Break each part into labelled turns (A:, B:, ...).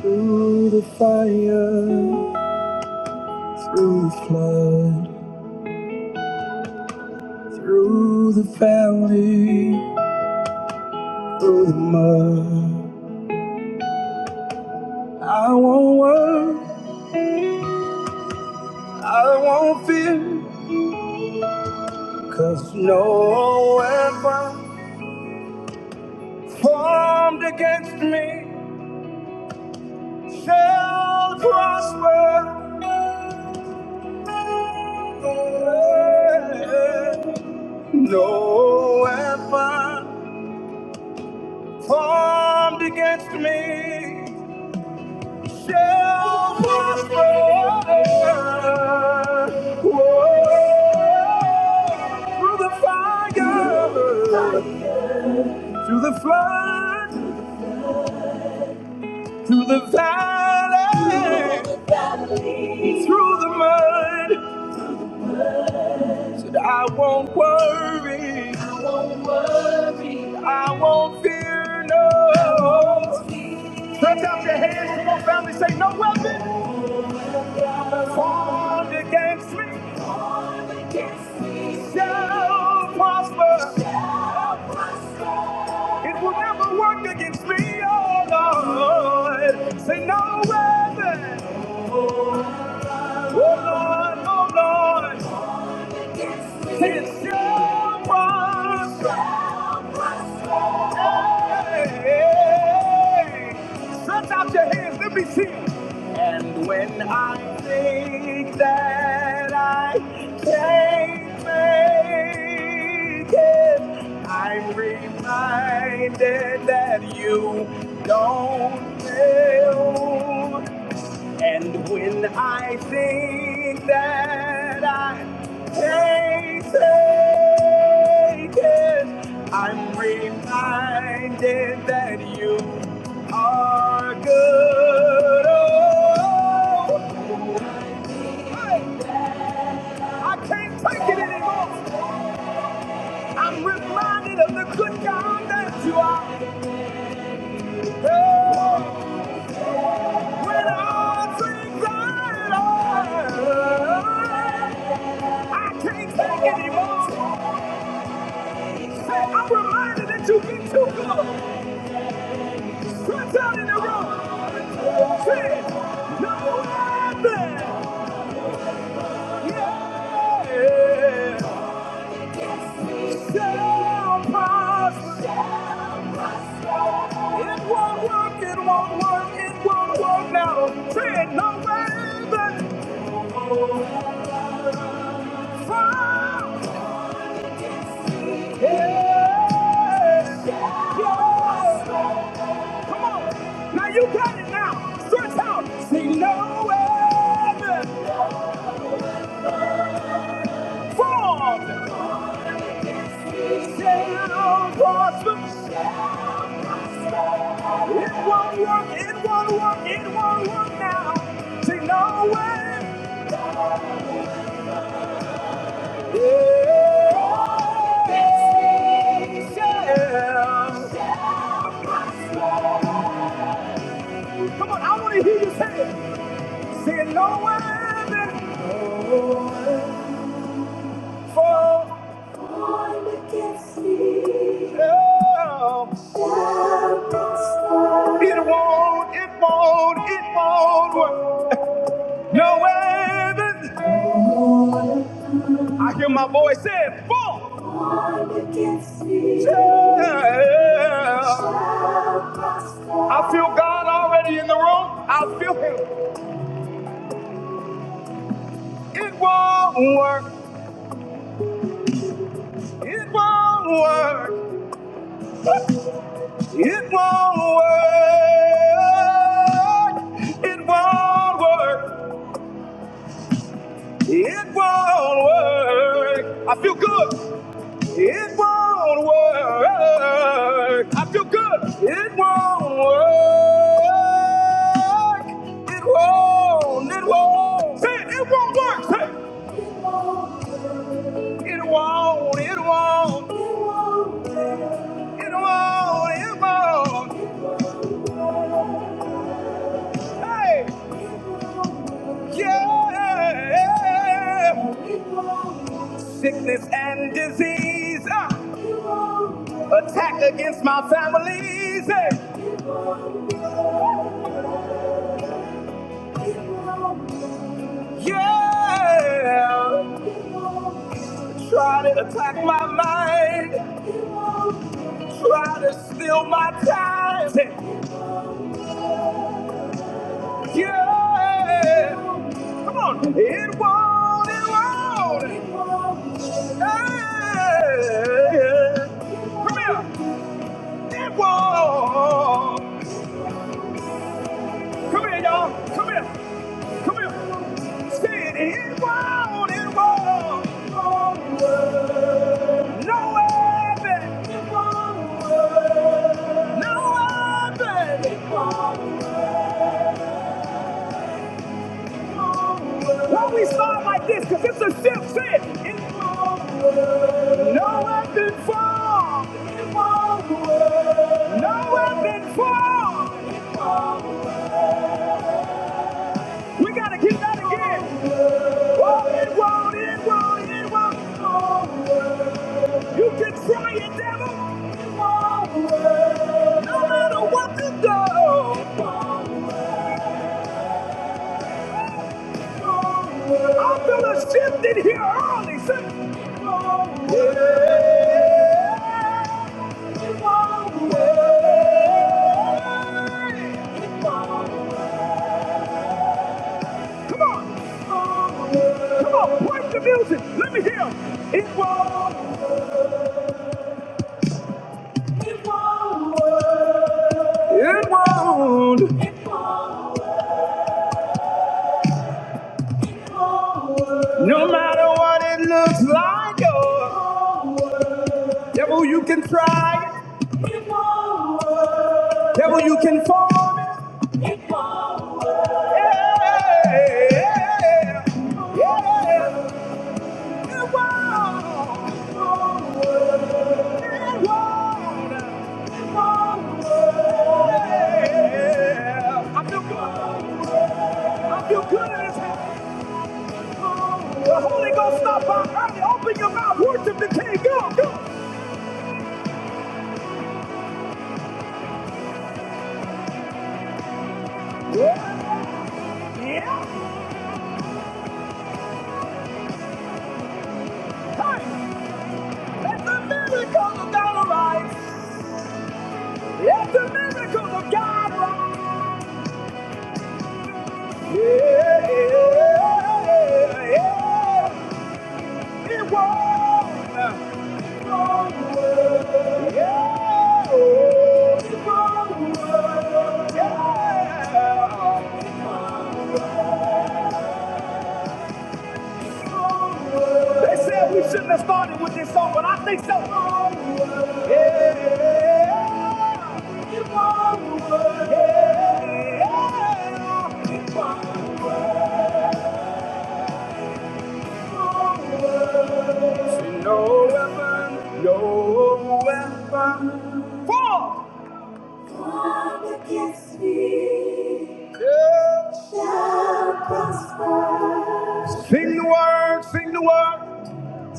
A: Through the fire, through the flood, through the valley, through the mud. I won't worry, I won't fear, 'cause no weapon formed against me shall prosper. No weapon. formed against me shall prosper. Whoa. Through the fire, through the flood, through the valley, through the mud, said I won't worry, I won't fear no. Stretch out your hands, come on, family, say no weapon formed against me. shall prosper. It will never work against me, oh Lord. Say no weapon, oh Lord, oh Lord. It shall prosper. Stretch out your hands, let me see it. And when I think that I can't make it, I'm reminded that you don't fail. And when I think that I can't take it, I'm reminded that you are good. Oh, hey, I can't take it anymore. I'm reminded of the good God that you are. Oh. When all things are lost, I can't take anymore. Say, I'm reminded that you've been too good. Stretch out in the room. Say, no weapon. Yeah. Shall prosper. It won't work, it won't work, it won't work now. Say, no weapon. Fall. Yes, yes. Come on. Now you got it now. Stretch out. See no weapon formed. Shall prosper. It won't work. It won't work. It won't work now. See no weapon. Yeah. Shall prosper. Come on, I want to hear you say it. Say it, no weapon formed against me. No. It won't, it won't, it won't work. No weapon. I hear my voice say, formed against me. Shall I feel God already in the room. I feel Him. It won't work. It won't work. It won't work. It won't work. It won't work. I feel good. It won't work. I feel good. It won't work. It won't. It won't. Say it. It won't work. Say it. It won't. It won't. It won't. It won't. Hey. Yeah sickness and disease ah, attack against my family eh. yeah try to attack my mind try to steal my time eh. Yeah. Come on. It won't, it won't. Hey. Come here. It won't. Come here, y'all. Come here. Come here. Say it. It won't, it won't. No way, baby. No way, baby. Why we start like this? Because it's a ship fit. It's forward. No weapon formed. It's forward. No weapon formed. It's forward. We got to get that again. Oh, it won't, it won't, it won't. It's forward. You can try it, devil. It's forward. No matter what you do. It's over. I feel a shift in here early. Say, Come on, come on, break the music. Let me hear. It It won't. It won't. work. It won't. No matter what it looks like, oh. Devil, you can try. it. It won't work. Devil, you can form it. It won't work. Yeah, yeah, yeah. It won't. It won't. work. It won't It won't work. Yeah. I feel good. I feel good in this house. The Holy Ghost stop by early. Open your mouth. Worship the King. Go, go. Yeah. Yeah. Hey. Let the miracles of God arise. Let the miracles of God arise. Yeah, yeah, yeah. It will a won't Yeah, oh, it won't Yeah. They said we shouldn't have started with this song, but I think so. Yeah. Keep on working. Yeah. Keep on working. Say No weapon, no weapon. Formed formed against me Yeah. shall prosper. Sing the word, sing the word.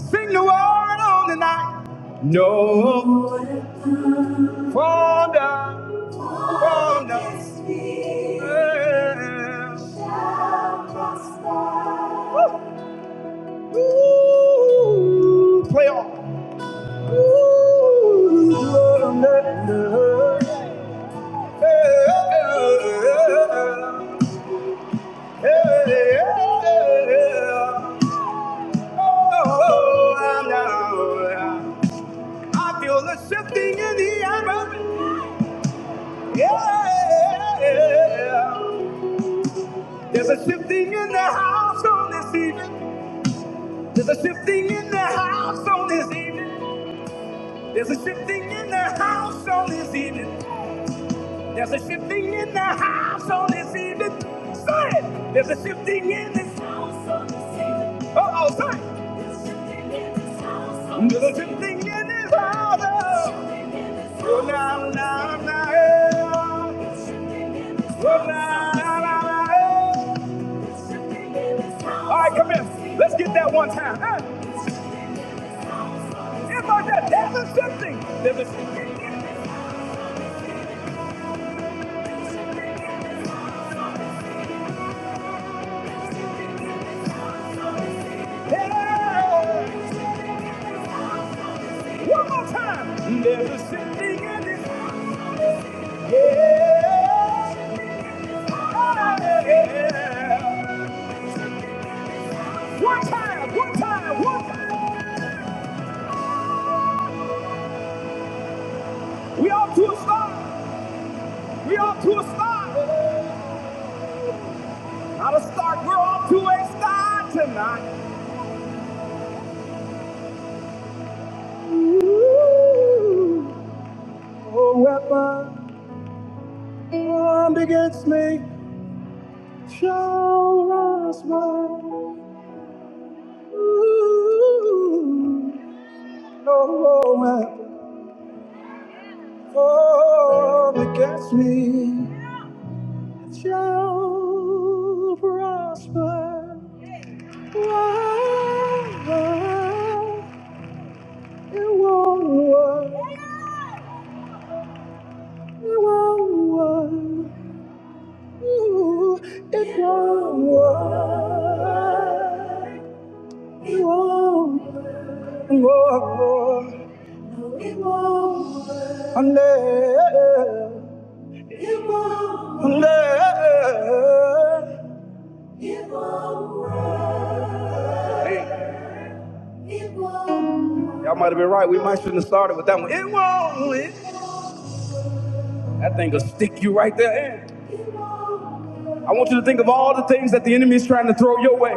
A: Sing the word on the night. No wonder, wonder. Yeah. Ooh, play on. Ooh, wonder. Yeah. Yeah. Oh, I know. I feel the shifting in the atmosphere. Yeah. There's a shifting in the house on this evening. There's a shifting in the house on this evening. There's a shifting in the house on this evening. There's a shifting in the house on this evening. Say it. There's a shifting in this house on this evening. Uh oh, say it. There's a shifting in this house. Oh, la, la, la, eh. Oh, la, la, la, la, eh. All right, come here. Let's get that one time. Eh? It's like that. There's a shifting. There's a shifting. in this house. Yeah. One more time. There's a symphony in this. Yeah. Ah, yeah. One time, one time, one time. We off to a start. We off to a start. Not a start. We're off to a start tonight. Ooh, a weapon formed against me shall rise. no weapon formed against me shall prosper. Why? It won't work. It won't work. Ooh, it won't work. It won't work. Won't work. Won't work. Hey, Y'all might have been right. We might shouldn't have started with that one. It won't. it- That thing will stick you right there. I want you to think of all the things that the enemy is trying to throw your way.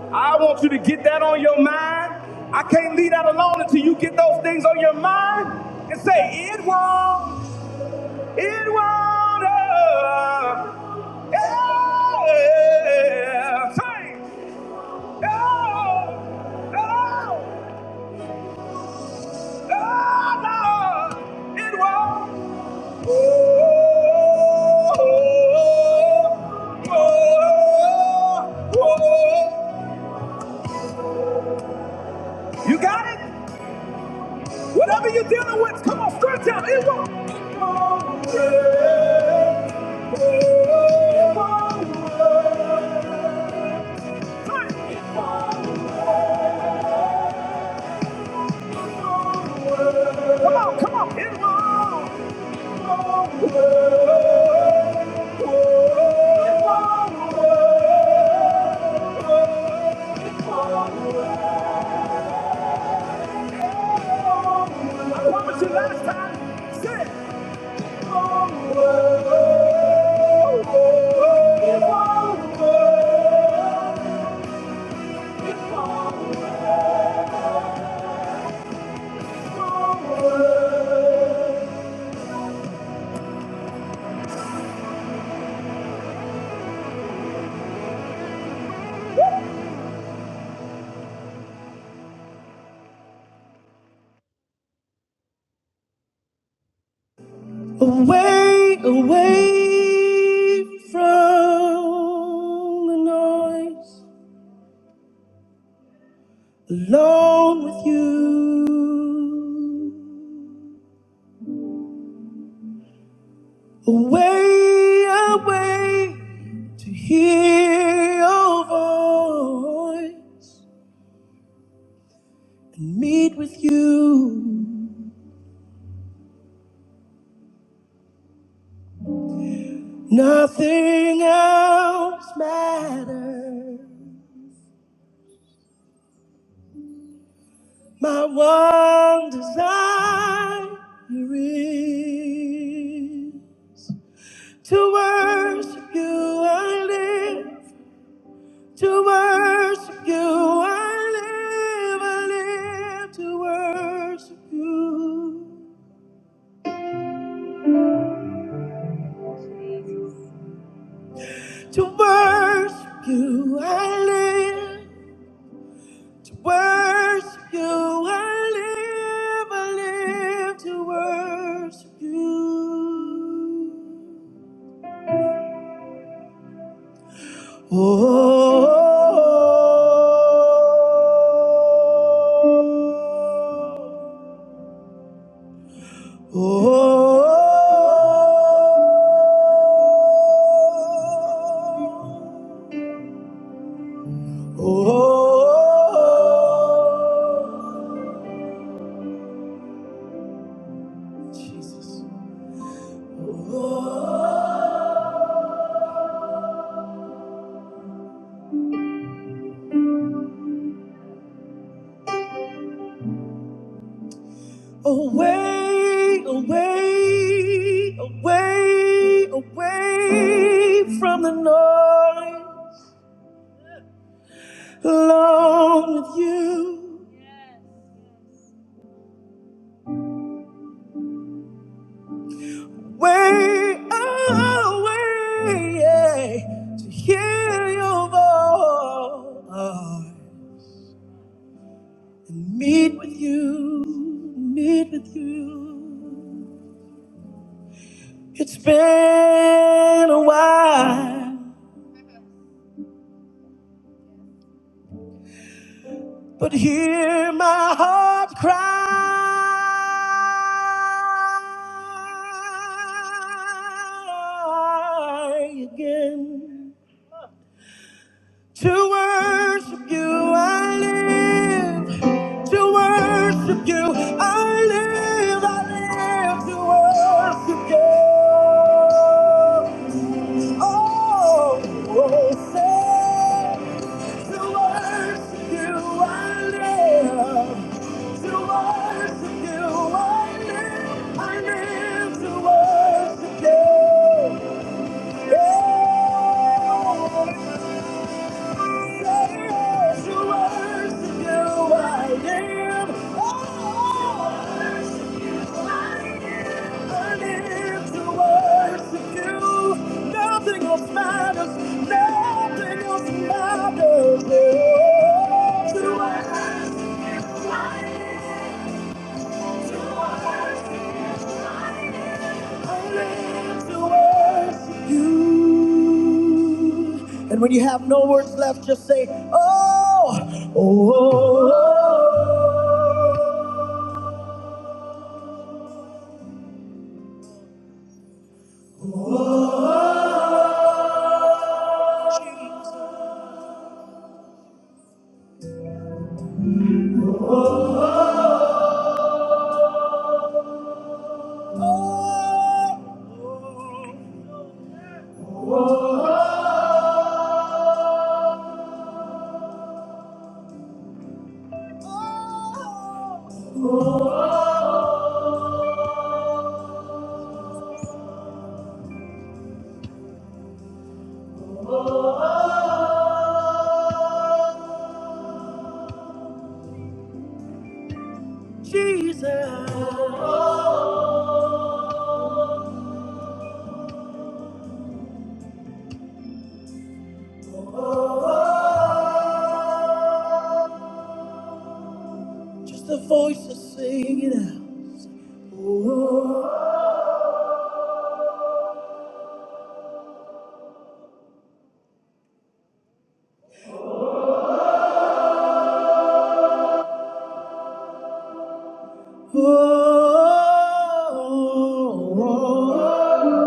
A: I want you to get that on your mind. I can't leave that alone until you get those things on your mind and say, It won't. It won't. Uh, yeah. Say, No, no, no, no, it won't. Oh, oh, oh, oh. You got it? Whatever you're dealing with, come on, stretch out. It won't. It won't work. It won't work. Come on, It won't work. come on. come on. It won't. What was your last time? Say Away, away from the noise. alone with you. Away, away to hear your voice and meet with you. Nothing else matters. My one desire is to worship you. I live To worship you, I live, I live to worship you. To worship you, I live. To worship you, I live, I live to worship you. Oh, oh, oh, oh. Away, away, away, away from the noise, alone with you. Way away, yeah, to hear your voice and meet with you, meet with you. But hear my heart cry again. To worship you I live. To worship you I live. I live to worship you. Oh, oh say to worship you I live. to worship you. I live, I live to worship you. Yeah. To worship you, I live. Oh, I live to worship you. Nothing else matters. Nothing else matters. I live to worship you. And when you have no words left, just say, Oh, oh, oh, oh, Jesus. Just the voices sing it out. Oh, oh, oh, oh.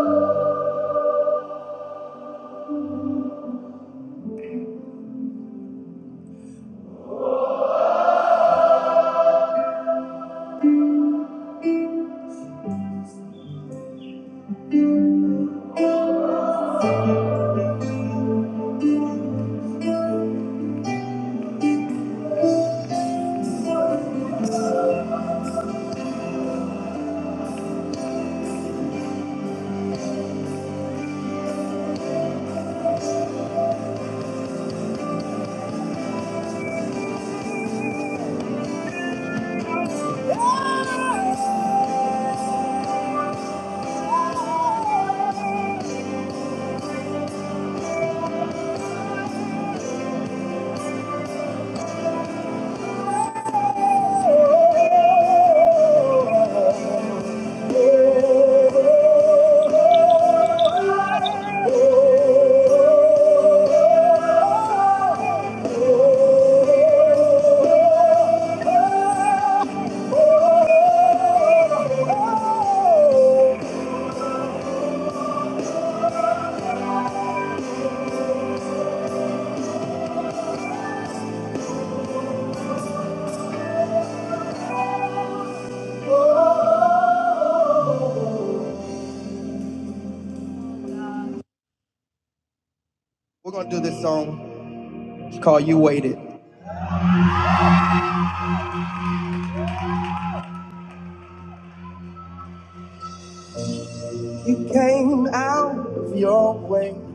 A: Came out of your way.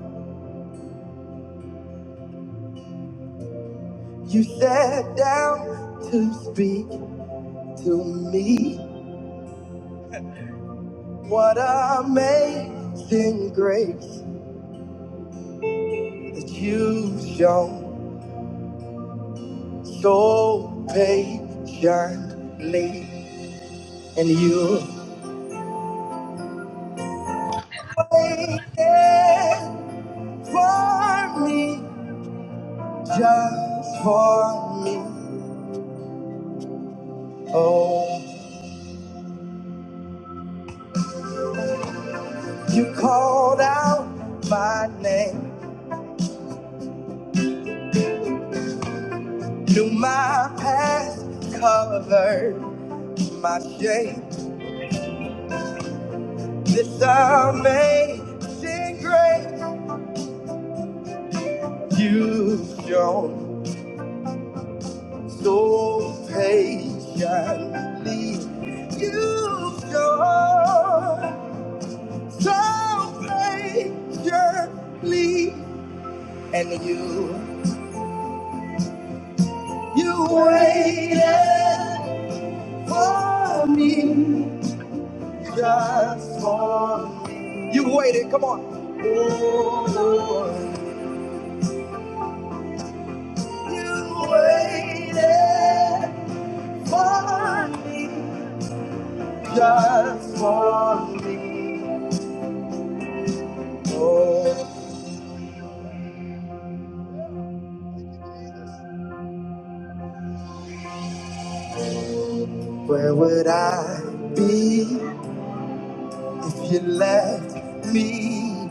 A: You sat down to speak to me. What amazing grace that you've shown so patiently. And you waited for me, just for me. Oh, you called out my name, knew my past, covered my shame. This amazing grace you've shown so patiently. You've shown so patiently, and you you waited for me just for me. You waited. Come on. Oh, you waited for me. just for me. Oh, where would I be if you left me?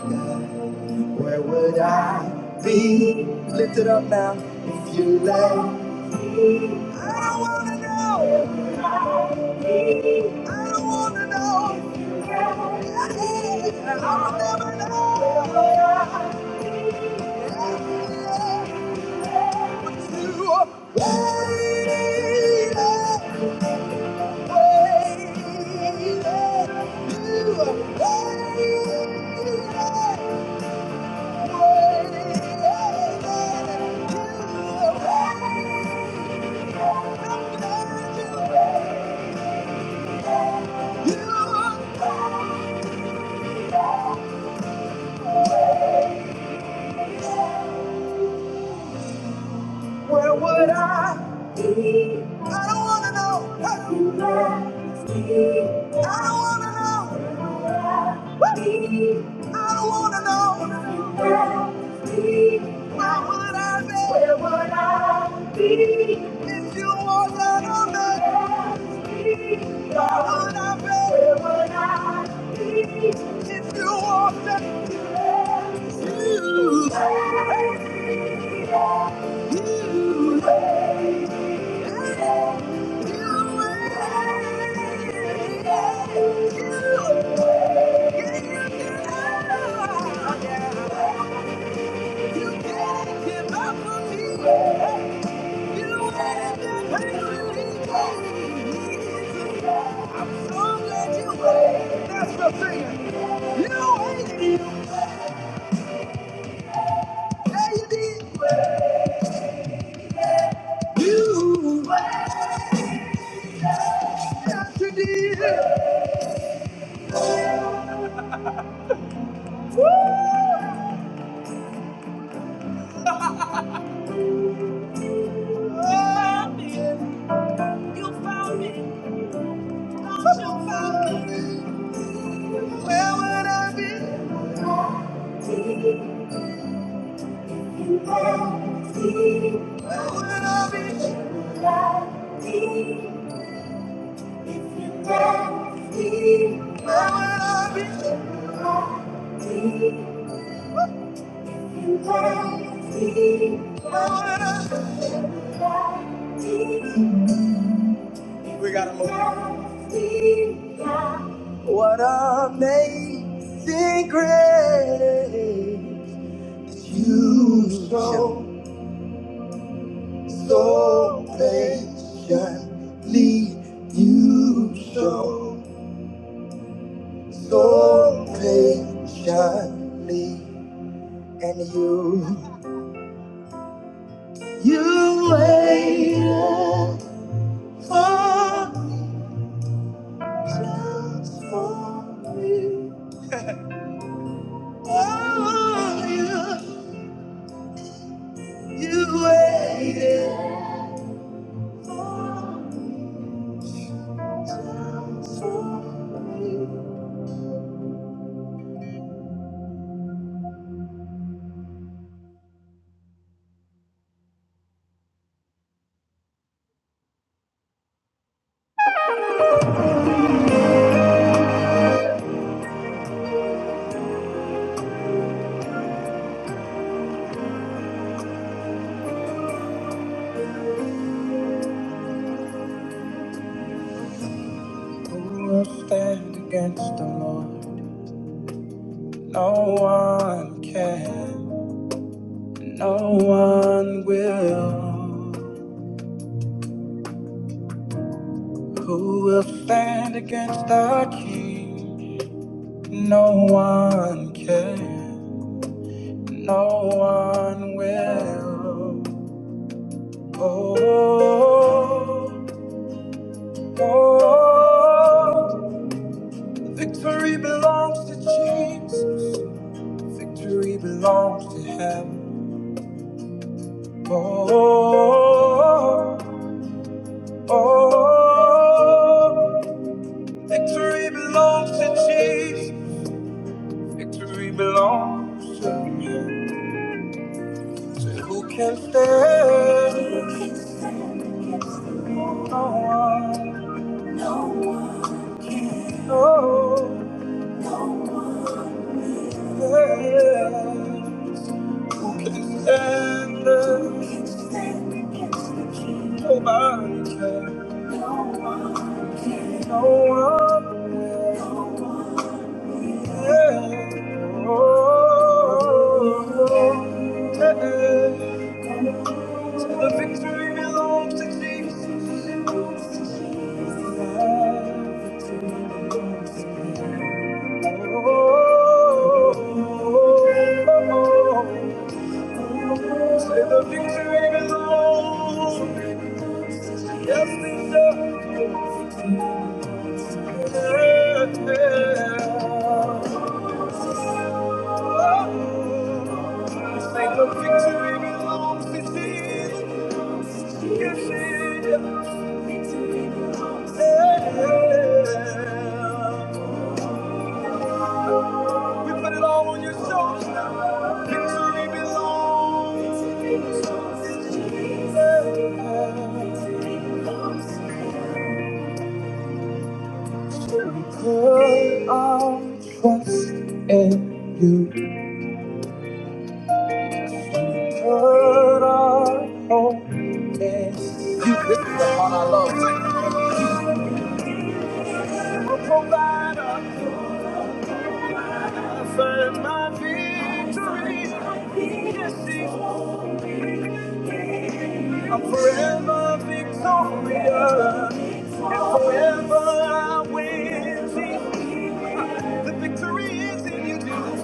A: Where would I be? Lift it up now if you left. If you want to choose, you That's the thing. You ain't you. Yeah, you did. You got to deal. Oh, yeah. You found me. Don't you found me. Where would I be? Where would I be? Where would I be? What amazing grace you show. so patiently you show so patiently and you you waited for me just for me oh you you waited just for me who will stand against the Lord no one can No one will who will stand against the king. No one can. No one will. Oh, oh, oh. victory belongs to Jesus. Victory belongs to Him. oh, oh, oh. Victory belongs to Jesus. Victory belongs to you. So who can stand? No one. No. one can. No. No one. Yeah. Who can stand? Who can stand against the king. Nobody can. No one. can. No one. No one. The victory belongs to Jesus. Say the victory belongs. Yes, it does. Yeah. yeah. Oh. Say the victory belongs to Jesus. Yes, it is. Victory belongs to Yeah. We put it all on your shoulders now. Victory belongs. Victory belongs to Jesus. Victory belongs to Jesus. Put our trust in you. Put our hope. You lift up on our love. Provide us and my peace. I'm forever victorious, and forever I will see the victory is in you, Jesus.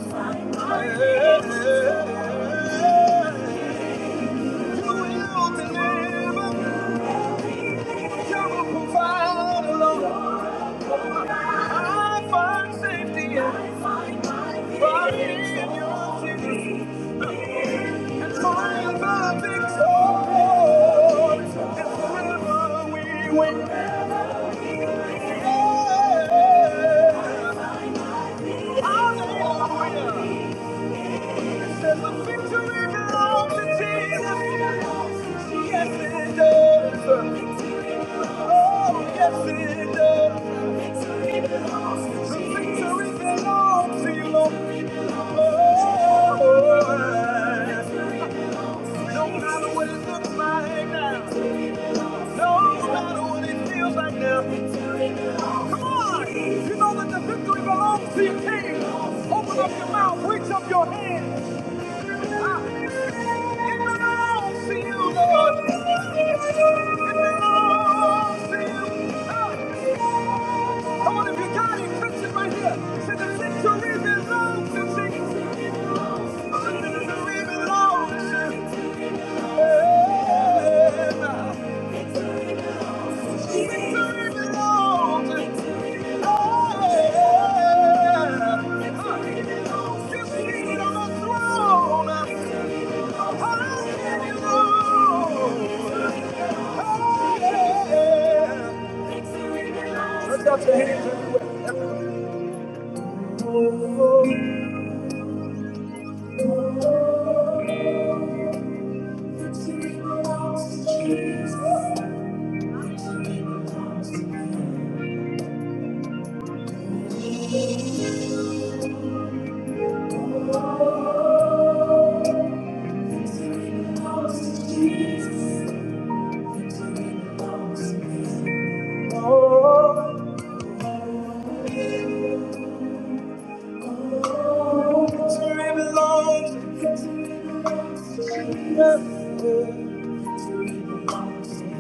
A: You will deliver, you will provide, Lord. I find safety and find in you, Jesus. Forever victorious, and forever we win. The The The The The victory victory victory victory victory belongs belongs belongs belongs belongs to to To to to to Jesus. Jesus. Yes, it it it, it does, does. You, You, you You. Lord. Belongs to you, Lord. Come on, on if you got it, touch it right here. Say the victory belongs to Jesus. The victory belongs to Him. The victory belongs to Him. Huh. You seated on the throne.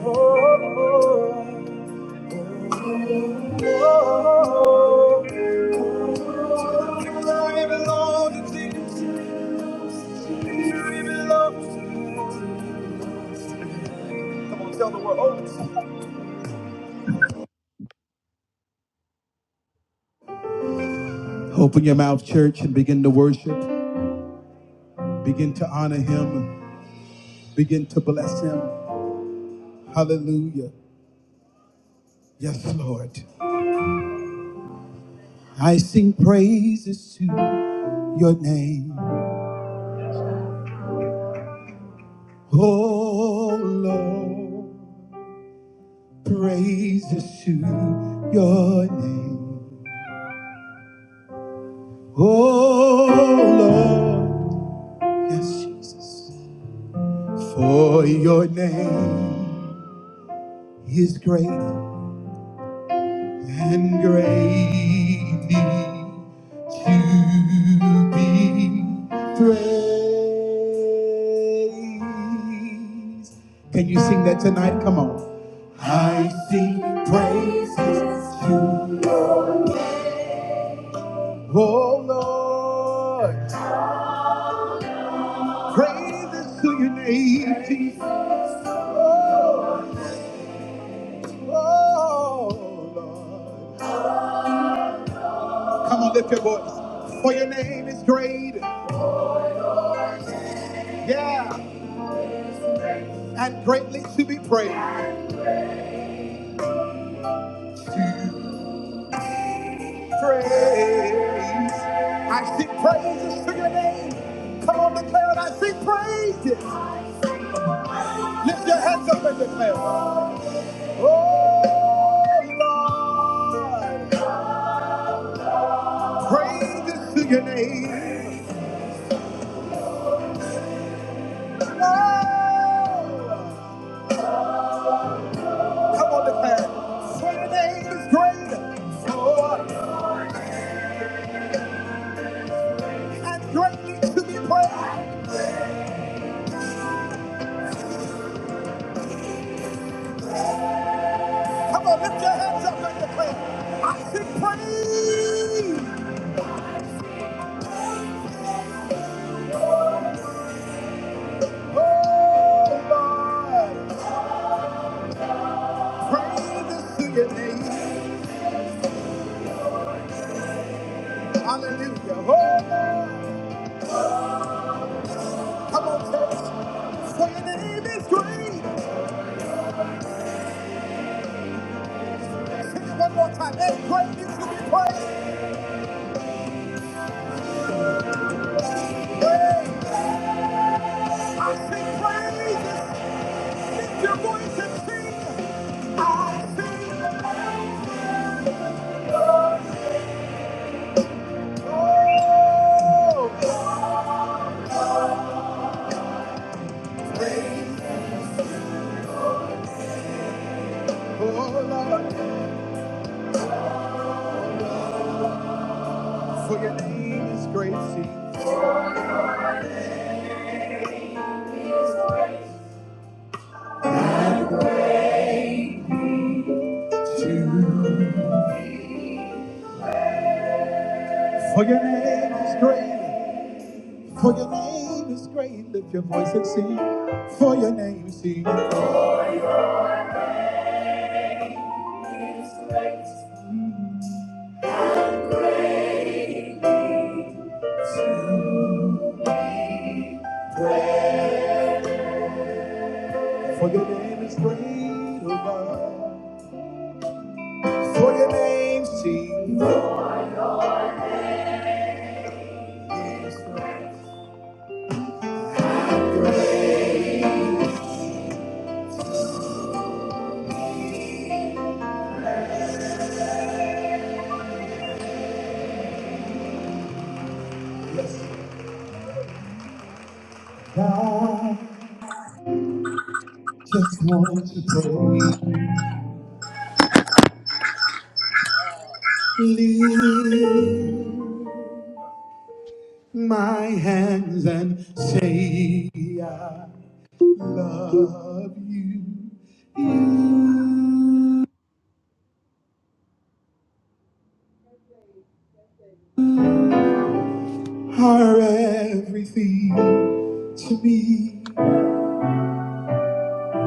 A: Oh, oh, oh, oh. Open your mouth, church, and begin to worship. Begin to honor him. Begin to bless him. Hallelujah. Yes, Lord. I sing praises to your name. Oh, Lord. Praises to your name. Oh, Lord. Yes, Jesus. For your name is great and greatly to be praised. Can you sing that tonight? Come on. I sing praises to oh Lord, praises to your name, Jesus. Oh Lord, come on, lift your voice. For your name is great, yeah, and greatly to be praised. praise. I sing praises to your name. Come on, declare it. I sing praises. Lift your hands up and declare. it. Oh, Lord. Praises to your name. Oh, come on, declare. it. For your name is great. Lord, and greatly to be praised. Come on, lift your hands up and declare. it. I sing praise. Oh, Lord. Praise to your name. Hallelujah. Oh, come on, church. Say your name is great. Sing it one more time. Hey, great is to be praised. Praise. I sing praise, Lift your voice and sing. I sing. Oh, Lord. For your name is great. Sing. For your name is great. For your name is great. Lift your voice and sing. For your name, sing. For your name is great, oh God. For your name's sake, I just want to pray. Lift my hands and say, I love you. You are everything to me.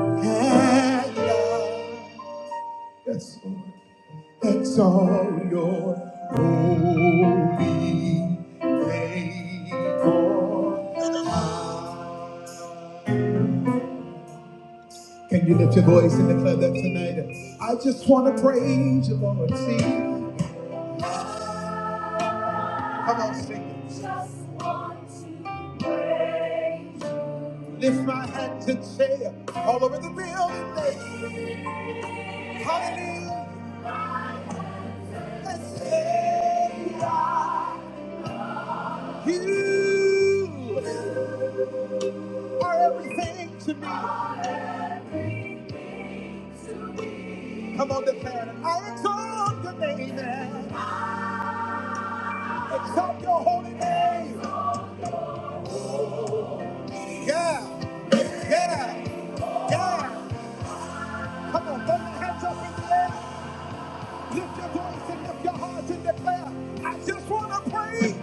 A: And I, yes, Lord. Exalt your holy name, for I- Can you lift your voice and declare that tonight? I just want to praise you, Lord. See, come on, sing it. Just want to praise you. Lift my hands and say, all over the building, say, Hallelujah. Let's say, You are everything to me. Come on, declare it. I exalt your name. and Exalt. I just want to eat.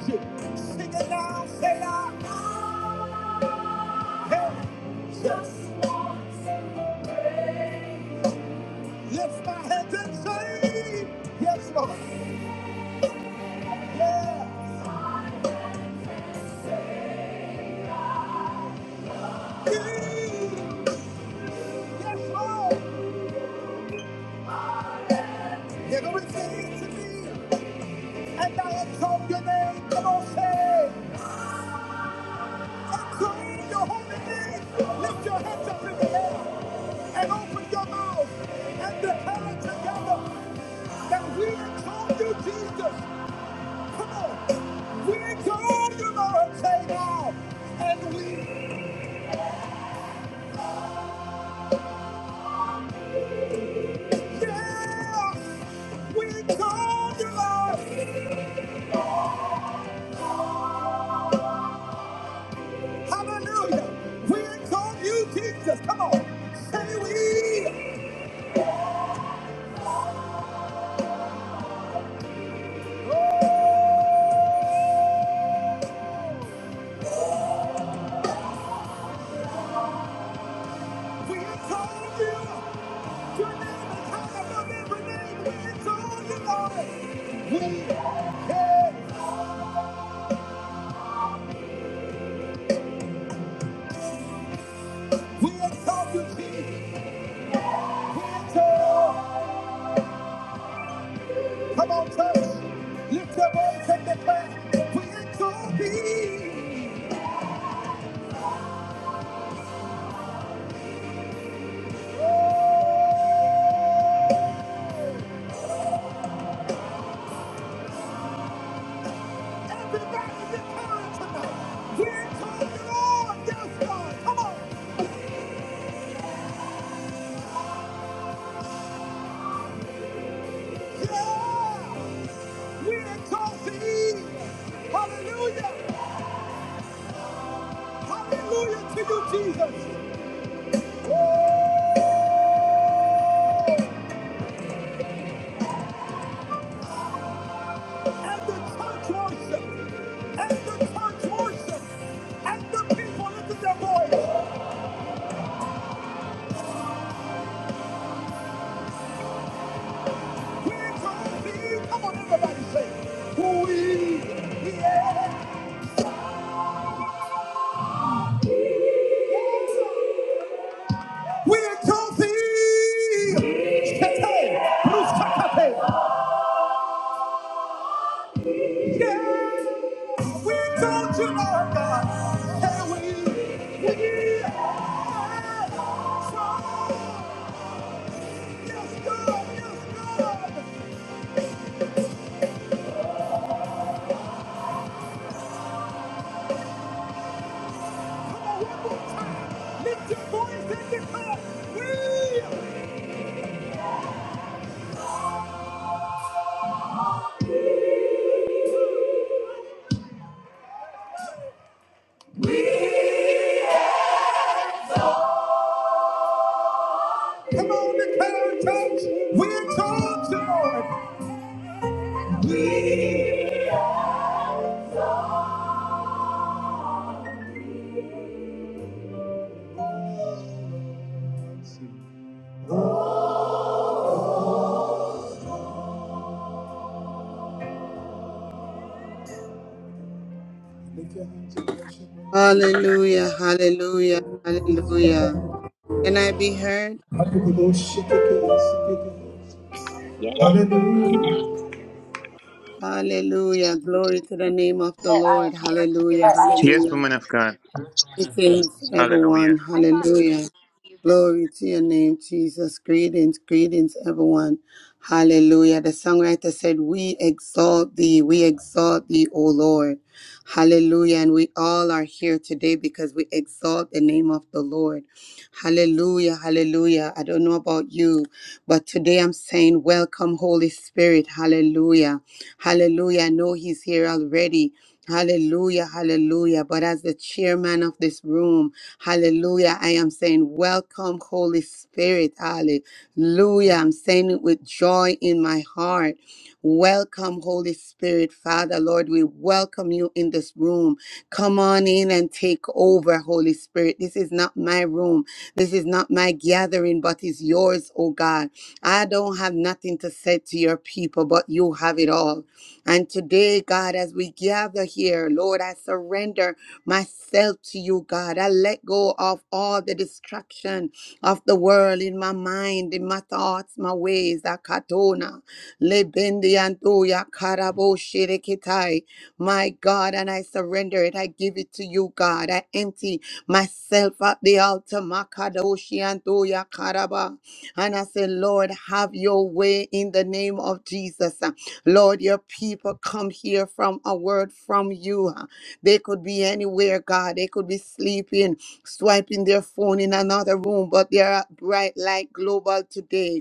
A: Yeah. You. Yes, Lord. You're going to to me. And I exalt your name. Come on, say. Exalt your holy name. Lift your hands up in the air. And open your mouth. And hallelujah. We exalt you, Jesus. Come on. We exalt you, Jesus. We exalt. Come on, church. Lift your voice and declare, we're going to be. Everybody declare tonight. We're going to on. Yes, God. Come on. Yeah. We're going to be. Hallelujah. Hallelujah to you, Jesus. And the church worship. And the church worship. And the people listen to their voice. We're going to be. Come on, everybody say. it. We exalt thee.
B: Hallelujah, hallelujah, hallelujah. Can I be heard?
C: Yes, yes,
B: Hallelujah. Glory to the name of the Lord. Hallelujah,
D: Yes,
B: hallelujah.
D: woman of God.
B: Greetings, everyone.
D: Hallelujah.
B: Hallelujah. Glory to your name, Jesus. Greetings, greetings, everyone. Hallelujah. The songwriter said, We exalt thee, we exalt thee, O Lord. Hallelujah. And we all are here today because we exalt the name of the Lord. Hallelujah, hallelujah. I don't know about you, but today I'm saying, Welcome, Holy Spirit. Hallelujah, hallelujah. I know He's here already. Hallelujah, hallelujah. But as the chairman of this room, hallelujah, I am saying, Welcome, Holy Spirit. Hallelujah. I'm saying it with joy in my heart. Welcome, Holy Spirit. Father, Lord, we welcome you in this room. Come on in and take over, Holy Spirit. This is not my room. This is not my gathering, but is yours, oh God. I don't have nothing to say to your people, but you have it all. And today, God, as we gather here, Lord, I surrender myself to you, God. I let go of all the distraction of the world in my mind, in my thoughts, my ways. Akatona, lebendi antoya, karabo shirekitai. My God, and I surrender it. I give it to you, God. I empty mercy myself at the altar, Makadoshi and Toya Karaba. And I say, Lord, have your way in the name of Jesus. Lord, your people come here from a word from you. They could be anywhere, God. They could be sleeping, swiping their phone in another room, but they are bright light global today.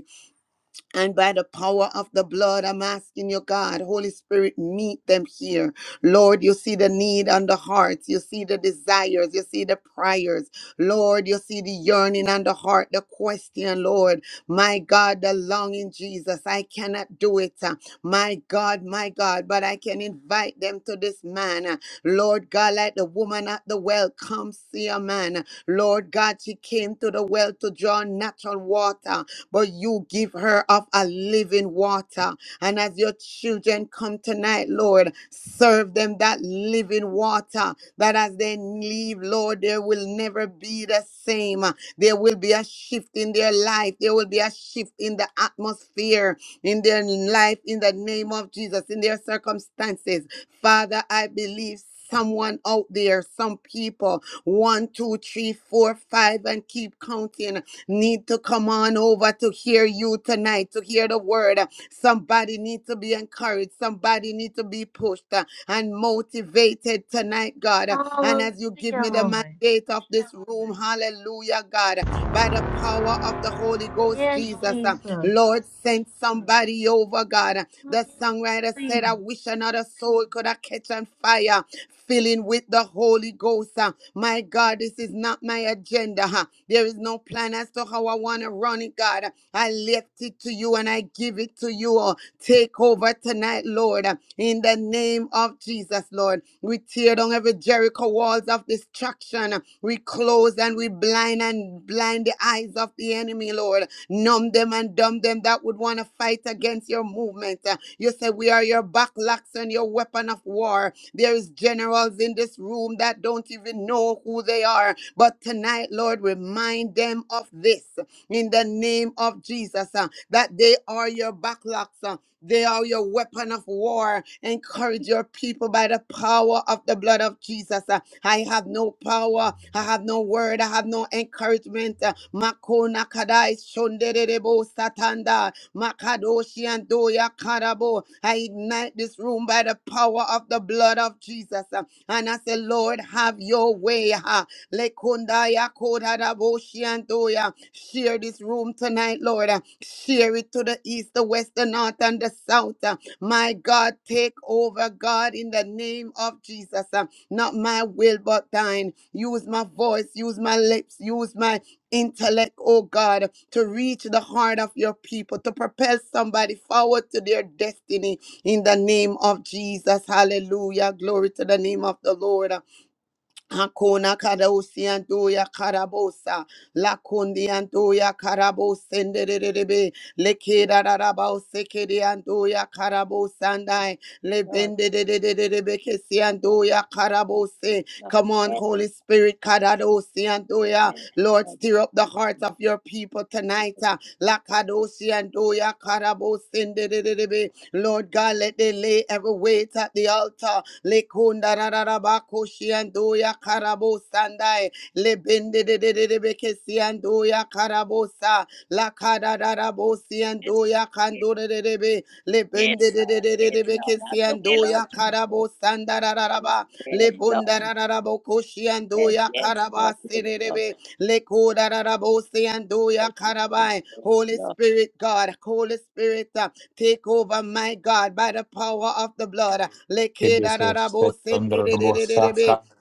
B: And by the power of the blood, I'm asking you, God, Holy Spirit, meet them here. Lord, you see the need on the hearts. You see the desires. You see the prayers. Lord, you see the yearning and the heart, the question, Lord. My God, the longing, Jesus. I cannot do it. uh, My God, my God, but I can invite them to this man. uh, Lord God, like the woman at the well, come see a man. Lord God, she came to the well to draw natural water, but you give her of a living water. And as your children come tonight, Lord, serve them that living water uh, that as they leave, Lord, there will never be the same. Uh, There will be a shift in their life. There will be a shift in the atmosphere, in their life, in the name of Jesus, in their circumstances. Father, I believe. Someone out there, some people, one, two, three, four, five, and keep counting, need to come on over to hear you tonight, to hear the word. Somebody need to be encouraged. Somebody need to be to be pushed uh, and motivated tonight, God. Uh, And as you give
E: Hallelujah,
B: me the
E: Lord.
B: mandate of this room, hallelujah, God, uh, by the power of the Holy Ghost,
E: Yes,
B: Jesus, uh,
E: Jesus.
B: Lord, send somebody over, God. Uh, The songwriter said, I
E: Hallelujah.
B: wish another soul could have catch on fire filling with the Holy Ghost. uh. My God, this is not my agenda. huh. There is no plan as to how I want to run it, God. I left it to you and I give it to to you. oh, Take over tonight, Lord, uh, in the name of Jesus, Lord. We tear down every Jericho walls of destruction. We close and we blind and blind the eyes of the enemy, Lord. Numb them and dumb them that would want to fight against your movement. Uh, You say, We are your backlocks and your weapon of war. There is generals in this room that don't even know who they are. But tonight, Lord, remind them of this. In the the name of Jesus, uh, that they are your backlogs. uh, they are your weapon of war. Encourage your people by the power of the blood of Jesus. Uh, I have no power. I have no word. I have no encouragement. Uh, Makona kadai shonderebo satanda. Makadoshi and doya karabo. I ignite this room by the power of the blood of Jesus. Uh, And I say, Lord, have your way. Ha. Lekundaya Ayakodadaboshiantoya. Share this room tonight, Lord. Uh, Share it to the east, the west, the north, and the south. Uh, My God, take over, God, in the name of Jesus. Uh, Not my will, but thine. Use my voice, use my lips, use my intellect, oh God, to reach the heart of your people, to propel somebody forward to their destiny in the name of Jesus. Hallelujah. Glory to the name of the Lord. Hakuna kadosi anduya karabosa la kundi anduya karabosa ndererebe le kira rarabose kiri anduya karabosa
C: yes,
B: ndai le
C: Lord.
B: bende dererebe kesi
C: Lord,
B: anduya karabose
C: yes,
B: Come on,
C: Lord.
B: Holy Spirit, Kadadosi and
C: Yes,
B: Doya.
C: yes,
B: Lord,
C: Lord.
B: stir up the hearts of your people tonight.
C: Jesus.
B: uh, Lakadosi and Doya, Kadabosin, dedededebe. Lord God, let they lay every weight at the altar. Lekunda rarabakoshi and Doya, Karabosandai. Lebendedededebekesi and Doya, Karabosa. Lakadadarabosi and
C: Yes,
B: Doya,
C: yes,
B: Kando de de de be
C: yes,
B: lebende de de
C: Lord.
B: de de
C: Yes,
B: de
C: Lord. Have your way,
B: bekesiando
C: Lord
B: ya
C: Jesus.
B: karabo
C: Yes,
B: sandararaba
C: yes, Lord.
B: lebundararabo koshiando
C: Yes,
B: ya
C: yes, Lord.
B: karaba
C: Yes, Lord.
B: sererebe lekodararabo seando ya
C: Yes,
B: karabai Holy
C: Lord.
B: Spirit God Holy Spirit uh, take over my God by the power of the blood Lekeda
F: Kebese
B: rabo sende
F: Setondra
B: de de
F: Robo
B: de de de be.
F: Safra
B: lekedararabo sendererebe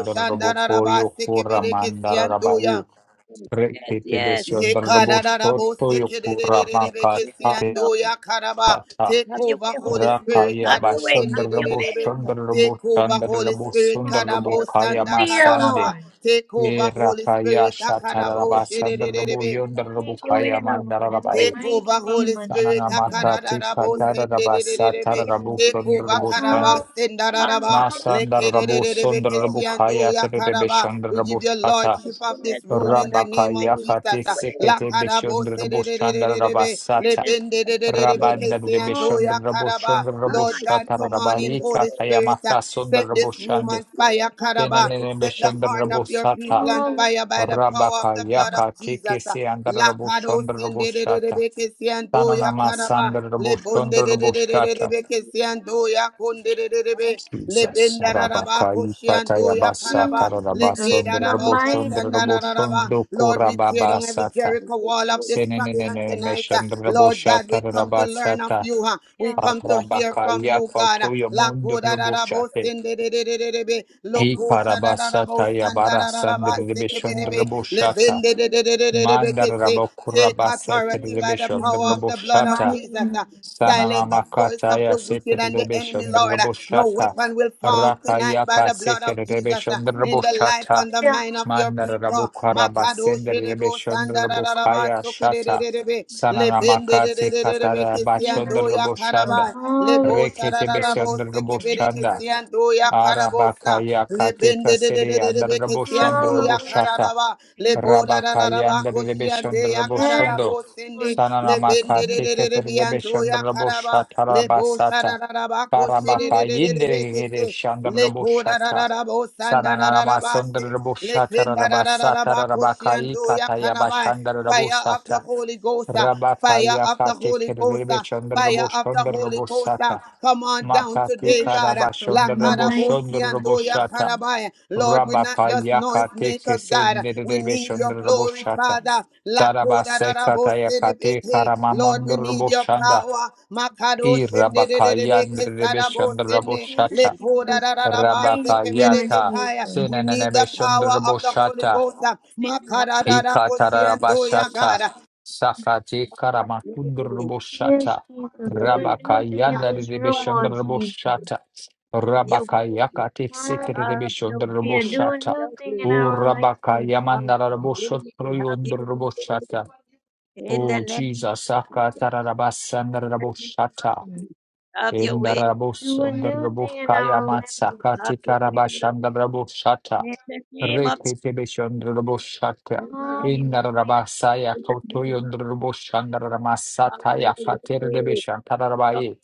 F: Dondra Robo Koyo Kura
C: Yes,
B: sekebere
F: Mandara
B: kesiando
F: Rabai
B: ya
C: Lord. yes, yes,
F: Reke
C: yes,
F: Kebese
B: Ye
F: Ondra
C: Lord.
F: Robo
B: karararabo
F: Soto Yokura
C: Yes,
F: Makat
B: sekererererereke
C: yes, yes, Lord.
B: siando ya karaba.
F: Kata
B: Take
C: Have your
B: over,
C: way,
B: Holy
C: Holy Spirit.
B: Spirit.
F: Rakaya
C: Have
B: Kado
C: your way.
F: Basundra
C: Have your
F: Robo
C: way,
B: senderererebe.
F: Chandra
C: Lord.
F: Robo
B: Take over,
F: Chandra
B: Holy
F: Robo
B: Spirit.
F: Sundra Robo
B: Kadabo
C: Yes, yes,
F: Kaya
B: sanda
E: Hallelujah,
C: yes, Lord.
B: kararaba.
F: Masande
E: Lord.
B: Take over,
F: E
B: Holy
F: Rakaya
B: Spirit.
F: Shatara
B: Akadabo
C: Yes, Lord.
F: Basandra Robo
C: Yes,
B: shederererebe.
F: Yondra
C: Lord. Have
F: Robo
E: Take
C: Your way,
F: Kaya
E: over,
C: Lord. Have
F: Mandara
E: Lord, in
C: Your
E: the
C: way,
F: Rabai
B: Take over,
C: Jesus.
E: mighty name
B: Holy
E: of
B: Spirit.
F: Sanana
E: Jesus.
F: Makati
B: Akarararabo,
C: Yes,
F: Katara Rabasatara
B: sendedededebe.
F: Robo
B: Take
F: Sundra
B: over,
F: Robo Sande
B: karaba,
E: Hallelujah,
B: sendararaba.
E: hallelujah.
F: Masandarabu
B: Lekededededebe, keshiando,
F: Sundarabukaya Terebe
B: yakaraba. We
F: Shandarabu
B: give your
F: Shata
B: lordship of this room in the name
F: Rabakaya
B: of Jesus.
F: Kati Sekete
B: Lakarabo,
F: Bishundrabu
B: sedededededebe.
F: Shandarabasata
B: Lebendedededebe,
E: Jesus.
F: Rabandarebe
E: Hallelujah.
B: keshiando,
F: Shandarabu
B: yakaraba.
F: Shandarabu
B: Lord God,
F: Shata
B: come on in,
F: Rabarika
B: Holy Spirit.
F: Tayamata
B: Set
F: Sundarabu
B: this room
F: Shande
B: on fire, Karaba.
F: Denenebe
B: Set the heart of
F: Shandarabu
B: your
F: Sata
B: people on
E: Hallelujah.
B: fire by the power of the
F: Rabakaya
B: blood
E: Jesus.
B: of
F: Kati
B: Jesus.
F: Kisi Andarabu
B: Lakado
F: Shandarabu
B: sende de de de
F: Shata
B: bekesi ando ya
F: Sananama
B: karaba le
F: Sandarabu
B: bonde de de de de de
F: Shandarabu
B: de bekesi ando ya konde de de de be le
F: Jesus,
B: benda da da ba
F: Arabakai,
B: koshi ando ya
F: Patayabasa,
E: Yes,
B: karaba le
F: Tarabasa,
E: Jesus,
B: ke
E: in
B: da da
E: the
B: ba
E: mighty
F: Ndraboshon,
B: kasanda
E: name
B: da
E: of
B: da da
F: Draboshon,
B: ba
E: Jesus.
B: Lord we tear down every
F: Dokorababasata,
B: Jericho wall of
F: Senene,
B: destruction tonight uh,
F: Meshon,
B: Lord
F: Drabosha,
B: God we come to learn of
F: Tarabasata,
B: you huh? we
E: Yeah.
B: come to hear from
F: Arabakaya,
B: you God
F: Kotoya,
B: Lakoda da, da,
F: Mundraboshate,
B: sende de de de de de be
F: E
B: loko shada da da bo
F: Karabasata,
B: sanda da da da
F: Yabarasan,
B: ba seke be
F: Drabishon,
B: de be le
F: Draboshata,
B: bende de de de de de de be kese. Take
F: Mandarabokurabasa,
E: Yes,
B: authority by the
E: Jesus,
B: power of
E: in
B: the
E: the
B: blood
F: Drabishon,
B: of
E: mighty
B: Jesus.
E: name
B: uh,
E: of
F: Sanana
B: Silence
E: Jesus.
B: the voice of
F: makataya
B: the wicked and the enemy,
F: seterebeshon
B: Lord. Uh, No
F: raboshata.
B: weapon will form tonight by
F: Rakayaka
B: the blood of Jesus uh,
F: seterebeshon
E: Hallelujah.
B: in the life
F: raboshata.
B: and the
E: Yes,
B: mind of your
F: Mandara
E: Jesus.
B: people.
F: rabukara
B: Makado
F: basender
B: shedebo
F: rebeshon
B: sanda da
C: yes,
B: da da ba
F: rabukaya
B: soko de de
F: shata.
B: de de be.
F: Sanana
B: Lebende de de
F: makate
B: de de de be
F: katara
B: kesi
F: bashon
B: ando ya
F: raboshanda.
B: karaba bo
E: Hallelujah.
F: Rekete
B: sararara
E: Jesus.
F: besion
B: bo seke bere
F: raboshanda.
B: kesian do ya karabosa
F: Arabakaya
B: le
F: katika
B: bende de de de
F: seri
B: de de
F: andar
B: be
E: Hallelujah.
B: kesian
F: raboshon
B: do ya
E: Hallelujah.
F: raboshata.
B: kararaba le bo dararara
E: Hallelujah.
B: ba
F: Rabakayanda
B: kosian de
F: Rebeshondra
B: ya
E: Yes,
F: Boshondo,
B: kararabo sende
E: Lord
B: le
E: Jesus.
B: bende
F: Sananamaka
B: de de de
F: Tiket
B: de bian do ya
F: Rebeshondra
B: karaba
F: Boshata
B: le bo
F: Rabasata,
B: sararara ba kosi de de
E: Hallelujah.
B: de de de be
F: Karabakayinde
B: kesi
F: Shandra
B: le ko
F: Boshata,
B: dararara bo sandararara ba se
F: Sananamasondra
B: le
F: Boshata
B: kenda dararara
F: Rabasata
B: ba kosian
F: Rabakai
B: do ya
F: Kataya
B: kanabai
F: Bashandra
B: Fire of the
F: Rabosata,
B: Holy Ghost. uh, Fire
F: Rabakaya
B: of the Holy
F: Katiket
B: Ghost. uh,
F: Rebeshondra
B: Fire of the
F: Boshondra
B: Holy Ghost. uh,
F: Bosata,
B: Come on down
F: Makati
B: today,
E: Yes,
B: God. uh,
E: Jesus.
B: La
E: In
F: Karabashondra
E: the mighty
F: Boshondra
B: karabosi
E: name of
B: antoya
E: Jesus.
F: Boshata,
B: karabaya. Lord, we're
C: yes.
B: not just
F: Rabakayaka
B: noise
F: teke
B: makers, God. uh,
C: In the name
F: sendere
B: We
C: of
B: need your
F: shondra
B: glory,
F: boshata.
B: Father.
F: Sarabaseka tayakate
B: Lord, we
F: karamamondra
B: need your
F: boshanda.
B: power.
F: I
B: Makadoshende
F: rabakayandre beshondra
B: sarabosene.
E: Yes,
F: boshata.
E: Jesus. In the
C: the
E: mighty name of
F: Rabakayata.
E: Jesus.
B: Lekodarabasebeketaya. We need
F: Sinanebe
B: the power
F: shondra
B: of the Holy
F: boshata.
B: Ghost.
C: name of Jesus.
B: Makadadakoshiandoya,
F: Ikatarabashata
B: God.
F: Sakati
E: Yes,
F: Karamakundrubushata
E: Jesus. Do a
F: Rabaka
E: new thing in
F: Yanda
E: this room, Lord Jesus.
F: Rebeshundrubushata Rabaka Yakati
E: Hallelujah. Do a
F: Sitrebeshundrubushata
E: new thing in
F: O
E: our life,
F: Rabaka
E: Lord Jesus.
F: Yamandarabushotrubushata O Jesus Sakatarabasandrubushata
E: Jesus.
C: Have your way, have your way, have
F: Indarabus,
E: Do a new thing in
C: your
F: Andarabukaya
E: our life, Lord
F: Matsakati
E: Jesus.
C: way. In the
F: Karabashandarabushata,
C: name of, Jesus.
F: Rekitibishandrabushata,
C: in the
E: Come
C: name of,
F: Indarabasaya
C: Jesus. Have your
F: Kotoyundrabushandaramasataya Fatir
C: way, Lord,
F: Debishantarabai.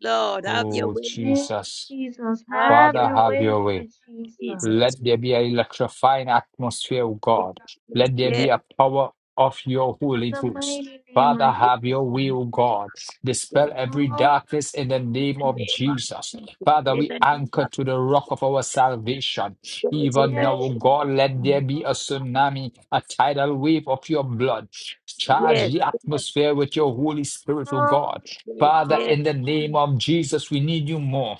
C: Lord, have your
F: Oh,
C: way,
E: in
F: Jesus.
E: Jesus.
C: have
E: Have
C: your
F: Father,
E: your
C: way,
F: have
E: way,
F: your way.
E: Lord Jesus. In
C: Jesus,
F: Let there
C: Jesus,
F: be an electrifying atmosphere, O God.
C: Jesus,
F: Let there
C: yes,
F: be a power of your Holy
E: the
F: Ghost.
E: mighty name
F: Father,
E: of
F: have
C: yes,
F: your
E: Jesus.
F: will, O God. Dispel
C: Jesus.
F: every
E: Hallelujah.
F: darkness in the
C: In
F: name
C: the
F: of
C: name of
F: Jesus.
C: Jesus,
F: Father,
C: in the
F: we
C: name
F: anchor
C: of
F: to the rock of our salvation.
C: Jesus, in the
F: Even now,
E: Yes,
F: O
C: name of
F: God, let
E: Jesus.
F: there be a tsunami, a tidal wave of your blood. Charge
C: yes,
F: the
C: yes,
F: atmosphere with your Holy Spirit, O God.
C: yes,
F: Father,
E: Hallelujah.
C: yes,
F: in the name of Jesus, we need you more.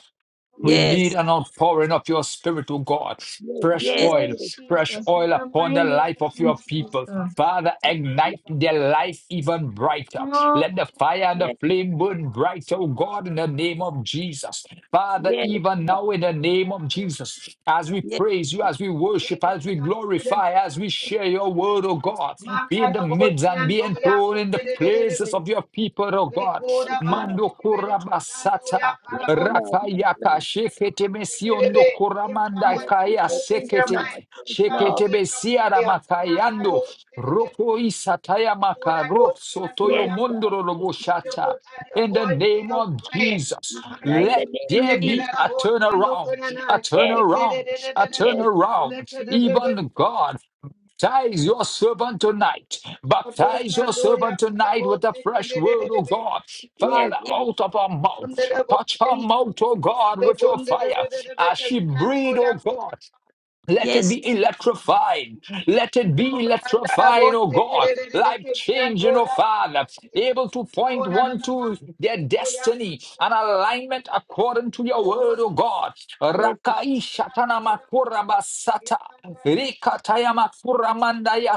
C: yes,
F: We
C: yes,
F: need an outpouring of your spirit, O God.
C: yes,
F: Fresh
C: yes,
F: oil,
E: Yes,
F: fresh
E: Jesus. In
F: oil
E: the
F: upon the
E: mighty
F: life of
E: name
F: your
E: of
F: people.
E: Jesus.
F: Father,
C: yes,
F: ignite their life even brighter.
E: Hall-
F: Let the fire and the flame burn brighter, O God, in the name of Jesus. Father, even now in the name of Jesus, as we
C: yes, yes,
F: praise you, as we worship, as we glorify, as we share share your word, oh God. Be in the midst and be enthroned in the places of your people, oh God.
C: Lord,
F: Mando kurabasata.
C: yes, Lord, yes,
F: Rakayaka shekete mesiondo
C: Lord,
F: kuramanda
C: yes, Lord,
F: kaya
C: yes,
F: sekete.
C: Lord, yes, Lord,
F: Shekete besiara makayando. Roko isataya makaro sotoyo
C: yes, Lord, yes, Lord, yes, Lord,
F: mondoro
C: yes,
F: robo
C: Lord,
F: In the name of Jesus,
C: in the
F: let
C: name
F: there
C: of Jesus.
F: be a turnaround, a
C: Yes.
F: turnaround, a
C: Yes,
F: turnaround. Even God, Baptize your servant tonight. Baptize your servant tonight with the fresh word, O God.
C: yes,
F: Father,
C: yes,
F: out of her mouth. Touch her mouth, O God, with your fire. As she breathe, O God. Let it
C: yes,
F: be electrified. Let it be electrifying, oh God. Life changing, oh Father. Able to point one to their destiny and alignment according to your word, oh God.
C: yes,
F: Rakai shatana makura basata. Rikataya makura mandaya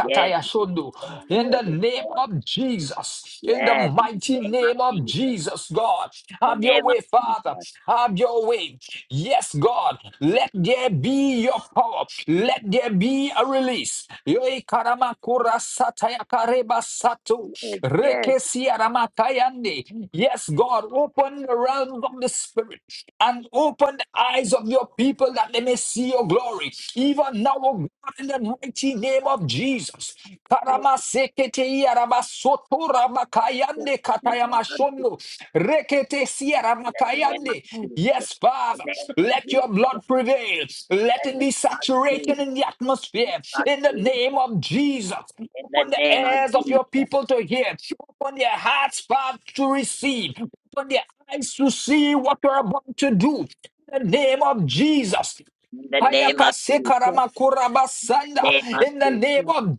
C: yes, yes.
F: shundu. In
C: Holy
F: the name
C: Ghost,
F: of Jesus. In the
C: yes, in the
F: mighty
C: name of
F: name of
C: Jesus,
F: Jesus, God.
C: the
F: Have your
C: name of
F: way, Father.
C: Jesus,
F: Have your way. Yes, God. Let there be your power. Let there be a release. Yoi karamakura sataya kareba sato.
C: yes, yes,
F: Rekesia ramatayande. Yes, God. Open the realms of the Spirit and open the eyes of your people that they may see your glory. Even now, oh God, in the mighty name of Jesus.
C: yes,
F: Karamasekete yarabasoto
C: yes,
F: ramakayande
C: in the name of Jesus,
F: katayamashondo. Rekete
C: the name of
F: siyaramakayande.
C: Jesus,
F: Yes,
C: the
F: Father,
C: name of
F: let your
C: Jesus,
F: blood prevail. Let
C: the
F: it
C: name
F: be
C: of
F: saturated
C: Jesus,
F: in the atmosphere.
C: of
F: In the
C: Jesus,
F: name of Jesus,
C: in
F: open
C: the
F: the
C: name of
F: ears of your
C: Jesus,
F: people to hear. Open their hearts, Father, to receive. Open their eyes to see what you're about to do. In the name of Jesus.
C: in the name of Jesus, the
F: Ayakasekaramakurabasanda.
C: name of
F: In the name
C: Jesus,
F: of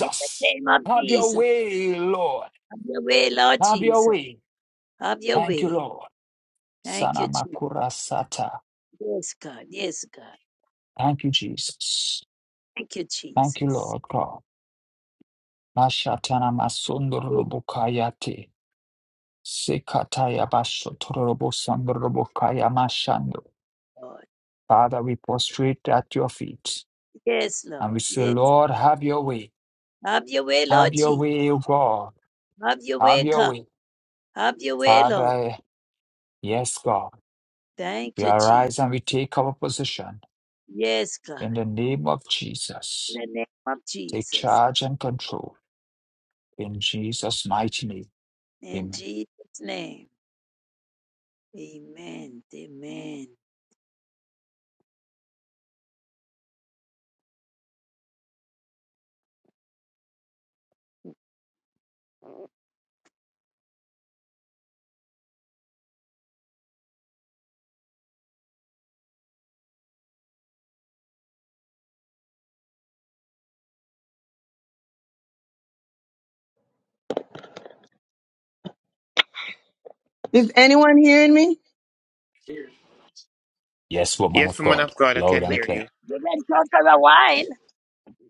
C: in the name of
F: have your
C: Jesus,
F: way, Lord.
C: have your way, Lord
F: Have your
C: Jesus,
F: way.
C: have your
F: Thank you,
C: way.
F: Lord.
C: Thank you, Jesus.
F: Sanamakurasata.
C: Yes, God. Yes, God.
F: Thank you, Jesus.
C: Thank you,
F: Thank you,
C: Jesus.
F: Lord God. Mashatana
C: Yes,
F: masundurubukayate. Sekataya bashotorobosandurubukaya mashando.
C: Lord.
F: Father, we prostrate at your feet
C: Yes,
F: and we
C: Lord.
F: say,
C: Yes.
F: Lord, have your way.
C: Have your way, Lord
F: Have your
C: Jesus.
F: way, O God.
C: Have your
F: Have
C: way,
F: your
C: God.
F: way.
C: Have your way, Lord.
F: Father, Yes, God,
C: Thank
F: we
C: you, Jesus.
F: arise and we take our position
C: Yes, God.
F: in the name of
C: In
F: Jesus.
C: the name of
F: Take
C: Jesus.
F: charge and control in Jesus' mighty name.
C: In
F: Amen.
C: Jesus' name. Amen. Amen.
G: Is anyone hearing me?
F: Yes, woman
D: Yes,
F: of
D: woman
F: God,
D: of God, I
F: loud
D: can
F: and
C: We,
D: hear
C: we,
D: you.
F: clear.
C: we went out for a while.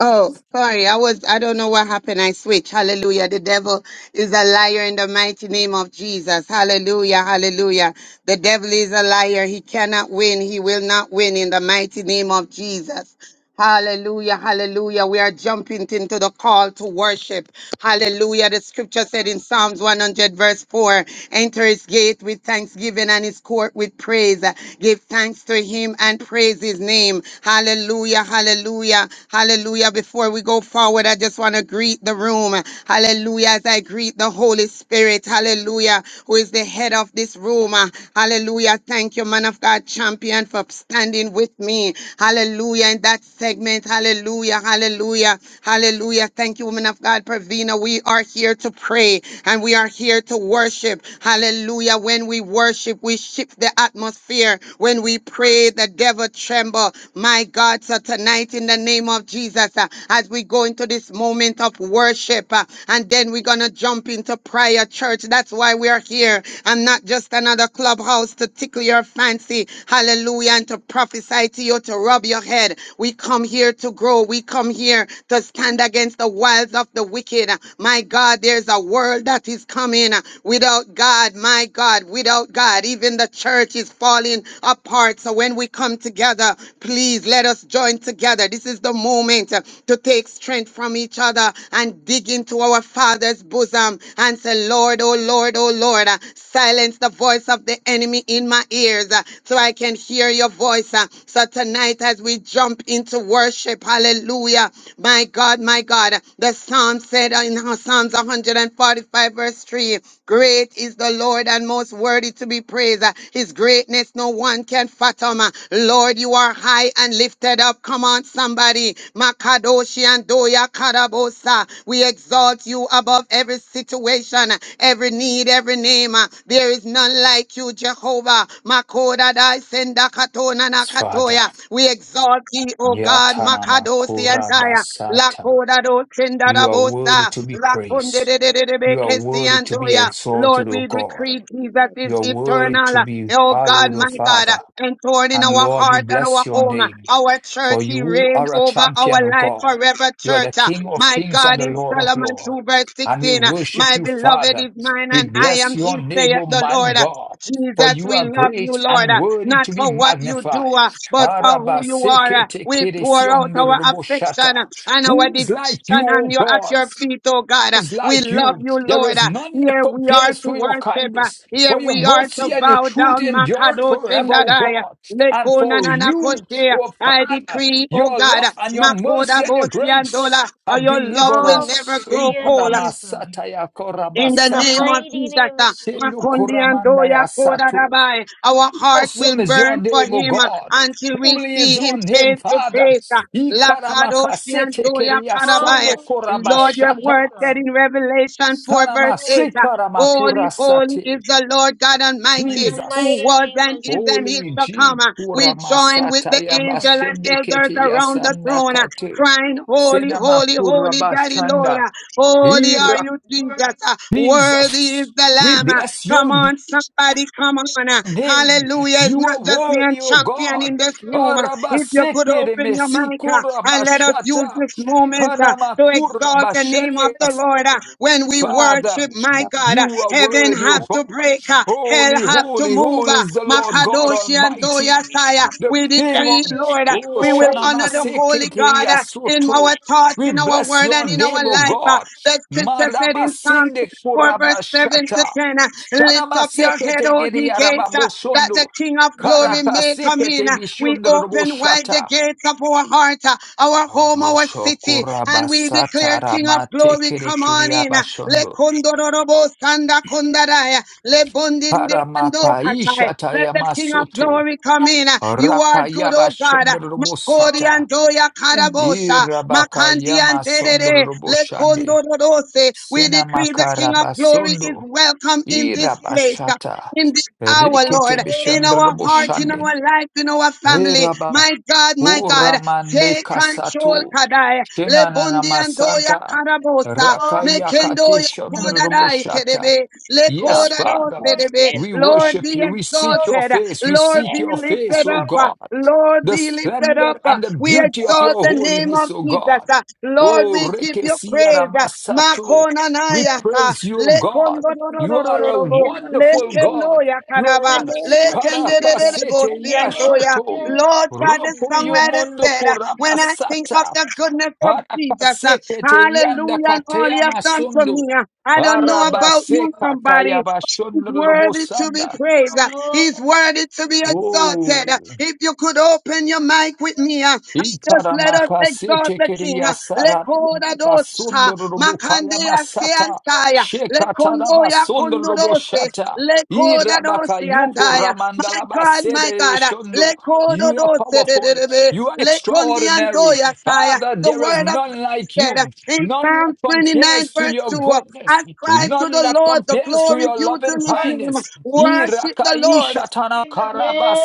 G: Oh, sorry. I was, I don't know what happened. I switched. Hallelujah. The devil is a liar in the mighty name of Jesus. Hallelujah. Hallelujah. The devil is a liar. He cannot win. He will not win in the mighty name of Jesus. Hallelujah, hallelujah. We are jumping into the call to worship. Hallelujah. The scripture said in Psalms 100, verse 4 Enter his gate with thanksgiving and his court with praise. Give thanks to him and praise his name. Hallelujah, hallelujah, hallelujah. Before we go forward, I just want to greet the room. Hallelujah. As I greet the Holy Spirit, hallelujah, who is the head of this room. Noma. Hallelujah. Thank you, man of God, champion, for standing with me. Hallelujah. In that segment. Hallelujah. Hallelujah. Hallelujah. Thank you, woman of God, Pravina. We are here to pray and we are here to worship. Hallelujah. When we worship, we shift the atmosphere. When we pray, the devil tremble. My God, so tonight in the name of Jesus, uh, as we go into this moment of worship, worship, uh, and then we're going to jump into prayer, church. That's why we are here and not just another clubhouse to tickle your fancy. Hallelujah. And to prophesy to you, to rub your head. We come here to grow. We come here to stand against the wiles of the wicked. My God, there's a world that is coming without God. My God, without God, even the church is falling apart. So when we come together, together. Please let us join together. This is the moment uh, to take strength from each other and dig into our Father's bosom and say, Lord, oh Lord, oh Lord, uh, silence the voice of the enemy in my ears uh, so I can hear your voice. uh. So tonight, as we jump into worship, hallelujah, my God, my God, the psalm said in Psalms 145, verse 3. Great is the Lord and most worthy to be praised. Uh, His greatness no one can fathom. Uh, Lord, you are high and lifted up. Come on, somebody. Makadoshi and Doya Karabosa. We exalt you above every situation, uh, every need, every name. Uh, There is none like you, Jehovah. Makoda Dai Senda Katona
F: Yes, Father,
G: Nakatoya. We exalt thee, O God.
F: Yatanama
G: Makadoshi and Daya. La
F: Korabasata,
G: coda do senda da
F: you are worthy
G: bosa.
F: to be
G: La conde
F: praised.
G: de de de de be
F: You are
G: kesi
F: worthy to be
G: andoya. Lord,
F: exalted, O
G: we
F: God.
G: decree Jesus
C: Lord.
G: is
F: You are worthy to
G: eternal.
F: be
G: Oh God,
F: hallowed, O
G: my God,
F: Father.
G: enthroned in
F: And
G: our
F: Lord, we
G: heart and our
F: bless your
G: home,
F: name.
G: our
F: For
G: church, He
F: you
G: reign
F: are a
G: over
F: champion,
G: our
F: O
G: life
F: God.
G: forever,
F: You are the
G: church.
F: King of
G: My
F: kings and
G: God,
F: the
G: in
F: Lord of
G: Solomon 2 verse
F: lords. And we
G: 16,
F: worship
G: my
F: you,
G: beloved
F: Father.
G: is mine
F: We
G: and I
F: bless
G: am
F: your
G: His,
F: name,
G: saith
F: O
G: the
F: my
G: Lord.
F: God. For
G: Jesus,
F: you
G: we
F: are
G: love you,
F: great
G: Lord,
F: and
G: uh,
F: worthy
G: not
F: to be
G: for what you do,
F: magnified.
G: uh, but for
F: Araba
G: who you are. uh.
F: seke te
G: We
F: kere
G: pour out
F: sion
G: our
F: robo
G: affection
F: shata.
G: uh, and our
F: Who is like you,
G: devotion on
F: O
G: you at
F: God?
G: your feet, oh God. uh.
F: is
G: We
F: like
G: love
F: you.
G: you,
F: There
G: Lord.
F: is
G: uh.
F: none that
G: Here we are
F: compares
G: to
F: to your
G: worship. uh,
F: kindness.
G: Here
F: For your
G: we are to
F: mercy and your
G: bow
F: truth
G: down,
F: endured
G: Makadosh
F: forever, O
G: Indadai.
F: God. And
G: Lekona na
F: for you,
G: Lekunananakoshia.
F: O
G: I
F: Father,
G: decree, oh
F: your
G: God,
F: love and your
G: Makoda
F: mercy and your grace
G: Boshiandola, or
F: have
G: your love
F: delivered
G: will never
F: us.
G: grow
E: Hallelujah,
G: cold. uh.
E: Jesus.
F: Iparamasata ya
G: In the
E: In the
G: name
F: korabasata.
G: of
E: mighty
G: Jesus,
E: name
G: uh,
E: of Jesus.
F: Sendo
G: Makundi and
F: koramanda
G: Doya
F: ya
G: Koda
F: sato.
G: Dabai, our heart will
F: Awesome is your
G: burn for
F: name, O
G: him uh,
F: God.
G: until we
F: Holy is
G: see him
F: your name,
G: face to
F: Father.
G: face. uh, Lakadoshi and
F: Ikaramakasete
G: Doya Kadabai,
F: keriasondo
E: Hallelujah,
G: Lord, your
F: korabashata.
G: word said
E: Jesus.
G: in Revelation 4, verse 8, uh, Holy, holy
F: Sanamasikaramakurasate.
G: is the Lord God
E: In
G: Almighty,
E: the
G: who
F: Jesus.
E: mighty
G: was
E: name of
G: and is
E: Jesus.
G: and is
F: Holy
G: to come.
F: G.
G: Uh, We
E: Hallelujah.
G: join with
F: Kuramasata
G: the
E: Yes,
G: angel and elders
F: Yabashendeketi
G: around the throne, uh,
F: Yasanakate.
G: crying, Holy, holy, holy, Daddy Lord.
F: Senamakurabashanda.
G: Uh, Holy are
F: Ira
G: you, Jesus. Uh, Worthy is
F: Jesus.
G: the
F: We
G: Lamb. Uh,
F: bless
G: Come
F: your
G: on,
F: name.
G: somebody, come on. Uh, Hallelujah. It's
F: You
G: not
F: are
G: just me and
F: worthy, O
G: champion
F: God.
G: in this room. If you could
F: Arabasekere
G: open your mic uh, and let us use
F: mesikurabashata.
G: this moment uh, to exalt the name of
F: Kanamakurabashande.
G: the Lord uh,
C: Lord.
G: when we
C: Yes, Lord.
F: Father.
G: worship, my God. uh,
F: You are
G: Heaven
F: worthy, O
G: have to
F: God.
G: break, uh, hell
F: Holy,
G: have to
F: holy,
G: move.
F: holy
G: uh,
F: is the Lord God
G: Makadoshi and
C: Yes,
F: Almighty,
E: Jesus.
G: Doyasaya,
C: Lord.
F: the
G: we
C: Yes, Lord. In the name of
F: King
C: Jesus.
G: decree,
F: of
E: Hallelujah.
C: In
G: Lord,
C: the
G: uh,
C: name
F: Oh
C: of
G: we will
C: Jesus.
G: honor the
E: Hallelujah.
G: Holy
F: Shanamasekete
G: God uh, in
F: Yasoto.
G: our
C: Yes,
G: thoughts,
F: We
G: in our
F: bless
G: word,
F: your
G: and in
F: name,
G: our
F: O
G: life. uh,
F: God.
G: The scripture said in Psalm
F: Marabasinde
G: 4, verse 7 to
F: Kurabashata.
G: 10. uh, Lift up your head,
F: Shanamasekete
G: O ye
F: Gedi
G: gates, uh, that the
F: Arababosondo.
G: King of
E: Yes,
G: glory may come
E: Jesus.
G: in.
F: Karakasekete
G: Uh, We open wide the
F: Bishondroboshata.
G: gates of our heart, uh, our home, our city, and we
F: Boshokurabasata
G: declare, King of glory,
F: Ramatekere
G: come on in. Uh,
F: Kiriabashondo.
G: Lekondorobosandakondaya. Sundarai, Lebundiri Kando
F: Paramakaisha
G: Kashai. Let the King of
F: tayamasoto.
G: Glory come in. You are good,
F: Rakayaba
G: oh God. Makori
F: shondorobosata.
G: and Andoya Karabosa, Makandi and
F: Irabakayama
G: Antere, Lekondo
F: sondoroboshande.
G: Rose. We decree the King of Glory is
F: Senamakarabasondo.
G: welcome in this place
F: Irabashata.
G: in this hour,
F: Rikete
G: Lord, in our heart, in
F: bishondoroboshande.
G: our life, in our
F: Hey
G: family.
F: Rabba,
G: My God, my God,
F: Uramande
G: take control,
F: Kasatu,
G: Kadai.
F: Shenanana
G: Lebundi andoya
F: Masanta,
G: karabosa,
F: Rakayakate
G: mekendoya kodadai
F: Shondroboshata.
G: kedebe,
F: Yes,
C: Lord. Yes,
G: lekodado
F: Father,
C: Lord.
G: sedebe.
C: Yes,
F: we
C: Lord.
G: Lord,
F: worship
G: be
F: you, we seek your
G: exalted.
F: face, we
G: Lord,
C: Yes,
F: seek
G: be
F: your
C: Lord.
F: face,
G: lifted
F: O
G: up.
F: God
G: Lord,
F: the
G: be lifted
F: splendor
G: up.
F: and the
C: Yes,
G: We
F: beauty of
C: yes.
G: exalt
F: your
G: the name
F: holiness,
G: of
F: O
G: Jesus.
F: God.
G: uh, Lord,
F: O
G: we give you
F: Rekesia
G: praise. uh,
F: Ramasato, we
G: Makonanaya, uh,
F: praise you, O God.
C: In
F: You are
C: the
F: a
G: Lekondorororororobo,
C: name of
F: wonderful
C: Jesus. In
F: God.
G: Lekenoya,
F: You are
G: Kadaba,
C: the
F: God.
C: name of Jesus. In
F: Karapasete
C: the name of
G: Lekendedededebosiantoya.
F: Yashoto,
E: Yes,
C: Jesus.
G: Lord God, the
F: Ropo
E: Jesus.
G: songwriter
F: Yomondo
G: said, uh, When I think of
F: Koramasata,
G: the goodness of Jesus, uh,
F: Harapasekete Yanda
G: hallelujah, and all he
F: Kateya
G: has done for me,
F: Masundo,
G: uh, I don't know
E: Oh,
G: about you,
F: Arabaseka
G: somebody, He's
F: Tayabashondo
G: worthy to be
F: Robosanda.
G: praised. Uh, He's worthy to be exalted. Uh,
F: Oh.
G: If you could open your mic with me, uh, and just let us exalt
F: Ikaramakasete
G: the King. Uh,
F: kereyasara
G: Lekoda
C: Yes,
G: dosa,
F: basundoro robokaya
G: makandea
F: masata.
G: seantaya, lekondoya kondodose, lekoda
F: Irabaka yoko
G: doseantaya. My
F: ramandala
G: God, my
F: basere
G: God, uh,
F: shondo.
G: lekodo
F: You are
G: dose de de
F: powerful.
G: de be,
F: You are extraordinary.
G: lekondiandoya saya.
F: Father,
G: the
F: there is
G: word of
F: none
G: God
F: like
G: said uh,
F: you.
G: in
F: None
G: Psalm
F: that
G: 29,
F: compares to
G: verse
F: your
G: 2, uh, I
F: goodness.
G: cried to
F: None
G: the
F: that
G: Lord, the
F: compares to
G: glory
F: your
G: due to
F: loving
G: his name.
F: kindness.
G: Worship the Lord
F: Irakaishatana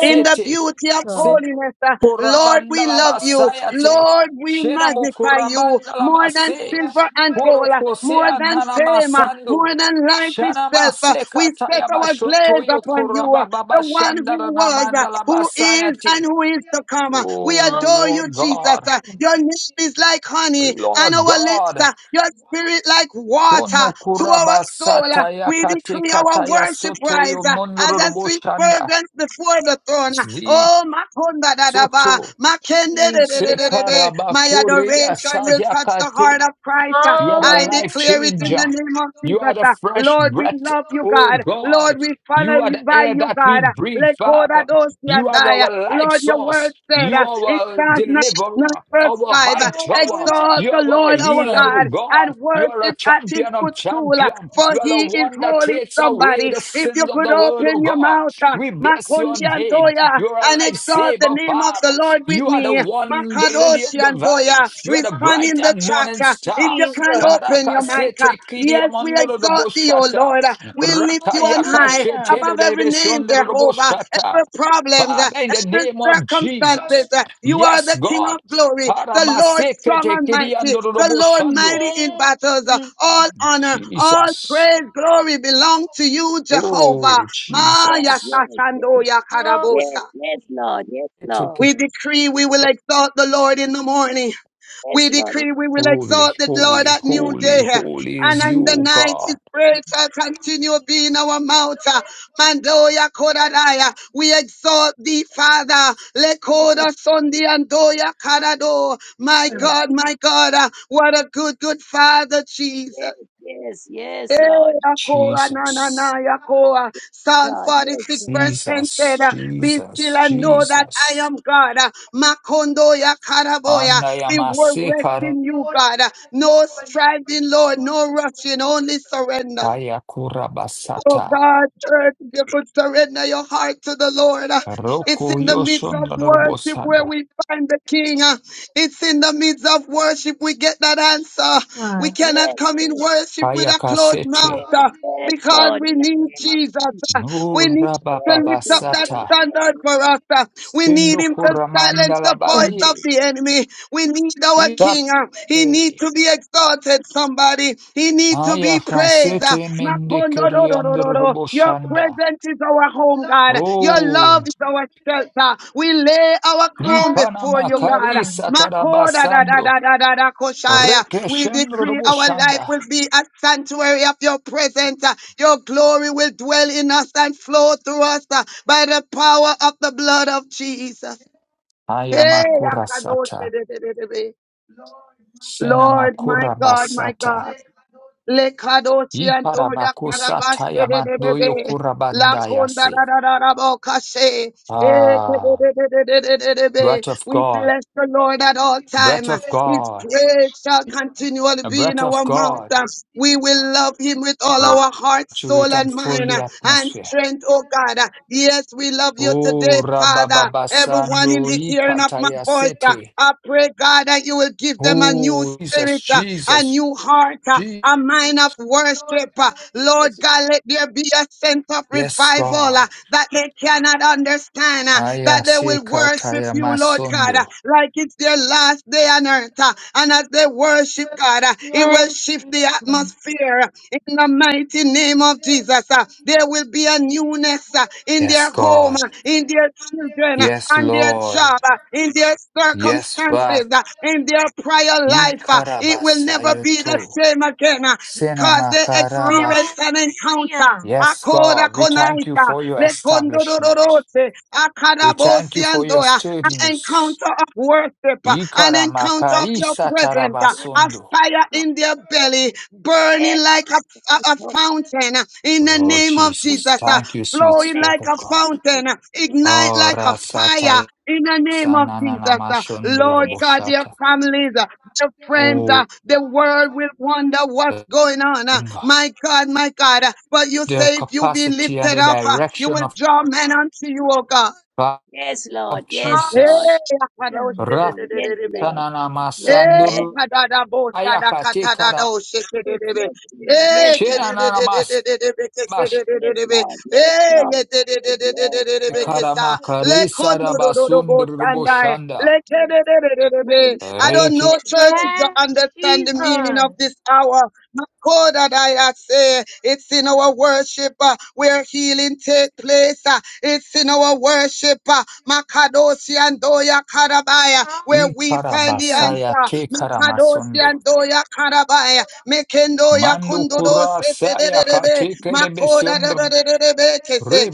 G: in the beauty of
E: God.
G: holiness. Uh, Lord,
F: Kurabanda
G: we
F: la
G: love you.
F: basayate.
G: Lord, we
F: Shenamo
G: magnify you
F: kurabanda la
G: more than
F: base.
G: silver and gold, uh, more
F: Korokosea
G: than
F: nana
G: fame, uh, more
F: masando.
G: than life
F: Shana
G: itself. uh,
F: maseka
G: We set
F: taya
G: our
F: bashoto
G: gaze
F: yo
G: upon you, uh,
F: korababa
G: the one
F: shandara
G: who was, uh,
F: namanda la
G: who is, and
F: basayate.
G: who is to come. uh.
E: Hallelujah, Jesus. Hallelujah.
G: We
F: Oh
G: adore you,
F: Lord
G: Jesus.
F: God,
G: uh,
E: Hallelujah,
G: Your name is like honey on
F: Lord
G: our lips,
F: God.
G: uh, your spirit like water
F: Tono
G: to our
F: kuraba
G: soul. Uh,
F: sataya
G: we
F: kate
G: decree our
F: kataya
G: worship
F: soto
G: rise
F: yo
G: uh, as a
F: mondorobo
G: sweet
F: shanda.
G: fragrance before the throne.
F: Zi
G: Oh, my konda da da ba,
F: soto.
G: my kende de
E: Jesus.
G: de de de de be.
F: Sekaraba
G: My
F: korea
G: adoration will touch the heart
F: sayakate.
G: of Christ. uh.
F: You are the
G: I
F: life
G: declare it in
F: changer.
G: the name of
F: You are
G: Jesus.
F: the
G: uh.
F: fresh
G: Lord, we
F: breath,
G: love you,
F: oh
G: God. Lord,
F: God.
G: we follow
F: You are
G: you
F: the
G: by
F: air
G: you,
F: that we
G: God.
F: breathe,
G: Let go
F: Father.
G: that
F: You
G: ocean
F: are
G: die.
F: our life
G: Lord, your word
F: source.
G: said
F: You
G: uh,
F: are
G: in
F: our
G: Psalm 99
F: deliverer,
G: verse
F: our
G: 5, uh,
F: high tower.
G: exalt
F: You
G: the
F: are our
G: Lord our
F: healer, oh
G: God
F: God.
G: and
F: You are a
G: worship at his
F: champion of
G: footstool, uh,
F: champions.
G: for
F: You are the
G: he is
F: one that
G: holy.
F: takes away
G: Somebody,
F: the
G: if you
F: sins of
G: could
F: the world,
G: open
F: oh
G: your
F: God.
G: mouth, uh,
F: We bless your
G: Makundi and
F: name.
G: Toya,
F: You are a
G: and exalt the
F: lifesaver,
G: name of
F: Father.
G: the Lord with
F: You are the
G: me.
F: one, the lily of
G: Makadoshi
F: the
G: and
F: valley.
G: Doya.
F: You are
G: We
F: the
G: stand in
F: bright
G: the
F: and
E: Hallelujah,
G: chat.
F: morning
G: uh, If
F: star.
G: you can
E: Jesus.
G: open your mic, uh,
F: Parakasete kidia
G: yes, we
F: mondoro
G: exalt
F: robo
G: thee, O Lord. uh, We lift you on high
E: Hallelujah.
F: Rakayakashete
G: above every name,
F: rebesiondoro robo
G: Jehovah, every problem, uh,
F: Father, in the
G: every
F: name of
G: circumstances.
F: Jesus.
G: uh, You are
F: Yes,
G: the King of
F: God.
G: glory, the Lord strong
F: Paramasekete
G: and mighty,
F: kidiandoro
G: the
F: robo
G: Lord
F: shando.
G: mighty in
E: Yes,
G: battles. uh,
E: Jesus.
G: All honor, all
F: Jesus.
G: praise, glory belong to you, Jehovah.
F: Oh,
C: yes,
G: Maya
F: Jesus.
C: yes, yes.
G: Sashandoya
E: Hallelujah.
C: Yes,
G: Karabosa.
C: yes, Lord. Yes,
F: Take
C: Lord.
F: it.
G: We decree we will exalt the Lord in the morning. We
C: Yes, Lord.
G: decree we will
F: Holy,
G: exalt the Lord
F: holy,
G: at new day.
F: holy, holy
G: And
F: is
G: in
F: you,
G: the
F: O
G: night, his
F: God.
G: praise shall continue being our mouth. Mandoya Koradaya. We exalt thee, Father. Lekoda Sundi and Doya Karado. My
C: Yes,
G: God,
C: yes,
G: my God. uh, What a good, good Father, Jesus.
C: yes, yes,
G: Eh,
C: yes, Lord.
G: Yakoa, na, na,
F: Jesus.
G: na, Yakoa. Psalm
C: God, yes,
G: 46 verse
C: Lord.
G: 10 said,
F: Jesus.
G: uh, Be still
F: Jesus.
G: and know that I
F: Jesus.
G: am God. Uh, Makondo Yakaraboya. We will
F: Anayamase
G: rest in you, God. Uh, No striving, Lord, no rushing, only surrender.
F: Haya
G: Oh
F: kurabasata
G: God, church, if you could surrender your heart to the Lord. uh, It's
F: roku
G: in the midst
F: yoshon
G: of worship
F: lorobosanda
G: where we find the King. uh, It's in the midst of worship we get that
E: She's
G: answer. We
E: mine.
C: Yes,
G: cannot come
C: yes,
G: in
C: yes,
G: worship with
F: haya
G: a closed mouth.
F: kasete
G: uh,
C: yes,
G: Because
C: Lord.
G: we
C: In the
G: need
C: name of
G: Jesus.
C: Jesus.
G: uh, We need to
C: Yes,
G: lift up
C: God.
G: that
C: In
F: nurabababasata
C: the
G: standard
C: name
G: for us. uh. We need
F: sindo
G: him to
F: kuramanda
G: silence the
E: Yeah.
G: voice of
F: labari
G: the enemy. We need our king. uh. He needs
F: ilate
G: to be exalted, somebody. He needs to
F: haya
G: be praised. uh.
F: kasete mendekeriando
G: Makondodododoro. Your
F: roboshanda
G: presence is our home, God. Your love
F: oh
G: is our our shelter. We lay our crown
E: Yeah,
F: nikana
G: before you,
E: she's
G: God.
F: makari
E: mine.
G: Makoda da da
F: satarabasando
G: da da da da koshaya. We
F: rekeshendo
G: decree our life
F: roboshanda
G: will be a sanctuary of your presence. Uh, Your glory will dwell in us and flow through us uh, by the power of the blood of Jesus.
F: haya
G: Hey,
E: Yes,
F: makura
G: Akadoche
F: sata
G: de de de de de.
F: sena
G: Lord, my
F: makura
G: God, my
F: basata
G: God. Le kadoshi andoya karabashe de de de de. La konda da
F: Ikarabakusatayamadoyokurabandayase.
G: da da da bo kashe. Eh, de de
F: Ah,
G: de de de de de de de.
F: breath of
G: We
F: God,
G: bless the Lord at all time.
F: breath of
G: His
F: God,
G: praise shall
E: she's mine.
G: continually
F: a
G: be in
F: breath
G: our
F: of
G: mouth.
F: God
G: We will love him with all
F: will
E: Oh,
G: our heart, soul,
F: saturate
E: yeah.
G: and
F: and fill
G: mind
F: the
G: and
F: atmosphere.
G: strength, oh God. Yes, we love you today,
F: Oh,
G: Father. Everyone in
F: Rabababasando
G: the hearing of my voice, uh,
F: Ikatayasete.
G: I pray, God, that you will give them a new
F: Oh, Jesus,
G: spirit, uh, a
F: Jesus,
G: new heart, uh,
F: Jesus.
G: a mind of worship. uh.
C: of
G: Lord
C: Jesus.
G: God, let there be a sense of
F: Yes,
G: revival
F: God.
G: uh, that they cannot understand, uh, that they will worship you, Lord God, uh,
F: Ayasekatayamasondo.
G: like it's their last day on earth. uh, And as they worship God, uh, it will
E: Yes,
G: shift
E: she's
G: the
E: mine.
G: atmosphere. uh, in the mighty name of Jesus, uh, there will be a newness uh, in
F: Yes,
G: their home,
F: God.
G: uh, in their children, uh,
F: Yes,
G: on their
F: Lord.
G: job, uh, in their
F: Yes,
G: circumstances,
F: Father.
G: uh, in their prior life. uh, It will never be the
F: Ikarabasayoto.
G: same again uh, because they
F: Sinamakarabashu.
G: experienced an encounter.
E: Hallelujah.
F: Yes,
G: Akoda
F: God, we thank you
G: konaita,
F: for your establishment.
G: lekondododorose,
F: We thank
G: akadabosi
F: you for your
G: andoya an
F: sturdiness.
G: encounter of worship, uh, an encounter
F: Ikaramaka
G: of your presence, uh,
C: Yes,
G: a
F: isatarabasundu.
C: yes,
G: fire
C: God.
G: in their belly,
C: Yes,
G: burning like a, a,
C: yes,
G: a
C: Lord.
G: fountain uh, in the
F: Oh,
G: name of
C: yes,
F: Jesus,
G: Jesus, uh,
F: thank you, sweet
C: your
G: flowing
F: Spirit
G: like
F: of
G: a
F: God.
G: fountain, uh, ignite
F: Oh,
G: like a fire.
F: rasata
G: In the name of Jesus, uh, Lord
C: name.
G: God, their
F: sananamashundurabushata.
G: families, uh, their friends, uh,
F: Oh,
G: the world will wonder what's
F: the
G: going on. uh,
F: finger,
G: my God, my God. uh, but you
F: the
G: say if you be
F: capacity and
G: lifted
F: the
G: up, uh, you
F: direction
G: will
F: of
G: draw men unto you, oh God.
F: God
C: Yes,
F: of
C: Lord. Yes,
G: Eh,
E: Hallelujah.
C: Lord.
F: Jesus.
C: Yes,
G: akadoshe de de
C: Lord.
G: de
C: Yes,
G: de de de.
C: Lord. Lord.
G: Eh,
C: Yes,
F: Ratananamasanduru
G: kadada bosha da katada
F: ayakatekara
G: doshe de de
C: yes,
G: de de.
C: yes, Lord. Yes,
G: Eh,
C: Lord.
G: kede
F: Shena
G: de
F: na
G: de de de
F: namas
G: de de de de
F: bash
G: de de de
C: Yes,
G: de de.
C: Lord. Yes,
G: Eh,
C: Lord.
G: ye de de
C: Yes,
G: de de de de de de
C: yes,
G: de de.
F: karama
C: yes,
F: karisa
C: yes,
G: Lekondododobosandai.
C: Lord.
F: rabasundrubushanda
C: Yes.
G: Lekededededebe.
C: Holy
G: I
C: Ghost,
G: don't know,
F: reke
C: Yes.
G: church,
C: over.
G: if you
E: Yes,
G: understand the meaning of
E: Jesus.
G: this hour. My God, that I have say, it's in our worship uh, where healing take place. uh, it's in our worship, uh, Makadoshi and Doya Karabaya, where we find the
E: Hallelujah.
F: ikarabasaya
G: answer.
F: te
G: Makadoshi
F: karamasundo
G: and Doya Karabaya, Mekendoya
F: mandu
G: Kondodose,
F: kurasaya kateke
C: Yes,
G: Makoda,
C: Lord.
F: rebesundr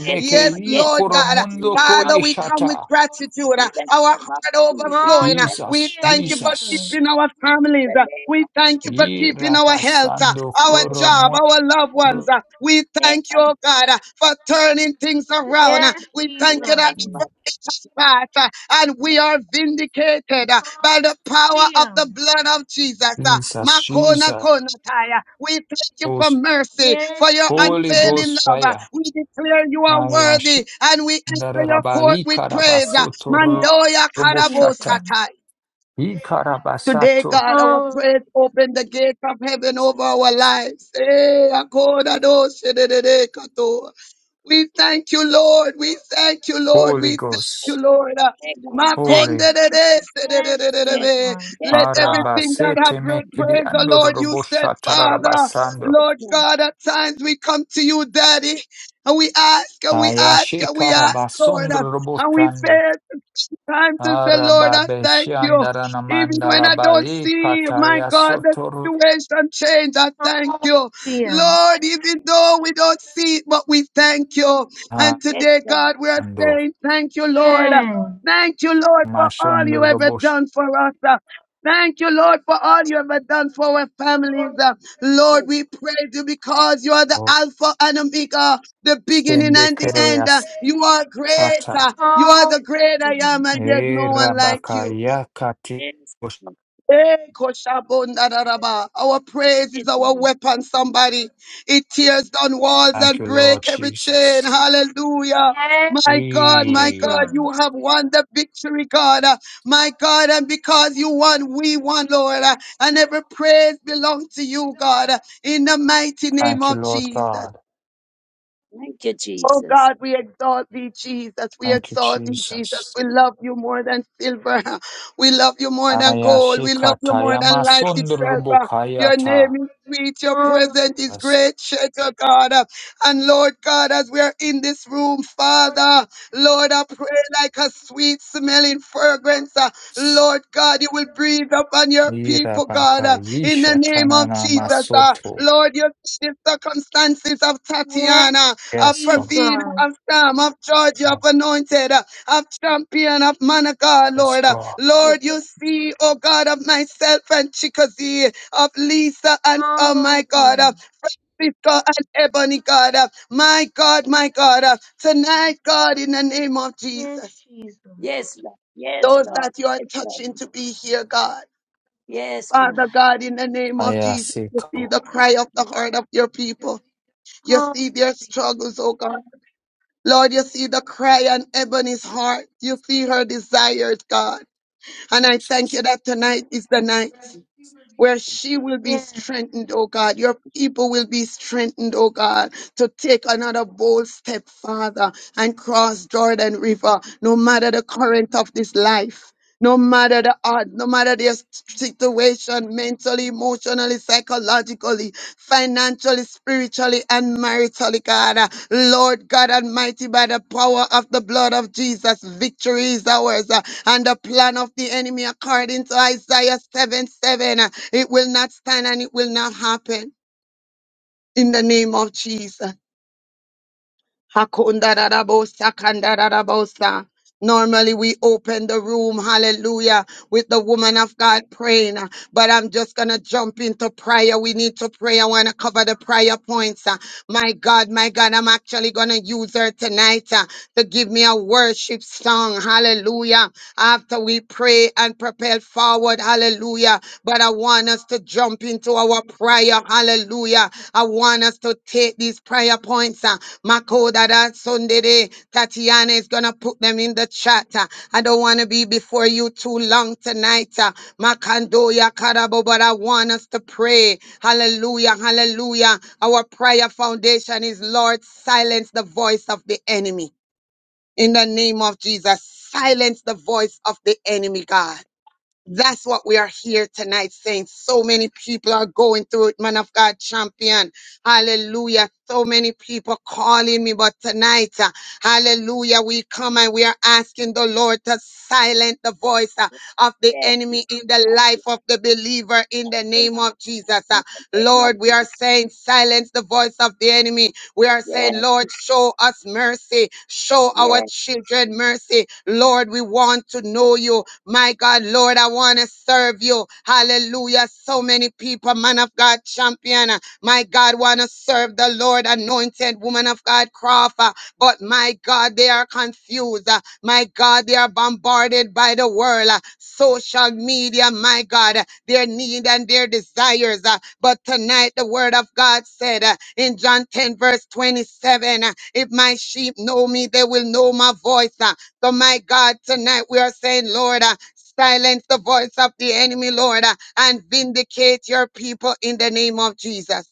C: Yes,
G: Yes,
C: Lord.
F: i
C: Yes,
G: Lord
C: Lord.
G: God,
C: In the
F: kuramundo
C: name of
G: Father, we
C: Jesus.
G: come with
F: koyishata
G: gratitude,
C: In
G: uh,
C: the
G: our
C: name of
G: heart
C: Jesus.
E: Hallelujah,
G: overflowing.
C: In the
G: uh, We
C: name
F: Jesus
C: of
G: thank you for
C: Jesus.
E: Jesus.
F: Jesus
G: keeping our
C: In
G: families.
C: the
G: uh,
C: name
G: We
C: of Jesus.
G: thank you for
F: i
G: keeping our health, uh,
F: rapasando
C: In
G: our
C: the
G: job,
F: kuramundo
G: our loved ones. uh, We
C: name of
G: thank you, oh
C: Jesus.
G: God, uh, for turning things around. uh,
E: Yes,
G: We
C: In
G: thank
C: the
G: you
C: name
E: Jesus.
C: of
G: that fight, uh, and
C: Jesus.
G: we are vindicated uh, by the power of
E: Hallelujah.
G: the blood of Jesus. uh,
F: Jesus
G: Makona
F: Jesus
G: konataya. We thank you for mercy, for
E: Yes,
G: your
F: Holy
E: Jesus.
G: unfailing
F: Ghost
G: love. uh,
F: fire
G: We declare you are
F: Ayashi
G: worthy, and we enter your court
F: Narabari
G: with praise. uh,
F: Karabasoto
E: Yes,
G: Mandoya
F: Roboshata.
E: Jesus.
F: I
G: Today,
F: Karabasato.
G: God, our
E: Hallelujah.
G: praise open the gate of heaven over our lives. Eh, akodadoshedededekoto. We thank you, Lord. We thank you, Lord.
F: Holy
G: We thank you,
F: Ghost.
C: Excellent.
G: Lord. Uh,
C: Thank God. We Thank
F: Holy.
C: you. Jesus.
E: Yes,
C: Yes,
G: Makonderedesededededebe.
E: Jesus.
G: Let everything that have
F: Arabasete
G: breath
F: mekidi
G: praise the
F: ando
G: Lord. You said,
F: roboshata
G: Father,
C: yes,
F: rabasando.
C: Lord.
G: Lord
C: Yes,
G: God, at times we come to you, Daddy, and we ask, and we ask,
F: Ayashe
G: and we ask, Lord, uh,
F: karabasondo
G: and we
F: roboshande.
G: fail time to say, Lord, I thank you. Even
F: Arababeshandaranamanda
G: when I don't
F: labari
G: see, my
F: kataya
G: God, the
F: soto
G: situation change, I thank you.
E: Hallelujah.
G: Lord, even though we don't see it, but we thank you. And today, God, we are
F: ando.
G: saying thank you, Lord.
E: Yes.
G: Thank you, Lord, for all
F: Mashondo
G: you ever
F: robosh.
G: done for us. Thank you, Lord, for all you ever done for our families.
C: yes,
G: Lord,
C: yes, yes,
G: we praise you because you are the Alpha and Omega, the beginning
F: Stende
G: and the end.
F: kereya
G: You are great.
F: sata.
G: You
C: yes, Lord.
G: are the great I
E: Hallelujah.
G: am, and there's
F: E
G: no one like you.
F: rabakaya kati.
C: yes,
G: Eh,
C: Lord. yes, yes,
G: koshabondararaba. Our
C: yes, Lord.
G: praise is
C: yes,
G: our
C: Lord.
G: weapon, somebody. It tears down walls
F: Thank
G: and
F: you, Lord
G: break every chain.
F: Jesus.
G: Hallelujah.
E: Yes,
G: My God, my
E: Jesus.
F: Eh,
G: God, you have won the victory, God. Uh, My God, and because you won, we won, Lord. Uh, And every praise belongs to you, God, uh, in the mighty name
F: Thank you,
G: of
F: Lord
E: Hallelujah.
G: Jesus.
F: God.
C: Thank you,
G: Oh
C: Jesus.
G: God,
C: Yes,
G: we exalt thee, Jesus. We
F: Thank you,
G: exalt thee, Jesus.
F: Jesus.
G: We love you more than silver. We love you more than gold. We love you more
F: Ayashikataya
G: than life itself. Uh, Your name
F: masundurubukayata.
G: is sweet. Your
E: Hallelujah.
G: presence is
F: Yes.
G: great, Shepherd God. Uh, And Lord God, as we are in this room, Father, Lord, I pray like a sweet smelling fragrance. uh, Lord God, you will breathe upon your people, God, uh, in the name of
F: Irabakayishatanana
G: Jesus. uh.
F: masoto.
G: Lord, you see the circumstances of
E: Yes,
G: Tatiana of
F: Yes, God.
G: Pravina,
E: Jesus.
G: of Sam, of Georgia, of
F: Oh,
G: Anointed, uh, of Champion, of Monica,
F: Yes,
G: Lord. Uh,
F: God.
G: Lord,
C: Lord.
G: you see, oh God, of myself and Chickasee, of Lisa and, oh my God, uh,
E: Hallelujah.
G: Francisco and Ebony, God. Uh, my God, my God, uh, tonight, God, in the name of
E: Yes,
G: Jesus,
E: Jesus.
C: Yes,
G: those that
C: Lord.
G: you are
C: Yes, Lord.
G: touching to be here, God.
C: Yes, God.
G: Father God, in the name of Jesus, you see
F: Ayasiko.
G: the cry of the heart of your people. You
E: Hallelujah.
G: see their struggles, oh God. Lord, you see the cry on Ebony's heart. You see her desires, God. And I thank you that tonight is the night where she will be
E: Yes.
G: strengthened, oh God. Your people will be strengthened, oh God, to take another bold step, Father, and cross Jordan River, no matter the current of this life. No matter the odd, no matter their s- situation, mentally, emotionally, psychologically, financially, spiritually, and maritally, God. Uh, Lord God Almighty, by the power of the blood of Jesus, victory is ours. uh, And the plan of the enemy, according to Isaiah 7 7. uh, it will not stand and it will not happen in the name of Jesus. Hakundarabosa, kandarabosa. Normally we open the room, hallelujah, with the woman of God praying. uh, But I'm just gonna jump into prayer. We need to pray. I wanna cover the prayer points. uh. My God, my God, I'm actually gonna use her tonight uh, to give me a worship song. Hallelujah. After we pray and propel forward, hallelujah. But I want us to jump into our prayer, hallelujah. I want us to take these prayer points. uh, Makoda that Sunday, day. Tatiana is gonna put them in the chat. uh, I don't want to be before you too long tonight. uh, Makandoya Karabo, but I want us to pray. Hallelujah, hallelujah. Our prayer foundation is Lord, silence the voice of the enemy. In the name of Jesus, silence the voice of the enemy, God. That's what we are here tonight saying. So many people are going through it, man of God champion. Hallelujah. So many people calling me, but tonight, uh, hallelujah, we come and we are asking the Lord to silence the voice uh, of the enemy in the life of the believer in the name of Jesus. Uh,
C: Thank
G: Lord,
C: you,
G: we are
C: Jesus.
G: saying silence the voice of the enemy we are saying,
C: Yes,
G: Lord, show us mercy. Show our
C: Lord.
G: children mercy. Lord, we want to know you. My God, Lord, I want to serve you. Hallelujah. So many people, man of God, champion. uh, My God, want to serve the Lord, anointed woman of God, Crawford. But my God, they are confused. Uh, My God, they are bombarded by the world, uh, social media, my God, uh, their need and their desires. uh, But tonight, the word of God said uh, in John 10, verse 27, uh, if my sheep know me, they will know my voice. uh, so, my God, tonight we are saying, Lord, uh, silence the voice of the enemy, Lord, uh, and vindicate your people in the name of Jesus.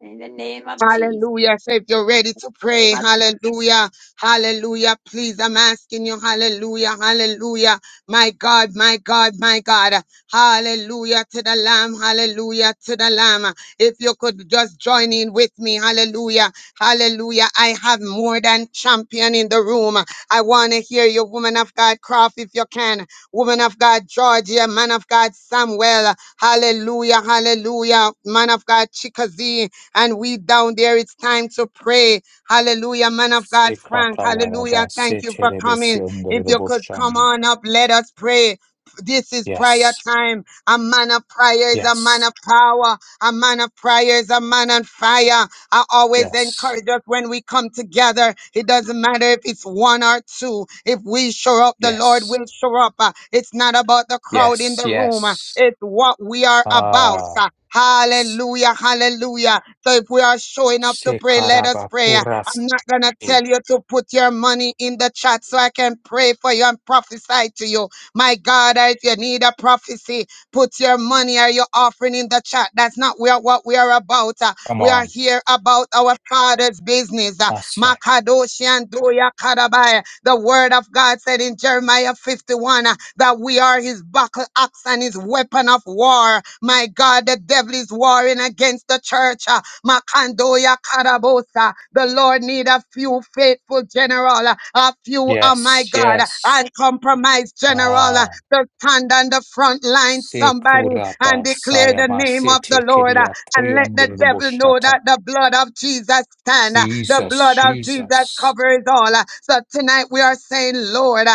C: In the name of Jesus. Yes, yes. In the name of Jesus.
G: Hallelujah. So if you're ready to
C: Name
G: pray,
C: of
G: hallelujah, hallelujah, please, I'm asking you, hallelujah, hallelujah. My God, my God, my God, hallelujah to the Lamb, hallelujah to the Lamb. If you could just join in with me, hallelujah, hallelujah. I have more than champion in the room. I want to hear you, woman of God, Croft, if you can, woman of God, Georgia, man of God, Samuel, hallelujah, hallelujah, man of God, Chickasee and we down there, it's time to pray. Hallelujah, man of God, Frank. Hallelujah.
F: Sikatalaraba
G: Thank you for coming. If you could come
F: seterebesiondurubushande.
G: on up, let us pray. This is prayer
F: Yes,
G: time. A man of prayer is a man
F: yes,
G: of power. A man of prayer is a man on fire. I always
F: yes,
G: encourage us when we come together. It doesn't matter if it's one or two. If we show up, the Lord
F: yes,
G: will show up. Uh, It's not about the crowd in
F: yes,
G: the room. Uh,
F: yes.
G: It's what we are about.
F: Ah.
G: Uh, Hallelujah, hallelujah. So if we are showing up to pray, let us
F: Sekaraba
G: pray. I'm
F: Sekarabakurasi.
G: not going to tell you to put your money in the chat so I can pray for you and prophesy to you. My God, if you need a prophecy, put your money or your offering in the chat. That's not where, what we are about. Uh,
F: Come
G: We are
F: on.
G: here about our Father's business. Uh,
F: That's right.
G: Makadoshi and Doya Kadabai. The word of God said in Jeremiah 51 uh, that we are his buckle axe and his weapon of war. My God, the devil is warring against the church. Uh, Makandoya Karabosa. The Lord need a few faithful general, uh, a few, oh my
F: Yes,
G: God,
F: yes.
G: uncompromised general uh,
F: Ah,
G: to stand on the front line, somebody, and
F: sekuraba
G: declare the
F: sayama
G: name of the
F: sete
G: Lord uh,
F: kiria
G: and let
F: toyon
G: the devil know that
F: Sekurabasayamasete
G: the blood of Jesus stand. uh, The blood
F: Jesus,
G: of Jesus
F: Jesus.
G: covers all. uh. So tonight we are saying, Lord,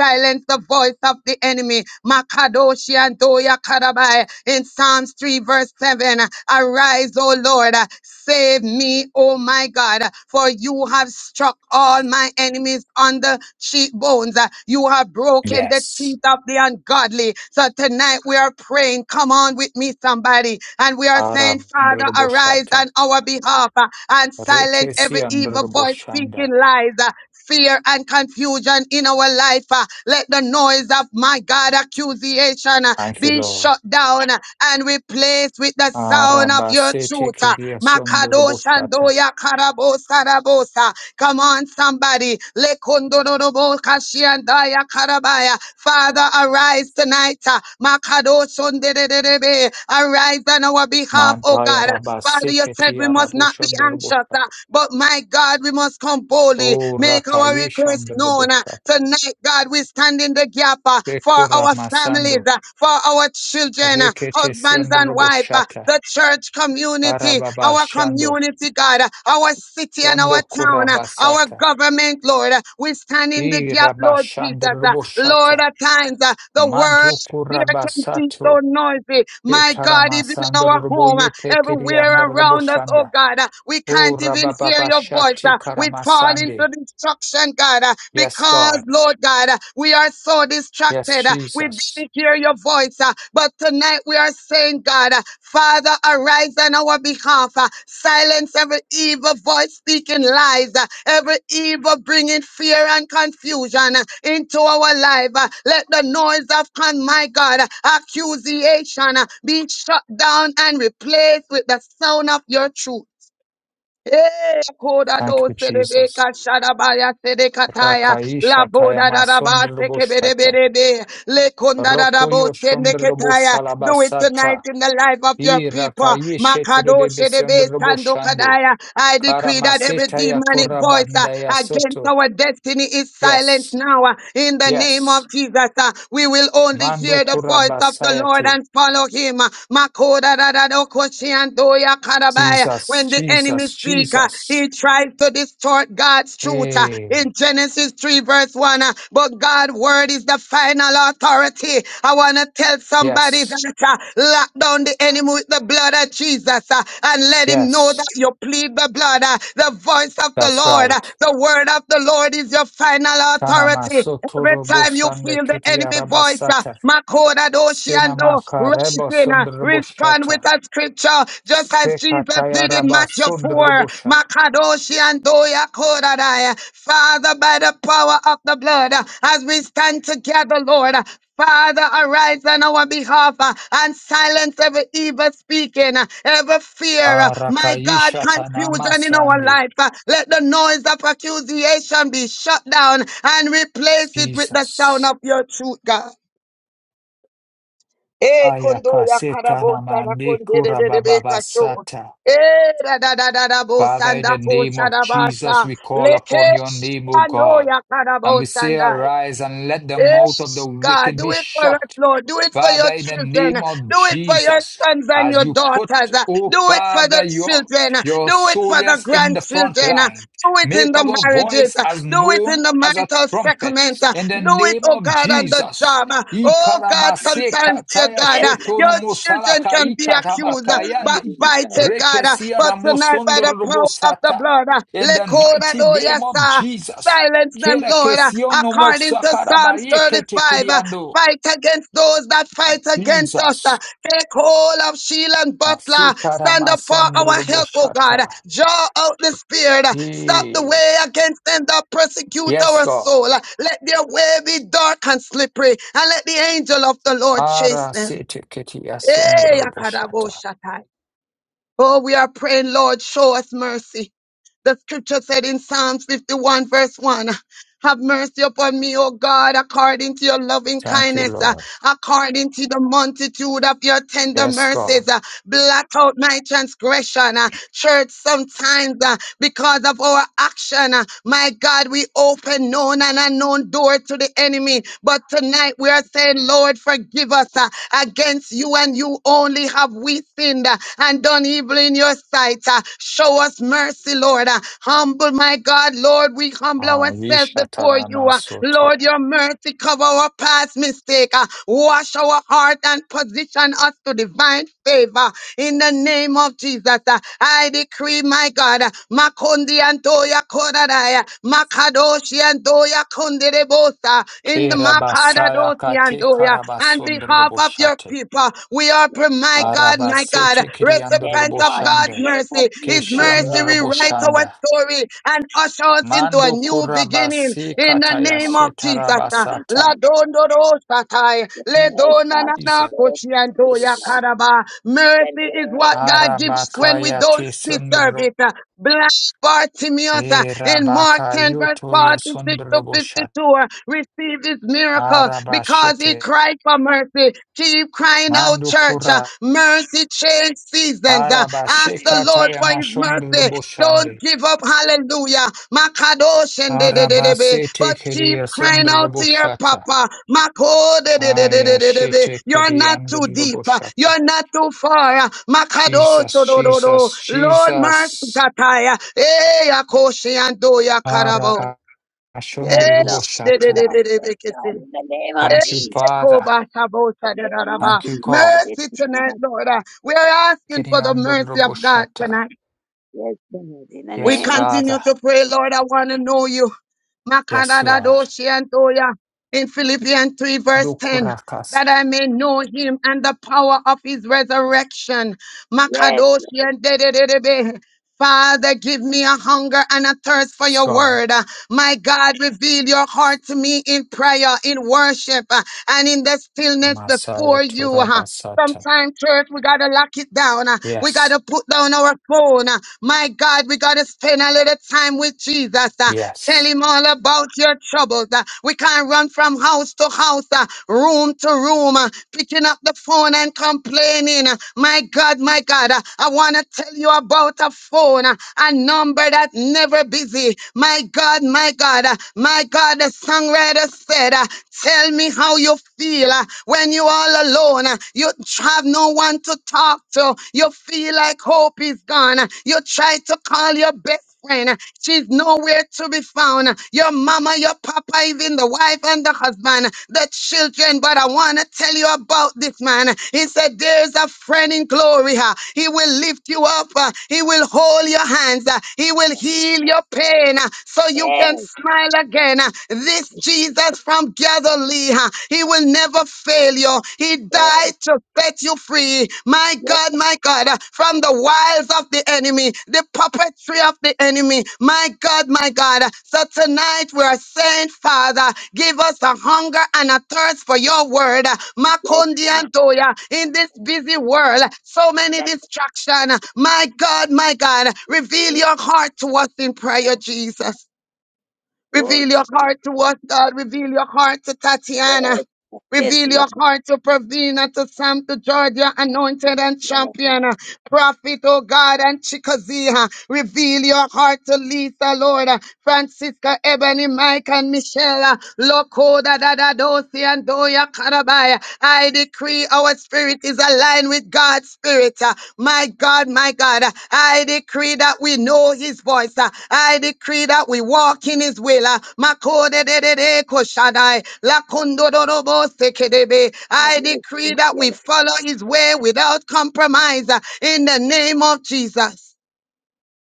G: Silence the voice of the enemy. Makadoshi and Toya Karabai. In Psalms 3, verse 7, arise, O Lord, save me, O my God, for you have struck all my enemies on the cheekbones. You have broken the
F: Yes.
G: teeth of the ungodly. So tonight we are praying. Come on with me, somebody. And we are saying, Father, arise on
F: Arabandrubushata.
G: our behalf uh, and silent every evil voice
F: Rekesiandrubushanda.
G: speaking lies fear and confusion in our life. uh, Let the noise of my God accusation uh,
F: Thank you,
G: be
F: Lord.
G: shut down uh, and replaced with the sound of your
F: Arabasete
G: truth. uh.
F: kiriasundrubushata.
G: Makadoshandoya karabosarabosa. Come on, somebody. Lekondorobokashiandaya karabaya. Father, arise tonight. uh. Makadoshondedededebe. Arise on our behalf, oh
F: Mantaya
G: God. Father, you
F: rabaseketi
G: said we must not be anxious, uh, but my God, we must come boldly,
F: O
G: make our
F: Rakayesh and
G: request known. uh,
F: Robotat.
G: Tonight, God, we stand in the gap uh, for
F: Bekura
G: our families,
F: Masando.
G: uh, for our children, uh,
F: Rekete
G: husbands and wives, uh,
F: Siondraboshata.
G: the church community,
F: Arababa
G: our
F: Shando.
G: community, God, uh, our city and our
F: Shondo
G: town, uh, our
F: Kurabasata.
G: government, Lord. uh, We stand in the
F: I
G: gap, Lord Jesus. uh, Lord,
F: Rabashandroboshata.
G: at times, uh, the
F: Mantu
G: world. There can be so
F: Kurabasato.
G: noisy. My God, even in our home, uh,
F: Ketaramasandroboyete
G: everywhere around us, oh
F: Kiriandraboshanda.
G: God, uh, we
F: O
G: can't even hear your voice.
F: Rabababashati
G: uh, We fall into
F: Karamasande.
G: destruction, God, uh,
F: Yes,
G: because,
F: God.
G: Lord God, uh, we are so
F: Yes,
G: distracted. uh, We
F: Jesus.
G: didn't hear your voice. uh, But tonight we are saying, God, uh, Father, arise on our behalf. uh, Silence every evil voice speaking lies, uh, every evil bringing fear and confusion uh, into our life. uh, Let the noise of, con, my God, uh, accusation uh, be shut down and replaced with the sound of your truth. Eh, koda do
F: Thank you,
G: sedebe
F: Jesus.
G: kashada baya sede kataya la
F: Rakaisha
G: boda da da ba seke bere
F: Tayamasundroboshata.
G: bere be le konda da da bo
F: Rokoyo
G: sende
F: Shondrobo
G: ketaya do it tonight
F: Salabasata,
G: in the life of your
F: I
G: people
F: Rakaye Shetere
G: makado
F: de
G: sedebe
F: Besondrobo
G: sando
F: Shande,
G: kadaya I decree that every
F: Karamaseta
G: demonic voice uh,
F: Yakorabandaya
G: against
F: Soto.
G: our destiny is silenced
F: Yes,
G: now uh, in the name
F: yes,
G: of Jesus uh, we will only
F: Mando
G: hear the voice of the Lord
F: Kurabasayate.
G: and follow him uh, makoda da da do Andoya Karabaya.
F: Jesus,
G: When the enemy
F: Jesus,
G: speak, uh,
F: Jesus.
G: he tries to distort God's truth uh,
F: Eh,
G: in Genesis 3, verse 1. uh, But God's word is the final authority. I want to tell somebody
F: yes,
G: that uh, lock down the enemy with the blood of Jesus uh, and let him know
F: yes,
G: that you plead the blood, uh, the voice of the
F: that's
G: Lord, uh,
F: right.
G: the word of the Lord is your final
F: Tanama
G: authority. Every
F: Sotorobo
G: time you
F: Sande
G: feel the enemy voice, uh,
F: Ketiarabasata,
G: Makoda
F: Stenama
G: Doshiando,
F: Karebo
G: question, uh,
F: Sondrobo
G: respond
F: Shata,
G: with a scripture, just as Jesus did in Matthew 4.
F: Stekatayaraba
G: Makadoshi and Doya Kodadai. Father, by the power of the blood, uh, as we stand together, Lord, uh, Father, arise on our behalf uh, and silence every evil speaking, uh, every fear, uh, my God,
F: Arakaisha tanama
G: confusion in our
F: sande.
G: life. uh, Let the noise of accusation be shut down and replace it with the sound
F: Jesus.
G: of your truth, God. E kondo ya
F: Ayakaseta
G: karabo sana
F: namande
G: kondere de de bekacho.
F: kurabababasata.
G: E da da da da da bo
F: Father, in
G: sanda
F: the name
G: kosha
F: of
G: da
F: Jesus,
G: basa.
F: we call
G: Leke
F: upon your name, O
G: ando
F: God.
G: ya
F: And
G: karabo
F: we say,
G: karabosa
F: Arise and let the mouth of the
G: Yes, God,
F: wicked
G: do
F: be
G: it for us,
F: shut
G: Lord. Do it for your
F: Father, in the name
G: children.
F: of
G: Do it for your
F: Jesus,
G: sons and
F: as
G: your
F: you put,
G: daughters. Do
F: oh
G: it for
F: Father,
G: the
F: your,
G: children.
F: your
G: Do it for the
F: soldiers in the front
G: grandchildren.
F: line,
G: Do it in
F: make
G: the
F: our
G: marriages.
F: voice as
G: Do it
F: known
G: in the
F: as a
G: marital
F: trumpet.
G: settlement.
F: In the
G: Do it,
F: name
G: oh
F: of
G: God, on the
F: Jesus.
G: job. Oh God,
C: Jesus.
F: Ikaramaseka
G: sometimes, dear
F: taya
G: God,
C: Yes,
F: shetono
G: your
C: Lord.
G: children
F: mosalaka
G: can be
C: In the
G: accused,
C: name of
G: but
F: ikatabakayande.
C: Jesus.
G: bited, God.
F: Rekesia
G: But tonight, by the power of the
F: ramosondorobosata.
G: blood,
F: In the
C: Yes,
F: mighty name of
G: let
F: Jesus.
G: Silence them,
F: Kera
G: Lord, uh,
F: no
G: according to Psalms
F: mosakarabaye kete
G: 35. uh, Fight against those that fight against us.
F: Jesus.
G: uh, Take hold of shield and Butler. Stand up for our help, O God.
F: Asikaramasundraboshata.
G: Draw out the spirit. uh, Stop the
F: Hey.
G: way against them that persecute
F: Yes,
G: our
F: Lord.
G: soul. uh, Let their way be dark and slippery, and let the angel of the Lord chase them. Hey, Akadabo
F: Arasitikityasundruboshata.
G: Shatai. Oh, we are praying, Lord, show us mercy. The scripture said in Psalms 51, verse 1, Have mercy upon me, O God, according to your loving
F: Thank you,
G: kindness, uh,
F: Lord.
G: according to the multitude of your tender
F: Yes,
G: mercies.
F: God.
G: uh, blot out my transgression. uh, church, sometimes uh, because of our action. uh, My God, we open known and unknown door to the enemy. But tonight we are saying, Lord, forgive us. uh, Against you and you only have we sinned uh, and done evil in your sight. uh, Show us mercy, Lord. uh, Humble, my God, Lord, we humble ourselves before you. uh,
F: Ayishataramasoto.
G: Lord, your mercy cover our past mistake. uh, Wash our our heart and position us to divine favor in the name of Jesus. Uh, I decree, my God, uh, Makondi Antoya Koradaya, Makadoshi Antoya Konderebosa, in the
F: Kirabasaya
G: Makadadoshi
F: kate
G: Antoya, on behalf of your
F: karabasundruboshate.
G: people, we are, pre-
C: yes,
G: my
C: Lord.
G: God, my God,
C: Yes,
G: recipient of
C: Lord, in the
G: God's
F: Arabasitikityandruboshande.
C: name of
G: mercy.
C: Jesus.
G: His
C: Yes,
G: mercy rewrites
C: Lord.
G: our
F: Kishyandruboshanda.
G: story usher us into a
F: Mando
G: new beginning
F: kurabasi
G: in the
C: Yes,
G: name
C: Lord.
G: of Jesus. uh,
C: The
F: katayashitarabasata.
G: Ladondorosatai,
C: Jesus. Yes, Lord. Yes,
F: Jesus.
C: Jesus.
G: Ledonananakushiantoyakaraba.
C: The
G: Mercy is what
C: name of
G: God gives us
C: Jesus.
G: when
C: Yes,
G: we
F: Arabakaya
G: don't
F: ti
G: deserve
F: sundro
G: it. uh, Blessed Bartimaeus uh,
F: e
G: in Mark 10, verse
F: yuto yo
G: 46 to
F: sundro boshat
G: 52, uh, received his miracle because he
F: arabashete
G: cried for mercy. Keep crying out church. uh,
F: mandukura
G: Mercy change seasons. uh, Ask the Lord
C: yes,
F: arabashekataya
G: for his
C: yes.
F: masundro
G: mercy. Don't
F: boshande
G: give up. Hallelujah. Makadosh and de- de- de- de- be.
F: arabasete
G: But keep
F: kiriya
G: crying
F: sundro
G: out to your
F: boshata
G: papa. Mako de- de- de- de- de-
F: aya
G: de- de- be.
F: shete
G: You're
F: kiriya
G: not too
F: andro
G: deep. uh,
F: boshata
G: You're not too far. uh, Makadosh
F: Jesus
G: oh, do- do-
F: Jesus
G: do. Lord mercy
F: Jesus
G: kataya. Eh, akoshi and do ya karabo.
F: arabashundro
C: Yes,
G: Eh,
C: Lord.
G: de-
C: Yes,
G: de-
F: boshata
G: de- de- de- be
C: Lord.
G: kisi.
C: Yes, Lord. In the name
G: Eh,
C: of
F: thank you
C: Jesus.
F: Father
C: The name of
F: thank you
C: Jesus.
F: God
C: Yes,
G: Mercy tonight,
C: Lord.
G: Lord. Uh, We are asking for
F: kiriya
G: the
F: andro
G: mercy of God
F: boshata
G: tonight.
C: Yes, Lord. In the
G: We
F: Yes,
C: name of
G: continue
F: Father.
G: to pray, Lord. I want to know you.
F: Yes, Lord.
G: Makadadadoshi antoya. In Philippians 3, verse 10,
F: Dukurakas,
G: that I may know him and the power of his resurrection.
C: Yes, yes,
G: Makadoshi and Father, give me a hunger and a thirst for your
F: God.
G: word. Uh, My God, reveal your heart to me in prayer, in worship, uh, and in the stillness
F: Amasaya
G: before you. uh.
F: Turabasata.
G: Sometimes, church, we got to lock it down. uh, We got
F: Yes,
G: to put down our phone. uh, My God, we got to spend a little time with Jesus. uh, Tell
F: yes.
G: him all about your troubles. uh, We can't run from house to house, uh, room room to room, uh, picking up the phone and complaining. Uh, My God, my God, uh, I want to tell you about a phone, uh, a number that never busy. My God, my God, uh, my God, the songwriter said, uh, Tell me how you feel uh, when you all alone. uh, You have no one to talk to. You feel like hope is gone. uh, You try to call your best friend. She's nowhere to be found. Your mama, your papa, even the wife and the husband, the children. But I want to tell you about this man. He said, There's a friend in glory. huh? He will lift you up. uh, He will hold your hands. uh, He will heal
C: yes,
G: your pain uh, so you can
C: yes,
G: smile again. uh. This Jesus from Galilee, huh? he will never fail you. He died to set you free. My
C: yes, yes, yes,
G: God, my God, from the wiles of the enemy, the puppetry of the enemy. My God, my God. So tonight we are saying, Father, give us a hunger and a thirst for your word.
C: yes,
G: Makondi
C: Lord.
G: and Toya, in this busy world, so
C: And
G: many
C: that's-
G: distractions. My God, my God, reveal your heart to us in prayer, Jesus.
C: Oh,
G: Reveal your
C: Jesus.
G: heart to us, God. Reveal your heart to Tatiana.
C: Yes. Yes,
G: Reveal
C: Lord.
G: your heart to Pravina, to Sam, to Georgia, anointed and
C: Yes, Lord.
G: champion, uh, prophet, oh God, and Chikaziha. Reveal your heart to Lisa, Lord, uh, Francisca, Ebony, Mike, and Michelle, uh, Lokoda, Dada, Dosi, and Doya, Karabaya. I decree our spirit is aligned one with God's Spirit. uh, My God, my God, uh, I decree that we know His voice. uh, I decree that we walk in His will. uh, Makodededede koshadai, lakondodorobo sekedebe. I
C: Yes,
G: decree
C: Lord.
G: that
C: Yes,
G: we follow His way without compromise uh, in the name of Jesus.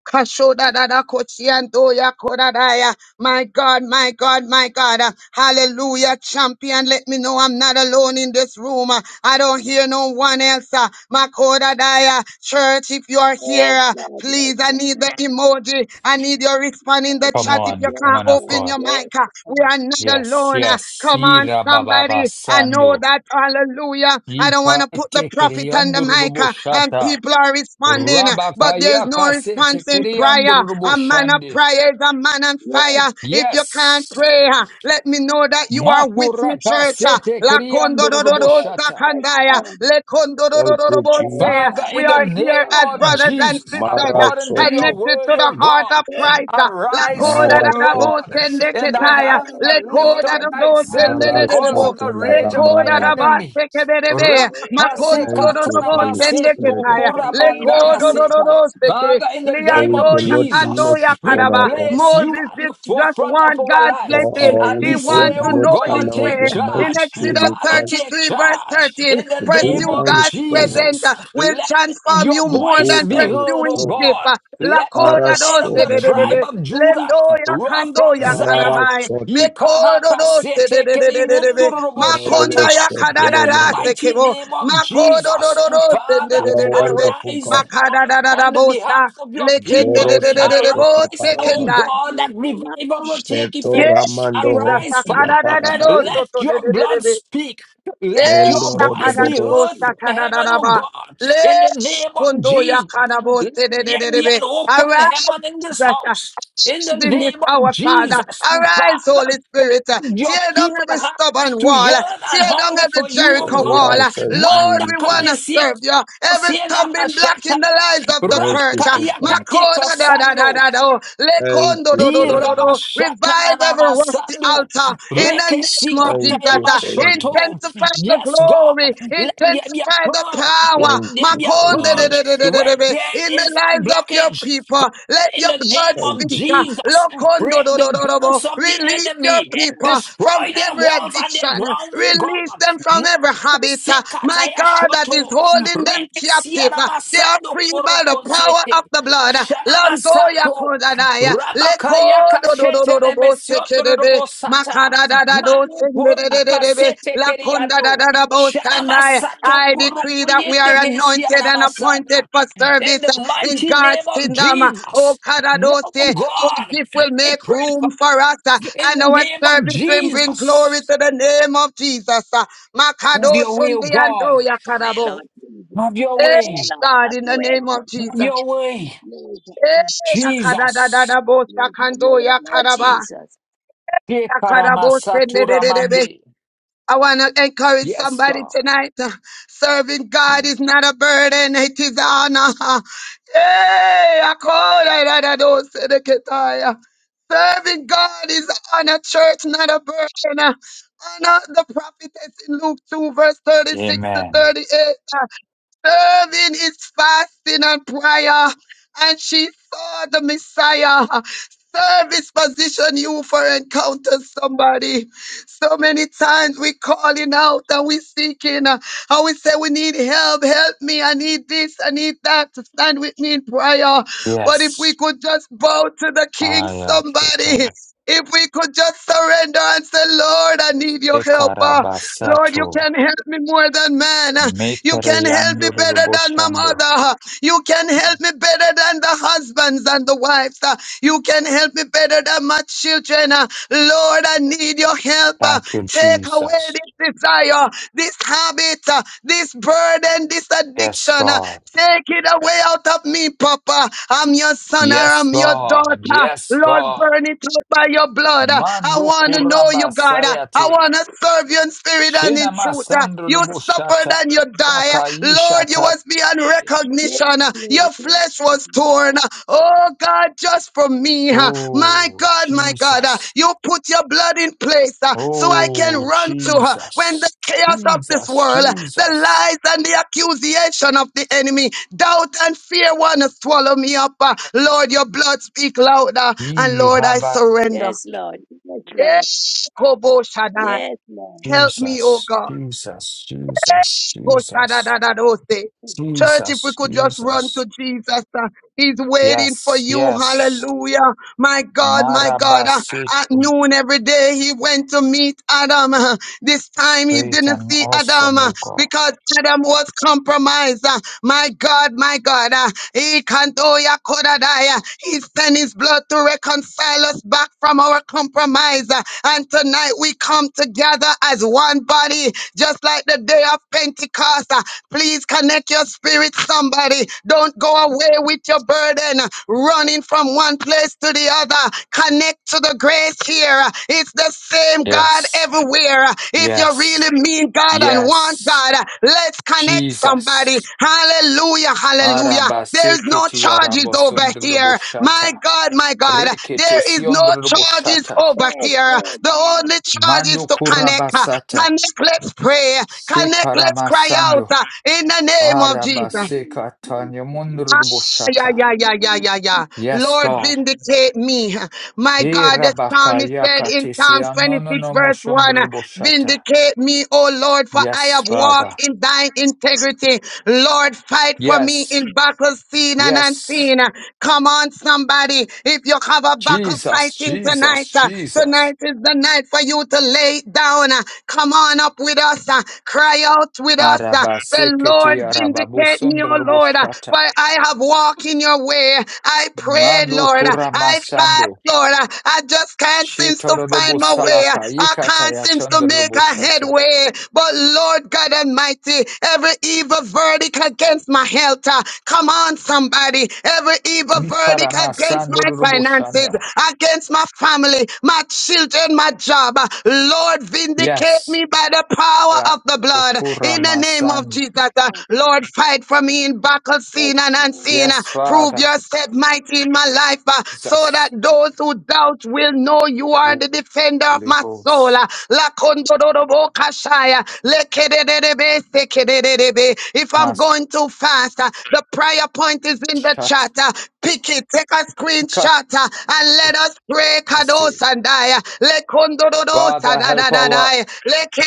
G: Kashoda da da Kashodadadakotsiandoya kodadaya. My God, my God, my God. Uh, Hallelujah, champion. Let me know I'm not alone in this room. Uh, I don't hear no one else. Uh, Makodadaya, church, if you are here,
C: yes,
G: uh,
C: Lord. Yes, Lord.
G: please, I need the emoji. I need your response in the
C: Yes,
F: Come
G: chat if
C: Lord. Yes, Lord. Yes, Lord.
G: you
F: on,
C: Yes,
G: can't
F: woman of
G: open
F: God.
G: your
C: Lord.
G: mic. Uh, We are not
F: Yes,
G: alone. Uh,
F: yes.
G: Come on, somebody. I know
F: Irabababasando.
G: that. Hallelujah. I don't want to put the prophet on the mic uh, and
F: Ipatekeriandrubushata.
G: people are responding, uh, but there's no response in prayer. A man of
F: Rabakayakasetekeriandrubushande.
G: prayer is a man on
C: Yes,
G: fire. If
F: Yes.
G: you can't pray, uh, let me know that you are with me, church. uh.
F: Makurakasete
C: yes,
G: Lakondodododo
C: Lord. Yes, Lord.
F: kiriandrubushata.
C: Yes,
G: sakandaya,
H: Thank you,
G: lekondododododobose.
H: Jesus.
F: Father,
G: We
F: in the
G: are here
F: name
C: Lord.
G: as
C: Yes,
F: of
G: brothers
C: Lord.
G: and
F: Jesus,
G: sisters, uh,
H: Mara
F: according to your
H: sote,
G: connected
F: word,
G: to
F: O
G: the heart
F: God,
G: of
C: Yes,
G: Christ.
C: yes,
G: uh.
C: yes. Yes,
F: arise,
C: Lord.
F: O
H: Mara sote,
F: Lord, in
C: In
F: thine
G: Lakodadadabosendeketaya,
F: anger, lift
C: the
F: up
C: name of
F: thyself
H: Mara
C: Jesus. Yes,
F: because of
C: Lord.
G: lekodadadosendedededebo.
H: sote
F: the
H: la
F: rage of my
G: Lekoda da
H: ramande.
G: ba
F: enemy.
G: seke
C: In
G: berebe.
C: the
G: Makondo do
H: Thank
G: do do
H: you,
G: bo
H: Holy
C: name of
G: sende
H: Spirit
C: Jesus.
H: of
G: ketaya.
C: In
H: God.
C: the name of
G: Lekodo do
F: Rabakasekataramasetokoramandayase.
G: do
C: Jesus.
G: do seke.
F: Father, in the
H: For
F: name
H: we
G: Liando
F: of
G: ya
H: cannot
G: kando
H: make
G: ya
F: Jesus,
H: it
F: we
H: on our
G: karaba.
H: own.
F: place you
G: Moses
F: at the
G: did just
F: forefront of
G: want
F: our
G: God's
H: For
F: life.
G: blessing.
H: our
F: And
G: He
F: we
H: weapons
F: say,
G: wants
H: are
G: to
F: oh
H: not
G: know his
F: God,
H: carnal,
F: take
G: way.
H: they are
G: In
H: mighty
F: charge.
H: through
G: Exodus
H: you,
F: Father,
H: Christ,
F: take
G: 33 verse
F: charge.
G: 13,
F: In the
H: to pull
F: name
G: pursue
F: of
H: down
G: God's
H: strongholds,
G: presence
F: Jesus,
G: uh, will
F: let
G: transform
F: your
G: you
H: to
G: more
H: pull
F: voice
G: than
F: be
H: down
F: heard,
G: pursuing
F: oh
G: Egypt.
H: strongholds.
F: God.
G: Uh,
F: Let
H: Para
F: the
G: Lakoda
F: lion
G: do
F: of
G: se
F: the
G: de de
F: tribe
H: sovedia,
F: of Judah
G: Lendo ya
F: roar
G: kando
F: from
G: ya
F: Zion.
H: Mara
G: karabai.
H: sote,
G: Mekodo do se de de de de de de de. Makonda
F: Ikarakasetekerimendoroboshata.
H: Mereve
G: ya
H: sete
F: In
G: kadada
F: the
G: da se
H: lemende.
F: mighty
G: kebo.
F: name of
G: Makodo do
F: Jesus,
G: do do se de
F: Father,
H: You
G: de
H: are
G: de de de de.
H: wonderful,
F: arise
H: God.
G: Makada
F: on,
G: da da da
F: on the
G: bosa.
F: behalf of your
G: Lekende
F: people.
G: de
H: Zero
G: de de de de
C: Yes,
F: Arise.
G: bo
H: Tashote
G: se
C: Lord. Yes,
F: Oh
H: Parama.
G: kenda.
C: Lord. In the
F: God, that
C: name of
F: revival
C: Jesus.
F: will take
H: Seto
G: Yes,
F: effect.
H: Ramando
G: Jesus.
F: Arise,
C: Yes,
H: Hosia
G: Akada da
F: Father.
G: da do
H: Parabate.
G: so
F: Let
G: to de
F: your
G: de de de
F: blood
G: de.
F: speak. Let your
G: Yes,
H: Mendo
F: voice
G: akada
F: be
G: da
F: heard
G: bosa
H: Rododobosia.
F: from
G: kada da
F: heaven,
G: da
F: oh
G: ba.
F: God,
G: Le
F: in the name of
G: kondo ya
F: Jesus.
G: kada
F: Let
G: bo se de de de
F: there
G: de
F: be
G: de.
F: an open heaven in this
G: Arise
F: house, in the
G: churches in this
F: name of
G: hour, Father.
F: Jesus.
G: Arise, Holy
F: Father,
G: Spirit.
F: your
G: Tear down
F: people
G: every
F: have
G: stubborn
F: to
G: wall.
F: yearn and
G: Tear down
F: hunger
G: every
F: for you, O
G: Jericho wall.
F: God.
H: Wenya
G: Lord,
F: Manda
G: we want
H: Shashinji.
F: kane
G: to
F: si
G: serve you. Every
F: kosiela
G: stumbling block
F: mashata.
G: in the lives of the church.
H: Merciful
F: Rabakaya
H: God.
F: kate
G: Makoda da da da
F: kasano.
G: da do.
H: Thank
G: Lekondo
H: you
G: do do
H: for
G: do
H: your
G: do do.
H: mercy.
G: Revive every rusty
F: Irabashatananamasando.
G: altar in the name of
H: Thank you
G: Jesus.
H: for your
C: Lord.
F: Rekesikatayamashoto.
H: mercy.
G: Intensify the
F: Yes, God,
G: glory.
F: let there be a
G: Intensify the
F: purge. Let
G: power
H: Thank
F: there
H: you
F: be a
H: for
G: Makonde
H: your
G: de- de-
H: mercy.
G: de-
F: purge.
G: de- de- de-
F: When
G: de-
F: there
G: in the
F: is a
G: lives of your
F: blockage,
G: people.
F: Father,
G: Let
F: in
G: your
F: the name
G: blood
H: Thank
F: of
H: you,
G: speak. ah.
H: Jesus.
F: Jesus,
G: Lokondo
F: break
G: do- do- do-
F: the
G: do- bo.
F: banks of the
G: Release your
F: enemy,
C: Yes,
G: people from
F: destroy their
G: every
F: walls and their
G: addiction.
F: ground, oh
G: Release
F: God.
G: them from every habit. ah. My
F: Sekataya
G: God, that is
F: shoto
G: holding
C: Lord.
G: them captive.
F: rekesiana
G: ah.
C: Yes,
G: They are
F: masando
G: free
F: koro
G: by the
C: Lord.
G: power of
F: konsete
G: the blood.
F: shana
G: Landoya
F: masato
G: Kodanaya.
F: rabakaya kashete ne mesiondo
G: Odododododobosekelebe,
F: robo sata mando
C: Your
F: korda
G: makadadadadosendelelelebe,
F: kasete keriano shana
G: lakondadadadabosandai.
F: masato
G: I
F: koro
G: decree that we are
F: koyende
G: anointed
F: mesiana
G: and appointed
F: masana
G: for
F: in
G: service
F: the
G: in
F: mighty name
G: God's
F: of
G: kingdom. Oh,
F: Jesus now oh
G: Kadadose, our
F: God
G: gift will
F: I
G: make
F: pray for
G: room for us, uh,
F: in
G: and
F: the
G: our
F: name of
G: service will bring
F: Jesus
G: glory to the name of Jesus. uh.
F: have your will God
G: Makadosundiandoya
C: way,
G: Kadabo.
C: Lord Jesus.
F: have
C: Have
F: your
C: your
G: Eh,
C: way,
F: way
C: Lord.
G: God,
C: Have
G: in
C: your
G: the
C: way,
G: name of
F: Have
G: Jesus.
F: your way,
G: Eh,
C: Jesus.
F: Jesus.
C: Yes, yes, yes. have your
G: Yakadadadadabosakando
C: way, Lord
G: Yakaraba.
C: Jesus.
G: I
F: Shekaramasaturabande.
G: want to encourage
F: Yes,
G: somebody
F: God.
G: tonight. uh, Serving God is not a burden, it is an honor. Hey, I call it, I don't say the Ketaya. Serving God is an honor, church, not a burden. uh, Honor the prophetess in Luke 2, verse 36 to
F: Amen.
G: 38 serving is fasting and prayer. And she saw the Messiah. Service position you for encounter somebody. So many times we calling out and we seeking. uh, And we say we need help. Help me. I need this. I need that. Stand with me in prayer. But if we
F: Yes.
G: could just bow to the King, somebody.
F: Ayakuto.
G: If we could just surrender and say, Lord, I need your help. uh, Lord, you
F: Tekarabasato.
G: can help me more than man. You can help me better than my
F: Mekereyanduruboshando.
G: mother. You can help me better than the husbands and the wives. uh, You can help me better than my children. uh, Lord, I need your help. uh,
F: Thank you,
G: Take away
F: Jesus.
G: this desire, this habit, uh, this burden, this
F: Yes,
G: addiction. uh,
F: God.
G: Take it away out of me, Papa. I'm your son or
F: Yes,
G: I'm your
F: God.
G: daughter.
F: Yes,
G: Lord,
F: God.
G: burn it up by your blood. Uh, I
F: Mando
G: want to know you, God. Uh, I
F: kurabasayati.
G: want to serve you in spirit and in
F: Shina
G: truth. Uh, You suffered
F: masandrubushata.
G: and you died. Uh, Lord, you
F: Rakaishata.
G: was beyond
C: Yes,
G: recognition. Uh,
C: Lord.
G: Your flesh
C: Yes,
G: was torn. Uh, Oh, God, just for me. Uh, My
F: Oh,
G: God, my God, uh,
F: Jesus.
G: you put your blood in place uh, so I can
F: Oh,
G: run to her when the
F: Jesus.
G: chaos of this
F: Jesus,
G: world, uh, the
F: Jesus.
G: lies and the accusation of the enemy, doubt and fear want to swallow me up. uh, Lord, your blood speak louder, and
F: Yee,
G: Lord, I
F: Rabbi,
G: surrender.
C: Yes, Lord. Yes,
G: Eh,
C: Lord.
G: Kobo Shaddai.
C: Yes, Lord.
G: Help me, oh
F: Jesus,
G: God.
F: Jesus, Jesus,
G: Oh,
F: Jesus,
G: shadadadadose. Church, if we
F: Jesus,
G: could just run
F: Jesus.
G: to Jesus, uh, He's waiting for
F: Yes,
G: you.
F: yes.
G: Hallelujah. My God, my God. uh,
F: Marabasit,
G: at noon every day, He went to meet Adam. uh, this time, He
F: great
G: didn't
F: and
G: see Adam
F: awesome,
G: uh,
F: O God.
G: because Adam was compromised. uh, my God, my God. Uh, he can't, oh, yeah, could I die, uh, He sent His blood to to reconcile us back from our compromise. Uh, And tonight we come together as one body, just like the day of Pentecost. Uh, Please connect your spirit, somebody. Don't go away with your burden, uh, running from one place to the other. Connect to the grace here. Uh, It's the same God
F: Yes,
G: everywhere. Uh, if you really
F: yes,
G: mean God and want
F: yes.
G: God, uh, let's connect somebody.
F: Jesus.
G: Hallelujah, hallelujah. There's no
F: Arabasikiti,
G: charges over here. My
F: Arabosundrubushata.
G: God, my God,
F: Rekete
G: there is no charges
F: siondroboshata.
G: over
C: Yes,
G: here.
C: yes,
G: The
C: yes.
G: only charge is
F: Mando
G: to connect. uh,
F: kurabasata.
G: Connect, let's pray. Connect, let's cry out
F: Sekaramasando.
G: uh, in the name of
C: In the
G: Jesus.
C: name of
F: Arabaseka tanya
C: Jesus.
G: Ah,
C: In
G: Yeah,
F: mundroboshata.
G: yeah,
C: the
G: yeah, yeah,
C: name of
G: yeah,
C: Jesus.
G: yeah.
F: Yes,
G: Lord,
F: God.
G: vindicate me. My
F: He
G: God, the psalmist said
F: rabakayaka
G: in Psalms 26,
F: tesianono
G: verse 1,
F: moshondroboshata.
G: Vindicate me, O Lord, for I have
F: Yes, Father.
G: walked in thine integrity. Lord, fight for me
F: Yes.
G: in battles seen and
F: Yes.
G: unseen. Come on, somebody. If you have a battle
F: Jesus,
G: fighting tonight,
F: Jesus,
G: uh,
F: Jesus.
G: tonight is the night for you to lay it down. uh, Come on up with us. uh, Cry out with us. uh, Say, Lord,
F: Arabaseketi
G: vindicate Vindicate me, O Lord, uh, for
F: arababusondroboshata.
G: I have walked in your way. I prayed,
F: Mando
G: Lord. uh, I fast,
F: kuramasando.
G: Lord. uh, I just can't seem to find
F: Shetorobo
G: my way.
F: salaka
G: I
F: yikata
G: can't seem to make
F: yashandorobo
G: a
F: shata.
G: headway. But Lord God Almighty, every evil verdict against my health, uh, come on, somebody. Every evil verdict
F: Nisparama
G: against my
F: sandorobo
G: finances,
F: shanda.
G: against my family, my children, my job. uh, Lord, vindicate
F: Yes.
G: me by the power of the blood.
C: Yes,
G: In the
F: Rakurama
G: name of
C: yes,
G: name of
F: san.
G: Jesus. uh,
C: yes,
G: Lord, fight for me in battle, seen and unseen.
C: yes,
G: uh,
F: Yes,
G: Prove
F: Father.
G: yourself mighty in my life uh, so that
F: Jesus.
G: those who doubt will know you are
F: Holy
G: the defender of my soul. uh.
F: Ghost.
G: Lakondododobokashaya, lekedededebe, sekedededebe. If I'm
F: Mas
G: going too fast, uh, the prayer point is in the chat.
F: shata.
G: uh, Pick it, take a screenshot uh, and let us pray. Kados
F: Katurase.
G: and die.
F: Father, help our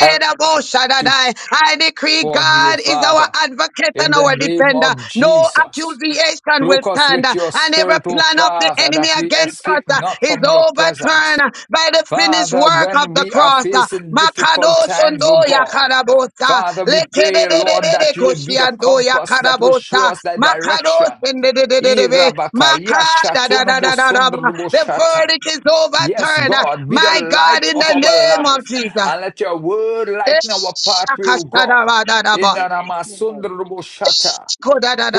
F: help to
G: Shaddai. I decree
F: upon you,
G: God is our
F: Father.
G: advocate
F: In
G: and
F: the
G: our
F: name
G: defender.
F: of
G: No
F: Jesus.
G: accusation will
F: Cloak us
G: stand,
F: with
G: uh,
F: your
G: and every
F: spirit, O
G: plan of the
F: Father,
G: enemy
F: that we
G: against us
F: escape
G: uh,
F: not
G: is
F: from your
G: overturned
F: presence.
G: uh, by the finished
F: Father,
G: work of
F: when
G: the
F: we are
G: cross. uh.
F: facing difficult times, oh
G: Makadoshondo
F: God,
G: yakarabosa,
F: Father, we pray, Lord,
G: lekededededede
F: that you would be the
G: koshiando
F: compass that will show
G: yakarabosa,
F: us thy direction.
G: makadosendedededebe,
F: Irabaka, yashatono
G: makadadadadadadaba. The
F: mosondroboshata.
G: verdict is
F: Yes,
G: overturned, uh,
F: God, be the
G: my God,
F: light
G: in
F: of
G: the
F: our
G: name of
F: life
G: Jesus.
F: and let your word lighten our pathway, O God. In the
C: yes, yes, yes, Lord.
F: namasondroboshata,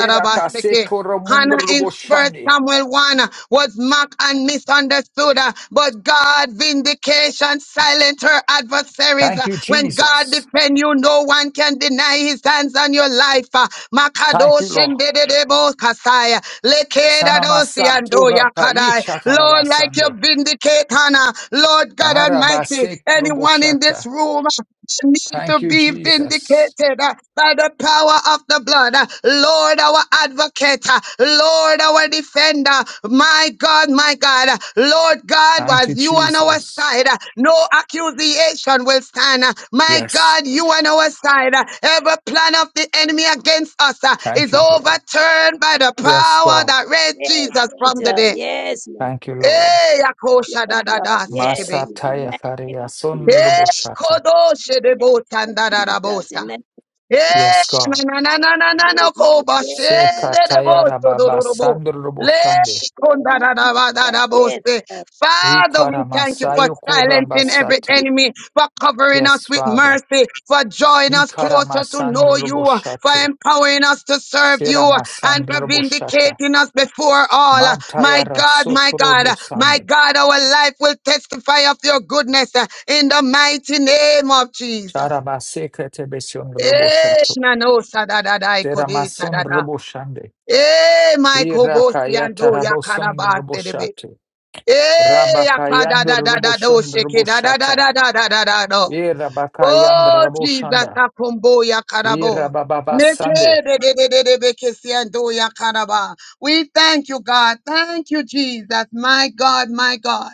C: Lord.
G: Hannah
C: Yes,
G: in First
F: koromondroboshani.
G: Samuel 1 was mocked and misunderstood, uh, but God vindication silent her adversaries.
F: Thank
G: Uh,
F: you,
G: When God
F: Jesus.
G: defend you, no one can deny his hands on your life. Uh,
F: Thank you, Lord.
G: Makadoshin dededebo kasai, lekedadosi ando
F: Sanamasantura
G: yakadai. Lord, like you
F: kaichatarabasando.
G: vindicate Hannah, Lord God Almighty,
F: darabasek
G: anyone in this
F: roboshata.
G: room need to
F: Thank you,
G: be
F: Jesus.
G: vindicated uh, by the power of the blood. Uh, Lord, our advocate, uh, Lord, our defender, my God, my God, uh, Lord God,
F: Thank you,
G: was you on our
F: Jesus.
G: side. uh, No accusation will stand. Uh, My
F: Yes.
G: God, you on our side. Uh, Every plan of the enemy against us uh,
F: Thank
G: is
F: you, Lord.
G: overturned by the
F: Yes,
G: power
F: God.
G: that raised Jesus from the
C: Lord.
G: dead.
C: Yes, Lord.
F: Thank you, Lord.
G: Hey, Akosha
C: Yes,
G: da da
C: Lord. Yes, Lord.
G: da
C: Yes,
G: sekebe.
C: Lord. In
F: Masataya
C: the name
F: karia
C: of Jesus.
F: sondro
G: Hey,
F: roboshata.
C: In
G: Kodoshe
C: the
G: de
C: name of
G: botan da da da
C: Jesus. In the name of Jesus.
G: Eh,
F: Yes, God.
G: na na na na na na ko
C: Yes,
G: ba
C: yes, Lord.
G: de de
C: Yes,
G: bo
F: Sekataya
G: so do do
C: Lord.
G: do bo.
F: rababasando
G: Le
F: roboshande.
C: In the
G: kon
C: name
G: da
C: of
G: da
C: Jesus.
G: ba da da bo
C: Yes,
G: se.
C: Lord.
G: Father, we thank you
C: Yes,
G: for
F: Ikaramasayo
G: silencing
C: Lord. Yes, Lord.
G: every
C: Yes,
F: kurabasata.
G: enemy, for covering us
F: Yes,
G: with
F: Father.
G: mercy, for drawing us
F: Ikara
G: closer to
F: masandro
G: know you, for
F: roboshate.
G: empowering us to serve
F: Sera
G: you,
F: Ikaramasandroboshate.
G: and for
F: Seramasandroboshata.
G: vindicating us before all. My
F: Mantaya
G: God, my
F: Soto
G: God,
F: Robo
G: my
F: Sande.
G: God, our life will testify of your goodness uh, in the mighty name of Jesus.
F: Charabaseke Tebesion Robo
G: Eh,
F: Shato.
G: nano sadadada ikode
F: Teramason
G: sadada.
F: Robo Shande.
G: Eh, Michael Bosi
F: Irakaya
G: ando ya
F: Taraboson Robo
G: karabase debe.
F: Shate.
G: Eh, ya
F: Rabakayando Robo
G: kadadadada do
F: Shon
G: sheke
F: Robo Shata.
G: dadadadadadada do.
F: Irabakayan
G: Oh,
F: Robo
G: Jesus,
F: Shanda.
G: akombo ya karabo.
F: Irabababasando.
G: Meke de de de de de beke si ando ya karaba. We thank you, God. Thank you, Jesus. My God, my God.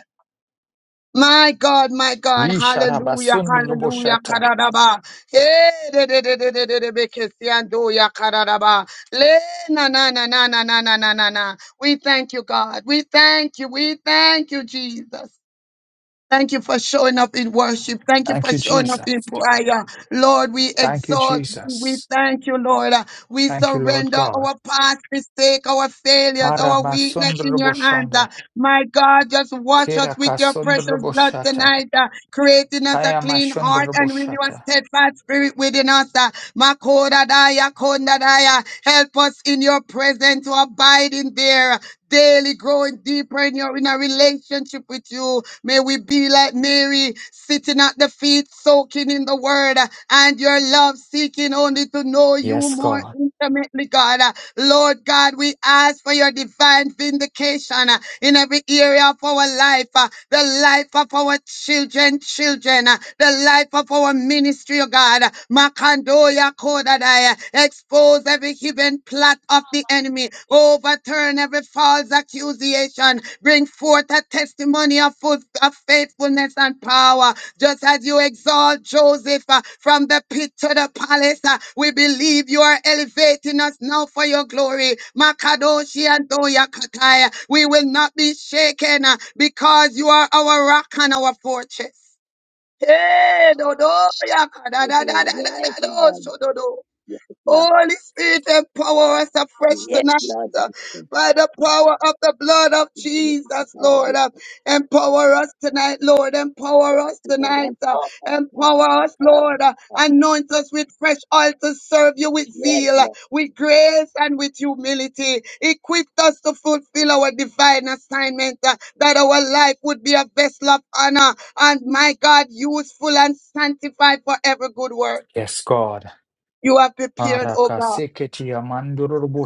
G: My God, my God, hallelujah,
F: Isharabason Robo
G: hallelujah,
F: Shata.
G: karadaba. Hey, de de de de de de de bekesiando ya karadaba. Le na na na na na na na na na na. We thank you, God. We thank you. We thank you, Jesus. Thank you for showing up in worship. Thank you
F: Thank
G: for
F: you,
G: showing up in
F: Jesus.
G: prayer. Lord, we
F: Thank you,
G: exalt you. We
F: Jesus.
G: thank you, Lord. Uh, We
F: Thank you, Lord
G: surrender
F: God.
G: our past mistake, our failures, our
F: Aramason
G: weakness in your
F: Robo
G: hands. Uh,
F: Shanda.
G: My God, just wash us with your
F: Kirakason
G: precious
F: Robo
G: blood
F: Shata.
G: tonight, uh, creating us a clean heart and renew a
F: Tayamashandarabushata.
G: steadfast spirit within us. Uh, Makodadaya, Kondadaya. Help us in your presence to abide in there daily growing deeper in your in a relationship with you. May we be like Mary, sitting at the feet, soaking in the word uh, and your love, seeking only to know you
F: Yes,
G: more
F: God.
G: intimately, God. Uh, Lord God, we ask for your divine vindication uh, in every area of our life, uh, the life of our children, children, uh, the life of our ministry, oh God. Makandoya Kodadaya. Expose every hidden plot of the enemy. Overturn every false accusation Bring forth a testimony of, full, of faithfulness and power. Just as you exalt Joseph uh, from the pit to the palace, uh, we believe you are elevating us now for your glory. Makadoshi and Doya Kataya. We will not be shaken uh, because you are our rock and our fortress. Hey, Dodo, Yaka, da,
C: Lord. Yes,
G: da, da, da,
C: Lord. Yes,
G: da, da, do,
C: Lord.
G: so, do, do.
C: Jesus.
G: Holy Spirit, empower us afresh
C: Yes,
G: tonight uh, by the power of the blood of Jesus,
C: Lord.
G: Lord.
C: Yes,
G: uh, Empower us tonight, Lord. Empower us
C: Lord.
G: tonight.
C: Empower
G: uh,
C: us, God.
G: Empower us,
C: Empower
G: Lord.
C: us,
G: uh,
C: God.
G: Anoint us with fresh oil to serve you with
C: Yes,
G: zeal, uh,
C: Lord.
G: with grace, and with humility. Equip us to fulfill our divine assignment, uh, that our life would be a vessel of honor and, my God, useful and sanctified for every good work
F: Yes, God.
G: you have prepared, oh God.
F: Arakaseketi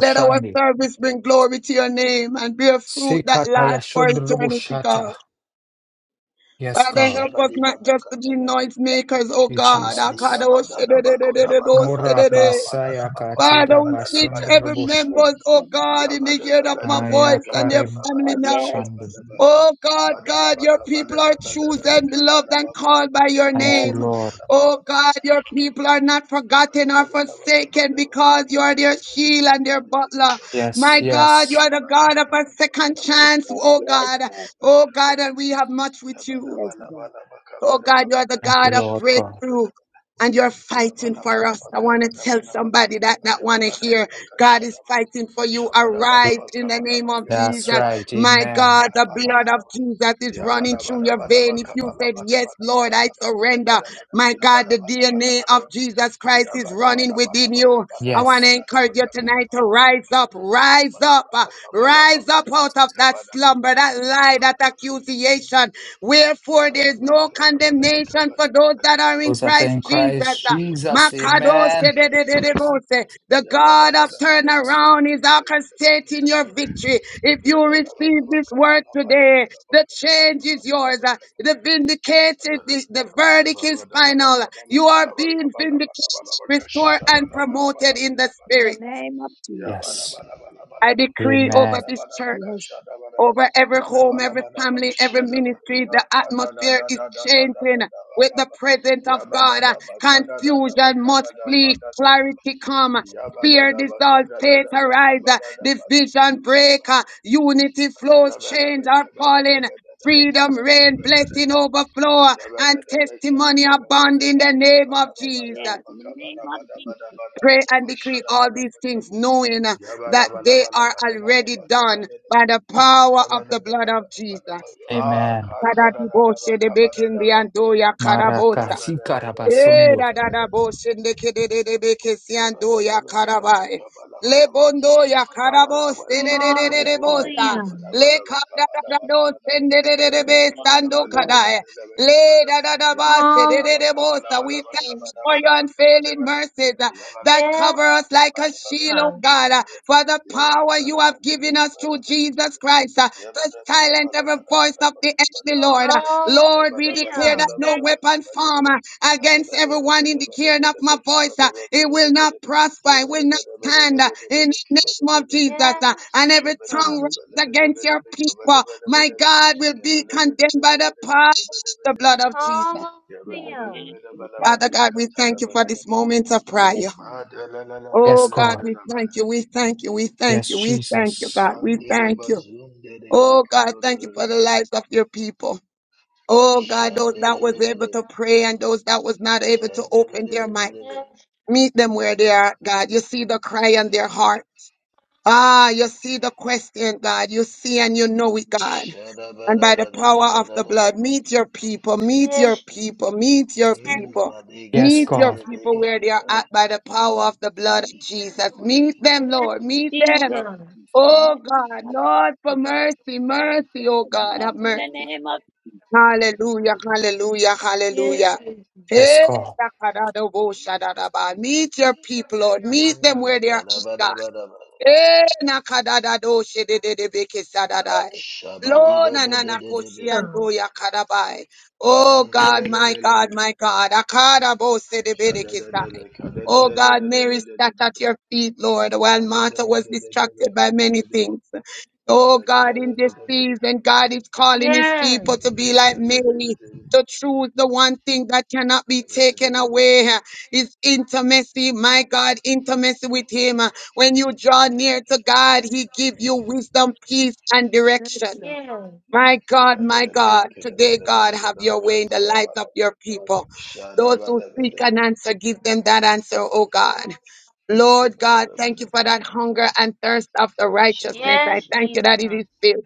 G: Let our service bring glory to your name and bear fruit that lasts for eternity, God.
F: Sikatayashandarabushata. Yes,
G: Father,
F: God.
G: help us
I: Shabadi
G: not
I: Baba
G: just to be
I: Katadam.
G: noisemakers, oh
F: You,
G: God.
I: Kabadi
F: Jesus.
I: Baba Dadaba Kodaba Kadaba
F: Mora
I: Dababa
F: basaya
I: Dadaba Kabadi
G: Father,
F: katira
G: we
I: Badana
G: speak to
I: Badaba Dadaba
G: every
F: basundarabush.
I: Shadada.
C: Yes,
G: member, oh
C: Lord.
G: God, in the
I: Yabadaba
G: hearing of my
I: Badaba
G: voice and their
I: Kabadaba
F: Ayakare
G: family
C: Lord.
I: Badaba
G: now.
C: Yes,
F: shandi.
I: Kabadaba.
G: Oh God, God,
I: Badaba
G: your people
I: Kabadaba
G: are
I: Badaba
G: chosen,
I: Kabadaba Badaba
G: beloved, and called by your
F: Thank
C: yes,
F: you,
I: Kabadaba
G: name.
F: Lord.
I: Badaba
G: Oh
I: Badaba
G: God, your
I: Badaba
G: people are not
I: Yabba
G: forgotten or forsaken because you are their shield and their butler.
F: Yes,
G: My God, you are
F: yes.
G: the God of a second
C: yes,
G: chance,
C: Lord.
G: oh
C: Yes,
G: God.
C: Lord.
G: Oh God, and we have much with you.
C: Yes, Lord.
G: Oh God, you are the
F: Thank you,
G: God of
F: Lord God.
G: breakthrough. And you're fighting for us. I want to tell somebody that that want to hear. God is fighting for you. Arise in the name of
F: That's
G: Jesus.
F: right.
G: My
F: Amen.
G: God, the blood of Jesus is running through your vein. If you said, Yes, Lord, I surrender. My God, the DNA of Jesus
I: Yabba
G: Christ is running within you. I want
F: Yes.
G: to encourage you tonight to rise up, rise up, uh, rise up out of that slumber, that lie, that accusation. Wherefore there is no condemnation for those that are in
F: Those that are
G: Christ
F: in
G: Jesus.
F: Christ Jesus.
G: Makados
F: Amen.
G: de-de-de-de-de-bose. The God of turnaround is orchestrating your victory. If you receive this word today, the change is yours. Uh, The
I: Yabba
G: vindicated, the, the verdict is final. You are being vindicated, restored, and promoted in the
C: In the
G: spirit.
C: name of Jesus.
F: Yes.
G: I decree
F: Amen.
G: over this church
C: Yes,
G: over every home, every family, every ministry. The atmosphere is changing with the presence of God. Confusion must flee, clarity come. Fear dissolves, faith arise, division break, unity flows, change are falling, freedom reign, blessing overflow, and testimony abound in the name of
C: yes.
G: Jesus.
C: In the name of Jesus.
G: Pray and decree all these things, knowing uh, that they are already done by the power of the blood of Jesus.
F: Amen.
G: Kadadiboshe de bekin
I: Yabba
G: diandoya karabosa.
F: Maraka
G: Eh,
F: sikarabasondo.
G: da da da bo shende kede de de be ke siando ya karabai. Le bondo ya karabo se de de de de
C: Yes,
G: de
C: Lord.
G: bosta.
C: Yes,
E: Hallelujah.
G: Le kada da da da do sende de de de be
C: yes,
G: sando
C: Lord.
G: kadai. Le da da da ba se de
E: Hallelujah,
G: de de bosta. We thank
E: Jesus.
G: you for your unfailing mercies uh, that
E: Yes,
G: cover us like a shield, oh
E: Jesus.
G: God, uh, for the power you have given us through Jesus Christ uh, to silence every voice of the enemy, Lord. uh,
E: Hallelujah.
G: Lord, we declare that no weapon
I: Yabba
G: formed uh,
I: Shandere
G: against everyone in the hearing of my voice, uh, it will not prosper, it will not stand uh, in the name of Jesus.
E: Yes,
G: uh, And every tongue
E: Jesus.
G: raised against your people, my God, will be condemned by the power of the blood of Jesus.
C: Yes, Lord.
E: Hallelujah.
C: Yes, Lord.
G: Father God, we thank you for this moment of
C: Yes, Lord. Yes, yes,
G: prayer. Oh
F: Yes,
G: God,
F: God.
G: we thank you, we thank you, we thank
F: Yes,
G: you, we thank you,
F: Jesus.
G: God, we thank you. Oh God, thank you for the lives of your people. Oh God, those that was able to pray and those that was not able to open their mic,
E: Yes,
G: meet
E: Jesus.
G: them where they are, God. You see the cry in their heart. Ah, you see the question, God. You see and you know it, God. And by the power of the blood, meet your people, meet your
E: Yes, Jesus.
G: people, meet your
C: yes,
G: people,
F: Yes,
G: meet your
F: God.
G: people where they are at by the power of the blood of Jesus.
C: yes,
G: Meet them,
E: Yes,
G: Lord, meet
C: yes, yes,
G: them.
E: Jesus.
C: yes,
G: Oh God, Lord, for mercy,
C: Yes,
G: mercy, oh God,
C: Lord.
G: have
C: In the
G: mercy.
C: name of
G: Hallelujah, hallelujah,
E: Yes,
C: yes,
G: hallelujah.
E: Jesus.
F: Yes,
G: Hey,
F: God.
G: Takadadobosha Dadaba. Meet your people, Lord. Meet them where they are, God. Eh, nakadada do shede de de beke sadadai. Lord,
E: Hallelujah.
G: ya kadabai. Oh God, my God, my God. Akadabo sedebedekesai. Oh God, Mary sat at your feet, Lord, while Martha was distracted by many things. Oh God, in this season, God is calling his
E: Yes.
G: people to be like Mary, to choose the one thing that cannot be taken away is intimacy, my God, intimacy with Him. When you draw near to God, He give you wisdom, peace, and
C: yes,
G: direction.
C: Lord.
E: Yes.
G: My God, my God, today, God, have your way in the lives of your
C: Yes,
G: people. Those who seek an answer, give them that answer, oh God. Lord God, thank you for that hunger and thirst of the righteousness. I
E: Yes,
G: thank you that it
E: Jesus.
G: is filled.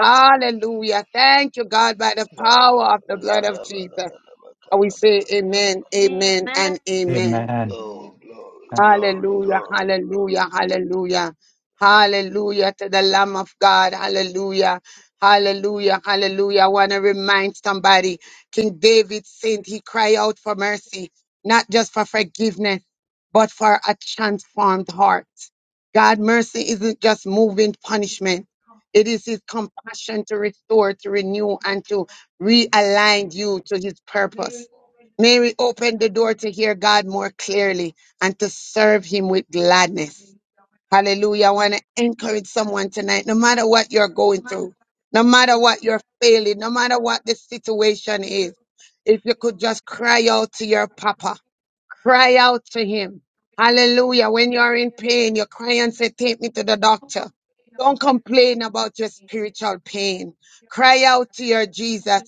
G: Hallelujah. Thank you, God, by the
I: My
G: power
I: God.
G: of the blood of Jesus. And we say amen,
I: Radabadadabakabadabadabadaba.
G: amen,
E: Amen.
G: and amen.
F: Amen.
C: amen.
I: Oh, glory, glory,
G: Hallelujah,
I: glory, glory.
G: hallelujah, hallelujah. Hallelujah to the Lamb of God. Hallelujah. Hallelujah, hallelujah. I want to remind somebody, King David said he cried out for mercy, not just for forgiveness, but for a transformed heart. God, mercy isn't just moving punishment. It is his compassion to restore, to renew, and to realign you to his purpose. May we open the door to hear God more clearly and to serve him with gladness. Hallelujah. I want to encourage someone tonight, no matter what you're going through, no matter what you're failing, no matter what the situation is, if you could just cry out to your papa Cry out to him. Hallelujah. When you are in pain, you cry and say, Take me to the doctor. Don't complain about your spiritual pain. Cry out to your Jesus.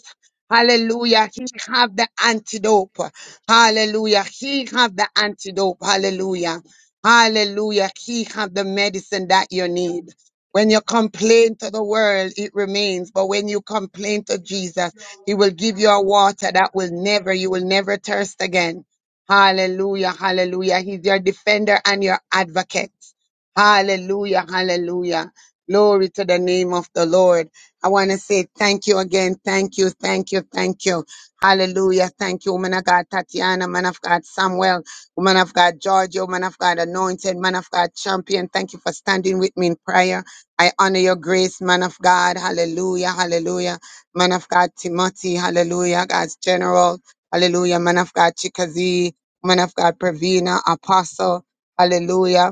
G: Hallelujah. He have the antidote. Hallelujah. He have the antidote. Hallelujah. Hallelujah. He have the medicine that you need. When you complain to the world, it remains. But when you complain to Jesus, he will give you a water that will never, you will never thirst again. Hallelujah, hallelujah. He's your defender and your advocate. Hallelujah, hallelujah. Glory to the name of the Lord. I want to say thank you again. Thank you, thank you, thank you. Hallelujah. Thank you, woman of God, Tatiana, man of God, Samuel, woman of God, Georgia, man of God, anointed, man of God, champion. Thank you for standing with me in prayer. I honor your grace, man of God. Hallelujah, hallelujah. Man of God, Timothy, hallelujah. God's general, hallelujah. Man of God, Chikazi, man of God, Pravina, Apostle, hallelujah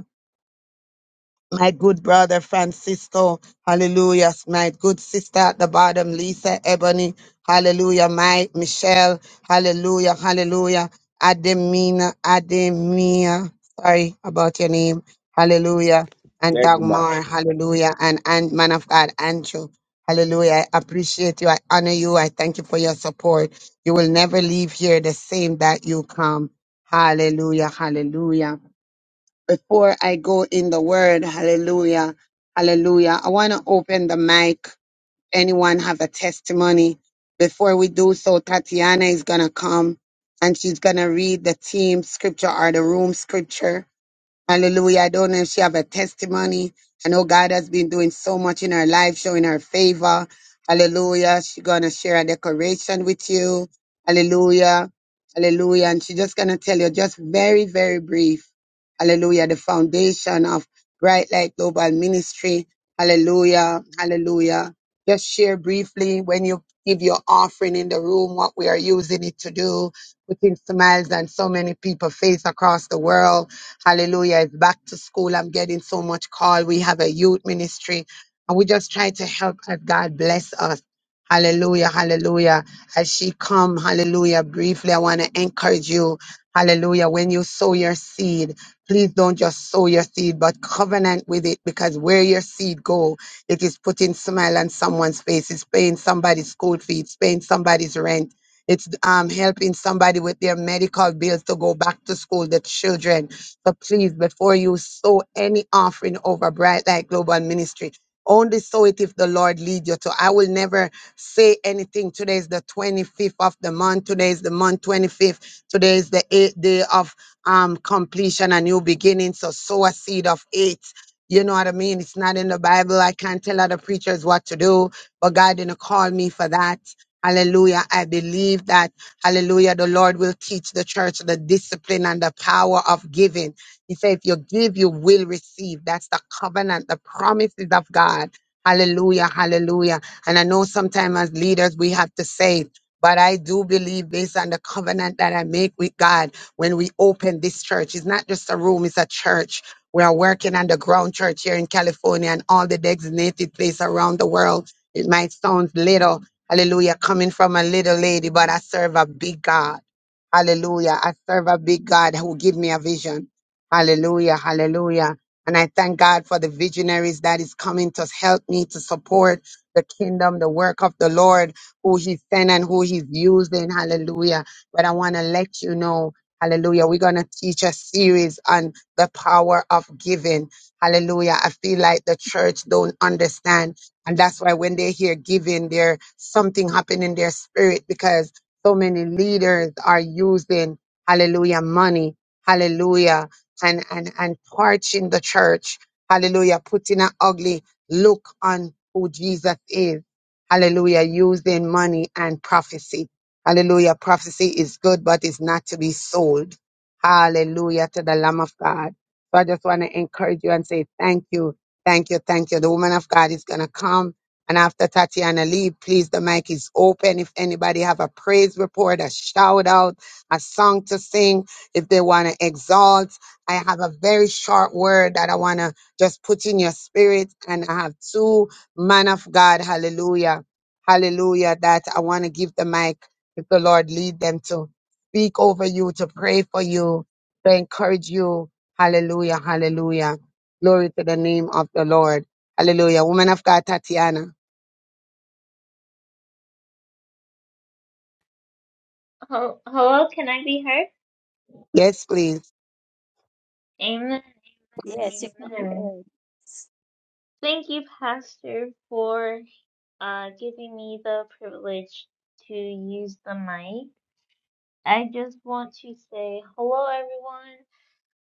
G: my good brother Francisco, hallelujah, my good sister at the bottom, Lisa Ebony, hallelujah, my Michelle, hallelujah, hallelujah, Ademina, Ademia, sorry about your name, hallelujah, and
H: Degma.
G: Dagmar, hallelujah, and, and man of God, Andrew, hallelujah, I appreciate you, I honor you, I thank you for your support. You will never leave here the same that you come, hallelujah, hallelujah before I go in the word, hallelujah, hallelujah, I want to open the mic. Anyone have a testimony? Before we do so, Tatiana is going to come and she's going to read the team scripture or the room scripture. Hallelujah. I don't know if she have a testimony. I know God has been doing so much in her life, showing her favor. Hallelujah. She gonna share a decoration with you. Hallelujah. Hallelujah. And she just gonna tell you just very, very brief. Hallelujah. The foundation of Bright Light Global Ministry. Hallelujah. Hallelujah. Just share briefly when you give your offering in the room, what we are using it to do, putting smiles on so many people's face across the world. Hallelujah. It's back to school. I'm getting so much call. We have a youth ministry and we just try to help as God bless us. Hallelujah. Hallelujah. As she come, hallelujah. Briefly, I want to encourage you. Hallelujah. When you sow your seed, please don't just sow your seed, but covenant with it because where your seed go, it is putting smile on someone's face. It's paying somebody's school fee. It's paying somebody's rent. It's um, helping somebody with their medical bills to go back to school, the children. So please, before you sow any offering over Bright Light Global Ministry, only sow it if the Lord lead you to. I will never say anything. Today is the 25th of the month. Today is the month 25th. Today is the eighth day of um completion, a new beginning. So sow a seed of eight. You know what I mean? It's not in the Bible. I can't tell other preachers what to do, but God didn't call me for that. Hallelujah. I believe that, hallelujah, the Lord will teach the church the discipline and the power of giving. He said, if you give, you will receive. That's the covenant, the promises of God. Hallelujah, hallelujah. And I know sometimes as leaders, we have to say, but I do believe based on the covenant that I make with God when we open this church. It's not just a room, it's a church. We are working on the ground church here in California and all the designated place around the world. It might sound little, hallelujah, coming from a little lady, but I serve a big God. Hallelujah. I serve a big God who give me a vision. Hallelujah, hallelujah. And I thank God for the visionaries that is coming to help me to support the kingdom, the work of the Lord, who He sent and who He's using. Hallelujah. But I want to let you know, hallelujah, we're going to teach a series on the power of giving. Hallelujah. I feel like the church don't understand. And that's why when they hear giving, there's something happening in their spirit because so many leaders are using, hallelujah, money. Hallelujah and and and torching the church. Hallelujah. Putting an ugly look on who Jesus is. Hallelujah. Using money and prophecy. Hallelujah. Prophecy is good, but it's not to be sold. Hallelujah to the Lamb of God. So I just want to encourage you and say thank you. Thank you. Thank you. The woman of God is going to come. And after Tatiana leave, please, the mic is open. If anybody have a praise report, a shout out, a song to sing, if they want to exalt. I have a very short word that I want to just put in your spirit. And I have two man of God, hallelujah, hallelujah, that I want to give the mic if the Lord lead them to speak over you, to pray for you, to encourage you. Hallelujah, hallelujah. Glory to the name of the Lord. Hallelujah. Woman of God, Tatiana.
E: Hel- Hello, can I be heard?
G: Yes, please.
E: Amen.
C: Yes, you
E: Amen.
C: can
E: Amen.
C: hear.
E: Thank you, Pastor, for uh, giving me the privilege to use the mic. I just want to say hello, everyone.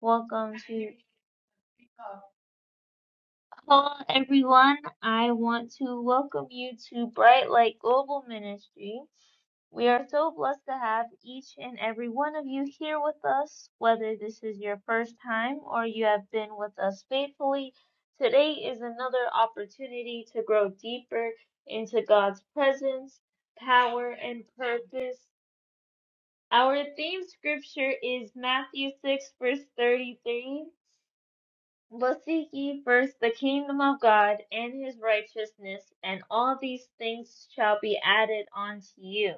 E: Welcome to hello, everyone. I want to welcome you to Bright Light Global Ministry. We are so blessed to have each and every one of you here with us, whether this is your first time or you have been with us faithfully. Today is another opportunity to grow deeper into God's presence, power, and purpose. Our theme scripture is Matthew 6, verse 33. But seek ye first the kingdom of God and his righteousness, and all these things shall be added unto you.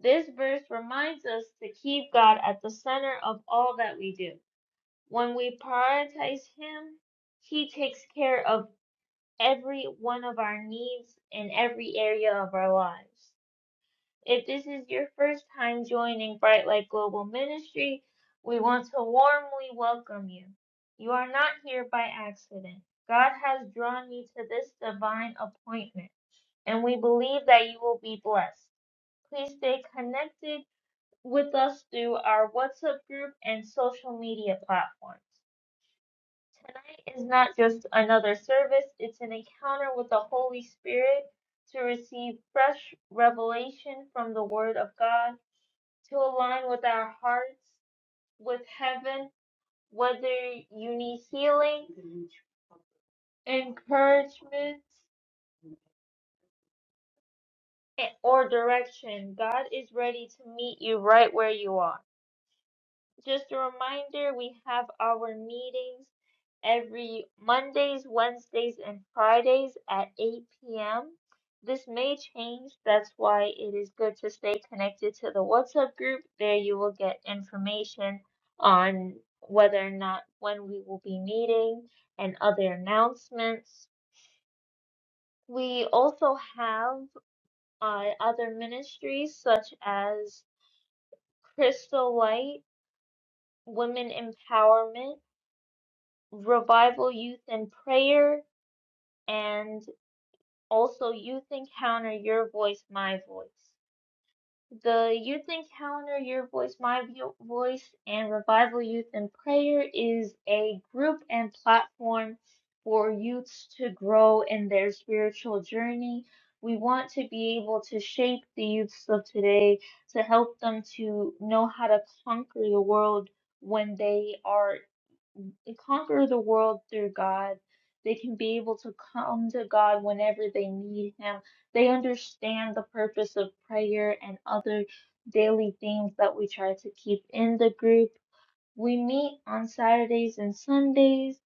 E: This verse reminds us to keep God at the center of all that we do. When we prioritize Him, He takes care of every one of our needs in every area of our lives. If this is your first time joining Bright Light Global Ministry, we want to warmly welcome you. You are not here by accident. God has drawn you to this divine appointment, and we believe that you will be blessed. Please stay connected with us through our WhatsApp group and social media platforms. Tonight is not just another service, it's an encounter with the Holy Spirit to receive fresh revelation from the Word of God, to align with our hearts, with heaven, whether you need healing, encouragement, or direction. God is ready to meet you right where you are. just a reminder, we have our meetings every Mondays, Wednesdays, and Fridays at 8 p.m. This may change, that's why it is good to stay connected to the WhatsApp group. There you will get information on whether or not when we will be meeting and other announcements. We also have uh, other ministries such as Crystal Light, Women Empowerment. Revival Youth in Prayer, and also Youth Encounter Your Voice, My Voice. The Youth Encounter Your Voice, My Voice, and Revival Youth in Prayer is a group and platform for youths to grow in their spiritual journey. We want to be able to shape the youths of today to help them to know how to conquer the world when they are and conquer the world through God. They can be able to come to God whenever they need Him. They understand the purpose of prayer and other daily things that we try to keep in the group. We meet on Saturdays and Sundays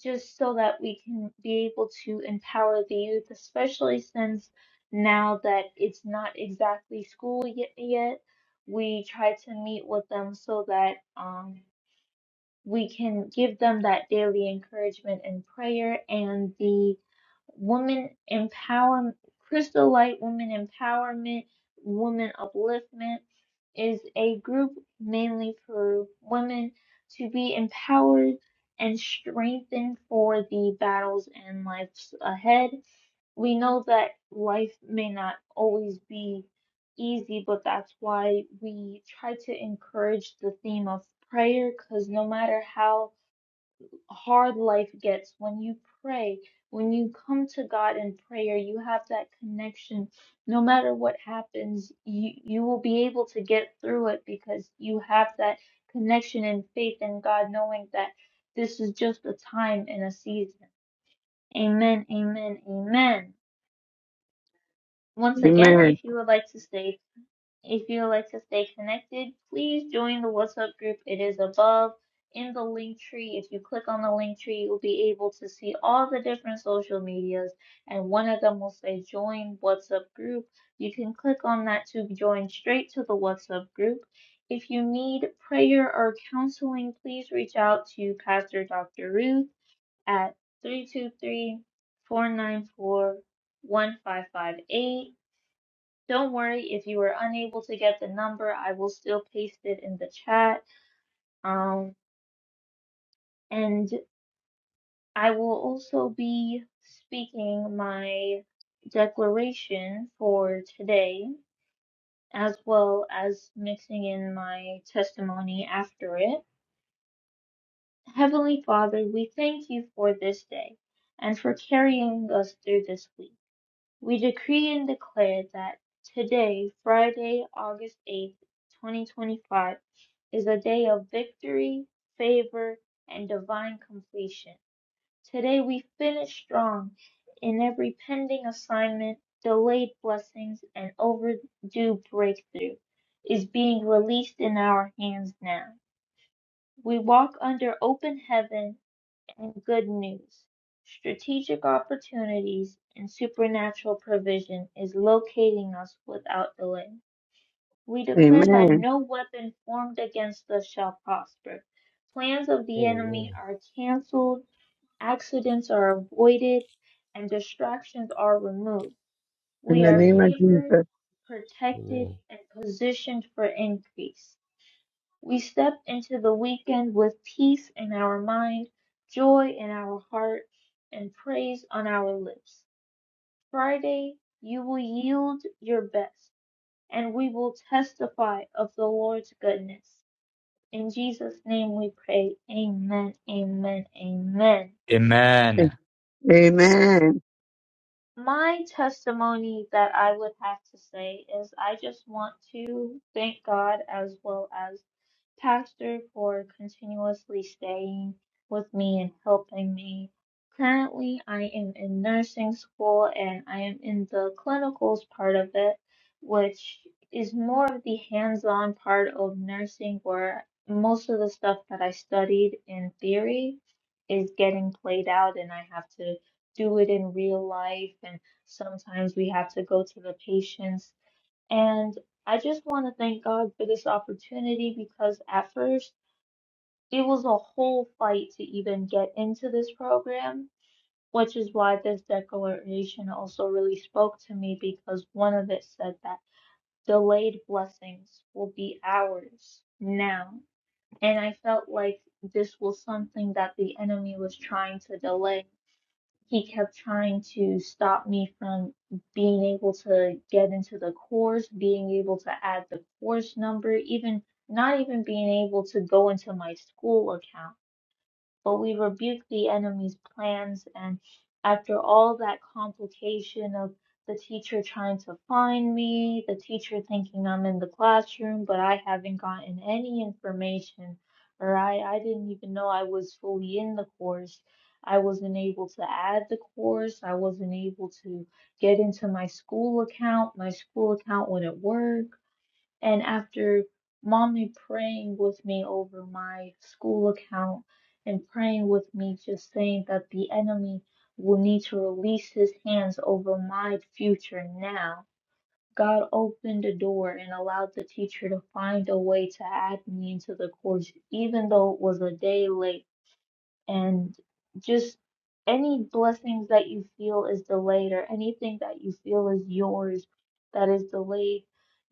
E: just so that we can be able to empower the youth, especially since now that it's not exactly school yet. yet we try to meet with them so that um, we can give them that daily encouragement and prayer and the woman empowerment, crystal light woman empowerment, woman upliftment is a group mainly for women to be empowered and strengthened for the battles and lives ahead we know that life may not always be easy, but that's why we try to encourage the theme of prayer because no matter how hard life gets, when you pray, when you come to God in prayer, you have that connection. No matter what happens, you, you will be able to get through it because you have that connection and faith in God, knowing that this is just a time and a season. Amen, amen, amen. Once again, if
G: Amen.
E: you would like to stay if you would like to stay connected, please join the WhatsApp group. It is above in the link tree. If you click on the link tree, you'll be able to see all the different social medias, and one of them will say join WhatsApp group. You can click on that to join straight to the WhatsApp group. If you need prayer or counseling, please reach out to Pastor Dr. Ruth at 323 494 1558 don't worry if you were unable to get the number, I will still paste it in the chat. Um, and I will also be speaking my declaration for today, as well as mixing in my testimony after it. Heavenly Father, we thank you for this day and for carrying us through this week. We decree and declare that today, Friday, August 8th, 2025, is a day of victory, favor, and divine completion. Today we finish strong in every pending assignment, delayed blessings, and overdue breakthrough is being released in our hands now. We walk under open heaven and good news. Strategic opportunities and supernatural provision is locating us without delay. We declare that
G: Amen.
E: no weapon formed against us shall prosper. Plans of the enemy
J: Amen.
E: are canceled, accidents are avoided, and distractions are removed.
G: In
E: We
G: the
E: are
G: name
J: Amen.
G: of
E: favored,
G: Jesus.
E: protected,
J: Amen.
E: and positioned for increase. We step into the weekend with peace in our mind, joy in our heart, and praise on our lips. Friday, you will yield your best and we will testify of the Lord's goodness. In Jesus' name we pray. Amen, amen, amen.
F: Amen.
G: Amen.
E: My testimony that I would have to say is I just want to thank God as well as Pastor for continuously staying with me and helping me. Currently, I am in nursing school and I am in the clinicals part of it, which is more of the hands on part of nursing where most of the stuff that I studied in theory is getting played out and I have to do it in real life and sometimes we have to go to the patients and I just want to thank God for this opportunity because at first it was a whole fight to even get into this program, which is why this declaration also really spoke to me because one of it said that delayed blessings will be ours now. And I felt like this was something that the enemy was trying to delay he kept trying to stop me from being able to get into the course, being able to add the course number, even not even being able to go into my school account but we rebuked the enemy's plans, and after all that complication of the teacher trying to find me, the teacher thinking I'm in the classroom, but I haven't gotten any information, or I, I didn't even know I was fully in the course. I wasn't able to add the course. I wasn't able to get into my school account. My school account wouldn't work. And after mommy praying with me over my school account and praying with me, just saying that the enemy will need to release his hands over my future now, God opened the door and allowed the teacher to find a way to add me into the course, even though it was a day late and just any blessings that you feel is delayed or anything that you feel is yours that is delayed,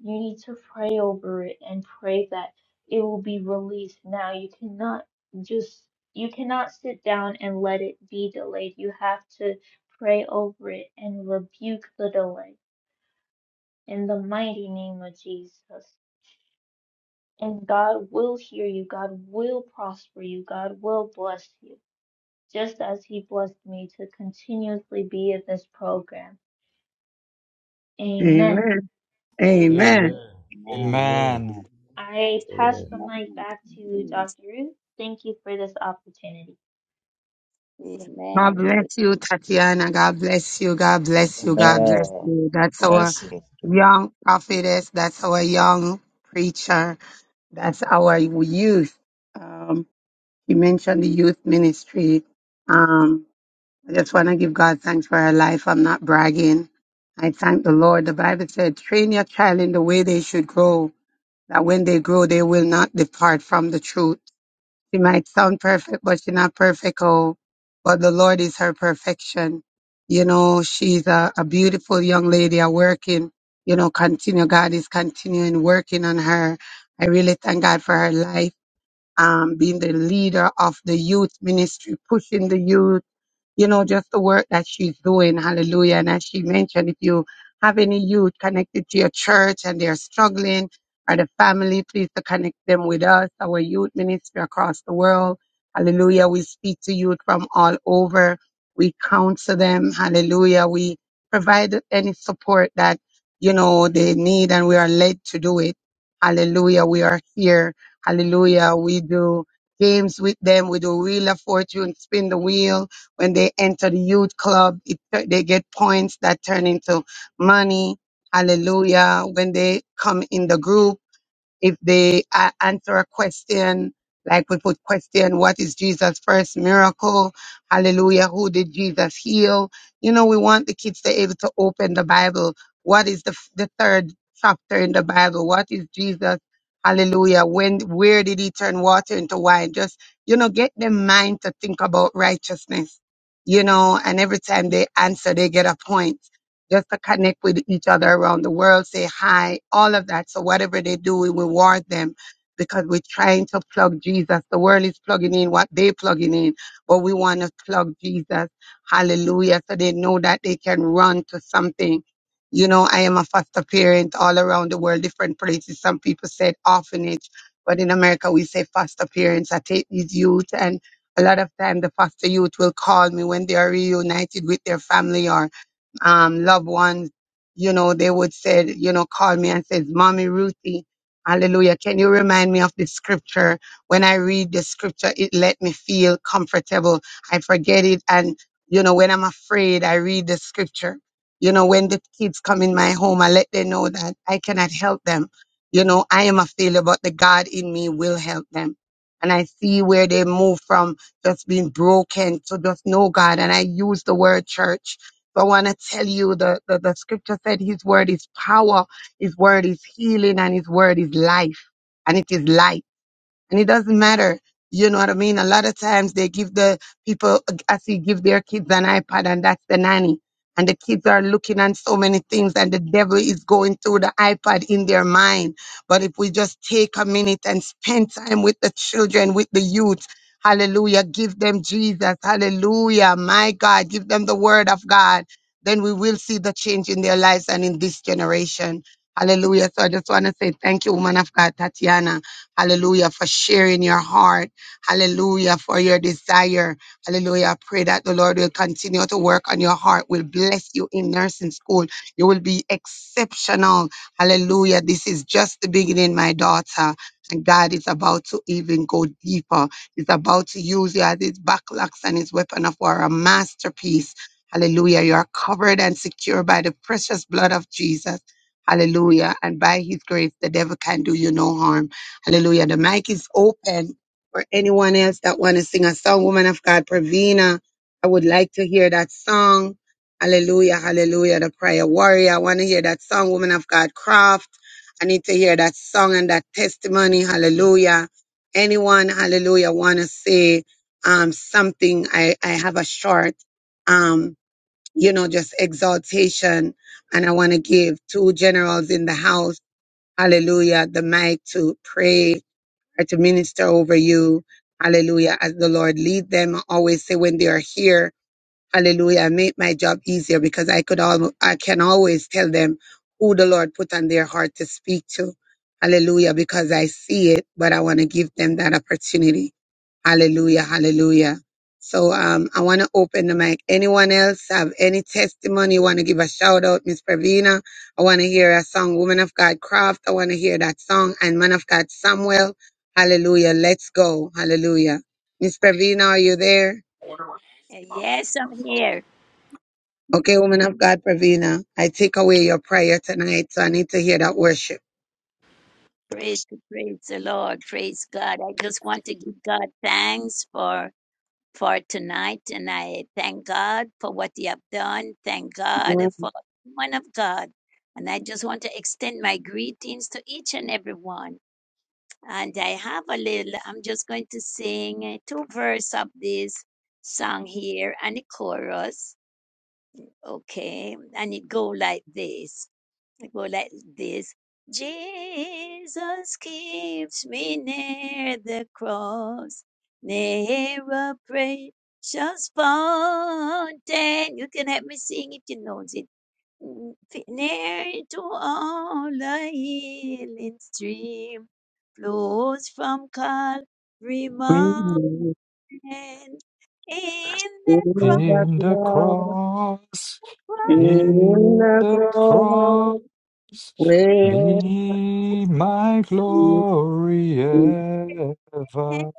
E: you need to pray over it and pray that it will be released now. You cannot just you cannot sit down and let it be delayed. You have to pray over it and rebuke the delay in the mighty name of Jesus. And God will hear you. God will prosper you. God will bless you just as He blessed me to continuously be in this program. Amen.
G: Amen. Amen.
J: Amen.
C: Amen. Amen.
J: Amen.
F: Amen.
E: I pass
J: Amen.
E: the
C: Amen.
E: mic back to
C: Amen.
E: Dr. Ruth. Thank you for this opportunity.
G: God
C: Amen.
G: bless you, Tatiana. God bless you. God bless you. God bless
H: Amen.
G: you. That's our
H: Blessings.
G: young prophetess. That's our young preacher. That's our youth. Um, you mentioned the youth ministry. Um, I just want to give God thanks for her life. I'm not bragging. I thank the Lord. The Bible said, train your child in the way they should grow, that when they grow, they will not depart from the truth. She might sound perfect, but she's not perfect. Oh, but the Lord is her perfection. You know, she's a, a beautiful young lady, a working, you know, continue. God is continuing working on her. I really thank God for her life, um, being the leader of the youth ministry, pushing the youth you know, just the work that she's doing. Hallelujah. And as she mentioned, if you have any youth connected to your church and they're struggling or the family, please to connect them with us, our youth ministry across the world. Hallelujah. We speak to youth from all over. We counsel them. Hallelujah. We provide any support that, you know, they need and we are led to do it. Hallelujah. We are here. Hallelujah. We do games with them. We do wheel of fortune, spin the wheel. When they enter the youth club, it, they get points that turn into money. Hallelujah. When they come in the group, if they a- answer a question, like we put question, what is Jesus' first miracle? Hallelujah. Who did Jesus heal? You know, we want the kids to able to open the Bible. What is the, f- the third chapter in the Bible? What is Jesus? Hallelujah. When, where did he turn water into wine? Just, you know, get their mind to think about righteousness, you know, and every time they answer, they get a point just to connect with each other around the world, say hi, all of that. So whatever they do, we reward them because we're trying to plug Jesus. The world is plugging in what they're plugging in, but we want to plug Jesus. Hallelujah. So they know that they can run to something. You know, I am a foster parent all around the world, different places. Some people said orphanage, but in America we say foster parents. I take these youth and a lot of time the foster youth will call me when they are reunited with their family or um, loved ones, you know, they would say, you know, call me and says, Mommy Ruthie, hallelujah. Can you remind me of the scripture? When I read the scripture, it let me feel comfortable. I forget it. And, you know, when I'm afraid, I read the scripture. You know, when the kids come in my home, I let them know that I cannot help them. You know, I am a failure, but the God in me will help them. And I see where they move from just being broken to just know God. And I use the word church so I want to tell you the, the, the scripture said his word is power, his word is healing, and his word is life. And it is life and it doesn't matter. You know what I mean? A lot of times they give the people, I see, give their kids an iPad and that's the nanny. And the kids are looking at so many things and the devil is going through the iPad in their mind. But if we just take a minute and spend time with the children, with the youth, hallelujah, give them Jesus, hallelujah, my God, give them the word of God, then we will see the change in their lives and in this generation. Hallelujah. So I just want to say thank you, woman of God, Tatiana Hallelujah, for sharing your heart. Hallelujah, for your desire. Hallelujah. I pray that the Lord will continue to work on your heart, will bless you in nursing school. You will be exceptional. Hallelujah. This is just the beginning, my daughter. And God is about to even go deeper. He's about to use you as his backlocks and his weapon of war, a masterpiece. Hallelujah. You are covered and secure by the precious blood of Jesus. Hallelujah. And by his grace, the devil can do you no harm. Hallelujah. The mic is open for anyone else that want to sing a song. Woman of God, Pravina, I would like to hear that song. Hallelujah, hallelujah. The prayer warrior. I want to hear that song. Woman of God, Craft. I need to hear that song and that testimony. Hallelujah. Anyone, hallelujah, want to say um, something? I, I have a short, um, you know, just exaltation. And I want to give two generals in the house. Hallelujah. The mic to pray or to minister over you. Hallelujah. As the Lord lead them, I always say when they are here, hallelujah, make my job easier because I could all, I can always tell them who the Lord put on their heart to speak to. Hallelujah. Because I see it, but I want to give them that opportunity. Hallelujah, hallelujah. So um, I want to open the mic. Anyone else have any testimony? want to give a shout out, Miss Pravina? I want to hear a song, Woman of God Craft. I want to hear that song, and Man of God Samuel. Hallelujah. Let's go. Hallelujah. Miss Pravina, are you there?
C: Yes, I'm here.
G: Okay, Woman of God Pravina, I take away your prayer tonight, so I need to hear that worship.
C: Praise, praise the Lord. Praise God. I just want to give God thanks for for tonight, and I thank God for what He have done. Thank God for the one of God, and I just want to extend my greetings to each and every one. And I have a little. I'm just going to sing uh, two verse of this song here and the chorus. Okay, and it go like this. It go like this. Jesus keeps me near the cross, near a precious fountain. You can help me sing if you know it. Mm, Near to all a healing stream flows from Calvary Mountain. In the cross,
F: In the cross,
G: In
F: in
G: the cross, in the
F: the cross,
G: cross,
C: be
G: where
F: be my glory
G: Yes,
F: ever.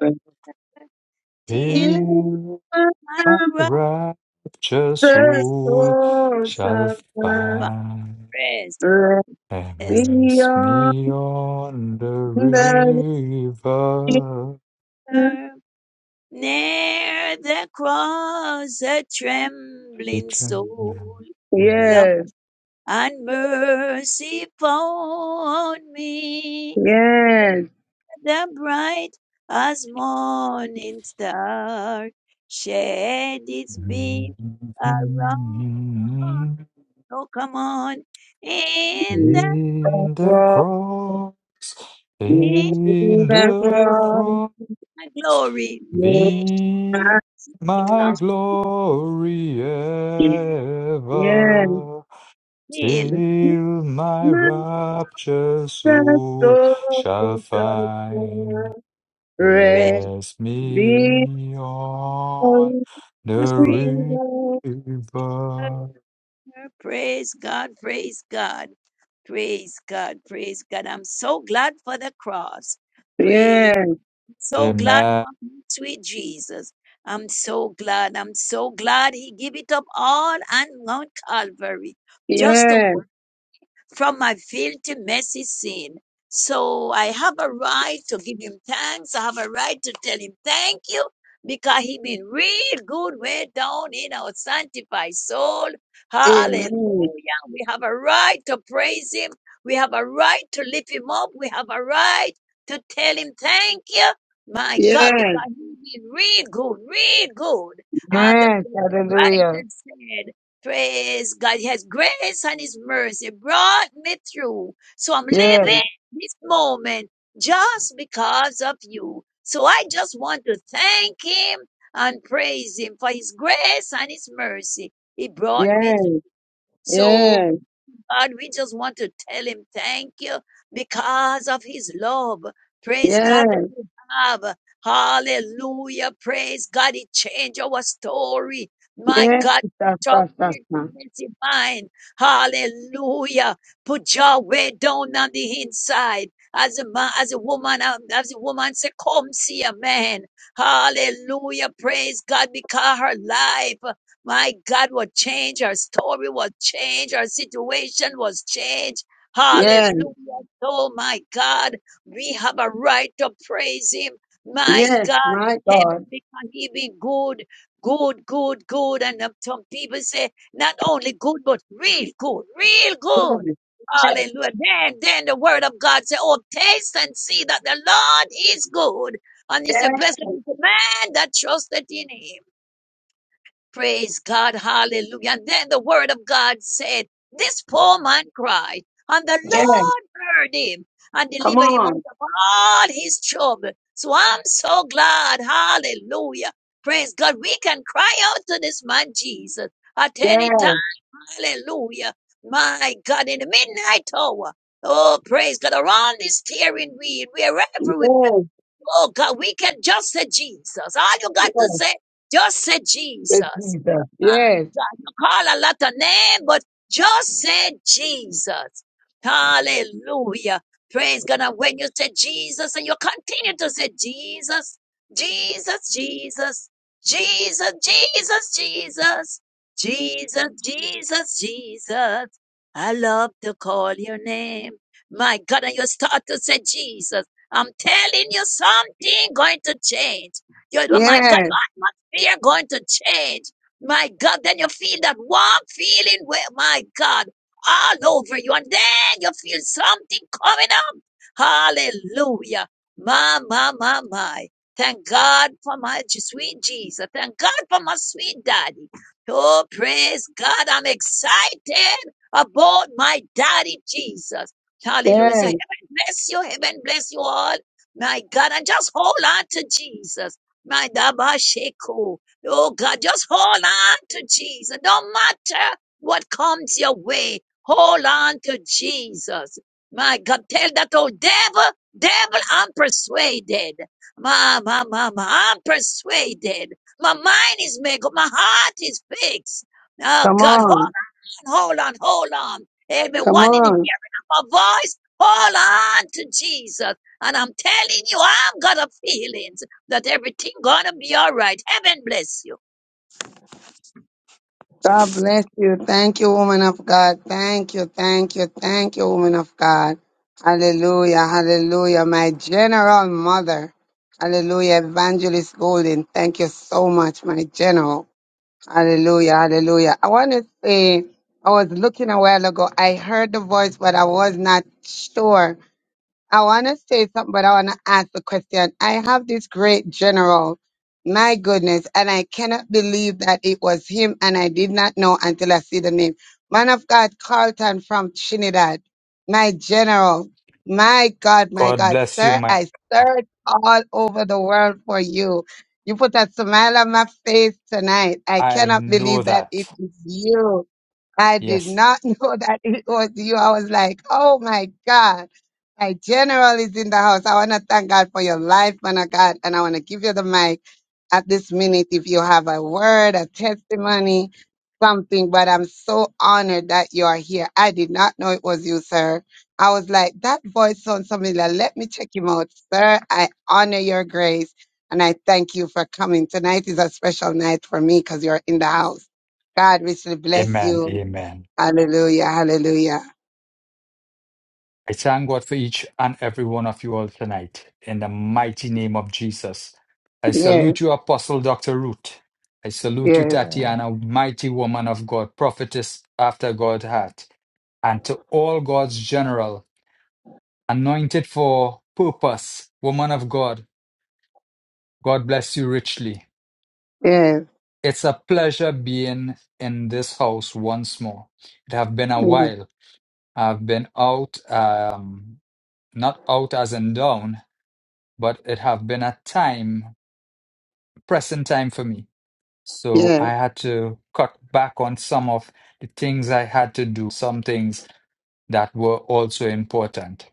C: still
F: Here
C: my
F: my
C: brother
F: righteous soul shall find.
C: Christ is
F: Immerse me on the river.
C: served. Near the cross, a
F: He
C: trembling
F: drank.
C: soul, love
G: yes.
C: and mercy found me.
G: Yes.
C: The bright as morning star shed its beam around. Oh, come on, in the
F: In the cross,
C: in
F: in the cross,
C: the glory, we
F: be my
C: glory
F: glory ever, till my rapture soul shall find. Rest me on
C: till
F: the river.
C: Praise God, praise God, praise God, praise God. I'm so glad for the cross. Praise,
G: Yes.
C: so glad
F: Amen.
C: for my sweet Jesus. I'm so glad. I'm so glad he gave it up all on Mount Calvary just to
G: Yes.
C: from my filthy, messy sin. So I have a right to give him thanks. I have a right to tell him thank you because he been real good way down in our sanctified soul. Hallelujah.
G: Amen.
C: We have a right to praise him. We have a right to lift him up. We have a right to tell him thank you. My God,
G: Yes.
C: because he been real good, real good. And the
G: Yes.
C: the
G: Hallelujah.
C: songwriter said, Praise God. His grace and His mercy brought me through. So I'm
G: Yes.
C: living this moment just because of you. So I just want to thank Him and praise Him for His grace and His mercy. He brought me
G: Yes.
C: through. So
G: Yes.
C: God, we just want to tell him thank you because of his love. Praise God that
G: Yes.
C: you have. Hallelujah. Praise God. It changed our story.
G: Yes.
C: My
G: Yes.
C: God, touch
G: Yes.
C: to guilty mind. Hallelujah. Put Yahweh down on the inside. As a man, as a woman, um, as a woman Say, come see a man. Hallelujah. Praise God because her life. My God, what changed? our story was changed, our situation was changed.
G: Yes. Yes.
C: Hallelujah. Oh my God, we have a right to praise him. My
G: Yes.
C: God,
G: My
C: heaven
G: God.
C: because he be good, good, good, good. And uh, some people say not only good, but real good, real good.
G: Yes. Yes.
C: Hallelujah. Then, then the word of God said, Oh, taste and see that the Lord is good. And he said,
G: Yes.
C: Blessed is the man that trusted in him. Praise God. Hallelujah. And then the word of God said, This poor man cried, and the
G: Yes.
C: Lord heard him and
G: Come
C: delivered him out
G: on.
C: of all his trouble. So I'm so glad. Hallelujah. Praise God. We can cry out to this man Jesus at any time.
G: Yes.
C: Hallelujah. My God, in the midnight hour. Oh, praise God. Around the steering wheel,
G: Yes.
C: wherever we be.
G: Yes.
C: Oh, God, we can just say Jesus. All you got to
G: Yes,
C: say, just say Jesus.
G: Jesus.
C: My
G: Yes.
C: God, you call a lot of names, but just say Jesus. Hallelujah. Praise God. And when you say Jesus and you continue to say Jesus, Jesus, Jesus, Jesus, Jesus, Jesus, Jesus, Jesus, Jesus. I love to call your name. My God, and you start to say, Jesus, I'm telling you something going to change. You know, my God,
G: Yes.
C: your atmosphere going to change. My God, then you feel that warm feeling, where, my God, all over you. And then you feel something coming up. Hallelujah. My, my, my, my. Thank God for my sweet Jesus. Thank God for my sweet daddy. Oh, praise God. I'm excited about my daddy Jesus. Hallelujah. So
G: Yes.
C: heaven bless you. Heaven bless you all. My God. And just hold on to Jesus. My Dabasheko. Oh God, just hold on to Jesus. No matter what comes your way, hold on to Jesus. My God, tell that old devil, devil, I'm persuaded. Ma, ma, ma, ma, I'm persuaded my mind is made up. My heart is fixed. Oh
G: Come
C: God,
G: on.
C: hold on, hold on, hold on. Amen.
G: Come
C: One in the
G: on.
C: hearing of my voice, hold on to Jesus. And I'm telling you, I've got a feeling that everything gonna be all right. Heaven bless you.
G: God bless you. Thank you, woman of God. Thank you, thank you, thank you, woman of God. Hallelujah, hallelujah. My general mother. Hallelujah, Evangelist Golden. Thank you so much, my general. Hallelujah, hallelujah. I want to say, I was looking a while ago. I heard the voice, but I was not sure I want to say something, but I want to ask a question. I have this great general, my goodness, and I cannot believe that it was him, and I did not know until I see the name. Man of God, Carlton from Trinidad, my general. My God, my
F: God
G: God,
F: bless you,
G: sir,
F: man.
G: I searched all over the world for you. You put a smile on my face tonight. I
F: I
G: cannot
F: know
G: believe that it
F: that.
G: is you. I did
F: Yes.
G: not know that it was you. I was like, oh my God. My general is in the house. I want to thank God for your life, man of God, and I want to give you the mic at this minute if you have a word, a testimony, something. But I'm so honored that you are here. I did not know it was you, sir. I was like, that voice sounds familiar. Let me check him out, sir. I honor your grace and I thank you for coming. Tonight is a special night for me because you're in the house. God richly bless
F: Amen.
G: you.
F: Amen.
G: Hallelujah. Hallelujah.
F: I thank God for each and every one of you all tonight in the mighty name of Jesus. I
G: Yes,
F: salute you, Apostle Dr. Root. I salute you,
G: yes,
H: Amen.
F: Tatiana, mighty woman of God, prophetess after God's heart, and to all God's general anointed for purpose, woman of God. God bless you richly.
G: yes.
F: It's a pleasure being in this house once more. It have been a
G: Mm.
F: while. I've been out, um, not out as in down, but it have been a time, pressing time for me. So
G: Yes.
F: I had to cut back on some of the things I had to do, some things that were also important.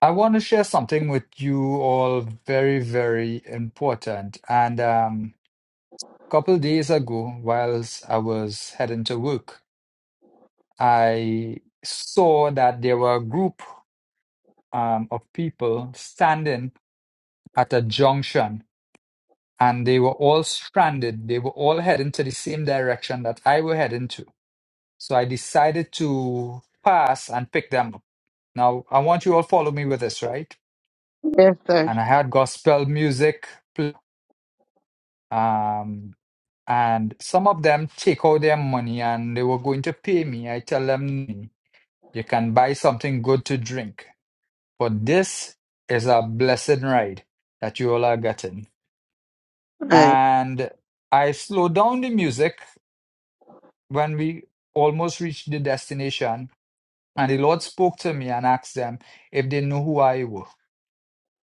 F: I want to share something with you all very, very important. And um, couple days ago, whilst I was heading to work, I saw that there were a group um, of people standing at a junction and they were all stranded. They were all heading to the same direction that I were heading to. So I decided to pass and pick them up. Now, I want you all follow me with this, right?
G: Yes, sir.
F: And I had gospel music. pl- Um, And some of them take out their money and they were going to pay me. I tell them, "Mm, you can buy something good to drink, but this is a blessed ride that you all are getting.
G: Right.
F: And I slowed down the music when we almost reached the destination. And the Lord spoke to me and asked them if they knew who I were.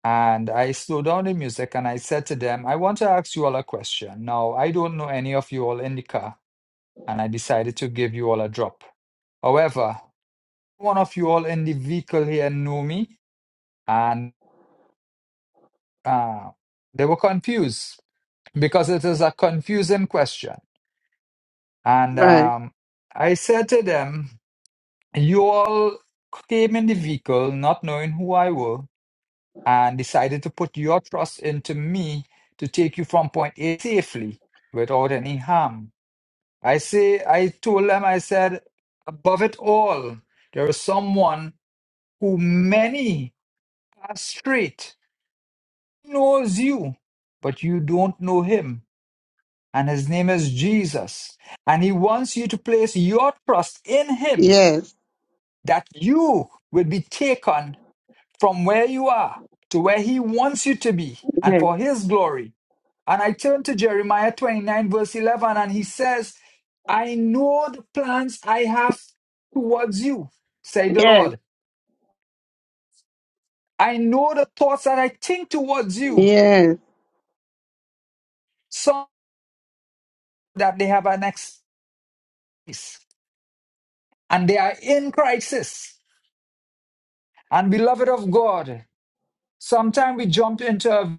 F: And I slowed down the music and I said to them, I want to ask you all a question. Now, I don't know any of you all in the car, and I decided to give you all a drop. However, one of you all in the vehicle here knew me and uh, they were confused because it is a confusing question. And
G: Right.
F: um, I said to them, You all came in the vehicle not knowing who I were and decided to put your trust into me to take you from point A safely without any harm. I say, I told them, I said, above it all, there is someone who many are straight He knows you, but you don't know him. And his name is Jesus. And he wants you to place your trust in him
G: Yes.
F: that you will be taken from where you are to where he wants you to be and
G: Yes.
F: for his glory. And I turn to Jeremiah 29, verse 11, and he says, I know the plans I have towards you, say the
G: Yes.
F: Lord. I know the thoughts that I think towards you,
G: Yes.
F: so that they have an excuse and they are in crisis. And beloved of God, sometimes we jump into, a,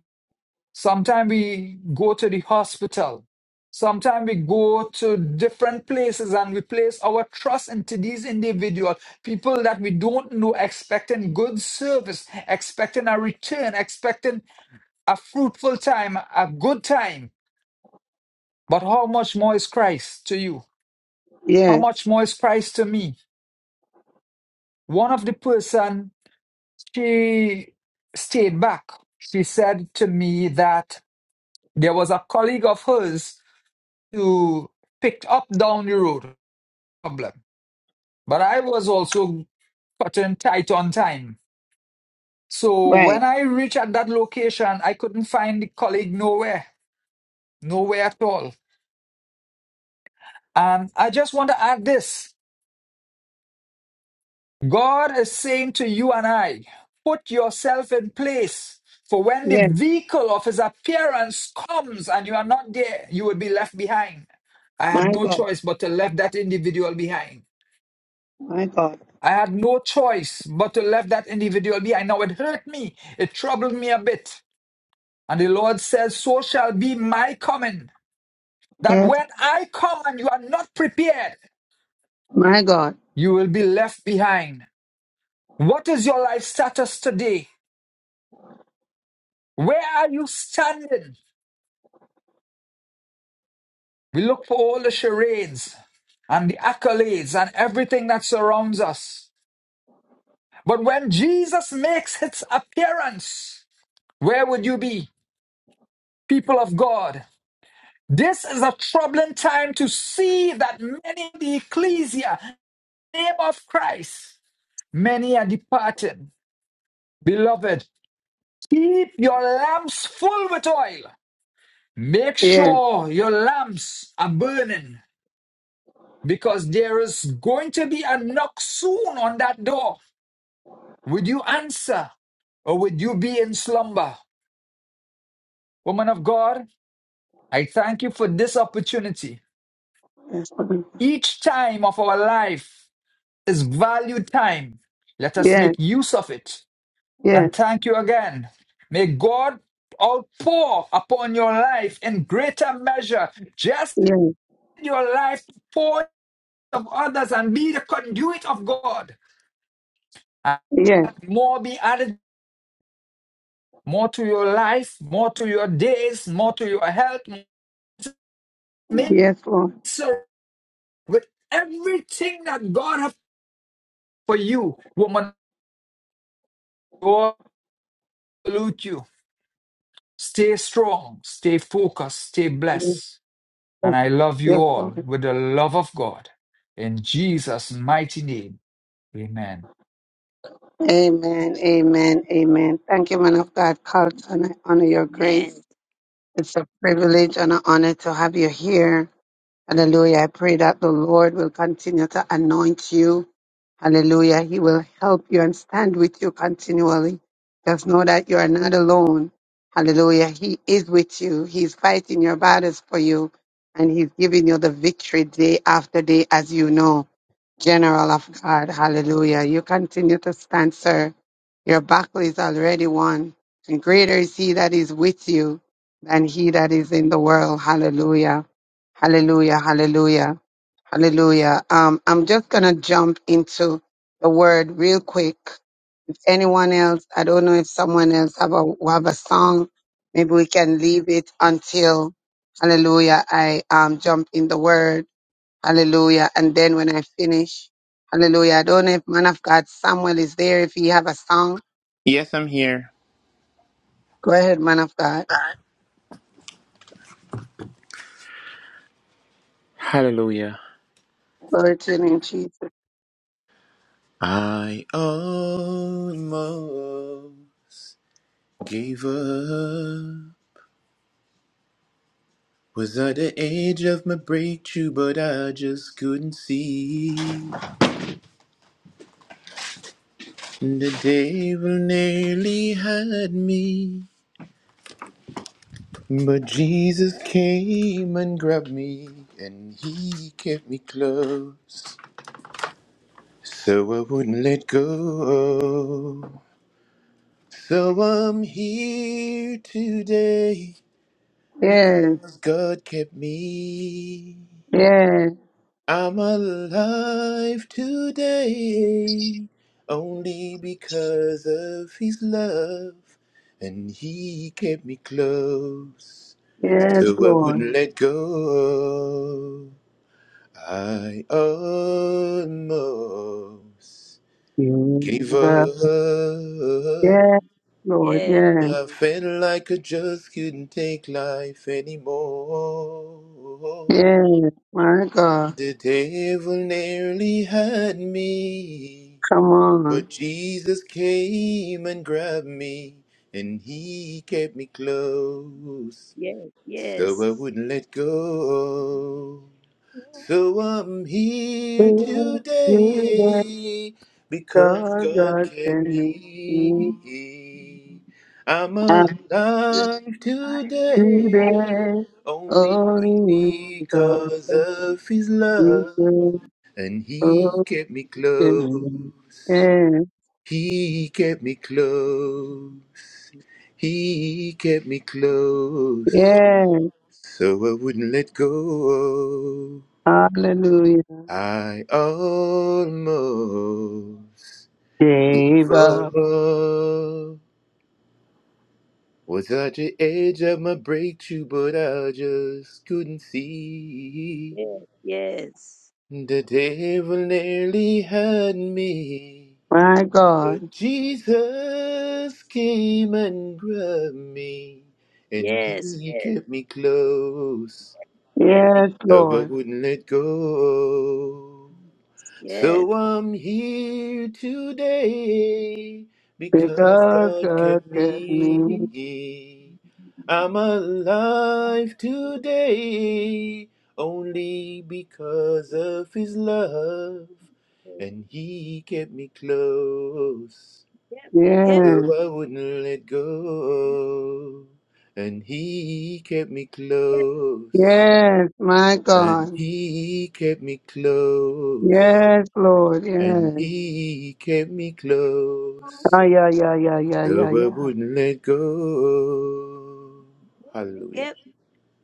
F: sometimes we go to the hospital, sometimes we go to different places and we place our trust into these individual people that we don't know, expecting good service, expecting a return, expecting a fruitful time, a good time. But how much more is Christ to you? How
G: Yes.
F: much more is Christ to me? One of the person she stayed back. She said to me that there was a colleague of hers who picked up down the road no problem. But I was also cutting tight on time. So when
G: Right.
F: I reached at that location, I couldn't find the colleague nowhere, nowhere at all. And I just want to add this. God is saying to you and I, put yourself in place. For when the
G: Yes.
F: vehicle of his appearance comes and you are not there, you will be left behind. I had
G: My
F: no
G: God.
F: choice but to left that individual behind.
G: My God.
F: I had no choice but to left that individual behind. Now it hurt me. It troubled me a bit. And the Lord says, so shall be my coming. That
G: Yes.
F: when I come and you are not prepared,
G: My God.
F: you will be left behind. What is your life status today? Where are you standing? We look for all the charades and the accolades and everything that surrounds us. But when Jesus makes his appearance, where would you be, people of God? This is a troubling time to see that many in the ecclesia, name of Christ, many are departed. Beloved, keep your lamps full with oil. Make
G: Yes.
F: sure your lamps are burning because there is going to be a knock soon on that door. Would you answer or would you be in slumber? Woman of God, I thank you for this opportunity.
G: Yes. Lord.
F: Each time of our life is valued time. Let us
G: Yes.
F: make use of it.
G: Yes.
F: And thank you again. May God outpour upon your life in greater measure. Just
G: Yes.
F: your life pour of others and be the conduit of God. And
G: Yes.
F: more be added more to your life, more to your days, more to your health. Make
G: Yes, Lord.
F: sure with everything that God has for you, woman, God salute you. Stay strong, stay focused, stay
G: Yes,
F: blessed. And
G: Lord.
F: I love you
G: Yes,
F: all
G: Lord.
F: with the love of God. In Jesus' mighty name, amen.
G: Amen. Amen. Amen. Thank you, man of God, Carlton. I honor your grace.
C: Amen.
G: It's a privilege and an honor to have you here. Hallelujah. I pray that the Lord will continue to anoint you Hallelujah. He will help you and stand with you continually. Just know that you are not alone. Hallelujah. He is with you. He's fighting your battles for you and he's giving you the victory day after day as you know. General of God. Hallelujah. You continue to stand, sir. Your battle is already won and greater is he that is with you than he that is in the world. Hallelujah. Hallelujah, hallelujah, hallelujah. Um, I'm just going to jump into the word real quick. If anyone else, I don't know if someone else have a, have a song, maybe we can leave it until, hallelujah, I um, jump in the word, hallelujah. And then when I finish, hallelujah, I don't know if man of God Samuel is there, if he have a song.
D: Yes, I'm here.
G: Go ahead, man of God.
D: Hallelujah.
G: Glory to your name, Jesus.
D: I almost gave up. Was at the edge of my breakthrough, but I just couldn't see. The devil nearly had me, but Jesus came and grabbed me, and he kept me close. So I wouldn't let go. So I'm here today
G: Yes,
D: because God kept me.
G: yes,
D: I'm alive today only because of His love, and He kept me close.
G: yes,
C: Yes,
D: So I
G: Lord.
D: wouldn't let go. I almost gave
G: Yes.
D: up.
G: Yes, Lord.
C: yes,
G: Yes.
D: I felt like I just couldn't take life anymore.
G: Yes. My God.
D: The devil nearly had me,
G: Come on.
D: but Jesus came and grabbed me, and he kept me close,
C: yes,
D: so
C: yes.
D: I wouldn't let go. So I'm here
G: To that
D: today because
G: God,
D: God
G: God
D: kept
G: send me. Mm.
D: me. I'm
G: And
D: alive today
G: today,
D: only
G: only God
D: because of His
G: is
D: love.
G: good.
D: And He
G: Oh,
D: kept me
G: give me.
D: close.
G: Yes.
D: He kept me close. He kept me close.
G: Yes.
D: So I wouldn't let go.
G: Hallelujah.
D: I almost gave
G: Gave up.
D: up. Was at the edge of my breakthrough, but I just couldn't see.
C: Yes, yes,
D: The devil nearly had me,
G: My God.
D: but Jesus came and grabbed me, and
C: yes,
D: he
C: yes.
D: kept me close,
C: Get me.
G: Yes,
D: so I
G: Lord.
D: wouldn't let go.
C: Yes.
D: So I'm here today because
G: Because
D: God
G: God
D: kept
G: kept me.
D: me. I'm alive today only because of His love, and He kept me close.
C: Get me, get,
D: So
G: Yes.
D: I wouldn't let go, and He kept me
C: get.
D: close,
G: Yes, my God.
D: and He kept me close.
G: Yes, Lord.
D: And
G: Yes.
D: he kept me close,
G: Ah, yeah, yeah, yeah, yeah,
D: so
G: yeah,
D: I
G: yeah.
D: wouldn't let go.
C: He
D: Hallelujah.
C: kept me.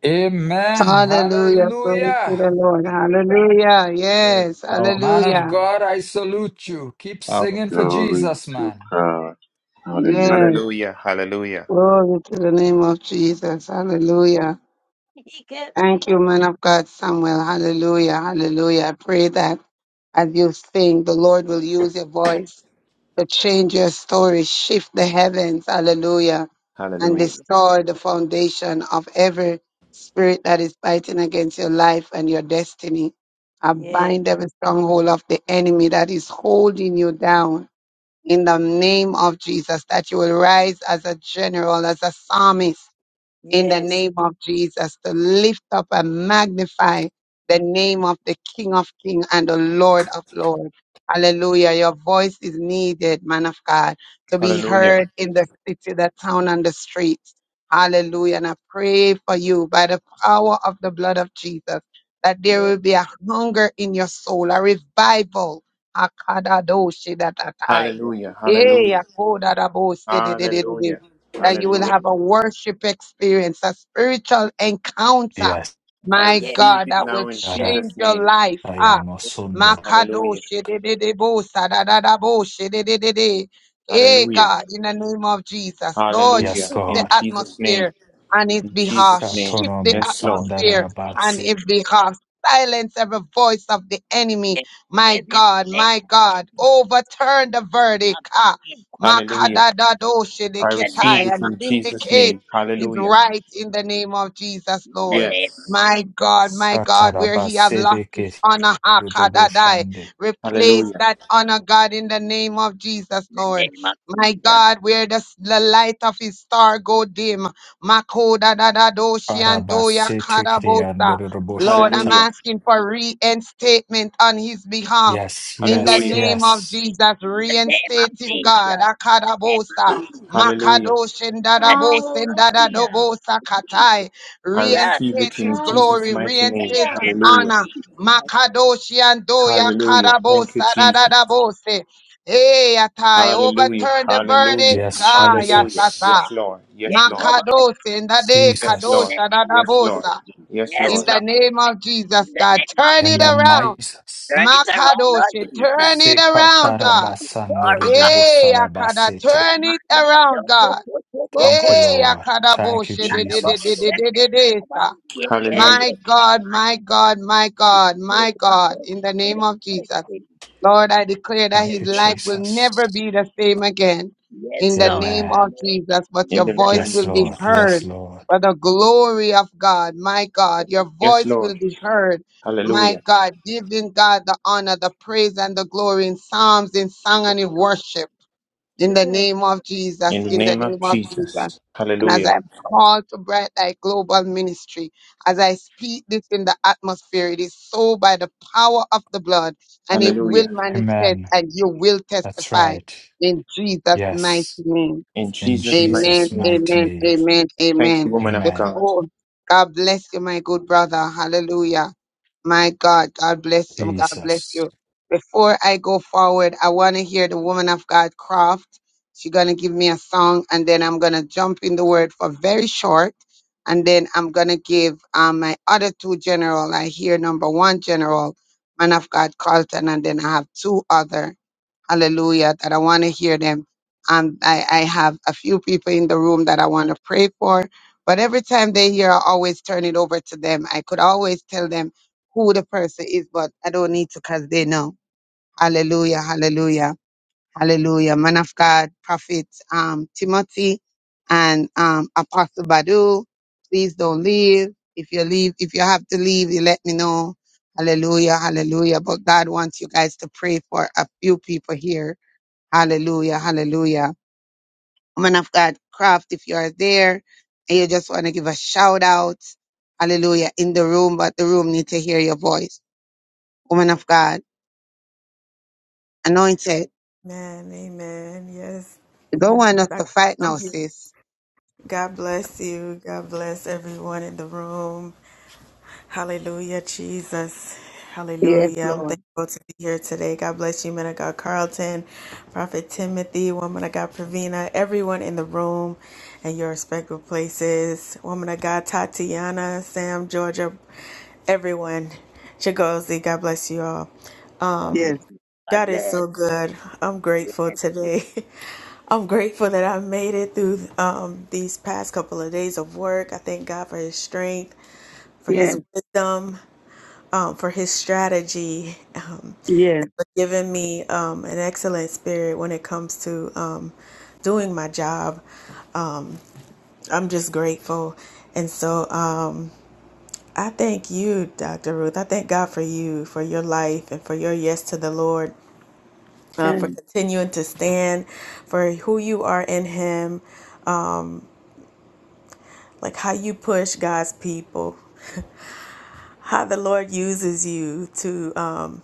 F: Amen.
G: Hallelujah. Glory to
F: Hallelujah.
G: the Lord. Hallelujah.
H: Yes,
G: Yes.
H: power.
F: Man of
G: Hallelujah.
F: God, I salute you. Keep
H: Power.
F: singing for
K: Glory
F: Jesus,
K: to
F: man.
K: God.
G: Yes.
K: Hallelujah.
D: Hallelujah. Hallelujah.
G: Glory to the name of Jesus. Hallelujah.
C: He kept me.
G: Thank you, man of God, Samuel. Hallelujah. Hallelujah. I pray that. as you sing, the Lord will use your voice to change your story, shift the heavens, hallelujah, and
C: Nah,
D: Hallelujah.
C: yeah.
G: destroy the foundation of every spirit that is fighting against your life and your destiny. I
C: Yes.
G: bind every stronghold of the enemy that is holding you down in the name of Jesus, that you will rise as a general, as a psalmist in the
C: Yes.
G: name of Jesus to lift up and magnify the name of the King of Kings and the Lord of Lords. Hallelujah. Your voice is needed, man of God, to be
D: Hallelujah.
G: heard in the city, the town, and the streets. Hallelujah. And I pray for you by the power of the blood of Jesus that there
C: Yes.
G: will be a hunger in your soul, a revival. Akadadoshi datatai.
C: Yes.
D: Hallelujah.
G: Eh,
D: Hallelujah.
G: akodadabo
D: Hallelujah.
G: that you will
C: Yes.
D: Hallelujah.
G: have a worship experience, a spiritual encounter.
F: Yes.
D: I
C: Yes.
G: My
C: Yes.
D: receive
G: God,
D: it
G: that will
D: now in
G: change
D: Jesus'
G: your
D: name.
G: life. Ah, Makado
D: Hallelujah.
G: shedededebo sadadadabo shedededede. Hey
D: Hallelujah.
G: God, in the name of Jesus, Lord,
F: Yes,
D: Hallelujah.
G: shift the
D: In
F: God.
D: Jesus' name.
G: atmosphere on His
D: In Jesus'
G: behalf.
D: name.
G: Shift
F: Shatara
G: the
D: Yes,
C: Yes.
D: Lord.
F: musandara
G: atmosphere on
F: rabatsi.
C: Yes.
G: His behalf. Silence every voice of the enemy. My
C: Yes. Yes.
G: God, my God, overturn the verdict. Ah.
D: Hallelujah. I receive
G: Makadadadoshidikitai,
D: it
G: and
D: in
C: Yes.
D: Jesus'
G: vindicate
D: name.
G: his
D: Hallelujah.
G: rights in the name of Jesus, Lord.
D: Yes.
G: My God, my God,
F: Shatara
G: where he have lost
F: basere
G: his
F: ke
G: honor, Hakadadai,
F: ruboshande.
G: replace
D: Hallelujah.
G: that honor, God, in the name of Jesus,
C: In the
G: Lord.
C: name of
G: My
C: Jesus.
G: God, where the, s- the light of his star go dim, Makodadadadoshi and Doya
F: Parabasete
G: Karabosa.
F: kriando
G: Lord, I'm
F: ruboshata.
D: Hallelujah.
G: asking for reinstatement on his behalf.
F: Yes,
C: The
G: In the
C: name
F: yes,
D: Hallelujah.
G: name of
F: yes.
G: Jesus,
C: of in the name of
G: reinstate him, God.
C: Jesus. The name of
G: Akadabosa,
C: Jesus. Yes.
D: Hallelujah.
C: In the
G: Makadoshendadabos,
C: name of
E: Hallelujah.
G: Ndadadobosa Katai.
D: I receive
G: Reinstate
D: it
G: his
D: in
E: Hallelujah.
D: Jesus'
G: glory,
D: mighty name.
G: reinstate his
D: Hallelujah.
G: honor.
C: Jesus.
G: Makadoshi and Doya
D: Hallelujah. Thank you,
G: Kadabosa
D: Jesus.
G: Dadadabose. Hey, Atai,
D: Hallelujah.
G: overturn the verdict.
D: Hallelujah.
F: Yes,
G: Kaya
D: Hallelujah.
F: Jesus.
G: Sasa.
D: Yes, Lord.
C: The
D: Yes,
C: name
D: Lord.
C: of Jesus.
G: Makadosi in the day
D: Yes,
C: In
D: Lord.
C: the name of Jesus. Jesus. Jesus. The name of Jesus. Yes, Lord. In the
F: Jesus.
G: Kadosha
C: name of
D: Yes, Lord.
G: Dadabosa.
C: Jesus.
D: Yes,
C: Yes,
G: In
D: Lord.
G: the
C: Lord.
G: name of Jesus, God, turn
F: And
G: it
F: the
G: around.
F: Jesus.
G: Makadoshi, turn it around,
F: Sekatara
G: God.
F: basando
G: Hey, Akada,
F: rubosalabasete.
G: turn it around, God.
F: Thank you,
G: Hey,
F: Lord.
G: Akada
F: Thank you,
G: Boshi, de- de- de- de- de-
F: Jesus.
G: de- de- de- sa.
D: Hallelujah.
G: My God, my God, my God, my God, in the name of Jesus. Lord, I declare that
F: Thank
G: his
F: you,
G: life will
F: Jesus.
G: never be the same again in the name of
F: Amen.
G: Jesus, but
D: In
G: your
D: the
G: voice
D: name of
F: Yes,
G: will be
F: Lord.
D: Jesus.
F: Yes,
G: heard
F: Lord.
G: for the glory of God. My God, your
D: Yes,
G: voice will
D: Lord.
G: be heard. My
D: Hallelujah.
G: God, giving God the honor, the praise, and the glory in psalms, in song, and in worship in the name of
D: In
G: Jesus,
D: the
G: in the
D: name
G: name
D: of
G: of Jesus.
D: Jesus.
G: And as
D: Hallelujah.
G: I'm called to Bright Light Global Ministry, as I speak this in the atmosphere, it is so by the power of the blood, and it will
D: Hallelujah.
G: manifest
F: Amen.
G: and you will
F: That's
G: testify
F: right.
G: in Jesus' mighty
F: Yes.
G: name.
D: In
F: In
D: Jesus' mighty
G: Amen,
F: Jesus'
D: name.
F: mighty
G: amen,
F: name.
G: amen,
D: Thank
G: amen.
D: you, woman of
F: Amen.
D: God.
G: Before God bless you, my good brother. Hallelujah. My God, God bless you. God bless
F: Jesus.
G: you. Before I go forward, I want to hear the woman of God, Croft. She's going to give me a song, and then I'm going to jump in the word for very short. And then I'm going to give um, my other two general. I hear number one general, man of God, Carlton, and then I have two other hallelujah, that I want to hear them. Um, I, I have a few people in the room that I want to pray for, but every time they hear, I always turn it over to them. I could always tell them who the person is, but I don't need to because they know. Hallelujah, hallelujah, hallelujah. Man of God, Prophet um, Timothy and um, Apostle Badu, please don't leave. If you leave, if you have to leave, you let me know. Hallelujah, hallelujah. But God wants you guys to pray for a few people here Hallelujah. Hallelujah. Woman of God, Craft, if you are there and you just want to give a shout out, hallelujah, in the room, but the room need to hear your voice. Woman of God, anointed.
L: Man, amen. Yes,
G: You don't
L: yes.
G: want us
L: I-
G: to fight
L: I'm
G: now,
L: here.
G: sis.
L: God bless you. God bless everyone in the room. Hallelujah, Jesus.
G: Yes,
L: Hallelujah. I'm
G: Lord.
L: thankful to be here today. God bless you, man of God Carlton, Prophet Timothy, woman of God Pravina, everyone in the room and your respective places. Woman of God Tatiana, Sam, Georgia, everyone. Chigozi, God bless you all.
G: Yes,
L: God is so good. I'm grateful today. I'm grateful that I made it through um, these past couple of days of work. I thank God for His strength, for His
G: yes,
L: wisdom, um, for His strategy, um,
G: yes,
L: for giving me um, an excellent spirit when it comes to um, doing my job. I'm just grateful. And so um, I thank you, Dr. Ruth. I thank God for you, for your life, and for your yes to the Lord uh, for
G: yes,
L: continuing to stand for who you are in Him, like how you push God's people. how the Lord uses you to um,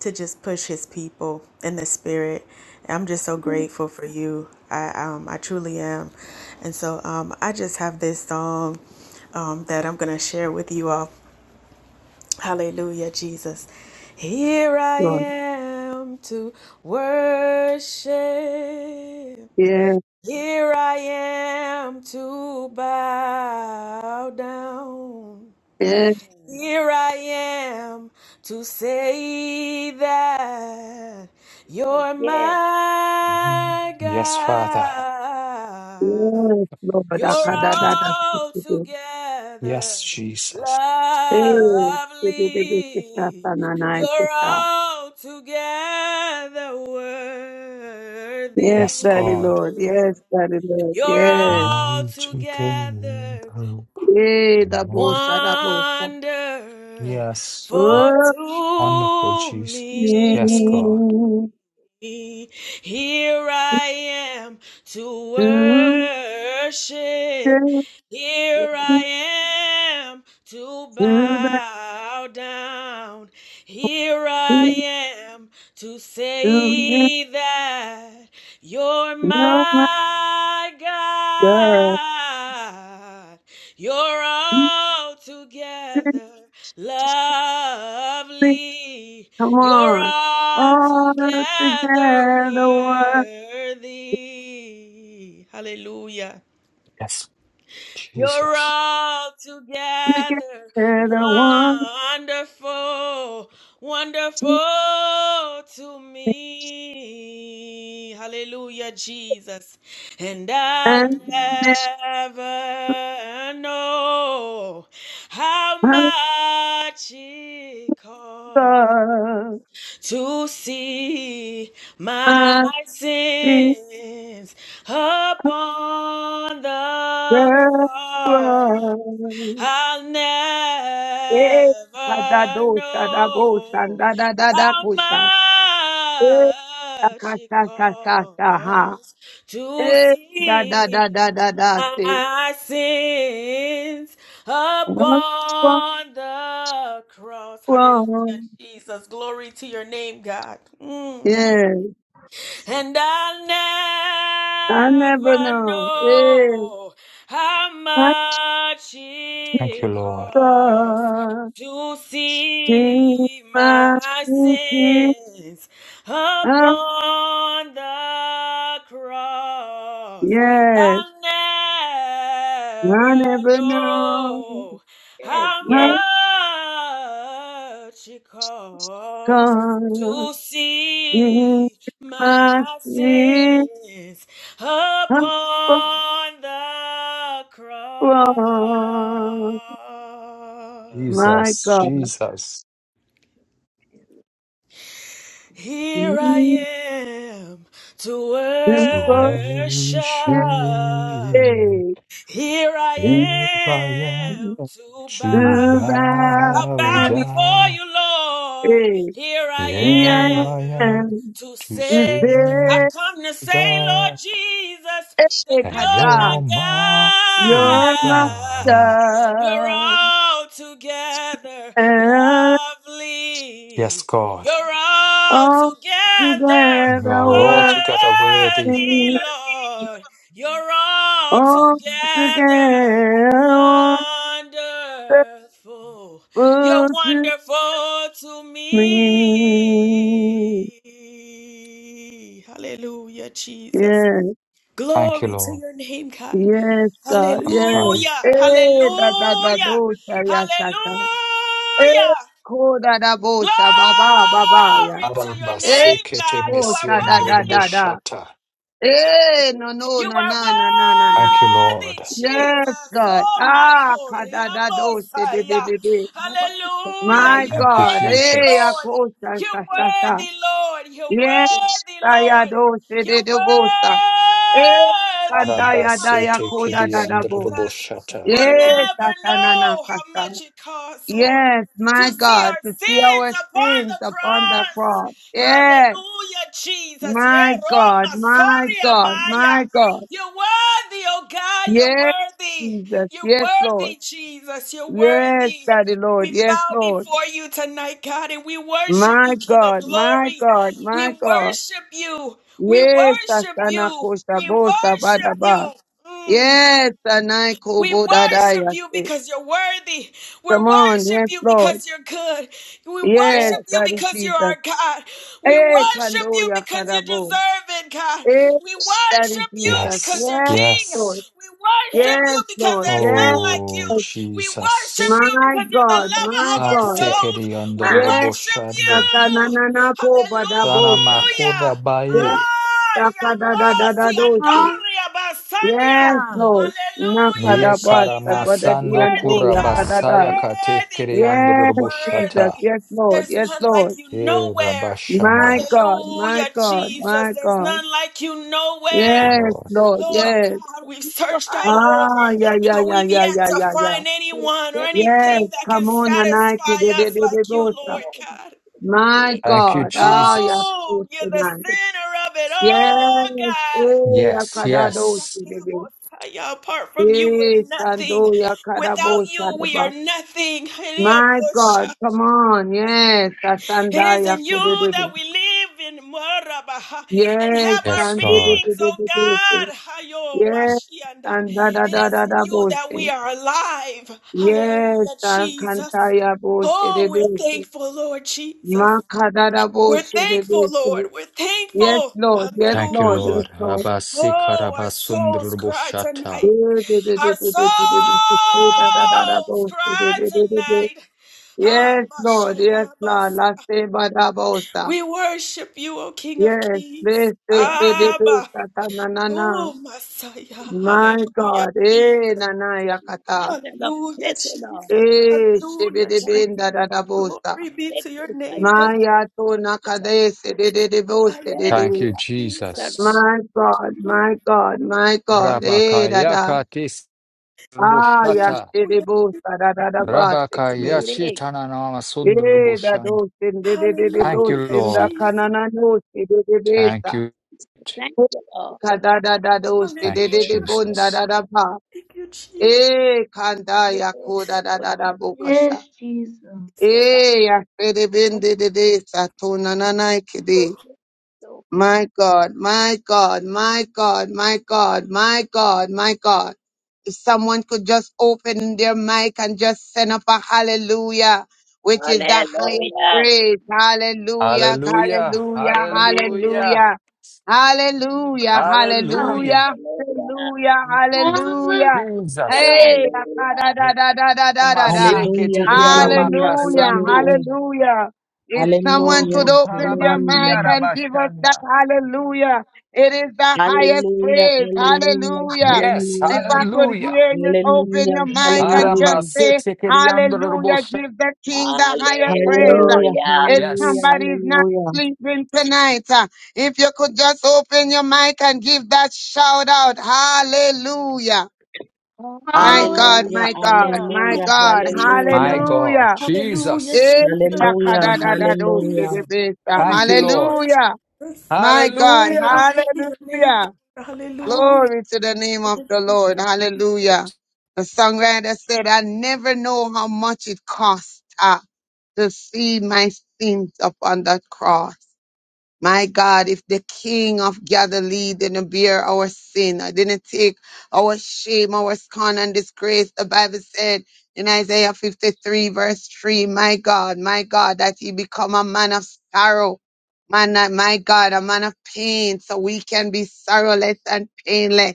L: to just push His people in the spirit. I'm just so grateful for you. I um, I truly am, and so um, I just have this song um, that I'm gonna share with you all. Hallelujah, Jesus. Here I
G: Lord.
L: am to worship.
G: Yes,
L: Here I am to bow down.
G: yes,
L: Here I am to say that you're
F: Mhm.
L: my
F: Yes, Father.
L: God.
G: yes, Lord.
L: You're
G: Akadadada.
L: all together
F: Yes, Jesus.
G: Hey,
L: lovely.
G: sikitikisikasa nanai
L: You're
G: siksa.
L: all together
G: Yes,
L: worthy,
F: Yes,
G: Daddy
F: God.
G: Lord.
L: Lord.
G: Yes, Daddy Lord.
L: You're
G: Yes.
L: all
F: All together.
L: together
G: Eh, da bosha, da bosha.
L: wonder
F: Yes.
L: for
G: Oh,
F: Wonderful
L: to
F: Jesus. Yes,
L: me
F: God.
G: mm,
L: here
G: mm,
L: i am to
G: mm, mm, to
L: worship
G: the
L: here i
G: peak,
L: am to
G: to are
L: bow down here i am to say that you're
G: your
L: my
G: girl.
L: god God. You're
G: Mm, mm,
L: altogether
G: mm,
L: lovely.
G: Come
L: You're
G: on. All
L: altogether
G: together, one
L: worthy. Hallelujah.
F: Yes,
L: You're
F: Jesus.
L: all together
G: together, one,
L: wonderful,
G: two,
L: wonderful to
G: three,
L: me. Hallelujah, Jesus. And I'll
G: and next
L: never know how
G: I'm
L: much it costs to see my
G: sorry,
L: sins upon
G: my
L: the cross.
G: girl.
L: I'll never
G: Eh, kadado, kadabo,
L: know
G: sandadadada,
L: how much
G: kusha. Eh,
L: it
G: akasha, sha, sha, sha, ha.
L: costs to
G: Eh, da, da,
L: see
G: da, da, da, da, see.
L: my sins
G: Wrong,
L: upon the cross. Hallelujah,
G: wrong, wrong.
L: Jesus. Glory to your name, God. Mm.
G: Yes,
L: And I'll never
G: I never know. Eh,
L: know how
G: I
L: much
F: Thank you,
L: it
F: Lord.
L: costs
G: thought
L: to
G: be
L: see
G: my
L: my
G: teacher.
L: sins upon the cross.
G: Yes,
L: I'll never
G: I never know.
L: know how
G: I
L: much it costs
G: thought
L: to
G: be
L: see my sins
G: my teacher.
L: upon the cross.
G: Lord, my
F: Jesus.
G: God,
F: Jesus.
L: Here I
G: need
L: am to
G: to worship
L: worship.
F: Worship.
G: eh,
L: Here I
G: need
F: Here I am
L: am to
F: to
G: to
L: bow.
G: bow
L: I
F: bow
L: bow
G: down,
L: before
F: down.
L: you, Lord.
G: eh,
L: Here
G: yeah,
F: Here
L: I
F: I
L: am
F: am
G: and
L: to
F: to
G: to
F: say
L: say, I have
G: say,
L: come to say, Lord
F: that
L: Jesus, that
G: eh,
L: you're my
G: kata,
F: you're my
G: you're my
F: God.
L: God. You're
G: God,
L: all together
G: and
F: Yes,
L: lovely.
F: God,
L: You're all together
G: all
F: you
G: together
L: worthy,
F: are altogether worthy.
G: working,
L: Lord. You're all
G: all
L: together
G: together
L: wonderful.
G: wonderful
L: You're
G: to
L: wonderful to
G: me,
L: me. Hallelujah, Jesus.
G: yeah.
F: Thank you,
L: Glory to
F: Lord.
L: your name, God.
G: Yes, God. Yes.
F: Ay,
L: Hallelujah.
G: Eh, da da da
L: Hallelujah.
G: do sharia shasha. Eh,
L: Hallelujah.
G: ko da da bo
L: Glory
G: shaba ba ba ba ba ya.
L: to your
G: Eh,
L: name,
F: arabasekete
L: God. You
G: ko
L: are
G: sha da da da
L: worthy.
G: da.
F: mesiondrebushata.
G: Eh, no no
L: You
G: na
L: are
G: na na na na na.
F: Thank you,
L: worthy,
F: Lord.
G: Yes,
L: Jesus.
G: God.
L: Oh my
G: Ah,
L: God.
G: ka da da do shi di di
L: Messiah.
G: di di.
L: Hallelujah.
G: My
L: You're
F: Thank you,
G: God.
L: worthy,
G: Eh, ya
F: Jesus.
L: Lord.
G: ko sha
L: You're
G: sha sha sha.
L: worthy, Lord. You're
G: Yes,
L: worthy,
G: da ya
L: Lord.
G: do shi
L: You're
G: di di
L: worthy.
G: bo sha. Eh, kanda ya da ya
F: Arabasete
G: ko da
L: Hallelujah,
F: kidi
G: da da bo.
L: Jesus.
F: andrebushata.
L: We'll
G: Yes,
L: never know how
G: Atananakasa.
L: much it costs, Lord,
G: Yes,
L: to
G: my
L: see
G: God,
L: our
G: to see
L: sins
G: our
L: upon
G: sins
L: the
G: upon the
L: cross.
G: cross. Yes,
L: Hallelujah, Jesus. Yeah,
G: my God,
L: Roma,
G: my
L: sorry,
G: God, my
L: Amaya.
G: God.
L: You're worthy, oh God. You're
G: Yes,
L: worthy.
G: Jesus.
L: You're
G: Yes, Lord.
L: worthy, Jesus. You're
G: Yes,
L: worthy.
G: Daddy
L: We
G: Lord. Yes,
L: bow
G: Lord.
L: before you tonight, God, and we worship you,
G: My
L: King of
G: God, my
L: glory.
G: God,
L: We
G: my God.
L: worship you. We
G: Yes,
L: worship
G: asana
L: you.
G: Asanakosa
L: We
G: Bosa
L: worship
G: Badaba.
L: you. Mm.
G: Yes, Anaiko
L: We worship
G: Bodadaya.
L: you because you're worthy. We
G: Come on,
L: worship
G: yes,
L: you
G: Lord.
L: because you're good. We
G: Yes,
L: worship you
G: Daddy
L: because you're
G: Jesus.
L: our God. We
G: Eh,
L: worship you
G: Kandoya
L: because you
G: Karabo.
L: deserve it, God.
G: Eh,
L: We
G: that is
L: worship you
G: Jesus.
L: because
F: Yes,
L: you're
G: Yes,
L: King.
G: Lord.
F: yes.
L: We
C: Yeah.
L: worship you
G: Yes,
C: You
L: because
G: Lord.
L: there's
C: did.
L: none
G: Yes.
L: like
F: Oh,
L: you. We worship
F: Jesus.
L: you
C: You
G: My
L: because you're the
C: did.
G: God.
L: lover
G: My
L: of
C: You
L: our
G: God.
C: did.
L: souls.
F: Atekeri
L: We
C: Huh?
G: Yes.
F: andorobo
L: worship
F: shande.
L: you.
G: Sasananana po
F: Dana
G: badabosha.
F: makura
L: Hallelujah.
G: Yes.
F: baye.
L: Ah, Yamasi
G: Sakadadadadadoshi.
E: Hallelujah.
L: Andoria Basandia.
G: Yes, Lord.
L: Hallelujah,
F: Ye
G: Nakadabasa
L: Jesus. You're
F: karamasando
L: worthy,
G: badadiandoya
L: God. You're
F: kurabasaya
G: kadadai.
L: worthy,
F: katekeri
L: God.
G: Yes,
L: You're
F: andorobo
G: Jesus.
F: shata.
L: worthy.
G: Yes, Lord.
L: There's
G: Yes,
L: none like
G: Lord.
L: you
F: Ye
L: nowhere.
F: rabashanda.
G: My God. My
L: Hallelujah,
G: God.
L: Jesus.
G: My
L: There's
G: God.
L: none like you
C: You
F: Thank you,
C: did.
L: nowhere.
G: Yes,
F: Lord.
G: Lord.
L: Lord
C: Lord,
G: Yes.
L: God, we've
C: you
L: searched all
G: Ah,
L: over
G: yeah, yeah,
L: and
G: yeah,
L: we've
G: yeah,
L: yet
G: yeah,
L: to
G: yeah, yeah.
L: find
C: You
L: anyone or
C: did. You
G: Yes,
C: did.
L: anything that can
G: come on,
L: satisfy us like you,
G: Anaita.
L: Lord God.
C: You
G: My
C: did.
F: Thank you,
G: God. Ah, yeah,
F: Jesus.
L: Oh,
G: praise
L: you're the
G: tonight.
L: center of it all,
G: Yes,
L: God.
G: eh,
F: Yes,
L: Ooh,
G: akadadosi,
F: yes.
G: baby.
L: Shandirabosaya, apart from you, we're
G: Eh,
L: nothing.
G: sando, ya,
L: Without
G: kadabosa,
L: you, we
G: daba.
L: are nothing.
G: My God,
L: Hiriabosha.
G: come on, yes,
L: It
G: asanda,
L: is
G: ya,
L: in you that
G: kudedede.
L: we live in Marabaha and
G: Yes,
L: have our
F: Yes, God.
L: beings, oh
G: sandededededede.
L: God. Hayo
G: Yes,
L: Mashianda.
G: sanda, da,
L: It
G: da,
L: is
G: da,
L: in
G: da,
L: you
G: bose.
L: that we are alive.
G: Yes,
L: Hallelujah,
G: sankanta,
L: Jesus.
G: ya,
L: Oh, we're
G: bose,
L: thankful, Lord Jesus. We're thankful,
G: Makadadaboshe-de-bese.
L: Lord. We're
G: Yes,
L: thankful.
G: Lord. Yes,
F: Thank you,
G: Lord.
L: Hallelujah.
G: Yes,
F: Lord.
G: Lord.
L: Oh, our souls cry
G: eh
F: Rabasikarabasundrubushata.
L: tonight.
G: de de de
L: Our
G: de
L: souls
G: de de de de de de de de
L: cry
G: de de de
L: tonight. Ah,
G: Yes, Lord. Yes,
L: Mashoria
G: Lord.
L: Basa.
G: La se badabosa.
L: We worship you, O King of
G: Yes.
L: Kings.
G: Yes, yes, this this yes,
L: Abba.
G: kata na na na.
L: Oh, Messiah.
G: My
L: Hallelujah,
G: God. Eh,
L: Jesus.
G: na na
C: You
G: yakata.
C: did. Yes, Lord. Thank you, Lord.
L: Hallelujah,
C: Bless you,
L: Jesus.
G: Eh,
L: Hallelujah, Jesus.
C: Thank
G: shibidibinda, da
C: you.
G: da dadabosa.
L: Glory be
C: Thank
L: to your
C: you,
L: name, God.
G: Maya to
C: It's a
G: nakadese de de de
F: Thank
C: blessing,
F: you,
L: Hallelujah,
C: Lord. It's a
L: Jesus.
F: Jesus.
G: My
L: Thank you,
G: God, my
L: Lord.
G: God, my God. Eh, da da.
F: Rabakayakatis
G: Ah,
F: rubushata.
L: Hallelujah.
G: yashiribu, da da da da
C: Yes,
G: ba, sikibi.
C: it is.
G: Eh, da
F: Rabakayashitananamasundrubushand.
G: do, sin, di di di di
F: Thank
G: do,
F: you,
L: Hallelujah,
G: sin, da
F: Lord.
L: Jesus.
G: kanana no, si di di di
C: Thank
F: Thank
G: sa.
F: you.
C: you. Thank
G: Oh,
C: you, Lord.
G: Ka da da da do, si di
F: Thank you,
G: di
L: Hallelujah.
G: di
C: Glory,
G: bun, da da
F: Jesus.
G: da ba.
L: Thank you, Jesus.
G: Eh, kanda
C: glory,
G: yaku, da da
C: glory,
G: da da bukasha.
E: Yes, Jesus.
C: dear God.
G: Eh, yashiribin, di di di sa, tu na na na, ikide.
C: So cool.
G: My God, my God, my God, my God, my God, my God. If someone could just open their mic and just send up a hallelujah, which is the highest
C: Hallelujah.
G: praise. Hallelujah,
F: Hallelujah.
G: hallelujah,
C: Hallelujah.
F: Hallelujah.
G: hallelujah. Hallelujah,
C: Hallelujah.
F: Hallelujah.
G: hallelujah, hallelujah,
E: Hallelujah.
G: hallelujah.
F: Jesus.
G: Hey, da
C: Hallelujah.
G: da da da da da da da.
F: Maseke
M: Hallelujah,
F: tigiara
M: hallelujah,
G: Hallelujah,
F: makasando.
M: hallelujah,
G: hallelujah. If
F: Ketoro
G: someone
M: hallelujah,
G: could open their
M: hallelujah,
G: mic
F: busalabakiara
G: and give us that
F: bashanda.
G: hallelujah, it is the highest
M: hallelujah,
G: praise.
M: hallelujah,
G: Hallelujah.
F: Yes,
M: hallelujah, hallelujah,
G: If I could
F: hallelujah.
G: hear you open
M: hallelujah,
G: your mic and
E: Hallelujah.
G: just say,
F: Aramasete kiriandro
G: Hallelujah,
F: robosha.
G: give the
C: Hallelujah.
G: King the higher praise.
M: hallelujah, hallelujah,
C: Hallelujah.
G: If
M: hallelujah,
F: Yes,
G: somebody's not sleeping tonight, uh, if you could just open your mic and give that shout out, Hallelujah. My
C: Amen.
G: God,
M: hallelujah,
G: my God,
E: Hallelujah.
G: my
M: hallelujah,
G: God,
F: my God,
G: Hallelujah.
L: Hallelujah,
F: Jesus.
G: Eh,
L: Jesus.
M: hallelujah,
L: Hallelujah,
M: hallelujah, hallelujah.
L: Jesus.
G: yakadadadadosebebesa.
F: Thank you, Lord.
L: Hallelujah, Jesus. Hallelujah,
G: Hallelujah.
L: Jesus.
G: My God.
F: Hallelujah.
L: Glory to your name.
G: Hallelujah.
L: Hallelujah.
G: Glory to the name of the Lord. Hallelujah. The songwriter said, I never know how much it cost uh, to see my sins upon that cross. My God, if the King of Galilee didn't bear our sin, I didn't take our shame, our scorn and disgrace, the Bible said in Isaiah 53 verse 3, my God, my God, that he become a man of sorrow, man, uh, my God, a man of pain, so we can be sorrowless and painless.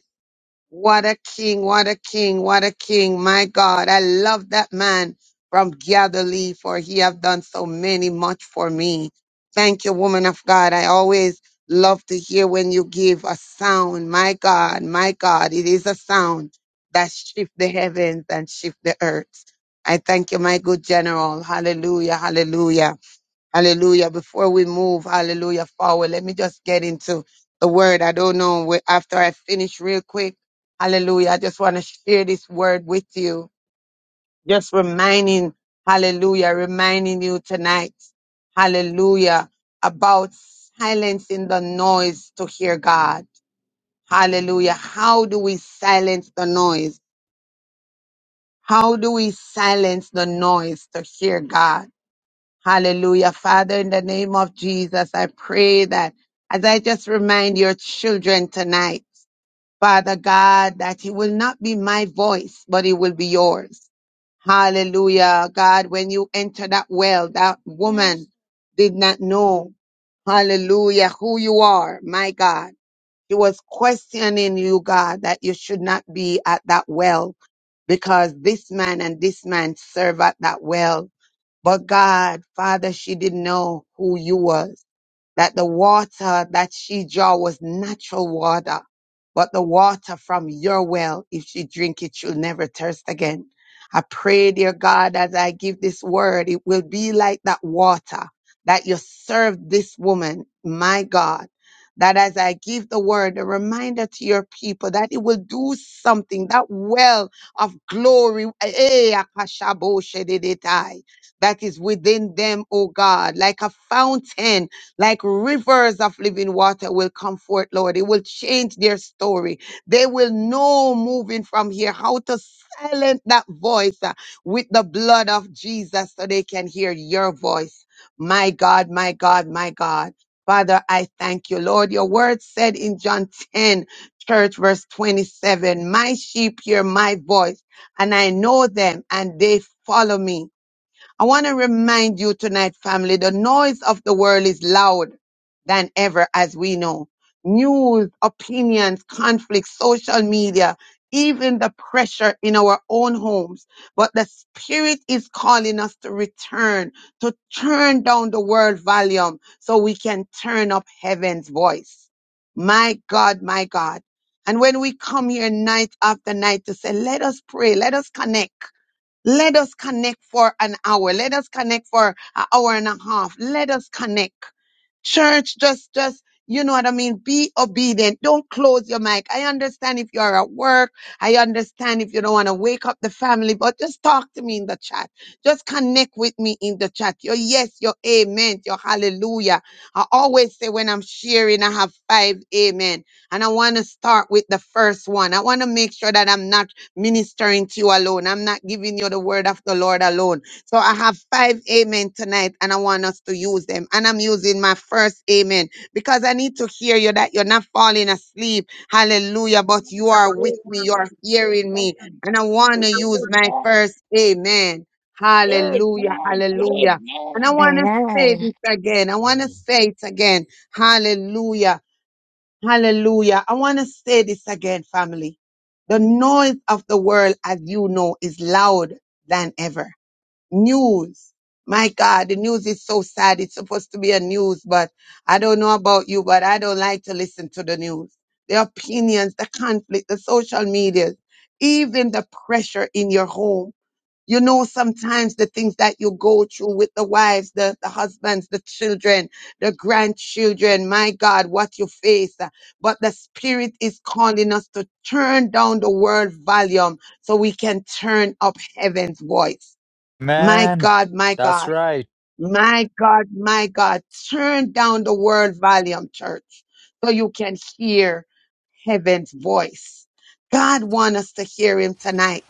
G: What a king, what a king, what a king. My God, I love that man from Galilee for he have done so many much for me. Thank you, woman of God. I always love to hear when you give a sound. My God, my God, it is a sound that shift the heavens and shift the earth. I thank you, my good general. Hallelujah, hallelujah. Hallelujah. Before we move, hallelujah, forward, let me just get into the word. I don't know where, after I finish real quick. Hallelujah. I just want to share this word with you. Just reminding, hallelujah, reminding you tonight, hallelujah, about silencing the noise to hear God. Hallelujah. How do we silence the noise? How do we silence the noise to hear God? Hallelujah. Father, in the name of Jesus, I pray that as I just remind your children tonight, Father God, that it will not be my voice, but it will be yours. Hallelujah. God, when you enter that well, that woman did not know, hallelujah, who you are, my God. She was questioning you, God, that you should not be at that well because this man and this man serve at that well. But God, Father, she didn't know who you was that the water that she draw was natural water, but the water from your well, if she drink it, she'll never thirst again. I pray, dear God, as I give this word, it will be like that water that you served this woman, my God. That as I give the word, a reminder to your people that it will do something, that well of glory, eh, akashaboshedededai, that is within them, O God, like a fountain like rivers of living water will come forth, Lord. It will change their story. They will know moving from here how to silence that voice uh, with the blood of Jesus so they can hear your voice. My God, my God, my God. Father, I thank you, Lord. Your word said in John 10, church, verse 27, my sheep hear my voice and I know them and they follow me. I want to remind you tonight, family, the noise of the world is loud than ever, as we know. News, opinions, conflicts, social media, even the pressure in our own homes. But the Spirit is calling us to return, to turn down the world volume so we can turn up heaven's voice. My God, my God. And when we come here night after night to say, let us pray, let us connect let us connect for an hour. Let us connect for an hour and a half. Let us connect church just just you know what i mean be obedient don't close your mic i understand if you're at work i understand if you don't want to wake up the family but just talk to me in the chat just connect with me in the chat your yes your amen your hallelujah i always say when i'm sharing i have five amen and i want to start with the first one i want to make sure that i'm not ministering to you alone i'm not giving you the word of the lord alone so I have five amen tonight and I want us to use them. And I'm using my first amen because I need to hear you that you're not falling asleep. Hallelujah. But you are with
C: Amen.
G: me. You're hearing me. And I want to use my
C: Amen.
G: first amen. Hallelujah.
C: Amen.
G: Hallelujah. And I
C: Amen.
G: want to say
N: Amen.
G: this again. I want to
J: Amen.
G: say it again. Hallelujah. Hallelujah. I want to say this again, family. The noise of the world, as you know, is loud than ever news. My God, the news is so sad. It's supposed to be a news, but I don't know about you, but I don't like to listen to the news. The opinions, the conflict, the social media, even the pressure in your home. You know, sometimes the things that you go through with the wives, the, the husbands, the children, the grandchildren, my God, what you face. But the Spirit is calling us to turn down the world volume so we can turn up heaven's voice. My
F: Man,
G: God, my
F: that's
G: God,
F: right.
G: my God, my God. Turn down the world volume, church, so you can hear heaven's voice. God wants us to hear him tonight.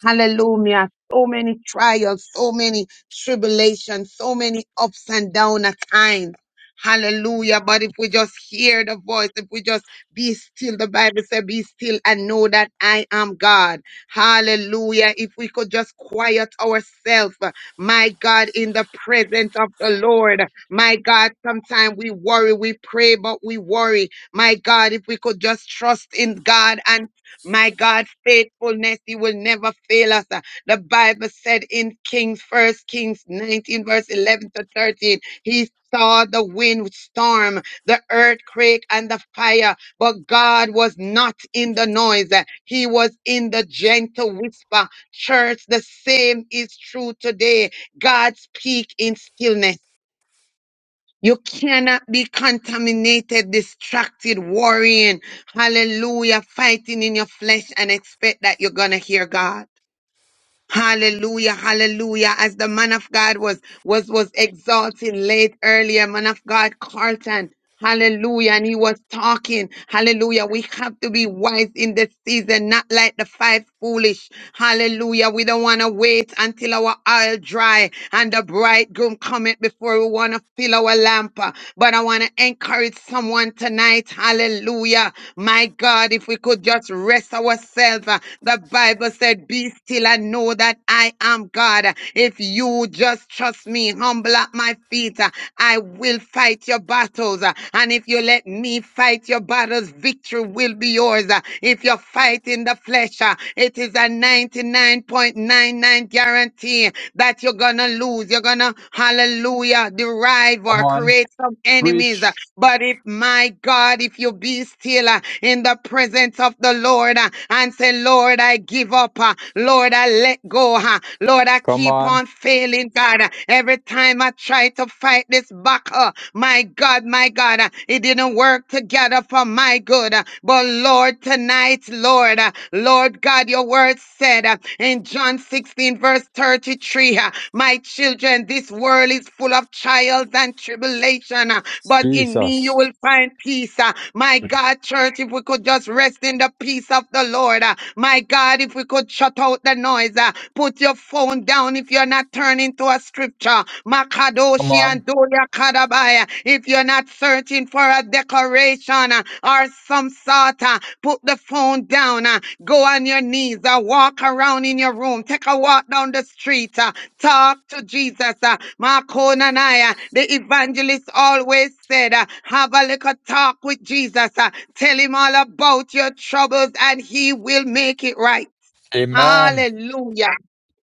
G: Hallelujah. So many trials, so many tribulations, so many ups and downs at times. Hallelujah. But if we just hear the voice, if we just be still, the Bible said, be still and know that I am God. Hallelujah. If we could just quiet ourselves, my God, in the presence of the Lord. My God, sometimes we worry, we pray, but we worry. My God, if we could just trust in God and my God, faithfulness, He will never fail us. Uh, The Bible said in Kings, First Kings 19, verse 11 to 13, He saw the wind storm, the earthquake, and the fire, but God was not in the noise. Uh, He was in the gentle whisper. Church, the same is true today. God speak in stillness. You cannot be contaminated, distracted, worrying, hallelujah, fighting in your flesh and expect that you're going to hear God. Hallelujah, hallelujah. As the man of God was was was exalting late earlier, man of God Carlton. Hallelujah. And he was talking. Hallelujah. We have to be wise in this season, not like the five foolish. Hallelujah. We don't want to wait until our oil dry and the bridegroom cometh before we want to fill our lamp. But I want to encourage someone tonight. Hallelujah. My God, if we could just rest ourselves. The Bible said, Be still will I know that I am God. If you just trust me, humble at my feet, uh, I will fight your battles. uh, And if you let me fight your battles, victory will be yours. uh. If you fight in the flesh, uh, it is a 99.99 guarantee that you're gonna lose. You're gonna, hallelujah, derive
F: Come
G: or
F: on,
G: create some enemies. uh,
F: preach.
G: but if my God, if you be still uh, in the presence of the Lord uh, and say, Lord, I give up, uh, Lord, I let go, uh, Lord, I
F: Come
G: keep
F: on,
G: on failing, God. uh, Every time I try to fight this battle, my God, my God, uh, it didn't work together for my good. uh, But Lord, tonight, Lord, uh, Lord God, your word said, uh, said uh, in John 16, verse 33, uh, My children, this world is full of trials and tribulation, uh, but in me you
F: Jesus.
G: will find peace. uh. My God, church, if we could just rest in the peace of the Lord. uh, My God, if we could shut out the noise, uh, put your phone down if you're not turning to a scripture.
F: Come
G: Makadoshi and
F: on,
G: Doria kadabaya. If you're not searching for a decoration uh, or some sort, uh, put the phone down. uh, Go on your knees. uh, Walk around in your room. Take a walk down the street. uh, Talk to Jesus. uh, Marco Nanaya, the evangelist, always said, uh, Have a little talk with Jesus. uh, Tell him all about your troubles and he will make it right.
F: Amen.
G: Hallelujah.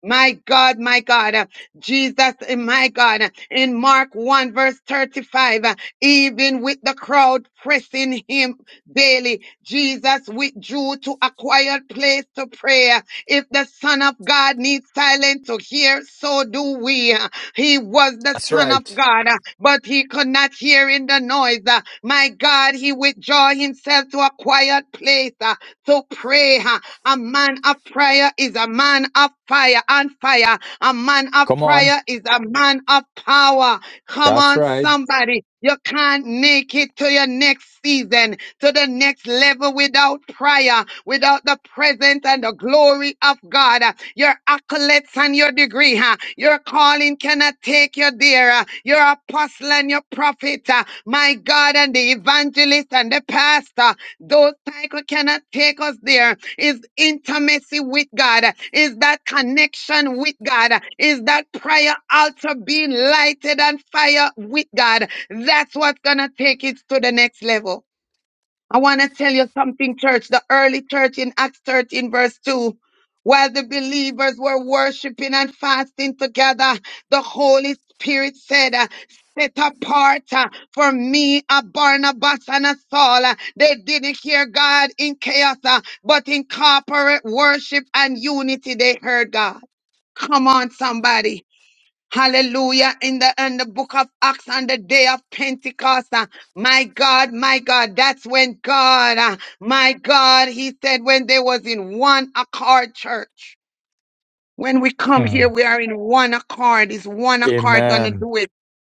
G: My God, my God, uh, Jesus, uh, my God, uh, in Mark 1 verse 35, uh, even with the crowd pressing him daily, Jesus withdrew to a quiet place to pray. Uh, If the Son of God needs silence to hear, so do we. Uh, He was the
F: That's
G: Son of
F: right.
G: God, uh, but he could not hear in the noise. Uh, My God, he withdrew himself to a quiet place uh, to pray. uh, a man of prayer is a man of fire and fire. A man of
F: Come on,
G: prayer is a man of power. Come
F: that's
G: on,
F: right.
G: somebody. You can't make it to your next season, to the next level without prayer, without the presence and the glory of God. Your accolades and your degree, huh? your calling cannot take you there. huh? Your apostle and your prophet, huh? my God, and the evangelist and the pastor. Those cycles cannot take us there. Is intimacy with God, is that connection with God, is that prayer altar being lighted on fire with God. That's what's gonna take it to the next level. I want to tell you something, church. The early church in Acts 13, verse 2. While the believers were worshiping and fasting together, the Holy Spirit said, uh, Set apart uh, for me a Barnabas and a Saul. Uh, They didn't hear God in chaos, uh, but in corporate worship and unity, they heard God. Come on, somebody. Hallelujah. In the, in the book of Acts on the day of Pentecost. uh, my God, my God, that's when God, uh, my God, he said when they was in one accord church. When we come here,
F: Mm.
G: we are in one accord. Is one accord gonna
F: Amen.
G: do it?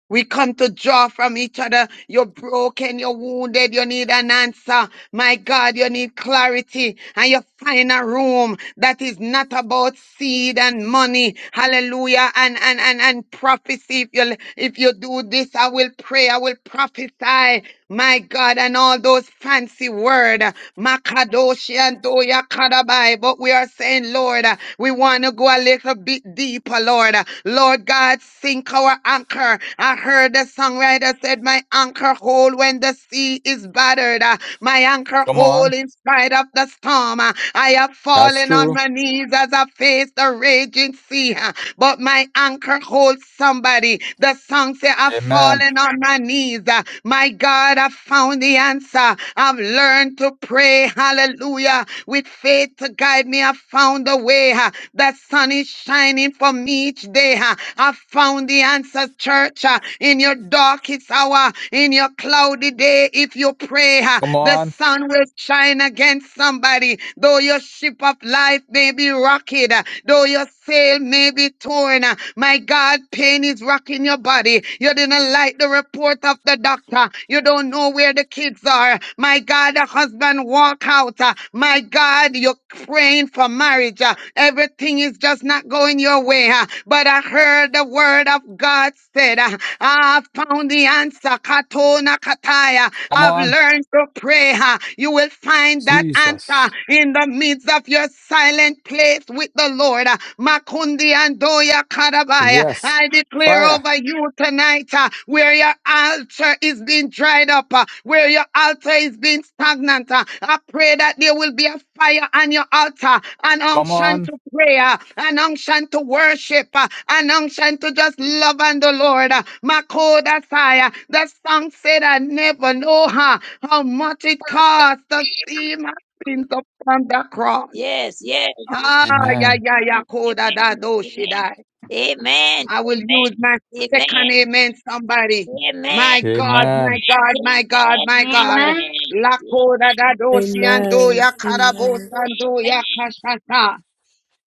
G: We come to draw from each other. You're broken, you're wounded, you need an answer. My God, you need clarity and you find a room that is not about seed and money. Hallelujah. And, and, and, and prophecy. If you, if you do this, I will pray. I will prophesy. My God, and all those fancy words. Makadoshi and Doya Kadabai. But we are saying, Lord, uh, we want to go a little bit deeper, Lord. Uh, Lord God, sink our anchor. I heard the songwriter said, My anchor hold when the sea is battered. Uh, My anchor
F: Come on.
G: hold in spite of the storm. Uh, I have
F: That's
G: fallen on
F: true.
G: my knees as I face the raging sea. Uh, but my anchor holds somebody. The song say, I've
F: Amen.
G: fallen on my knees. Uh, My God, I found the answer. I've learned to pray, hallelujah, with faith to guide me. I found the way. uh, The sun is shining for me each day. uh, I found the answer, church, uh, in your darkest hour, in your cloudy day. If you pray, uh,
F: Come
G: the
F: on.
G: sun will shine against somebody. Though your ship of life may be rocked, uh, though your sail may be torn. Uh, My God, pain is rocking your body. You didn't like the report of the doctor. You don't know where the kids are. My God, the husband walk out. Uh, My God, you're praying for marriage. Uh, Everything is just not going your way. Uh, But I heard the word of God said, uh, I found the answer. Katona kataya
F: Come
G: have
F: on.
G: learned to pray, huh, you will find that answer
F: Jesus.
G: in the midst of your silent place with the Lord. uh, Makundi and Doya Karabaya.
F: Yes.
G: I declare
F: Fire.
G: over you tonight uh, where your altar is being dried up, uh, where your altar is being stagnant. uh, I pray that there will be a fire on your altar, an
F: Come
G: unction
F: on.
G: to prayer, an unction to worship, uh, an unction to just love on the Lord. uh, Makoda Saya. The song said, I never know her, how much it costs to see my sins upon the cross.
C: Yes, yes.
G: Ah, yeah,
F: Amen.
G: yeah, yeah,
C: Amen.
G: Koda da
C: Amen.
G: do she die.
C: Amen. Amen. Amen. Amen.
G: I will use my second
C: Amen.
G: amen, somebody. My
C: Amen.
G: God, my
F: Amen.
G: God, my God, my God.
E: Amen.
C: Amen.
G: Lakoda da dosi ando
L: Amen.
G: ya karabos
L: Amen.
G: ando ya
C: Amen.
G: kashata.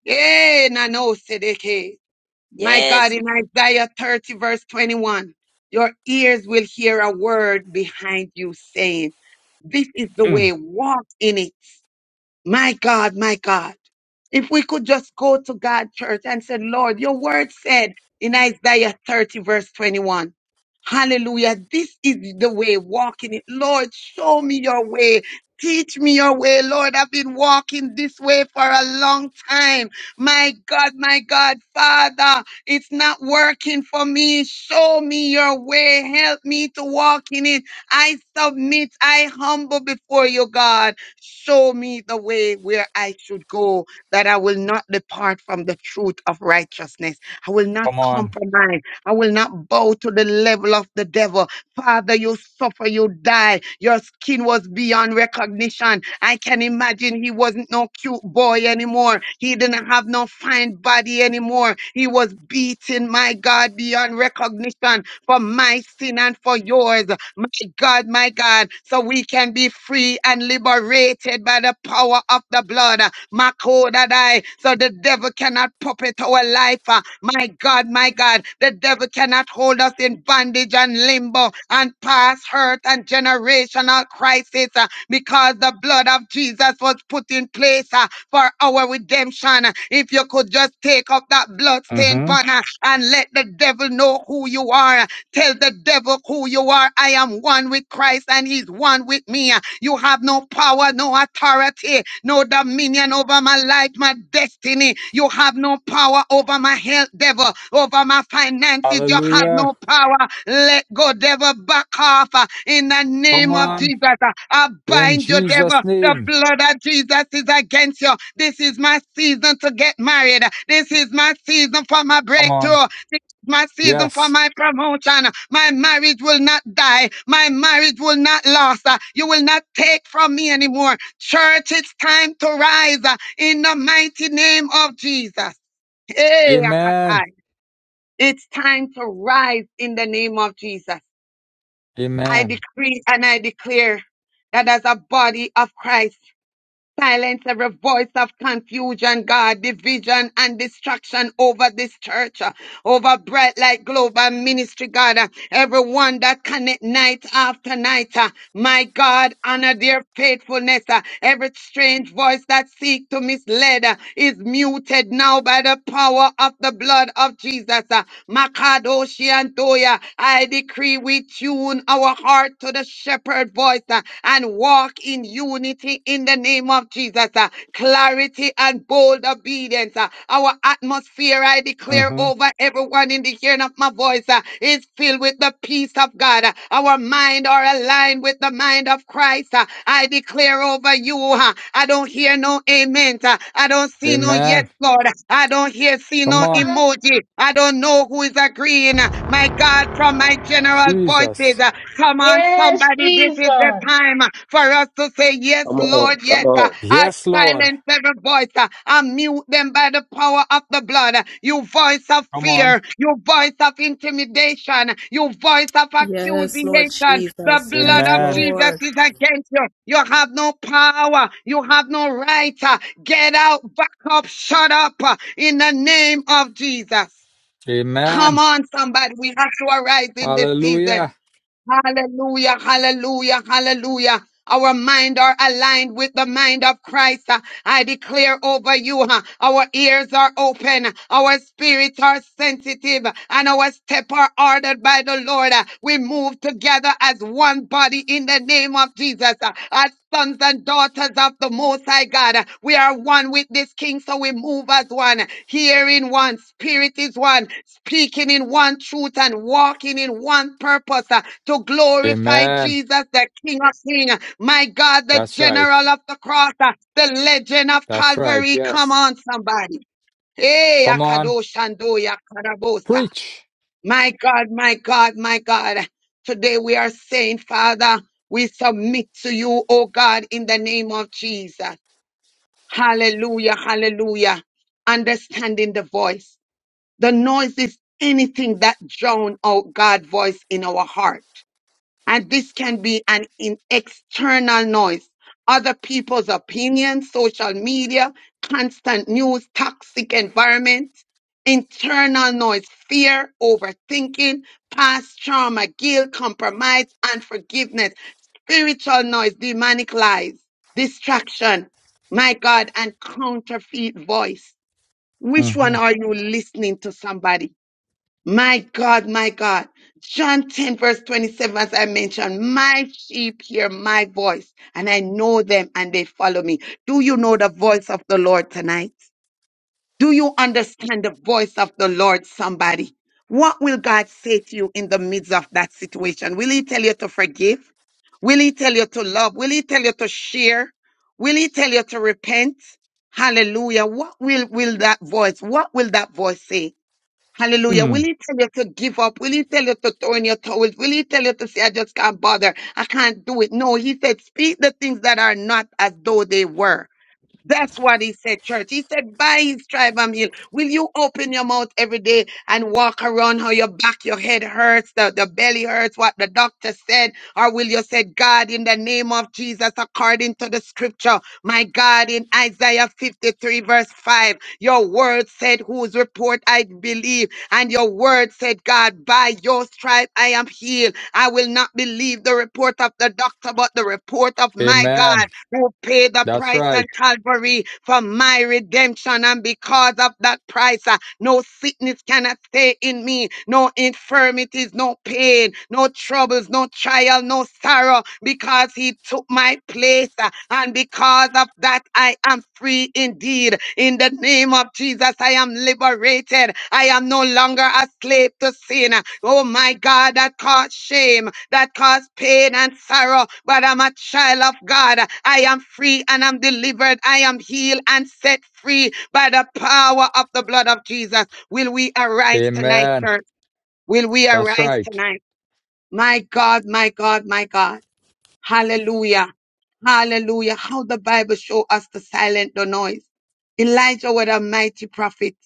G: Eh, na no sedeke. My God,
C: Yes,
G: in Isaiah 30, verse 21, your ears will hear a word behind you saying, This is the
F: Mm.
G: way, walk in it. My God, my God. If we could just go to God, church, and say, Lord, your word said in Isaiah 30, verse 21. Hallelujah. This is the way, walking it. Lord, show me your way. Teach me your way, Lord. I've been walking this way for a long time. My God, my God, Father, it's not working for me. Show me your way. Help me to walk in it. I submit. I humble before you, God. Show me the way where I should go, that I will not depart from the truth of righteousness. I will not
F: Come on.
G: compromise. I will not bow to the level of the devil. Father, you suffer, you die. Your skin was beyond recognition. I can imagine he wasn't no cute boy anymore. He didn't have no fine body anymore. He was beaten, my God, beyond recognition for my sin and for yours. My God, my God, so we can be free and liberated by the power of the blood. Makodadai, so the devil cannot puppet our life. uh, My God, my God, the devil cannot hold us in bondage and limbo and past hurt and generational crisis uh, because the blood of Jesus was put in place uh, for our redemption. If you could just take up that bloodstained
F: Mm-hmm.
G: banner and let the devil know who you are Tell the devil who you are. I am one with Christ and he's one with me. You have no power, no authority, no dominion over my life, my destiny. You have no power over my health, devil, over my finances. You have
F: Hallelujah.
G: no power. Let go, devil, back off uh, in the
F: Come
G: name of
F: on.
G: Jesus. Uh, I
F: In
G: bind you, devil.
F: Jesus'
G: The
F: name.
G: blood of Jesus is against you. This is my season to get married. This is my season for my
F: Come on.
G: breakthrough my season for
F: Yes.
G: my promotion. My marriage will not die. My marriage will not last. Uh, You will not take from me anymore. Church, it's time to rise uh, in the mighty name of Jesus. Hey,
F: Amen.
G: Akatai. It's time to rise in the name of Jesus. I
F: Amen.
G: decree and I declare that as a body of Christ, silence every voice of confusion, God, division and distraction over this church, uh, over Bright Light Global Ministry, God. Everyone that connect night after night, uh, my God, honor their faithfulness. uh, Every strange voice that seek to mislead uh, is muted now by the power of the blood of Jesus. uh, Makadoshi and Toya, I decree we tune our heart to the shepherd voice uh, and walk in unity in the name of Jesus. uh, Clarity and bold disobedience. uh, Our atmosphere, I declare
F: Mm-hmm.
G: over everyone in the hearing of my voice, uh, is filled with the peace of God. Uh, Our mind are aligned with the mind of Christ. uh, I declare over you. uh, I don't hear no amen. uh, I don't see no yes,
F: Amen.
G: Lord. I don't hear, see
F: Come
G: no
F: on.
G: emoji. I don't know who is agreeing. uh, My God, from my general voices,
F: Jesus.
G: uh, come on,
E: Yes,
G: somebody is the
E: Jesus.
G: time uh, for us to say, Yes,
H: Come on.
G: Lord, yes.
H: Come
G: uh,
H: on.
G: I'll
F: Yes, Lord.
G: silence every voice uh, and mute them by the power of the blood. Uh, You voice of
F: Come on.
G: fear, you voice of intimidation, you voice of
L: Yes, Lord
G: accusation. The
L: Jesus. Yes,
G: blood of
F: Amen.
G: Jesus
L: Lord.
G: is against you. You have no power, you have no right. uh, Get out, back up, shut up uh, in the name of Jesus. Come
F: Amen.
G: on, somebody. We have to arise in this season.
F: Hallelujah.
G: Hallelujah, hallelujah, hallelujah. Our mind are aligned with the mind of Christ. Uh, I declare over you, huh, our ears are open, our spirits are sensitive, and our step are ordered by the Lord. Uh, We move together as one body in the name of Jesus. Uh, As sons and daughters of the Most High God, uh, we are one with this King, so we move as one, hearing one, spirit is one, speaking in one truth and walking in one purpose uh, to glorify
F: Amen.
G: Jesus, the King of King. My God, the
F: That's right.
G: General of the Cross, uh, the Legend of
F: That's right.
G: Calvary. Come
F: Yes.
G: on, somebody. Hey,
F: Come on.
G: Akadosh Andoya Karabosa.
F: Preach.
G: My God, my God, my God. Today we are saying, Father, we submit to you, O God, in the name of Jesus. Hallelujah, hallelujah. Understanding the voice. The noise is anything that drown out God's voice in our heart. And this can be an in external noise. Other people's opinions, social media, constant news, toxic environment, internal noise, fear, overthinking, past trauma, guilt, compromise, unforgiveness, spiritual noise, demonic lies, distraction, my God, and counterfeit voice. Which one
F: hmm
G: are you listening to somebody? My God, my God. John 10, verse 27, as I mentioned, my sheep hear my voice, and I know them and they follow me. Do you know the voice of the Lord tonight? Do you understand the voice of the Lord, somebody? What will God say to you in the midst of that situation? Will He tell you to forgive? Will He tell you to love? Will He tell you to share? Will He tell you to repent? Hallelujah. What will, will that voice, what will that voice say? Hallelujah. Will
F: Mm.
G: he tell you to give up? Will he tell you to throw in your towels? Will he tell you to say, I just can't bother? I can't do it. No, he said, speak the things that are not as though they were. That's what he said, church. He said, by his tribe I'm healed. Will you open your mouth every day and walk around how your back, your head hurts, the, the belly hurts, what the doctor said? Or will you say, God, in the name of Jesus, according to the scripture, my God, in Isaiah 53, verse 5, your word said, whose report I believe. And your word said, God, by your stripe I am healed. I will not believe the report of the doctor, but the report of my God
F: Amen.
G: who paid the
F: That's
G: price at
F: right.
G: Calvary for my redemption. And because of that price, uh, no sickness cannot stay in me, no infirmities, no pain, no troubles, no trial, no sorrow, because he took my place. uh, And because of that, I am free indeed. In the name of Jesus, I am liberated liberated. I am no longer a slave to sin. Oh my God, that caused shame, that caused pain and sorrow. But I'm a child of God. I am free and I'm delivered. I am healed and set free by the power of the blood of Jesus. Will we arise tonight,
F: Amen.
G: church? Will we
F: That's
G: arise
F: right.
G: tonight? My God, my God, my God. Hallelujah. Hallelujah. How the Bible show us to silence the noise. Elijah was a mighty prophet,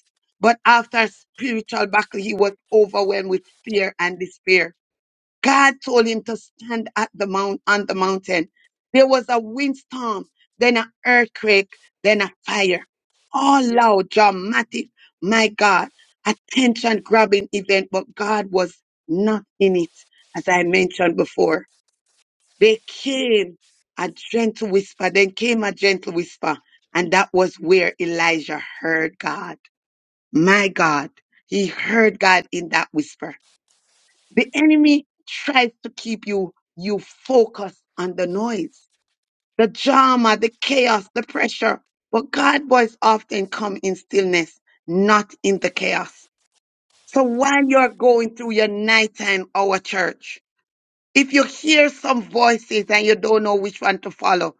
G: but after a spiritual battle, he was overwhelmed with fear and despair. God told him to stand at the mount on the mountain. There was a windstorm, then an earthquake, then a fire. All loud, dramatic. My God, attention grabbing event, but God was not in it, as I mentioned before. They came a gentle whisper. Then came a gentle whisper. And that was where Elijah heard God. My God. He heard God in that whisper. The enemy tries to keep you, you focus on the noise, the drama, the chaos, the pressure. But God's voice often come in stillness, not in the chaos. So while you're going through your nighttime hour church, if you hear some voices and you don't know which one to follow,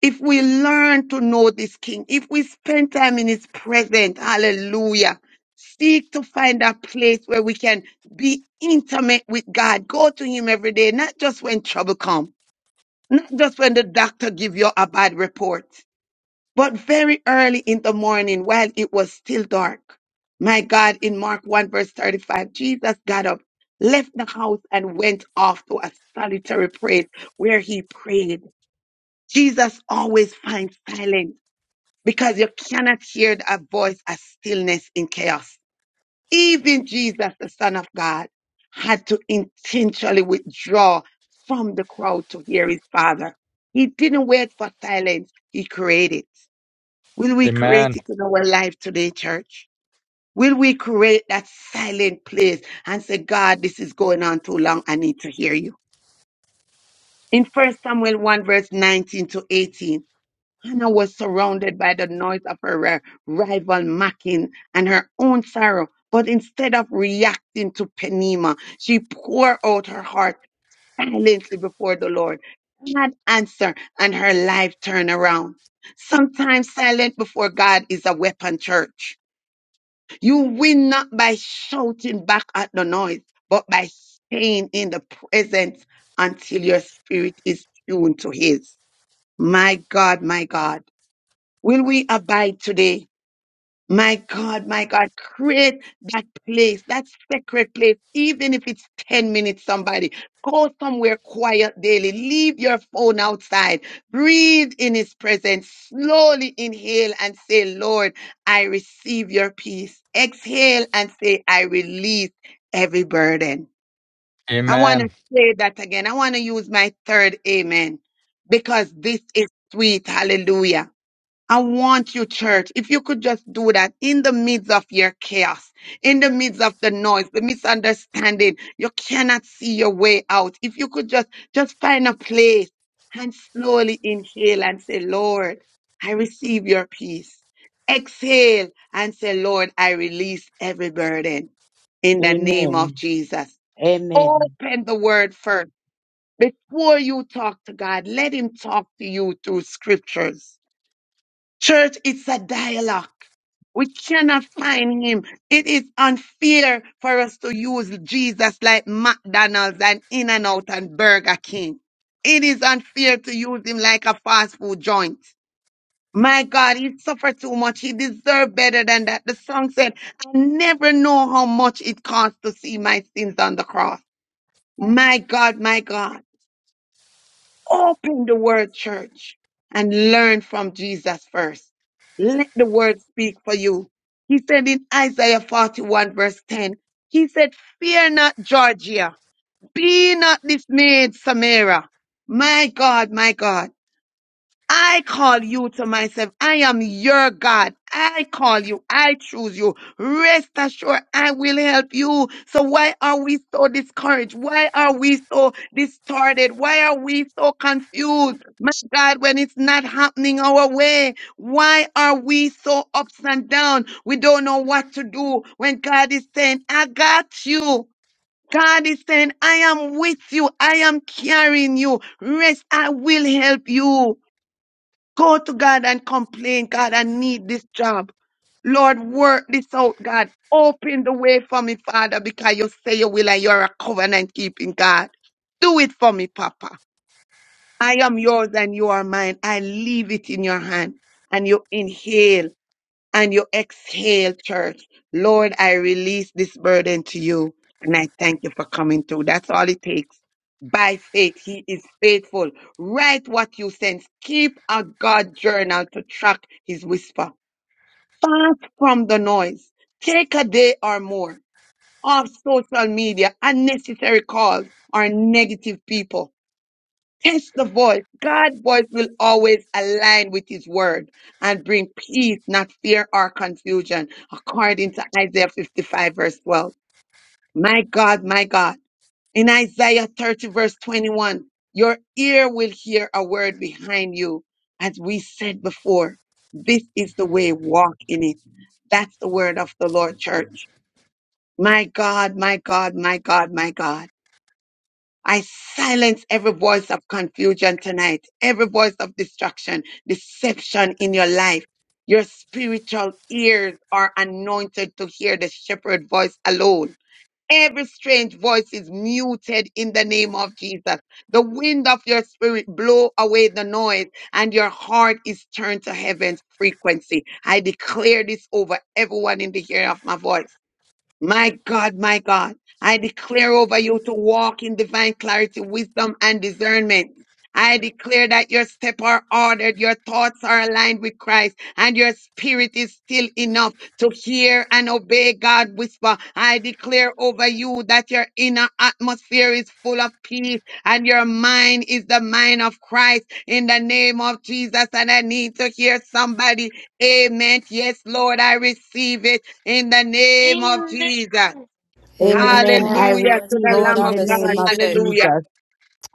G: if we learn to know this King, if we spend time in his presence, hallelujah, seek to find a place where we can be intimate with God. Go to him every day, not just when trouble comes, not just when the doctor give you a bad report, but very early in the morning while it was still dark. My God, in Mark 1 verse 35, Jesus got up, left the house and went off to a solitary place where he prayed. Jesus always finds silence because you cannot hear a voice of stillness in chaos. Even Jesus, the Son of God, had to intentionally withdraw from the crowd to hear his Father. He didn't wait for silence, he created. Will we create
F: Amen.
G: it in our life today, church? Will we create that silent place and say, God, this is going on too long. I need to hear you. In First Samuel 1, verse 19 to 18, Hannah was surrounded by the noise of her ri- rival mocking and her own sorrow. But instead of reacting to Penema, she poured out her heart silently before the Lord. God answered, and her life turned around. Sometimes silent before God is a weapon, church. You win not by shouting back at the noise, but by staying in the presence until your spirit is tuned to His. My God, my God. Will we abide today? My God, my God, create that place, that sacred place, even if it's 10 minutes, somebody. Go somewhere quiet daily. Leave your phone outside. Breathe in His presence. Slowly inhale and say, Lord, I receive your peace. Exhale and say, I release every burden. I want to
F: Amen.
G: say that again. I want to use my third amen because this is sweet. Hallelujah. I want you, church, if you could just do that in the midst of your chaos, in the midst of the noise, the misunderstanding, you cannot see your way out. If you could just, just find a place and slowly inhale and say, Lord, I receive your peace. Exhale and say, Lord, I release every burden in the name of
M: Amen.
G: Jesus.
M: Amen.
G: Open the word first. Before you talk to God, let him talk to you through scriptures Church, it's a dialogue. We cannot find him. It is unfair for us to use Jesus like McDonald's and In and Out and Burger King. It is unfair to use him like a fast food joint. My God, he suffered too much. He deserved better than that. The song said, I never know how much it costs to see my sins on the cross. My God, my God. Open the word, church, and learn from Jesus first. Let the word speak for you. He said in Isaiah 41, verse 10, He said, Fear not, Georgia. Be not dismayed, Samaria. My God, my God. I call you to myself. I am your God. I call you. I choose you. Rest assured, I will help you. So why are we so discouraged? Why are we so distorted? Why are we so confused? My God, when it's not happening our way, why are we so ups and down? We don't know what to do when God is saying, I got you. God is saying, I am with you. I am carrying you. Rest. I will help you. Go to God and complain, God, I need this job. Lord, work this out, God. Open the way for me, Father, because you say you will and you're a covenant keeping God. Do it for me, Papa. I am yours and you are mine. I leave it in your hand and you inhale and you exhale, church. Lord, I release this burden to you and I thank you for coming through. That's all it takes. By faith, He is faithful. Write what you sense. Keep a God journal to track His whisper. Fast from the noise. Take a day or more off social media, unnecessary calls, or negative people. Test the voice. God's voice will always align with his word and bring peace, not fear or confusion, according to Isaiah 55, verse 12. My God, my God. In Isaiah 30, verse 21, your ear will hear a word behind you. As we said before, this is the way, walk in it. That's the word of the Lord, church. My God, my God, my God, my God. I silence every voice of confusion tonight, every voice of destruction, deception in your life. Your spiritual ears are anointed to hear the shepherd voice alone. Every strange voice is muted in the name of Jesus. The wind of your spirit blow away the noise and your heart is turned to heaven's frequency. I declare this over everyone in the hearing of my voice. My God, my God, I declare over you to walk in divine clarity, wisdom, and discernment. I declare that your steps are ordered, your thoughts are aligned with Christ, and your spirit is still enough to hear and obey God whisper. I declare over you that your inner atmosphere is full of peace and your mind is the mind of Christ in the name of Jesus. And I need to hear somebody, Amen. Yes, Lord, I receive it in the name of
E: Amen.
G: Jesus.
M: Amen. I
G: Hallelujah to
M: receive
G: the
M: it
G: Lamb
M: in
G: of
M: the
G: God.
M: name of
L: That
G: Hallelujah.
M: Jesus.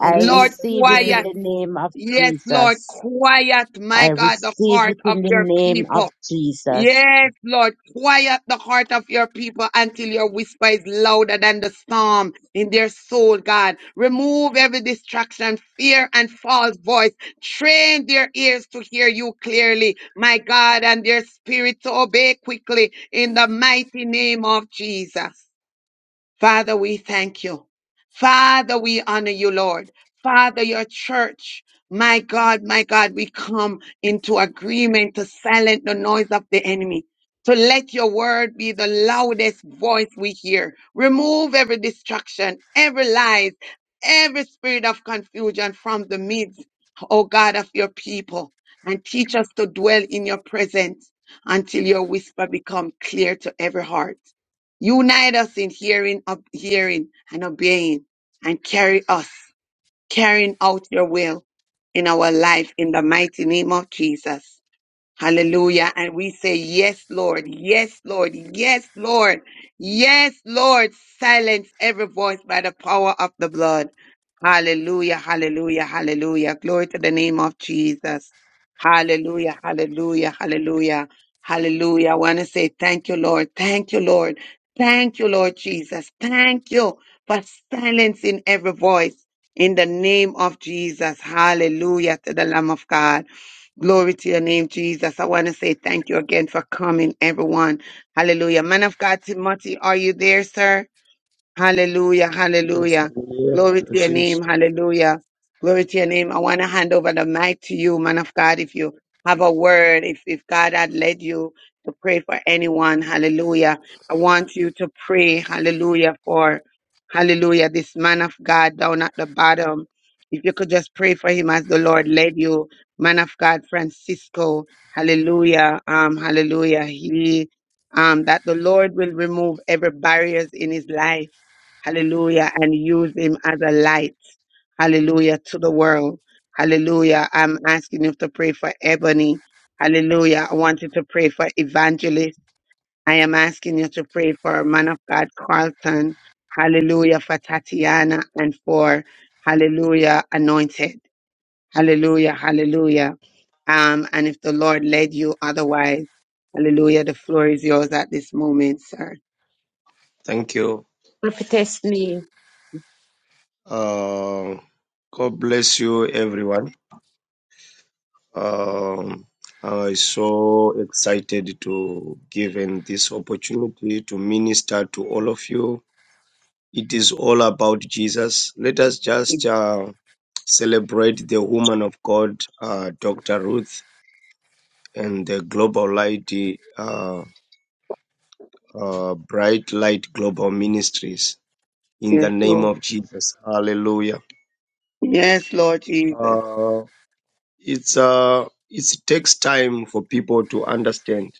M: I
G: Lord,
L: Jesus.
M: receive it in
G: quiet.
M: the name of
G: Yes, Lord,
M: Jesus.
G: quiet,
M: I
G: my God, the
M: receive it
G: heart of
M: in the
G: your
M: name of
G: people.
M: Jesus.
G: Yes, Lord, quiet the heart of your people until your whisper is louder than the storm in their soul, God. Remove every distraction, fear, and false voice. Train their ears to hear you clearly, my God, and their spirit to obey quickly in the mighty name of Jesus. Father, we thank you. Father, we honor you, Lord. Father, your church. My God, my God, we come into agreement to silence the noise of the enemy. To let your word be the loudest voice we hear. Remove every distraction, every lies, every spirit of confusion from the midst, O God of your people, and teach us to dwell in your presence until your whisper become clear to every heart. Unite us in hearing, ob- hearing and obeying and carry us, carrying out your will in our life in the mighty name of Jesus. Hallelujah. And we say, Yes, Lord. Yes, Lord. Yes, Lord. Yes, Lord. Silence every voice by the power of the blood. Hallelujah. Hallelujah. Hallelujah. Glory to the name of Jesus. Hallelujah. Hallelujah. Hallelujah. Hallelujah. I want to say thank you, Lord. Thank you, Lord. Thank you, Lord Jesus. Thank you for silencing every voice in the name of Jesus. Hallelujah to the Lamb of God. Glory to your name, Jesus. I want to say thank you again for coming, everyone. Hallelujah. Man of God, Timothy, are you there, sir? Hallelujah.
H: Yes,
G: Hallelujah.
H: i
G: Glory to your
H: Blessings.
G: name. Hallelujah. Glory to your name. I want to hand over the mic to you, man of God. If you have a word, if, if God had led you to pray for anyone, hallelujah. I want you to pray, hallelujah, for hallelujah, this man of God down at the bottom. If you could just pray for him as the Lord led you, man of God, Francisco, hallelujah, um, hallelujah. He, um, that the Lord will remove every barriers in his life hallelujah, and use him as a light, hallelujah, to the world. Hallelujah. I'm asking you to pray for Ebony. Hallelujah. I want you to pray for Evangelist. I am asking you to pray for man of God Carlton. Hallelujah. For Tatiana and for Hallelujah Anointed. Hallelujah. Hallelujah. Um, and if the Lord led you otherwise, hallelujah, the floor is yours at this moment, sir.
H: Thank you.
M: Prophetess Lee,
H: Uh, God bless you, everyone. Um, I'm so excited to given this opportunity to minister to all of you. It is all about Jesus. Let us just uh, celebrate the woman of God, uh, Dr. Ruth, and the Global Light, uh, uh, Bright Light Global Ministries. In the
G: Yes,
H: name
G: Lord.
H: of Jesus, Hallelujah.
G: Yes, Lord Jesus.
H: Uh, It's uh, it takes time for people to understand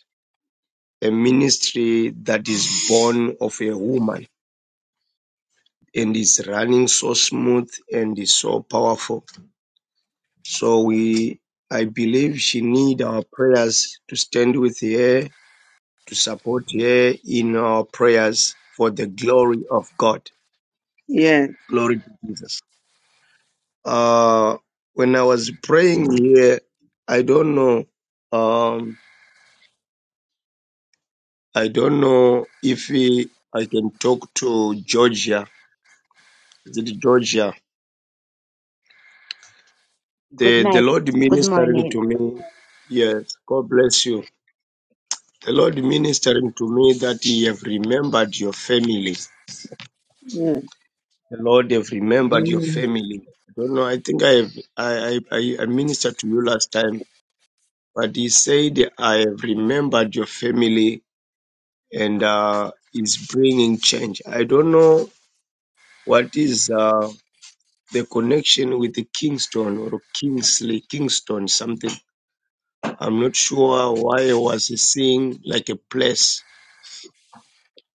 H: a ministry that is born of a woman and is running so smooth and is so powerful. So we, I believe, she need our prayers to stand with her to support her in our prayers for the glory of God.
G: Yes.
H: Glory to Jesus. Uh, when I was praying here, I don't know. Um, I don't know if eh, I can talk to Georgia. Is it Georgia?
M: good
H: The the
M: night,
H: Lord
M: good
H: ministering
M: morning.
H: to me. Yes, God bless you. The Lord ministering to me that He have remembered your family.
G: Yes,
H: The Lord have remembered your
M: Mm,
H: family. I don't know. I think I have. I I, I I ministered to you last time, but He said I have remembered your family and uh, is bringing change. I don't know what is. Uh, the connection with the Kingston or Kingsley, Kingston, something. I'm not sure why I was seeing like a place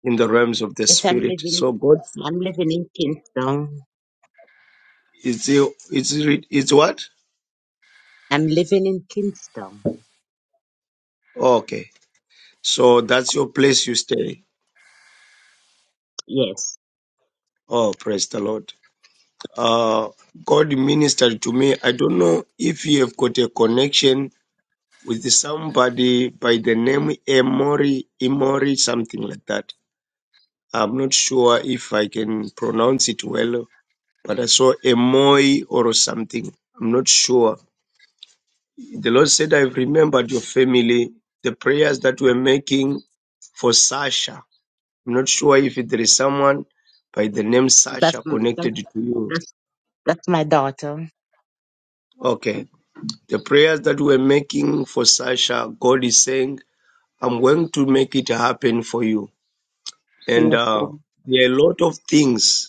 H: in the realms of the
M: Yes, I'm
H: spirit.
M: living,
H: So God,
M: I'm living in Kingston.
H: it's it's it's what?
M: I'm living in Kingston.
H: Okay, so that's your place you stay.
M: Yes,
H: Oh, praise the Lord. Uh, God ministered to me. I don't know if you have got a connection with somebody by the name Emori, Emori, something like that. I'm not sure if I can pronounce it well but I saw a moi or something. I'm not sure. The Lord said, I've remembered your family, the prayers that we're making for Sasha. I'm not sure if there is someone by the name
M: that's,
H: Sasha
M: that's,
H: connected to you.
M: that's, that's my daughter.
H: Okay. The prayers that we're making for Sasha, God is saying, I'm going to make it happen for you. And
G: yes, Lord.
H: uh, there are a lot of things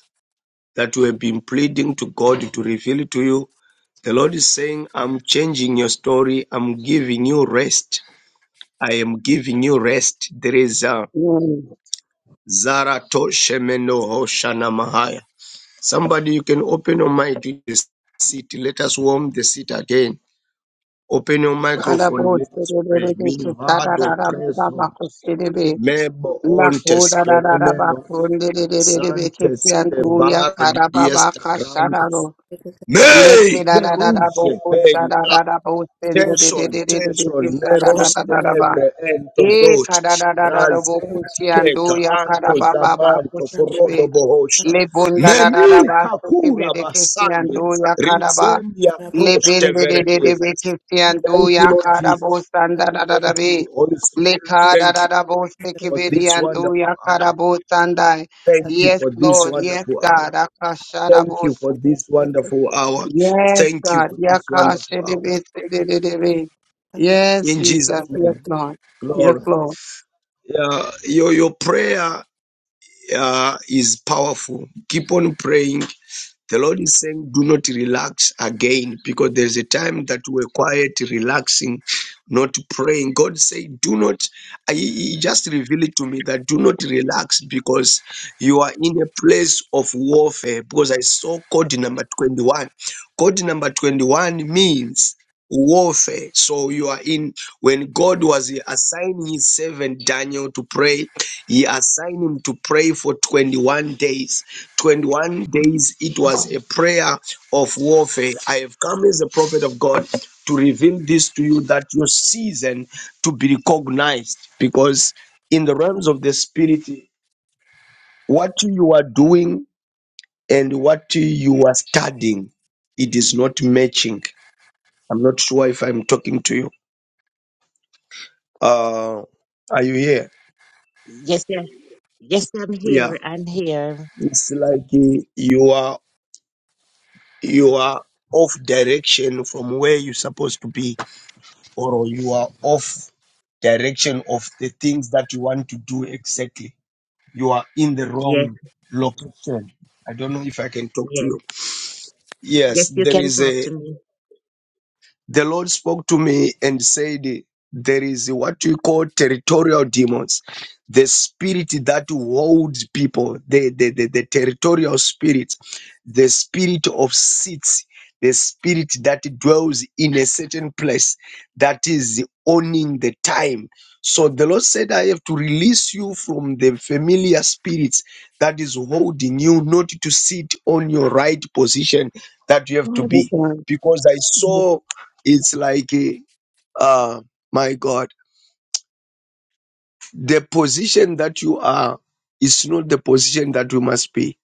H: that we have been pleading to God to reveal to you. The Lord is saying, I'm changing your story. I'm giving you rest. I am giving you rest. There is a
G: Yes.
H: Zaratoshemeno Hoshana Mahaya. Somebody, you can open your mic to the seat. Let us warm the seat again. Open your microphone. Let us pray. Milvado preso.
G: Kadabosererereketarararabakosebe.
H: Mebo ontes peremenos. Zantes
G: Lakodarararabakondederererebekefiantuya
H: kebaro diesta
G: karababakashararo.
H: grandes. May keruse ben Tension, tension, meroste
G: Lekerarararabokosharararabosendederererebekesararararaba.
H: ebre
G: E
H: entozoch,
G: kadadadada
H: razent
G: bokushi
H: keka,
G: ando ya kada
H: anto
G: ba ba ba
H: zamanto,
G: kushi
H: korodo
G: bebe.
H: bohosha.
G: Le bonda da da da da
H: Memi
G: ba suki
H: kakura
G: bebe kesi
H: basande,
G: ando ya karaba.
H: rizendia
G: Le
H: cross
G: bende de de de de be
H: teveredestes.
G: kesi ando
H: Thank you,
G: ya
H: Lord
G: karabo
H: Jesus.
G: sanda da da da
H: Thank
G: be.
H: you, Holy
G: Le
H: Spirit.
G: kada
H: Thank
G: da
H: you
G: da bo suki
H: for this
G: bebe ando
H: wonderful
G: ya kada
H: hour.
G: bo sanda.
H: Thank you
G: Yes
H: for this
G: Lord, yes
H: wonderful
G: God,
H: hour.
G: akasha da bo
H: Thank you
G: bosa.
H: for this wonderful hour.
G: Yes
H: Thank you
G: God,
H: for this
G: yakashi
H: wonderful
G: de
H: hour.
G: be se de de de be. Yes
H: In Jesus'
G: Jesus, yes
H: name,
G: Lord, yes
H: glory.
G: Lord.
H: Yeah, your your prayer uh, is powerful. Keep on praying. The Lord is saying, do not relax again because there's a time that we're quiet, relaxing, not praying. God say, do not, I, he just revealed it to me that do not relax because you are in a place of warfare. Because I saw code number 21. Code number 21 means warfare. So you are in when God was assigning his servant Daniel to pray, he assigned him to pray for 21 days. 21 days it was a prayer of warfare. I have come as a prophet of God to reveal this to you that your season to be recognized because in the realms of the spirit what you are doing and what you are studying it is not matching. I'm not sure if I'm talking to you Uh, are you here?
M: Yes, yes, yes, I'm
H: Yeah.
M: here, I'm here.
H: It's like uh, you are you are off direction from where you're supposed to be, or you are off direction of the things that you want to do exactly. You are in the
M: Yes,
H: wrong location. I don't know if I can talk to
M: yes,
H: you.
M: yes,
H: Yes,
M: you
H: there
M: can
H: is
M: talk
H: a
M: to me.
H: the Lord spoke to me and said, There is what we call territorial demons, the spirit that holds people, the, the, the, the territorial spirit, the spirit of seats, the spirit that dwells in a certain place that is owning the time. So the Lord said, I have to release you from the familiar spirits that is holding you not to sit on your right position that you have to
G: Glory,
H: be
G: God.
H: because I saw it's like, eh, uh, my God, the position that you are is not the position that you must be.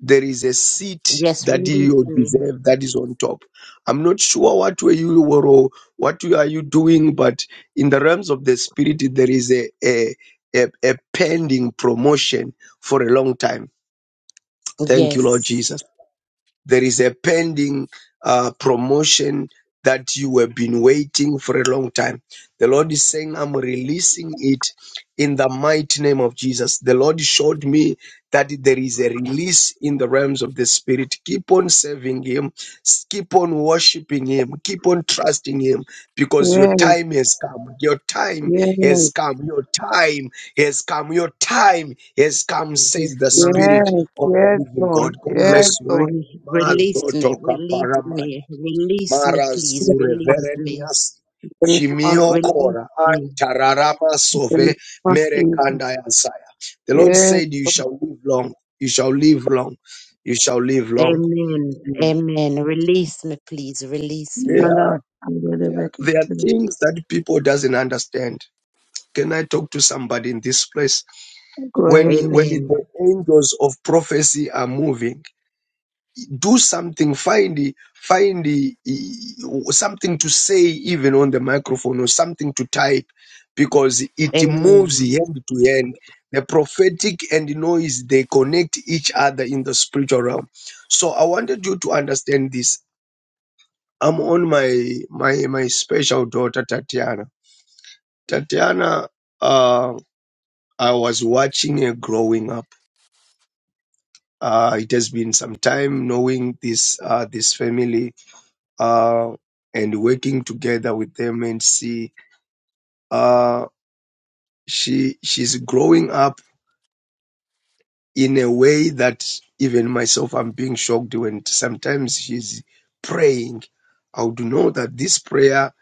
H: There is a seat
M: Yes,
H: that
M: release
H: you
M: me.
H: deserve that is on top. I'm not sure what were you were or what you- are you doing, but in the realms of the spirit, there is a, a, a, a pending promotion for a long time. Thank you, Lord
M: Yes,
H: Jesus. There is a pending uh, promotion that you have been waiting for a long time. The Lord is saying, I'm releasing it in the mighty name of Jesus. The Lord showed me that there is a release in the realms of the Spirit. Keep on serving Him, s- keep on worshiping Him, keep on trusting Him because your
G: Yes,
H: time has come. Your time has
G: yes,
H: come. Your time has come. Your time has come,
M: yes,
H: says the
M: Lord.
H: Spirit
G: yes,
H: of the
G: yes,
H: living
M: Yes,
G: Lord.
H: God. God
M: Lord,
G: Yes,
H: bless you.
G: Lord.
M: re- release me,
H: Mazotoka
M: release
H: paramani.
M: me, release me,
H: Mara
M: please,
G: Yes,
H: zure
G: Lord.
M: release
G: In
M: me,
G: the name of
M: release
H: Shimiokora and
M: me.
G: the name
H: Sove
G: of Jesus.
H: Merekanda Yasaya. The Lord
G: Yes,
H: said, You
G: Lord.
H: shall live long, you shall live long, you shall live long.
M: Amen,
H: Mm.
M: amen. Release me, please, release
H: There
M: me.
G: And uh,
H: are,
G: I'm really
H: there, are-
G: making
H: there are
G: sure.
H: things that people doesn't understand. Can I talk to somebody in this place?
G: Go ahead.
H: When,
G: sir.
H: when the
M: Amen,
H: angels of prophecy are moving, do something find the- find uh, something to say even on the microphone or something to type because it
M: amen,
H: moves hand to hand the prophetic and the noise they connect each other in the spiritual realm so i wanted you to understand this i'm on my my my special daughter tatiana tatiana uh i was watching her growing up uh it has been some time knowing this uh this family uh, and working together with them and see uh, she she's growing up in a way that even myself I'm being shocked when sometimes she's praying. I would know that this prayer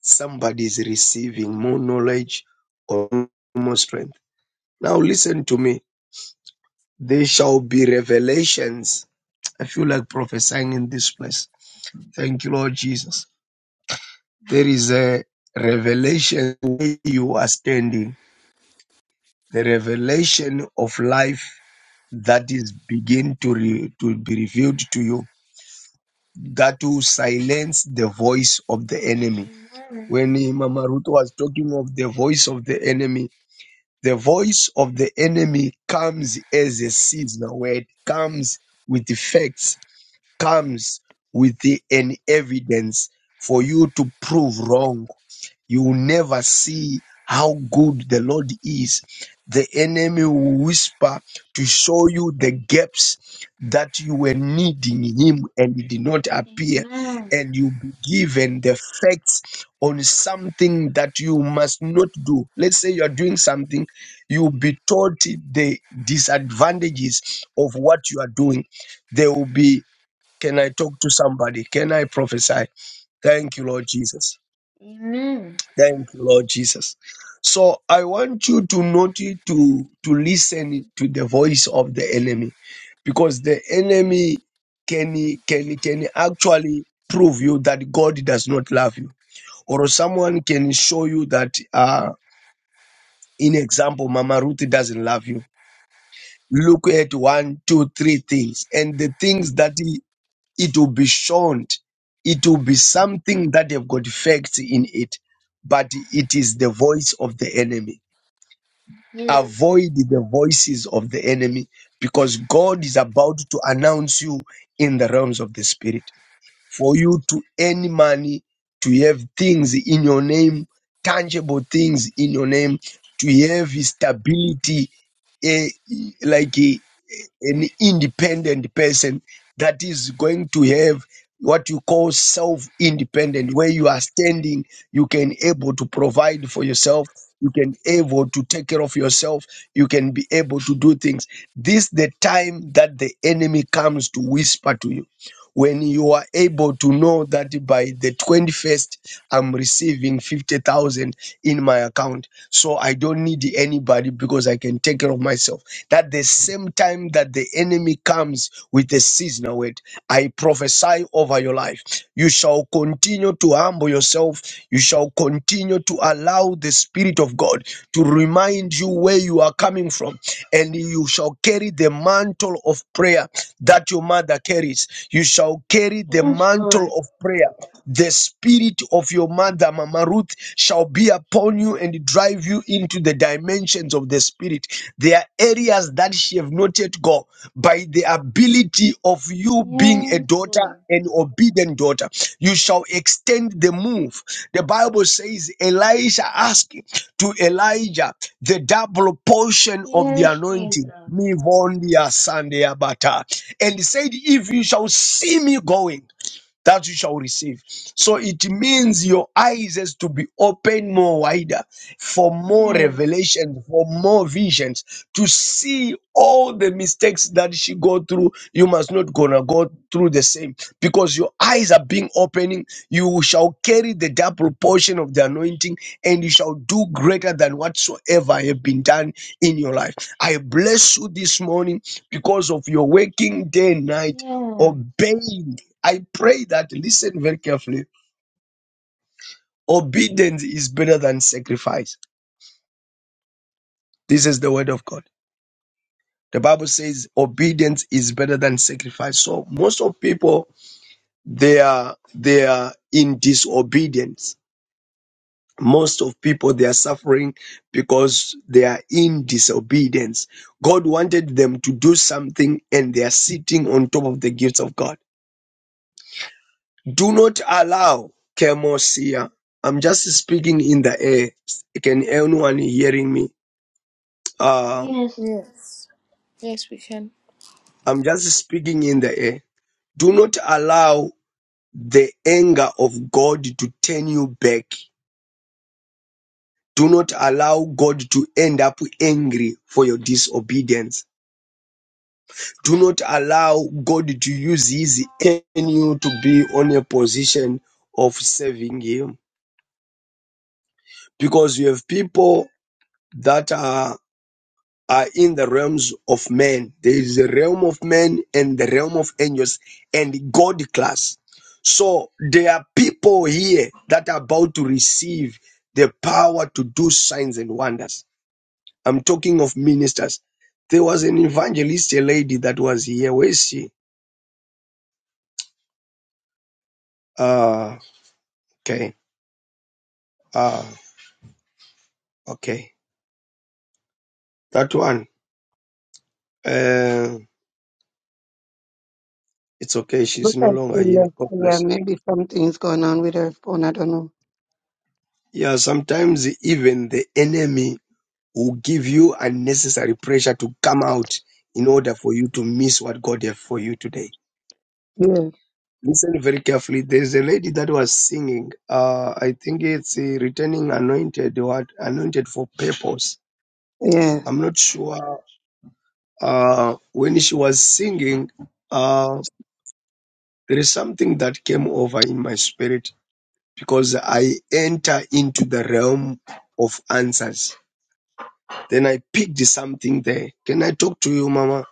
H: somebody is receiving more knowledge or more strength. Now listen to me. There shall be revelations. I feel like prophesying in this place. Thank you, Lord Jesus. There is a revelation where you are standing the revelation of life that is begin to, re, to be revealed to you that will silence the voice of the enemy
E: Amen.
H: when eh, mama ruth was talking of the voice of the enemy the voice of the enemy comes as a seasonal word comes with effects comes with the- an evidence for you to prove wrong. You will never see how good the Lord is. The enemy will whisper to show you the gaps that you were needing Him and it did not appear,
E: Amen.
H: and you'll be given the facts on something that you must not do. Let's say you're doing something, you'll be taught the disadvantages of what you are doing. There will be can I talk to somebody? Can I prophesy? Thank you, Lord Jesus.
E: Amen.
H: Thank you, Lord Jesus. So I want you to not to to listen to the voice of the enemy, because the enemy can can can actually prove you that God does not love you, or someone can show you that. Uh, in example, Mama Ruth doesn't love you. Look at one, two, three things, and the things that it will be shown it will be something that they've got facts in it but it is the voice of the enemy
E: Yes.
H: avoid the voices of the enemy because god is about to announce you in the realms of the spirit for you to earn money to have things in your name tangible things in your name to have stability eh, like eh, an independent person that is going to have what you call self-independent, where you are standing, you can able to provide for yourself, you can able to take care of yourself, you can be able to do things. This the time that the enemy comes to whisper to you when you are able to know that by the 21st i'm receiving 50000 in my account so i don't need anybody because i can take care of myself that the same time that the enemy comes with a seasonal word i prophesy over your life you shall continue to humble yourself you shall continue continue to allow the Spirit of God to remind you where you are coming from, and you shall carry the mantle of prayer that your mother carries. You shall carry the
E: Yes,
H: mantle
E: Lord.
H: of prayer. The spirit of your mother, Mama Ruth, shall be upon you and drive you into the dimensions of the spirit. There are areas areas that she have not yet go by the ability of you being a
E: Yes,
H: daughter
E: Lord.
H: an obedient daughter you shall extend the move the bible says elisha asked to elijah the double portion of the
E: Yes,
H: anointing
E: Jesus.
H: me von dia Sunday abata and he said if you shall see me going that you shall receive. So it means your eyes has to be open more wider for more
E: Yes.
H: revelation, for more visions, to see all the mistakes that she go through. You must not gonna go through the same because your eyes are being opening. You shall carry the double portion of the anointing and you shall do greater than whatsoever have been done in your life. I bless you this morning because of your waking day and night
E: Yes.
H: obeying I pray that listen very carefully. Obedience is better than sacrifice. This is the word of God. The Bible says obedience is better than sacrifice. So most of people they are they are in disobedience. Most of people they are suffering because they are in disobedience. God wanted them to do something and they are sitting on top of the gifts of God. Do not allow chemosia. I'm just speaking in the air. Can anyone hearing me? Uh,
E: Yes.
O: Yes. Yes, we can.
H: I'm just speaking in the air. Do not allow the anger of God to turn you back. Do not allow God to end up angry for your disobedience. Do not allow God to use his anger on you to be on a position of serving him. Because you have people that are are in the realms of men. There is a realm of men and the realm of angels and God class. So there are people here that are about to receive the power to do signs and wonders. I'm talking of ministers. There was an evangelist, a lady that was here. Where is she? Uh, okay. Uh, okay. That one. Uh, it's okay. She's
G: Look
H: no
G: at
H: longer
G: Celia.
H: here. God
G: Yeah,
H: bless. her.
G: maybe something's going on with her phone. I don't know.
H: Yeah, sometimes even the enemy will give you unnecessary pressure to come out in order for you to miss what God has for you today.
G: Yeah.
H: Listen very carefully. There's a lady that was singing. Uh, I think it's uh, returning anointed What anointed for purpose.
G: Yeah.
H: I'm not sure. Uh, when she was singing, uh, there is something that came over in my spirit because I enter into the realm of answers. Then I picked something there. Can I talk to you, Mama?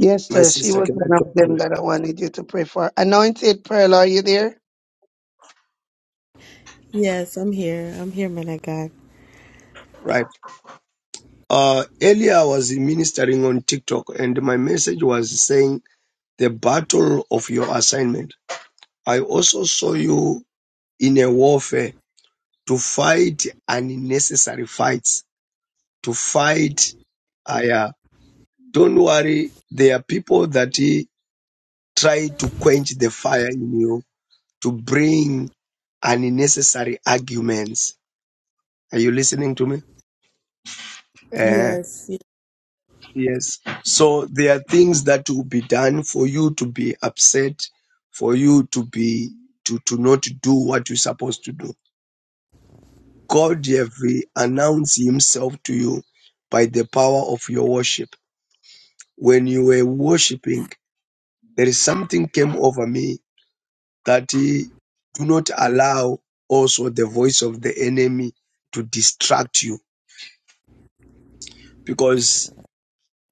G: Yes,
H: My
G: sir. She
H: sister,
G: was
H: can I
G: one of
H: talk to
G: them
H: you?
G: that I wanted you to pray for. Anointed Pearl, are you there?
L: Yes, I'm here. I'm here, man of God.
H: Right. Uh, earlier I was ministering on TikTok and my message was saying the battle of your assignment. I also saw you in a warfare to fight unnecessary fights, to fight. Uh, yeah. Don't worry. There are people that eh, try to quench the fire in you to bring unnecessary arguments. Are you listening to me? Eh,
L: Yes. yes.
H: Yes. So there are things that will be done for you to be upset, for you to be to, to not do what you're supposed to do. God have uh, announced himself to you by the power of your worship. When you were worshiping, there is something came over me that he do not allow also the voice of the enemy to distract you because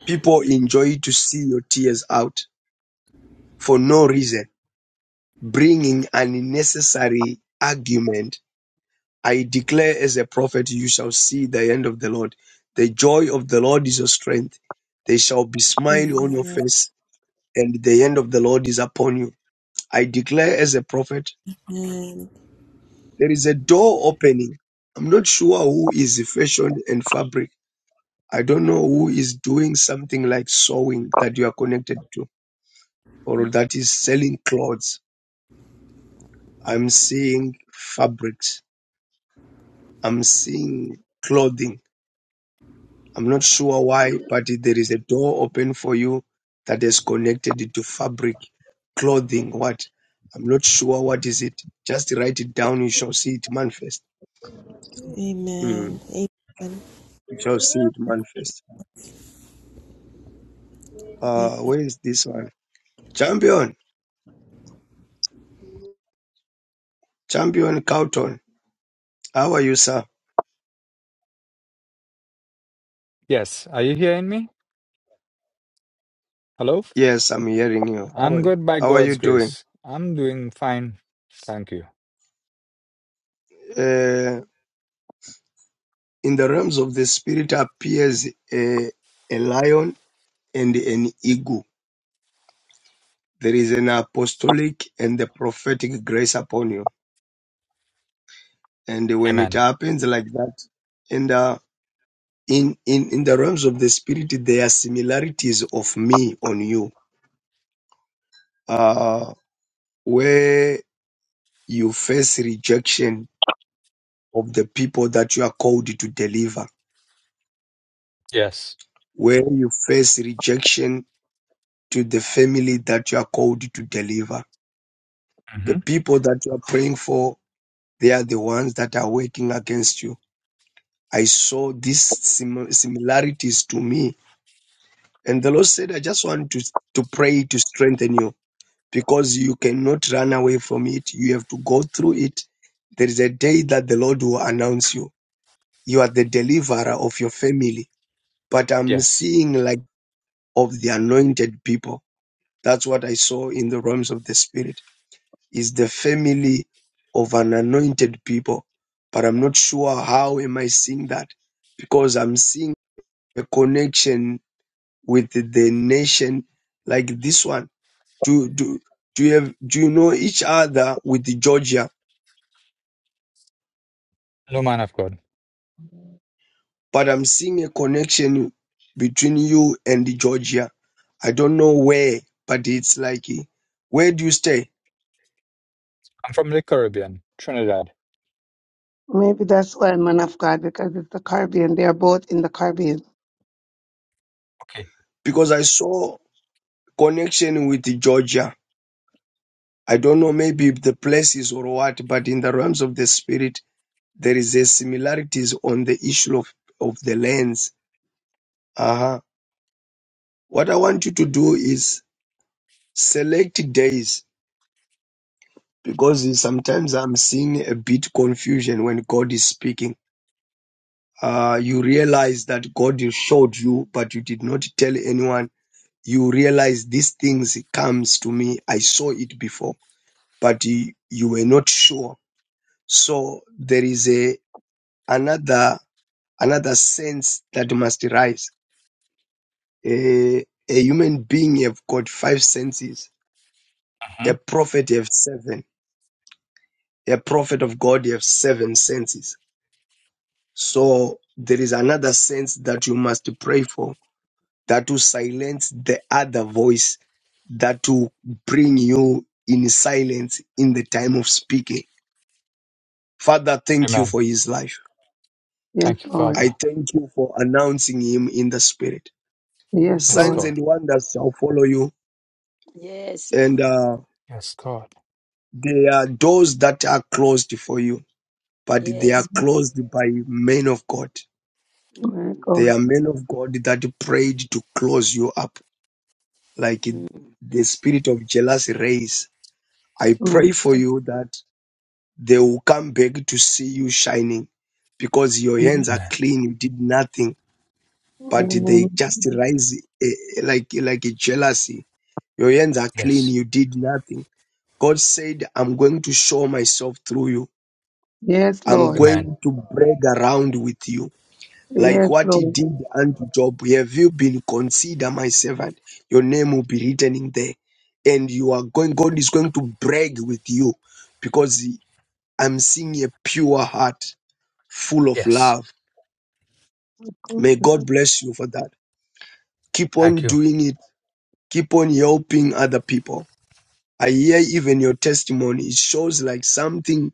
H: people enjoy to see your tears out for no reason bringing unnecessary argument. I declare as a prophet, you shall see the end of the Lord. The joy of the Lord is your strength. There shall be smile on your
L: Amen.
H: face, and the end of the Lord is upon you. I declare as a prophet,
L: Amen.
H: there is a door opening. I'm not sure who is fashion and fabric. I don't know who is doing something like sewing that you are connected to, or that is selling clothes. I'm seeing fabrics. I'm seeing clothing I'm not sure why, but there is a door open for you that is connected to fabric, clothing, what? I'm not sure what is it. Just write it down. You shall see it manifest.
L: Amen.
H: Mm,
L: Amen.
H: you shall see it manifest.
L: Thank
H: Uh, where is this one? Champion, champion Cowton. How are you, sir?
F: Yes. Are you hearing me? Hello?
H: Yes, I'm hearing you. How
F: I'm
H: are you?
F: good by
H: How are you
F: God's
H: doing?
F: grace. I'm doing fine. Thank you.
H: Uh, in the realms of the spirit appears a, a lion and an eagle There is an apostolic and the prophetic grace upon you. And when it
F: Amen.
H: happens like that, and uh, in, in, in the realms of the spirit, there are similarities of me on you, uh, where you face rejection of the people that you are called to deliver,
F: Yes.
H: where you face rejection to the family that you are called to deliver. The
F: hmm
H: people that you are praying for, they are the ones that are working against you I saw these sim- similarities to me. And the Lord said, I just want to, to pray to strengthen you because you cannot run away from it. You have to go through it. There is a day that the Lord will announce you. You are the deliverer of your family. But I'm
F: Yes.
H: seeing like of the anointed people. That's what I saw in the realms of the spirit is the family of an anointed people. But I'm not sure how am I seeing that because I'm seeing a connection with the nation like this one? Do do do you have do you know each other with Georgia?
F: No man of God.
H: But I'm seeing a connection between you and Georgia. I don't know where, but it's like eh, where do you stay?
F: I'm from the Caribbean, Trinidad.
G: Maybe that's why man of God, because it's the Caribbean. They are both in the Caribbean.
F: Okay.
H: Because I saw connection with Georgia. I don't know maybe if the places or what, but in the realms of the spirit, there is a similarities on the issue of, of the lands. Uh-huh. What I want you to do is select days because sometimes I'm seeing a bit confusion when God is speaking. Uh, you realize that God showed you, but you did not tell anyone. You realize these things comes to me. I saw it before, but you, you were not sure. So there is a another another sense that must arise. A, a human being have got five senses.
F: hmm
H: A prophet have seven. A prophet of God have seven senses So there is another sense that you must pray for that to silence the other voice that to bring you in silence in the time of speaking. Father, thank you
F: Amen.
H: for his life.
G: Yes,
F: Thank you,
G: Lord.
F: Father.
H: I thank you for announcing him in the spirit.
G: Yes,
F: Yes,
H: Signs
G: Lord.
F: God.
H: and wonders shall follow you,
C: yes, Lord.
H: and uh,
F: Yes, God.
H: there are doors that are closed for you, but they are
C: Yes.
H: closed by men of God.
G: My
C: Mm.
H: They
G: God.
H: are men of God that prayed to close you up like
C: Mm.
H: the spirit of jealousy race. I
G: My
H: pray for you that they will come back to see you shining because your hands
G: God.
H: are
F: Amen.
H: clean, you did nothing, but they just rise eh, eh, like, like a jealousy. Your hands are clean,
F: Yes.
H: you did nothing. God said, I'm going to show myself through you.
G: Yes,
H: I'm
G: Lord.
F: Amen.
H: going to brag around with you. like
G: Yes,
H: what he
G: Lord.
H: did unto Job. Have you been considered my servant? Your name will be written in there. And you are going, God is going to brag with you because he- I'm seeing a pure heart full of
F: Yes.
H: love. May God bless you for that. Keep
F: Thank
H: on
F: you.
H: doing it. Keep on helping other people. I hear even your testimony. It shows like something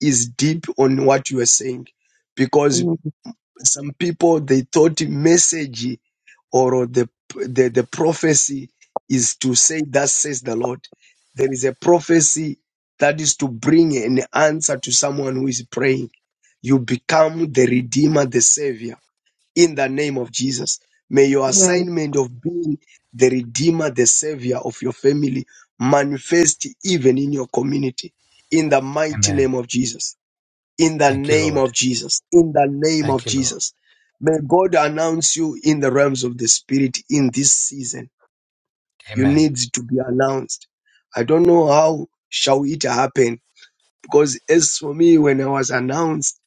H: is deep on what you are saying because. Some people they thought message or the the, the prophecy is to say thus says the Lord. There is a prophecy that is to bring an answer to someone who is praying. You become the redeemer, the savior in the name of Jesus. May your
G: Yes,
H: assignment of being the redeemer, the savior of your family manifest even in your community in the mighty
F: Amen.
H: name of Jesus in the
F: Thank you,
H: name
F: Lord.
H: of Jesus. In the name
F: Thank
H: of
F: you, Lord.
H: Jesus. May God announce you in the realms of the Spirit in this season. You
F: Amen.
H: need to be announced. I don't know how shall it happen because as for me, when I was announced,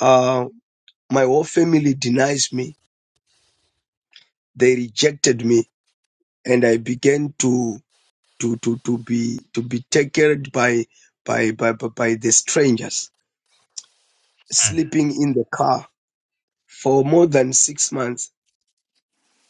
H: uh, my whole family denies me. They rejected me and I began to, to, to, to be, to be taken by, by, by, by by the strangers
F: Mm.
H: sleeping in the car for more than six months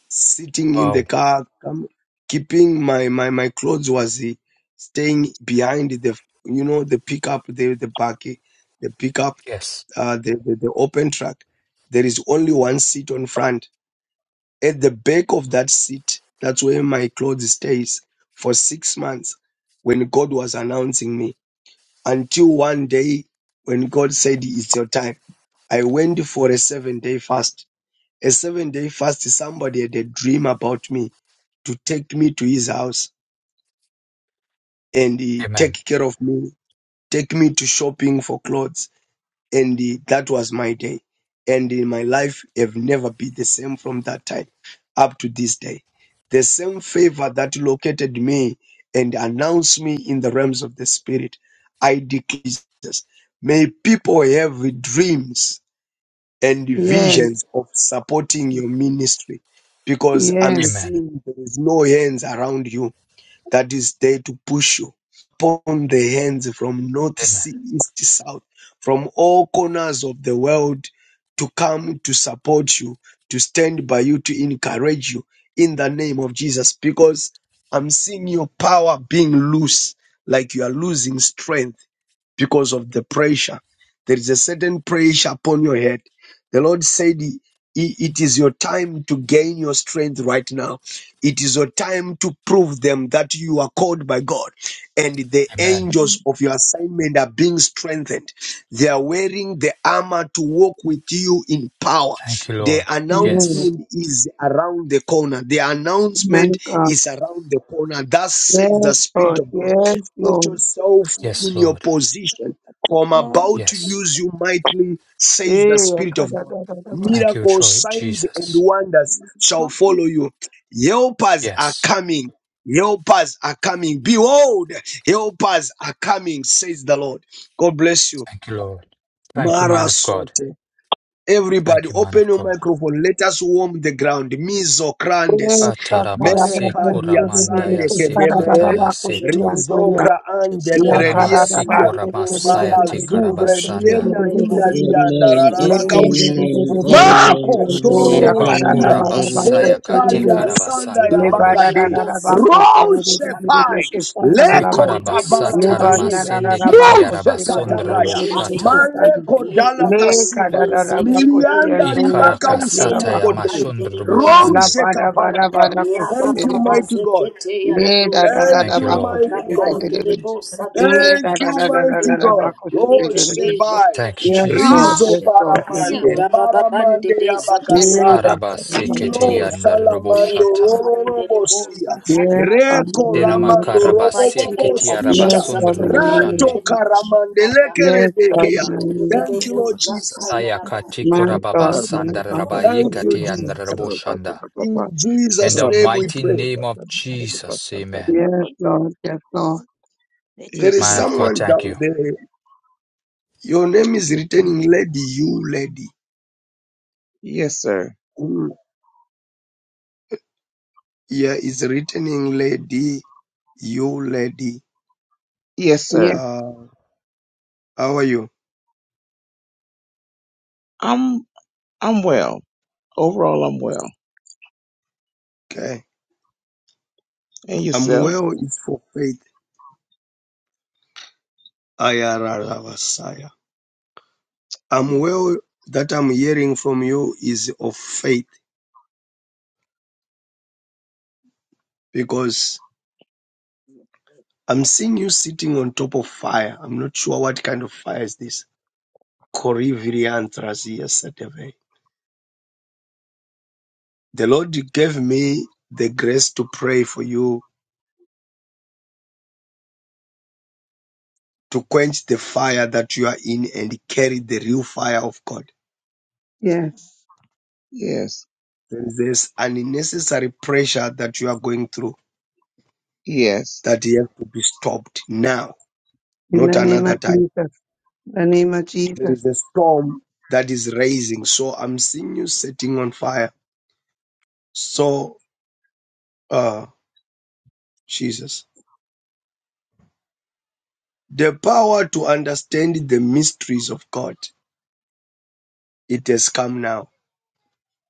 H: sitting in the
F: Wow.
H: car, come, keeping my, my, my clothes was eh, staying behind the, you know, the pickup, the, the back, eh, the pickup,
F: Yes.
H: uh, the, the, the open truck. There is only one seat on front. At the back of that seat, that's where my clothes stays for six months when God was announcing me until one day when God said, it's your time. I went for a seven day fast. A seven day fast, somebody had a dream about me to take me to his house and he
F: Amen.
H: take care of me, take me to shopping for clothes. And he- that was my day. And in my life have never been the same from that time up to this day. The same favor that located me and announced me in the realms of the spirit, I declare Jesus. May people have dreams and
G: yes,
H: visions of supporting your ministry because
G: yes.
H: I'm
F: Amen.
H: seeing there is no hands around you that is there to push you upon the hands from north,
F: Amen.
H: sea, east, south, from all corners of the world to come to support you, to stand by you, to encourage you in the name of Jesus. Because I'm seeing your power being loose, like you are losing strength because of the pressure. There is a certain pressure upon your head. The Lord said, "I- It is your time to gain your strength right now. It is your time to prove them that you are called by God and the
F: Amen.
H: angels of your assignment are being strengthened. They are wearing the armor to walk with you in power.
F: Thank you,
H: The
F: Lord.
G: Amen.
F: Yes.
H: announcement is around the corner. The
G: My
H: announcement
G: God.
H: is around the corner. Thus
G: Yes,
H: says the Spirit
G: Lord.
H: of God.
G: Yes,
H: Put
G: Lord.
H: yourself
C: Yeah.
F: Yes,
H: in your
F: Lord.
H: position, for I'm
C: No,
H: about to
F: Yes.
H: use you mightily, says
G: Eh,
H: the Spirit of God.
G: kadadadadaba.
F: Thank you,
H: Miracles,
F: Cho-
H: signs, and
F: Jesus.
H: wonders shall
C: not
H: follow
C: people.
H: you. Helpers are
F: Yes.
H: coming. Helpers are coming. Behold, helpers are coming, says the Lord. God bless you.
F: Thank you, Lord. Thank you, man
H: Mara
F: of God.
H: Sote. Everybody,
F: Thank you, man
H: open
F: of
H: your
F: God.
H: microphone. Let us warm the ground. Miso
G: Yes,
F: Atarabase
G: kadadadadaba.
H: Merekadia
G: Kadadadadaba.
F: kuramandaya
H: sande kedeme
G: Kadadadadaba.
F: sekataya seto.
G: Kusiyantoya.
H: rizokra
L: you,
G: Le
H: andele
C: Mm,
H: redia
F: Sanamase
O: Yarabashite
H: sia
F: kuramasaya
L: God.
F: te
H: malazuvre
F: karabasanda.
H: dienda indalia
M: amen, amen,
H: andararaba
C: not
H: kaushe
M: amen,
H: mako
M: amen,
F: Seba
H: tororoshia
M: amen, amen,
F: kurabasaya kate
H: merekaria
M: amen.
H: sanda ya bakade
F: karabasandra
H: roshe pai leko
C: people.
H: tabara mazuve muje katakaya
F: Sikarabasataramasendeketiarabasondroboshata.
C: Yes, yes,
H: maleko
C: yes.
H: dala kasuma milianda ribaka usomokote
O: yarabahande de bosa.
G: La
F: Ikarakasatayamashondroboshande.
H: Rose
G: bara bara
H: kaparama.
G: bara
H: Thank you,
O: Rabababa
G: koshte
H: mighty God.
O: zekete
G: Eh, da
O: yaradoji.
G: da da
H: Thank
G: da
F: Thank you,
G: ba
H: you,
G: ko
F: Lord.
H: mighty
G: se de de
H: God.
G: de de de.
O: Kapanderebo
G: Eh,
O: sataya
G: da
H: Thank
G: da
H: you,
G: da da da
H: mighty
G: da
O: shekeya
G: da ba
H: God.
G: se de
H: Oh,
G: de de
O: lekete
G: de.
H: Shebai.
O: zata
F: Thank you,
G: Yes, Lord.
O: sheketeya
E: Hallelujah.
H: Rizo
G: Yes,
F: Jesus.
G: Lord. Yes,
H: paramande,
O: zida
G: Lord.
O: baba bande
H: paramande
O: de zataya
G: Eh, da
H: abakasala,
G: da da
O: rabakati
G: da da da.
H: lilo
O: sheteya
H: shalamando
F: Arabaseketiandaroboshata.
O: mekapanderebo
H: rorobosia,
O: zataya
G: Yes,
O: raba
G: God.
H: reko
G: in the
O: in
H: ramando
O: the
G: name of
O: mighty name of
H: robobobosita,
O: Jesus
G: Jesus.
H: rato
F: Dinamakarabaseketiarabasondroboshande.
O: lekete
H: karamande
O: shataya
G: Yes, God. in
H: lekeredekeya.
G: the name of Jesus. Yes, God. in the name of- Jesus.
H: Thank you,
O: rekenderebo
H: Lord Jesus.
O: zataya rabashi
G: My
P: Yes,
G: God. My God.
C: Oh,
H: Thank you, Jesus.
F: Sayakatikorababasandararabayekatiandaroboshanda.
H: In
F: In
H: Jesus'
F: the
H: name we
F: mighty
H: pray.
F: name of Jesus, amen.
C: let
G: Yes,
C: me-
G: Lord. Yes, Lord.
C: let it
H: There is
C: be
F: Man of
C: done.
P: Jesus.
F: God,
H: someone
F: thank you.
H: down there. Your name is written in lady, you lady.
P: Yes, Yes, sir.
H: Mm, yeah, it's written in lady, you lady.
P: Yes, sir.
G: Yes,
H: Uh, how are you?
P: I'm I'm well. Overall, I'm well.
H: Okay.
P: And
H: I'm
P: yourself?
H: well, it's for faith. Ayararavasaya. I'm well that I'm hearing from you is of faith because I'm seeing you sitting on top of fire. I'm not sure what kind of fire is this. Coriviriantras yesterday. The Lord gave me the grace to pray for you to quench the fire that you are in and carry the real fire of God.
G: yes.
P: Yes.
H: Then there's unnecessary pressure that you are going through
P: Yes.
H: that you have to be stopped now,
G: In
H: not
G: the name of
H: another time.
G: Jesus. In the name of
H: There
G: Jesus.
H: is a storm that is raising. So I'm seeing you setting on fire. So, uh, Jesus, the power to understand the mysteries of God, it has come now.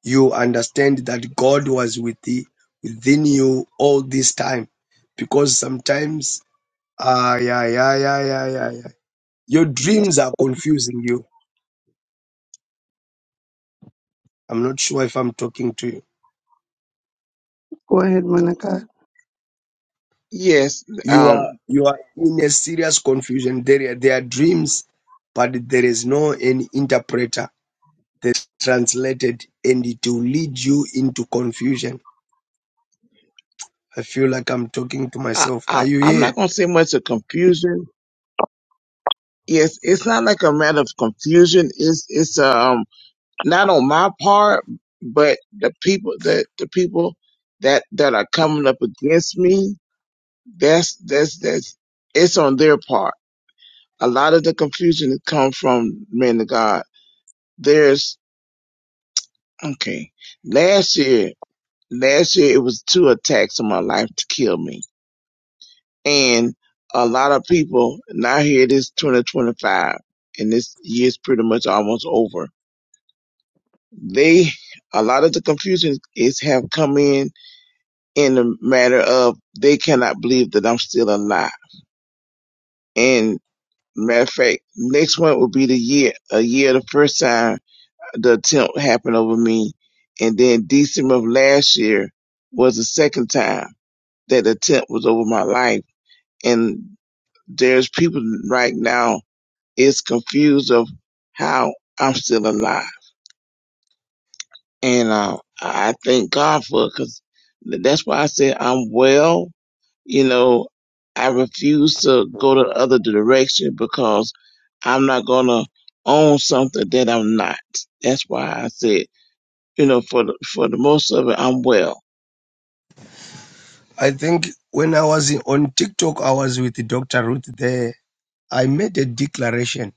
H: You understand that God was with thee, within you all this time because sometimes Ah, yeah, yeah, yeah, yeah, yeah, yeah. Your
G: Yes.
H: dreams are confusing you. I'm not sure if I'm talking to you.
G: Go ahead, Monica.
P: Yes.
H: You are
P: Um.
H: you are in a serious confusion. There are, there are dreams, but there is no any interpreter that's translated, and it will lead you into confusion. I feel like I'm talking to
P: I,
H: myself. Are
P: I
H: you
P: I'm not
H: here?
P: gonna say much of confusion. Yes, it's not like a matter of confusion. It's it's um not on my part, but the people that the people that that are coming up against me, that's that's that's it's on their part. A lot of the confusion has come from men of God. There's okay. Last year, last year it was two attacks on my life to kill me, and a lot of people. Now here it is, 2025, and this year's pretty much almost over. They, a lot of the confusion is have come in in the matter of they cannot believe that I'm still alive. And matter of fact, next one will be the year, a year the first time the attempt happened over me. And then December of last year was the second time that the attempt was over my life. And there's people right now is confused of how I'm still alive. And, uh, I thank God for it 'cause that's why I said I'm well You know, I refuse to go the other direction because I'm not gonna own something that I'm not. That's why I said, you know, for the, for the most of it, I'm well.
H: I think when I was in, on TikTok, I was with Dr. Ruth there. I made a declaration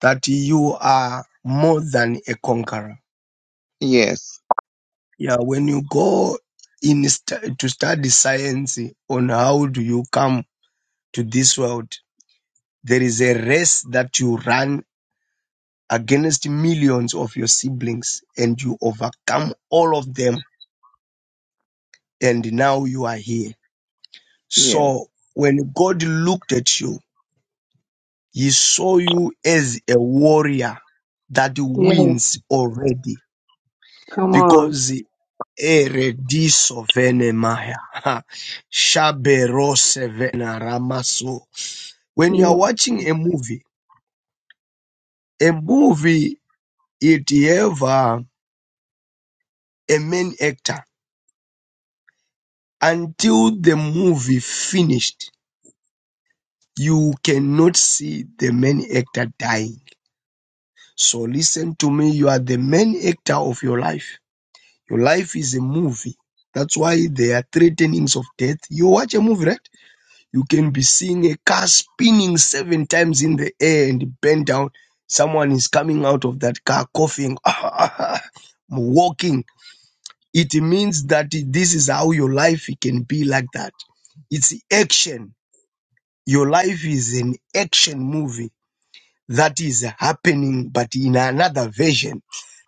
H: that you are more than a conqueror.
P: Yes,
H: Yeah, when you go in st- to study science on how do you come to this world, there is a race that you run against millions of your siblings and you overcome all of them and now you are here.
P: yes.
H: So when God looked at you, he saw you as a warrior that
G: Yes.
H: wins already
G: Come on.
H: because Erediso venemaya. Ha. Shaberose vena When you are watching a movie, a movie it have uh, a main actor. Until the movie finished, you cannot see the main actor dying. So listen to me, you are the main actor of your life. Your life is a movie. That's why there are three tenings of death. You watch a movie, right? You can be seeing a car spinning seven times in the air and bent down. Someone is coming out of that car coughing, walking. It means that this is how your life can be like that. It's action. Your life is an action movie that is happening, but in another version.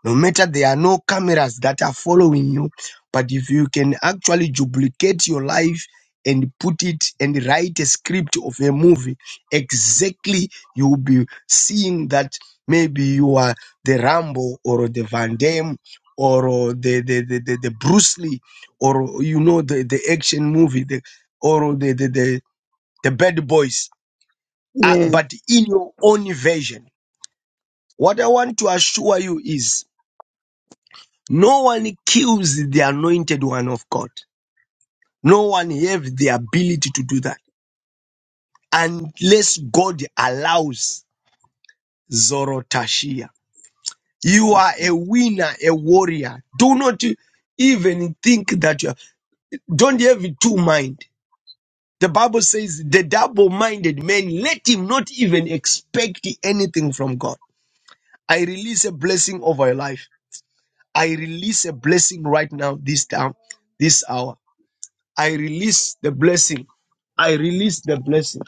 H: No matter there are no cameras that are following you, but if you can actually duplicate your life and put it and write a script of a movie, exactly you will be seeing that maybe you are the Rambo or the Van Damme or the the, the, the, the Bruce Lee or you know the, the action movie the, or the, the, the, the Bad Boys, uh,
G: Yes.
H: but in your own version what I want to assure you is no one kills the anointed one of God. No one has the ability to do that unless God allows Zorotashiya. You are a winner, a warrior. Do not even think that you are, don't have two mind. The Bible says the double-minded man, let him not even expect anything from God. I release a blessing over your life. I release a blessing right now, this time, this hour. I release the blessing. I release the blessing.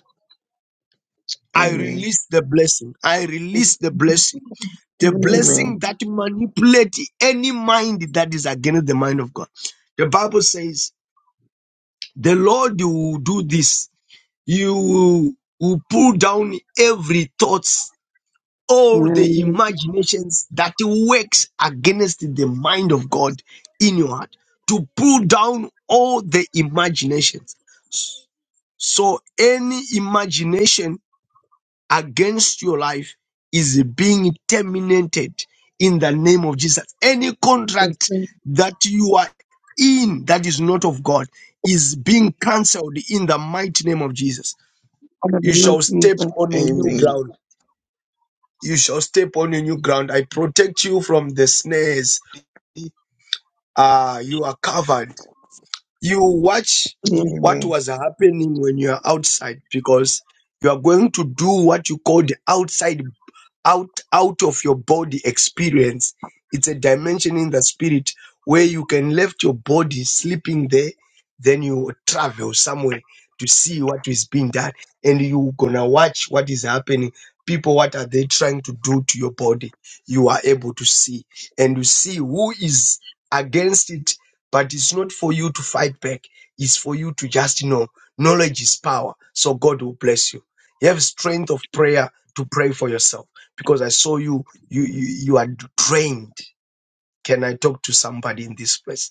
H: I
P: Amen.
H: release the blessing. I release the
G: Yes.
H: blessing.
G: In
H: The
G: the Lord,
P: Amen.
H: blessing that manipulates any mind that is against the mind of God. The Bible says, the Lord will do this. You will, will pull down every thoughts,
G: in
H: all
G: the
H: the
G: name of
H: imaginations that works against the mind of God in your heart. To pull down all the imaginations So any imagination against your life is being terminated in the name of Jesus. Any
G: Jesus,
H: contract
G: in
H: that you are in that is not of God is being cancelled in the mighty name of Jesus.
G: the
H: You
G: name of
H: shall step
G: Jesus,
H: on a new
P: Amen.
H: ground. You shall step on a new ground. I protect you from the snares. Ah, you are covered You watch
G: yes,
H: what
P: Amen.
H: was happening when you are outside because you are going to do what you call the outside out out of your body experience it's a dimension in the spirit where you can left your body sleeping there then you travel somewhere to see what is being done and you gonna watch what is happening people what are they trying to do to your body you are able to see and you see who is against it but it's not for you to fight back it's for you to just know knowledge is power so god will bless you you have strength of prayer to pray for yourself because I saw you, you, you, you are drained. Can I talk to somebody in this place?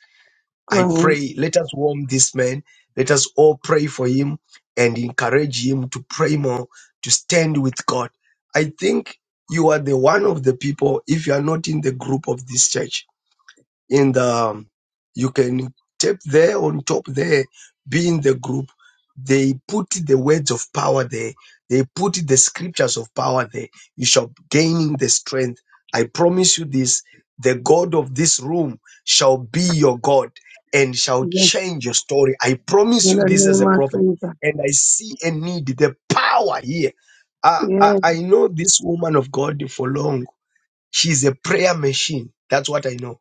G: go
H: I
G: ahead.
H: pray, let us warm this man. Let us all pray for him and encourage him to pray more, to stand with God. I think you are the one of the people, if you are not in the group of this church, in the um, you can tap there on top there be in the group they put the words of power there they put the scriptures of power there you shall gain the strength i promise you this the god of this room shall be your god and shall
G: Yes,
H: change your story i promise
G: in
H: you
G: the
H: this as
G: name
H: a
G: of
H: prophet
G: Jesus,
H: and i see a need the power here i i,
G: yes,
H: I know this woman of god for long she's a prayer machine that's what i know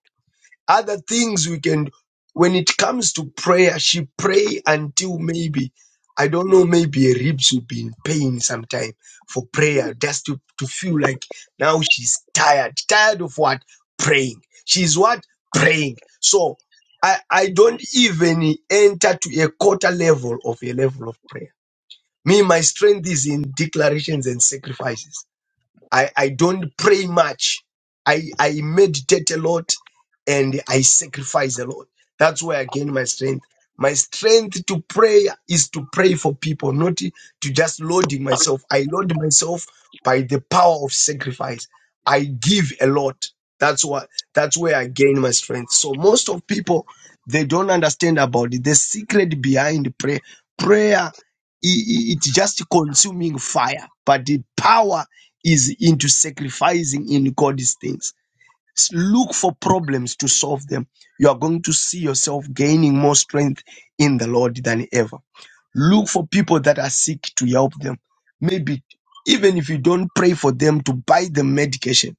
H: other things we can, when it comes to prayer, she pray until maybe, I don't know, maybe her ribs will be in pain sometime for prayer, just to, to feel like now she's tired. Tired of what? Praying. She's what? Praying. So I, I don't even enter to a quarter level of a level of prayer. Me, my strength is in declarations and sacrifices. I, I don't pray much. I, I meditate a lot and I sacrifice a lot. That's where I gain my strength. My strength to pray is to pray for people, not to just loading myself. I load myself by the power of sacrifice. I give a lot. That's what that's where I gain my strength. So most of people they don't understand about it. The secret behind prayer. Prayer i- i- it's just consuming fire, but the power is into sacrificing in God's things. S- Look for problems to solve them. You are going to see yourself gaining more strength in the Lord than ever. Look for people that are sick to help them. Maybe even if you don't pray for them to buy them medication,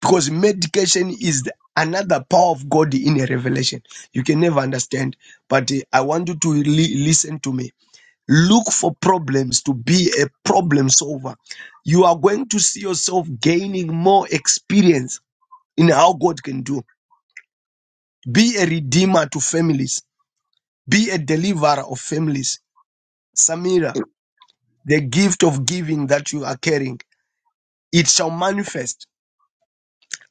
H: because medication is the, another power of God in a revelation. You can never understand, but eh, I want you to li- listen to me Look for problems to be a problem solver. You are going to see yourself gaining more experience in how God can do. Be a redeemer to families, be a deliverer of families. Samira, the gift of giving that you are carrying, it shall manifest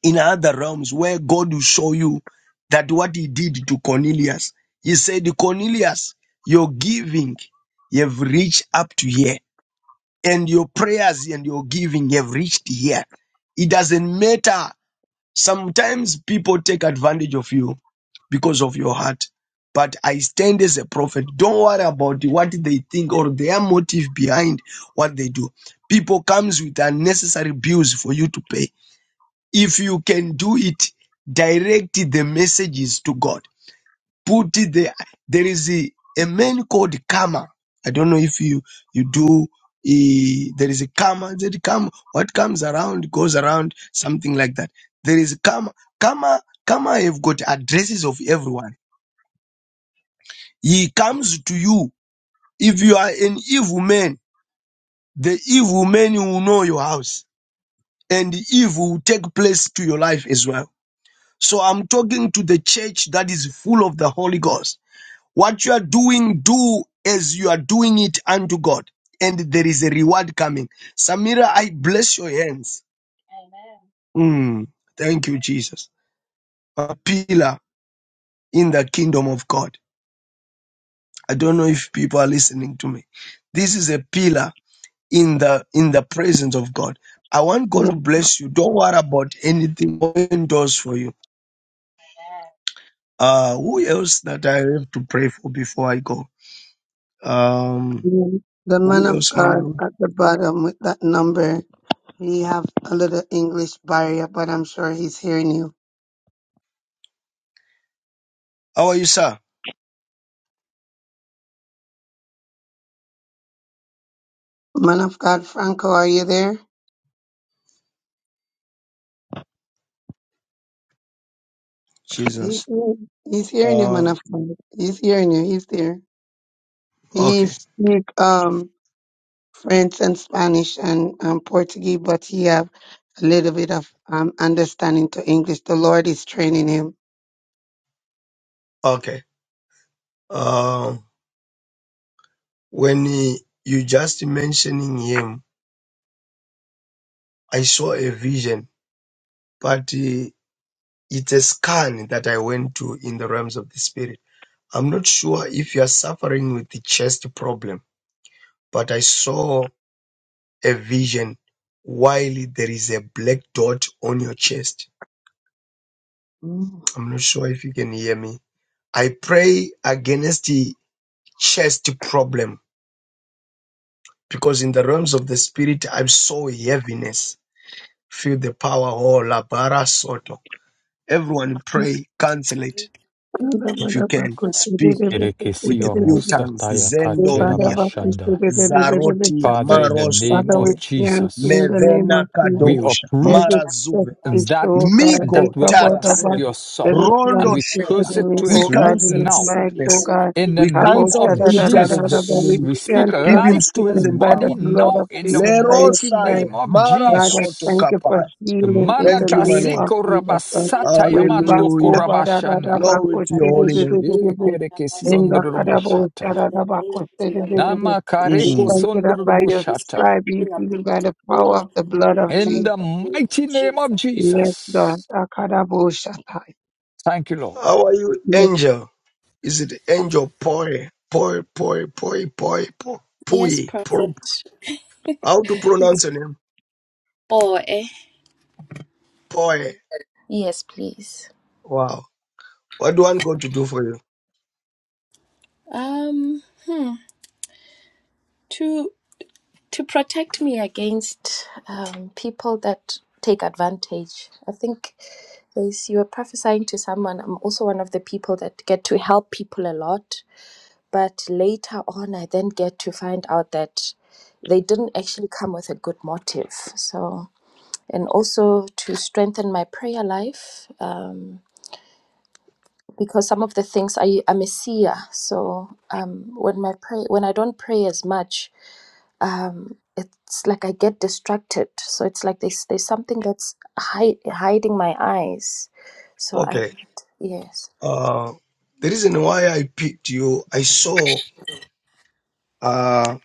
H: in other realms where God will show you that what he did to Cornelius. He said, Cornelius, your giving, you've reached up to here and your prayers and your giving have reached here. It doesn't matter. Sometimes people take advantage of you because of your heart. But I stand as a prophet. Don't worry about what they think or their motive behind what they do. People comes with unnecessary bills for you to pay. If you can do it, direct the messages to God put it there. There is a, a man called Kama. I don't know if you you do. eh, there is a Kama. That Kama. What comes around goes around. Something like that. There is Kama. Kama. Kama have got addresses of everyone. He comes to you. If you are an evil man, the evil man will know your house, and the evil will take place to your life as well. So I'm talking to the church that is full of the Holy Ghost What you are doing, do as you are doing it unto God, and there is a reward coming. Samira, I bless your hands. Mm, thank you, Jesus. A pillar in the kingdom of God. I don't know if people are listening to me. This is a pillar in the in the presence of God. I want God to
G: yes,
H: bless you. Don't worry about anything open doors for you. Uh, who else that I have to pray for before I go? Um,
G: yes. The man
H: who
G: of
H: else, Mama?
G: God
H: Ruth?
G: at the bottom with that number, he have a little English barrier, but I'm sure he's hearing you.
H: How are you, sir?
G: Man of God, Franco, are you there? He's
H: Jesus.
G: here. He's hearing you, man
H: Um,
G: of God. He's hearing you. He's there. He
H: okay,
G: speak. Um, French and Spanish and um, Portuguese, but he have a little bit of um, understanding to English. The Lord is training him.
H: okay. Uh. when he- you just mentioning him, I saw a vision, but uh, it's a scan that I went to in the realms of the spirit. I'm not sure if you are suffering with the chest problem, but I saw a vision while there is a black dot on your chest.
G: Mm.
H: I'm not sure if you can hear me. I pray against the chest problem because in the realms of the spirit, I saw heaviness Feel the power. Oh, labara soto. Everyone pray. Cancel it if you can.
O: sheteya
H: Speak with the
F: Erekesia
H: few tongues.
F: mosataya
G: We
O: rabansi
G: bow
F: katera
G: down
H: Zendoria,
G: before
O: mighty
G: you,
F: bashanda.
O: name
G: we bow down before
H: Zarotia,
F: Father,
G: you.
F: in the name
G: Father, we
F: of
H: Marosote,
G: thank
O: of
G: you in
F: Jesus,
G: the
O: Jesus.
G: name of
H: Mevena
O: At
G: Jesus.
F: we
O: the
H: Kadosha,
F: uproot
G: Every step
H: Marazuve,
G: is
O: time,
F: that
G: show God,
F: that
G: every
H: Migo
F: will attack
G: kabodaba,
H: Tarasev,
F: your son,
G: every
O: Location,
F: and
H: Rondo
G: plan
F: we
G: is
O: in
H: Sheka.
F: curse it
G: enemy,
F: to
H: We
G: oh
F: its
G: God,
F: root
G: in
H: cancel
G: his
F: now.
G: mic, oh
O: the
H: sickness.
O: mighty
G: God.
F: In
O: name
F: the
H: We
O: of
G: Abo
F: name
H: cancel
F: of
G: shada
H: any
G: da
O: Jesus,
G: da
H: plan
G: da da,
H: of
G: da,
H: the
G: but
O: and
F: Jesus,
G: we
O: the
H: enemy.
F: we
O: little
F: speak
O: little
G: cancel
H: Give
G: every
H: him
O: matter,
F: life to
H: strength
F: his
G: sickness
H: and
G: by the
F: body
H: power.
O: we
G: blood
F: now.
G: of
F: In the
O: cancel
G: Jesus
H: Lerosaye,
F: mighty
G: Christ.
O: it.
H: Saye,
F: name
O: the
F: of
O: mighty
H: Mara
G: God,
O: name,
G: I
H: Soto
G: thank
F: Jesus,
G: you for
H: Kapai.
G: healing
O: we
G: in the
H: Thank
O: cancel
H: you, my
G: name
H: Lord.
O: it,
G: of
F: Marakaseko
O: and
G: Jesus.
O: the
G: God.
O: little little
F: rabasata
O: matter,
G: We back
F: yamando
O: Jesus,
H: Hallelujah.
G: over da da da
F: korabashanda.
G: back
O: in
H: Glory
G: with
H: to
O: the
H: your
G: city
H: holy
G: di-
O: dash,
H: name.
G: di-
O: in
G: di- di- di.
O: the past,
G: in
F: Ekerekesion
G: the
O: in the
G: Kadabo
F: roboshata.
G: da da
O: name
G: da back with
O: of
G: city di- di-
O: Yahweh,
G: di.
O: in
G: We
F: Namakareko
O: Jesus'
H: Mm.
G: thank you that
O: name,
G: by your
O: we
F: sondroboshata.
O: speak
G: stripe you
O: healing
G: feel
O: upon
G: by
O: his
G: the power
O: body,
G: of the blood
O: in
G: of
O: the
F: In
O: mighty
G: Jesus.
F: the
O: name
F: mighty
O: of
F: name
O: Jesus.
F: of
G: Yes, God.
F: Jesus.
G: Akadabo Shatai.
F: Thank you, Lord.
H: How are you,
G: Yes.
H: angel? Is it angel poi? Poi, poi, poi, poi, poi,
O: Yes,
H: poi. poi.
O: perfect.
H: How to pronounce
O: Yes,
H: your name? Poi.
O: Yes, please.
H: Wow. What do I want God to do for you?
O: um. to to protect me against um, people that take advantage. I think as you were prophesying to someone, I'm also one of the people that get to help people a lot, but later on, I then get to find out that they didn't actually come with a good motive. So, and also to strengthen my prayer life. Um, because some of the things I, I'm a seer, so um, when my pray when I don't pray as much, um it's like i get distracted so it's like there's there's something that's hi- hiding my eyes so i
H: Okay.
O: yes
H: Uh, the reason why I picked you, I saw uh,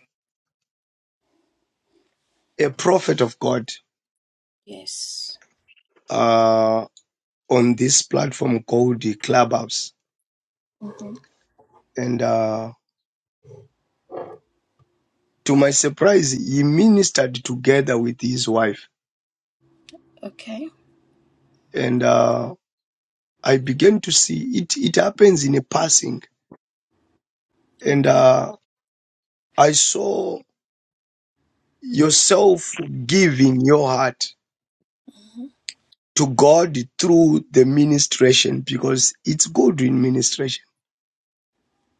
H: a prophet of God
O: Yes.
H: uh, on this platform called the Clubhouse.
O: Mhm.
H: And uh, to my surprise, he ministered together with his wife
O: Okay.
H: and uh, I began to see it. It happens in a passing, and
O: Okay.
H: uh, I saw yourself giving your heart to God through the ministration because it's good in ministration.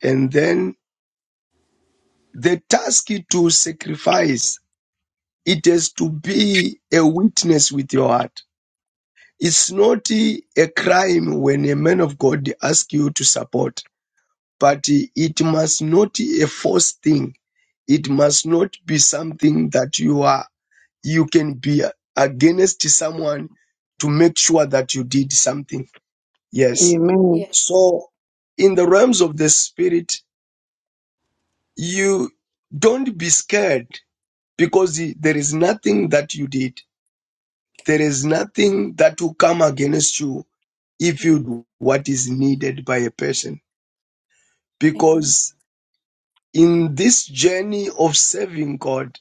H: And then the task to sacrifice it has to be a witness with your heart. It's not a crime when a man of God asks you to support But it must not a forced thing. It must not be something that you are you can be against someone to make sure that you did something. Yes.
G: Amen.
O: Yeah.
H: So in the realms of the spirit, you don't be scared because the- there is nothing that you did. There is nothing that will come against you if you
O: Amen.
H: do what is needed by a person.
O: Amen.
H: Because in this journey of serving God,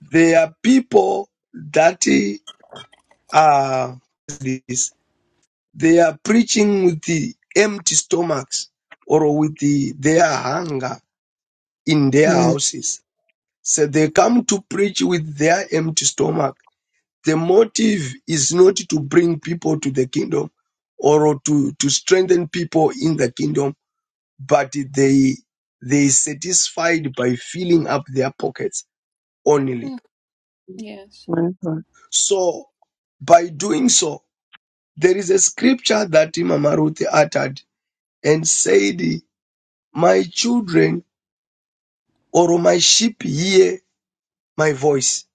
H: They are people that are this. They are preaching with the empty stomachs or with the, their hunger in their
G: Yes,
H: houses. So they come to preach with their empty stomach. The motive is not to bring people to the kingdom or to, to strengthen people in the kingdom, but they they satisfied by filling up their pockets only.
G: my God.
H: So by doing so, There is a scripture that Mama Ruth uttered and said, My children or my sheep hear my voice.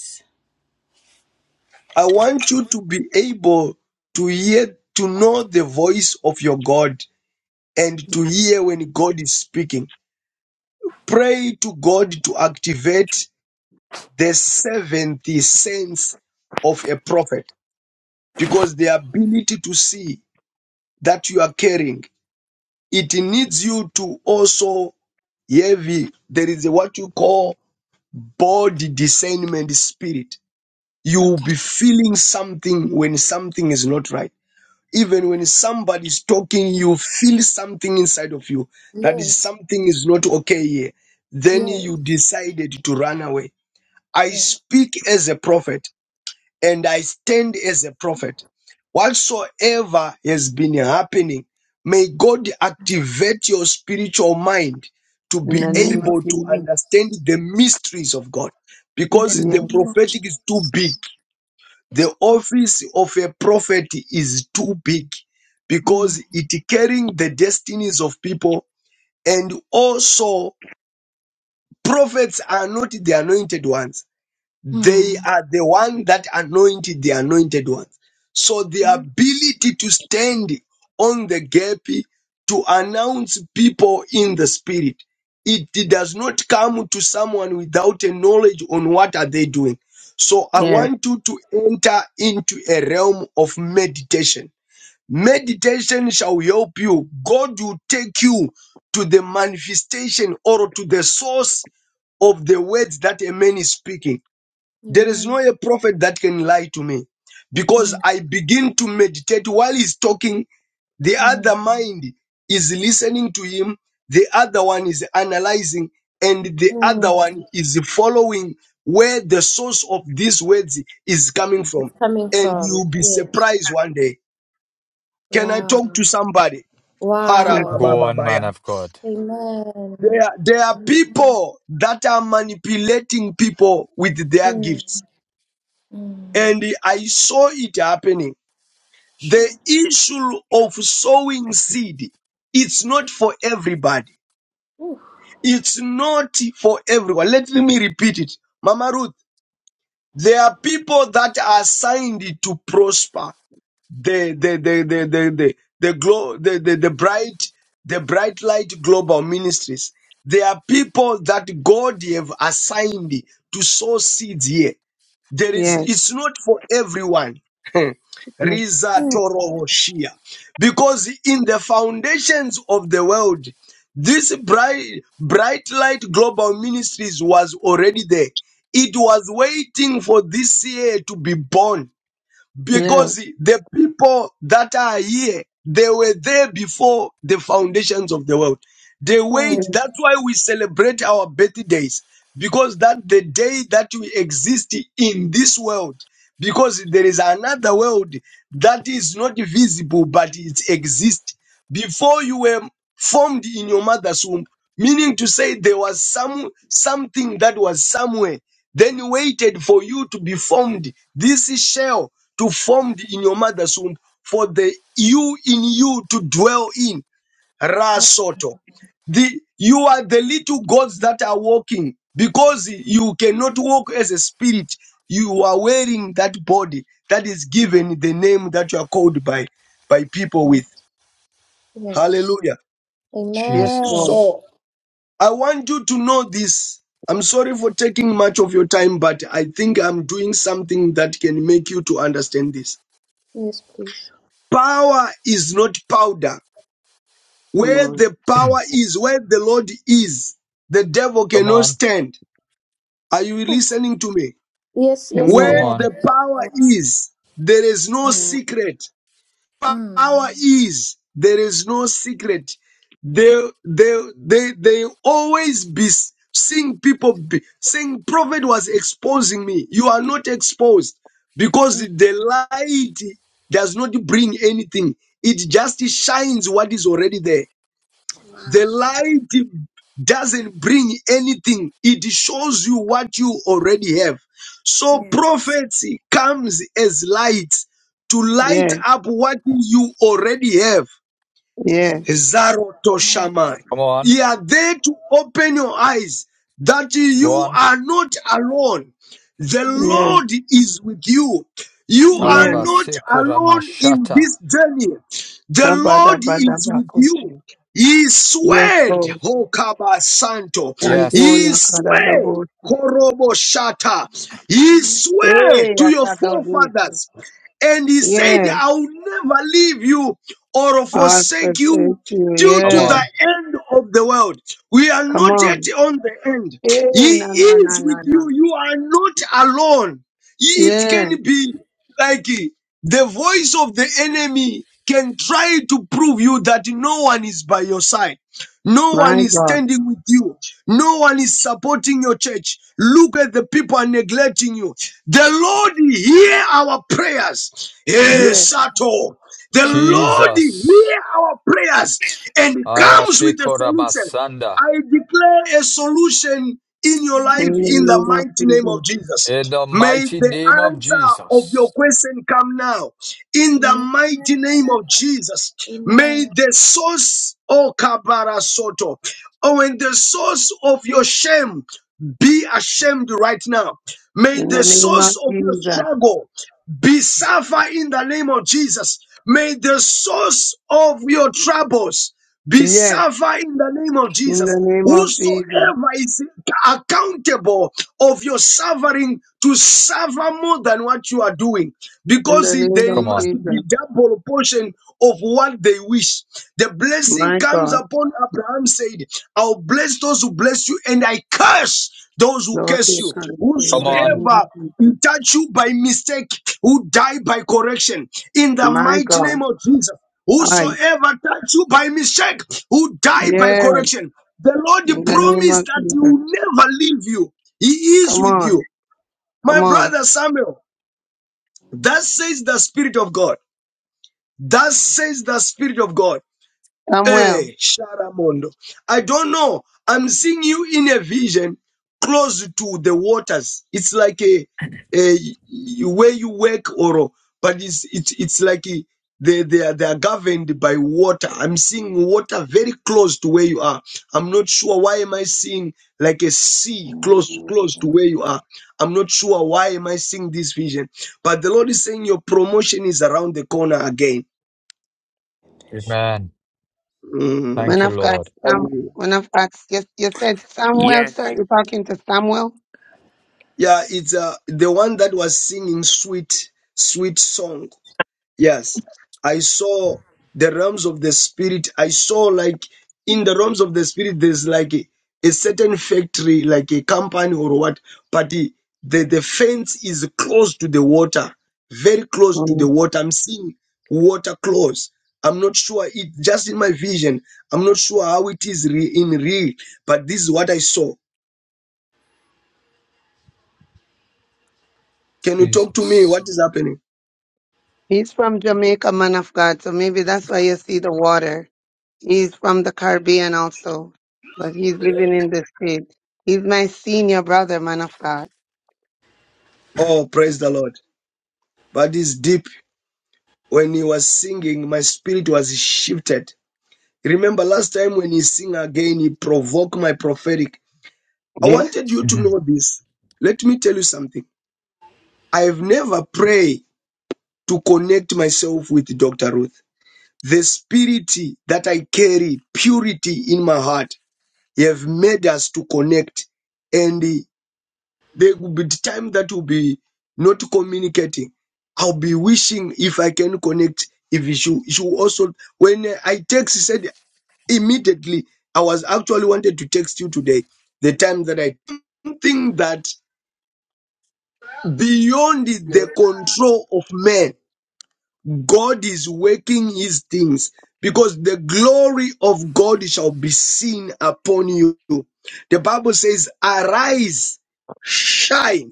O: Yes.
H: I want you to be able to hear, to know the voice of your God and to
G: Yes.
H: hear when God is speaking. Pray to God to activate the seventh sense of a prophet because the ability to see that you are caring, it needs you to also Yevi, there is a, what you call body discernment spirit. You will
O: Okay.
H: be feeling something when something is not right. Even when somebody is talking, you feel something inside of you that is
O: yes
H: something is not okay here. Then
O: yes
H: you decided to run away. I
O: yes
H: speak as a prophet and I stand as a prophet. Whatsoever has been happening, may God activate your spiritual mind to
O: In
G: In
O: the
H: be
G: the name
O: name
G: of
O: of
H: able to
G: Jesus.
H: understand the mysteries of God
O: in the
H: because the
G: Yes.
O: name of
H: prophetic
O: Jesus.
H: is too big.
O: Yes.
H: The
O: Lord.
H: office of a prophet is too big
O: Mm.
H: because it carrying the destinies of people and also prophets are not the anointed ones they
O: Mm.
H: are the one that anointed the anointed ones. So the ability to stand on the gap to announce people in the spirit, it does not come to someone without a knowledge on what are they doing. So I
O: Mm,
G: Yes.
H: want you to enter into a realm of meditation. Meditation shall help you. God will take you to the manifestation or to the source of the words that a man is speaking there is
O: Amen.
H: no a prophet that can lie to me because
O: mm,
H: I begin to meditate while he's talking. The
O: mm,
H: other mind is listening to him, the other one is analyzing, and the other
O: mm.
H: one is following where the source of these words is coming
O: it's
H: from.
O: coming
H: And
O: from
H: you'll be
O: yes
H: surprised one day. Can I
O: wow
H: talk to somebody?
G: Yes.
O: wow
F: Go on, man
H: Karababababaya.
F: of God.
H: There,
O: amen
H: there are people that are manipulating people with their
O: Mm.
H: gifts.
O: Mm,
H: and I saw it happening. The
O: sure.
H: issue of sowing seed, it's not for everybody.
O: Ooh.
H: It's not for everyone. Let me repeat it. Mama Ruth, there are people that are assigned to prosper the the the the the the the, glo- the, the, the bright the bright light global ministries. There are people that God have assigned to sow seeds here There is,
G: Yes.
H: it's not for everyone.
G: Yes.
H: Riza
O: Mm,
H: Toro Shia, Because in the foundations of the world, this bright, bright light global ministries was already there. It was waiting for this year to be born
G: Yes.
H: because the people that are here, they were there before the foundations of the world. They
G: Yes.
H: wait.
O: mm,
H: That's why we celebrate our birthdays because that the day that we exist in this world. Because there is another world that is not visible but it exists. Before you were formed in your mother's womb, meaning to say there was some something that was somewhere. Then waited for you to be formed. This shell to formed in your mother's womb for the you in you to dwell in
O: that's
H: Rasoto. The you are the little gods that are walking because you cannot walk as a spirit. You are wearing that body that is given the name that you are called by by people
O: good.
H: with.
O: Yes.
H: Hallelujah.
G: Yes. Lord.
O: Amen.
F: Jesus.
H: So I want you to know this. I'm sorry for taking much of your time, but I think I'm doing something that can make you to understand this.
O: Yes, please.
H: Power is not powder
G: Come
H: Where
G: on.
H: the
F: Hmm.
H: power is, where the Lord is, the devil
F: Come
H: cannot
F: on.
H: stand. Are you listening to me?
O: Yes, yes, I
F: Come
H: Where
G: Amen.
O: am.
F: on.
H: the power is, there is no secret. Power is, there is no secret. They, they, they, they always be s- seeing people be, saying prophet was exposing me. You are not exposed because the light does not bring anything. It just shines what is already there. The light doesn't bring anything, it shows you what you already have. So prophecy comes as light to light
G: Yes,
H: up what you already have.
G: yes,
H: Zaroto Zarotoshamai.
F: Come on.
H: He are there to open your eyes that
F: Go
H: you
F: on.
H: are not alone. The
G: yes,
H: Lord is with you. You are
G: yes.
H: not alone in
F: Arabasekoramashata.
H: this journey. The
G: Kabada
H: Lord
G: bada
H: is with you.
G: bakushi.
H: He
G: Yes,
H: swayed,
G: Lord.
H: Hokaba Santo.
G: Sandu
H: He
F: Yes.
H: swayed,
G: yakadadabu.
H: Korobo Shata. He swayed
G: Hey,
H: to your
G: yakadodi.
H: forefathers. And he said,
G: Yes.
H: I will never leave you or
G: I
H: forsake you
G: present you.
H: till
F: Come
H: to
G: Yes.
H: the
F: on.
H: end of the world. We are
G: Come
H: not yet
G: on.
H: on the end.
G: Hey,
H: He
G: na na na
H: is
G: na
H: with
G: na.
H: you. You are not alone. He- It
G: Yes.
H: can be like eh, the voice of the enemy can try to prove you that no one is by your side. No one
G: My
H: is
G: God.
H: standing with you. No one is supporting your church. Look at the people are neglecting you. The Lord hear our prayers. Hey,
G: Yes.
H: Sato. The Lord
F: Jesus.
H: hear our prayers and comes with a solution.
F: Ayashekorabasanda.
H: I declare a solution in your life
G: In the
H: in the
G: name of
H: mighty name
G: Jesus.
H: of Jesus.
F: In the
H: May
F: mighty
H: the
F: name of
H: answer of your
F: Jesus.
H: question come now in the mighty name of Jesus. May the source, O Kabara Soto, oh, and the source of your shame be ashamed right now. May
G: In
H: the
G: the name of
H: source of your
G: Jesus.
H: struggle be suffer in the name of Jesus. May the source of your troubles be
G: Yes.
H: suffer in the name of
G: In the
H: Jesus.
G: name of Jesus.
H: Whosoever is accountable of your suffering to suffer more than what you are doing,
G: In the
H: because
G: name
H: there
G: of
F: Come
H: must
F: on.
H: be
G: Jesus.
H: double portion of what they wish. The blessing
G: My
H: comes
G: God.
H: upon Abraham said, I'll bless those who bless you, and I curse those who
G: Lord,
H: curse
G: we
H: you.
G: come you in
F: Come
G: the
F: on.
G: name of
H: Whosoever
G: Jesus.
H: who touch you by mistake, who die by correction. In the
G: My
H: mighty
G: God,
H: name of Jesus,
O: Mm.
G: I,
H: whosoever touch you by mistake, who die by
G: yes,
H: correction. The
G: in
H: Lord
G: the name of
H: promised that He
G: Jesus.
H: will never leave you. He
G: Come
H: is with you.
G: on, come
H: My
G: on.
H: brother Samuel, that says the Spirit of God. That says the Spirit of God.
G: Samuel,
H: Hey, Sharamondo. I don't know. I'm seeing you in a vision close to the waters. It's like a, a where you work or but it's it's it's like a, they they are, they are governed by water. I'm seeing water very close to where you are. I'm not sure why am I seeing like a sea close close to where you are. I'm not sure why am I seeing this vision. But the Lord is saying your promotion is around the corner again.
F: Amen.
G: man
F: Thank you,
H: Mm.
G: of God,
F: Lord.
G: Sam, man of God, yes, you said Samuel,
D: Yes.
G: sir. You're talking to Samuel?
H: Yeah, it's uh, the one that was singing sweet, sweet song. Yes. I saw the realms of the spirit. I saw like in the realms of the spirit, there's like a, a certain factory, like a company or what, but the, the, the fence is close to the water, very close to the
G: Mm.
H: water. I'm seeing water close. I'm not sure it just in my vision. I'm not sure how it is re, in real, but this is what I saw. Can you talk to me? What
F: Jesus.
H: is happening?
G: He's from Jamaica, man of God, so maybe that's why you see the water. He's from the Caribbean also, but he's living in the state. He's my senior brother, man of God.
H: Oh, praise the Lord. But it's deep. When he was singing, my spirit was shifted. Remember last time when he sing again, he provoked my prophetic. I
G: Yes,
H: wanted you to
F: Mhm.
H: know this. Let me tell you something. I have never prayed to connect myself with Dr. Ruth. The spirit that I carry, purity in my heart, he have made us to connect. And There will be the time that will be not communicating. I'll be wishing if I can connect. If you you also, when I text, he said immediately, I was actually wanted to text you today, the time that I think that beyond the control of man, God is working his things because the glory of God shall be seen upon you. The Bible says, arise, shine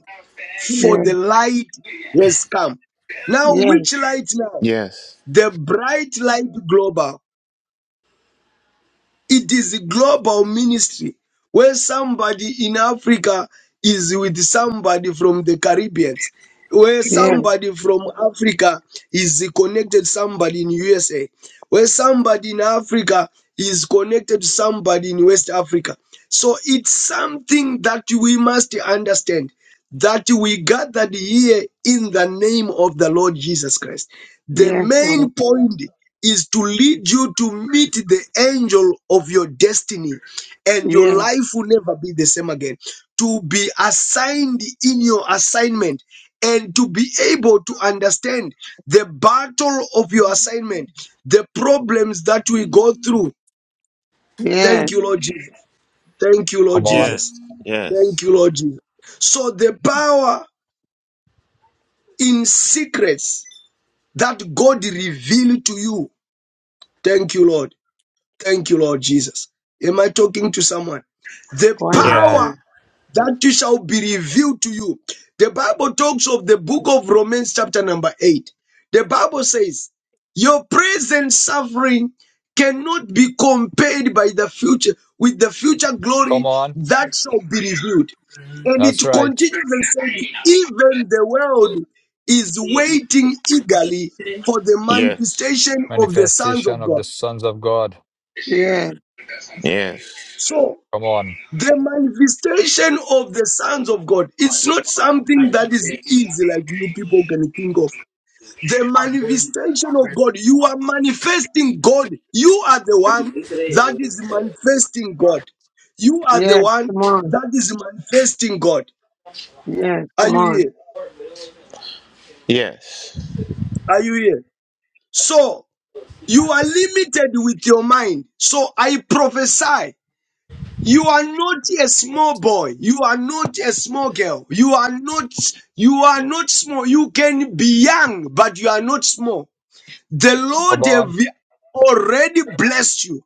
H: for
G: yes,
H: the light has come. Now,
G: yes,
H: which light now?
D: Yes.
H: The bright light global. It is a global ministry where somebody in Africa is with somebody from the Caribbeans, where
G: yes,
H: somebody from Africa is connected to somebody in USA, where somebody in Africa is connected to somebody in West Africa. So it's something that we must understand that we gathered here in the name of the Lord Jesus Christ. The
G: yes, Lord.
H: main point is to lead you to meet the angel of your destiny, and
G: yes.
H: your life will never be the same again. To be assigned in your assignment and to be able to understand the battle of your assignment, the problems that we go through. Thank
G: Yes,
H: you, Lord Jesus. Thank you, Lord
F: Come on.
D: Yes.
H: Jesus.
D: Yes.
H: Thank you, Lord Jesus. So the power in secrets that God revealed to you. Thank you, Lord. Thank you, Lord Jesus. Am I talking to someone? The
G: go ahead,
D: Yes.
F: Amen.
G: sir.
H: power that it shall be revealed to you. The Bible talks of the book of Romans, chapter number 8. The Bible says, Your present suffering cannot be compared by the future with the future
F: Come
H: glory
F: on.
H: that shall be revealed. And it
F: That's right.
H: continues and says, Even the world is
D: Yes.
H: waiting eagerly for the
D: Yes.
H: manifestation of the sons
F: Manifestation
H: of
F: of the
H: God.
F: sons of God.
G: Yes,
D: Yes.
H: So
F: Come on.
H: The manifestation of the sons of God, it's not something that is easy like you people can think of. The manifestation of God, you are manifesting God. You are the one that is manifesting God. You are the
G: yes,
H: one
G: come on.
H: that is manifesting God.
G: Yes,
H: Are
G: come
H: you
G: on.
H: here? Are you here? So you are limited with your mind. So I prophesy You are not a small boy. You are not a small girl. You are not, you are not small. You can be young, but you are not small. The
F: Come
H: Lord have
F: on.
H: already blessed you.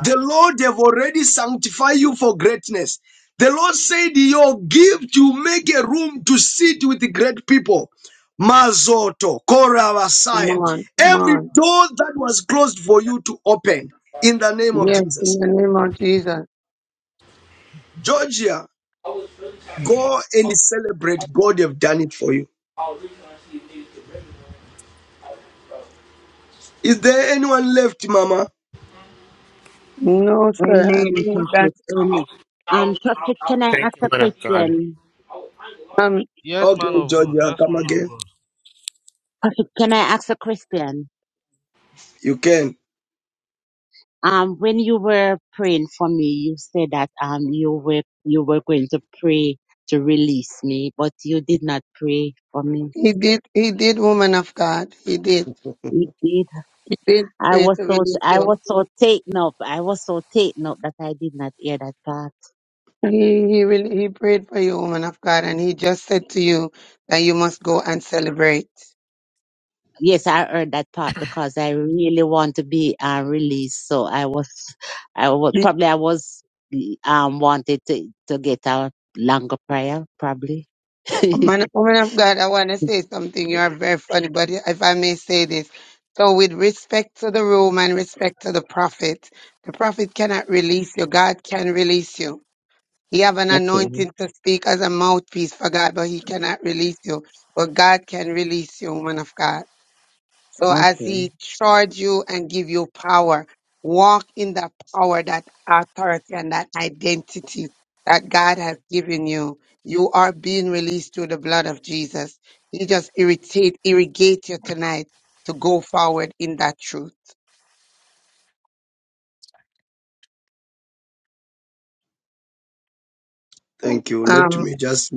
H: The Lord have already sanctified you for greatness. The Lord said your gift you make a room to sit with great people. Mazoto,
G: Come
H: Koravasaya.
G: on, come
H: Every
G: on.
H: door that was closed for you to open in the name of
G: Yes, in
H: Jesus.
G: the name of Jesus.
H: Georgia, Go and celebrate. God have done it for you. Is there anyone left, Mama?
G: No, sir, I
M: Amen,
G: think that
M: Prophet. Amen. Um, Prophet, can I
D: Thank
M: ask
D: you,
M: a
D: man of God.
M: question?
G: um
J: Yes,
H: Okay,
J: man of God.
H: Georgia,
J: Yes,
H: come
J: man of
H: again.
J: God.
M: Prophet, can I ask a question?
H: You can.
M: Um, when you were praying for me, you said that um you were you were going to pray to release me, but you did not pray for me.
G: he did he did woman of God. He did.
M: You did.
G: He did
M: I
G: pray
M: was
G: to
M: so
G: release
M: I
G: you.
M: was so taken up. I was so taken up that I did not hear that part.
G: He he really he prayed for you, woman of God, and he just said to you that you must go and celebrate.
M: Yes, I heard that part because I really want to be uh, released. So I was, I was probably I was um wanted to to get a longer prayer probably.
G: Man, woman of God, I want to say something. You are very funny, but if I may say this. So, with respect to the room and respect to the prophet, the prophet cannot release you. God can release you. He have an
M: okay,
G: anointing to speak as a mouthpiece for God, but he cannot release you. But God can release you, woman of God. So as
M: okay,
G: he charge you and give you power, walk in that power, that authority, and that identity that God has given you. You are being released through the blood of Jesus. He just irritate, irrigate you tonight to go forward in that truth.
H: Thank you. Let
G: Um,
H: me just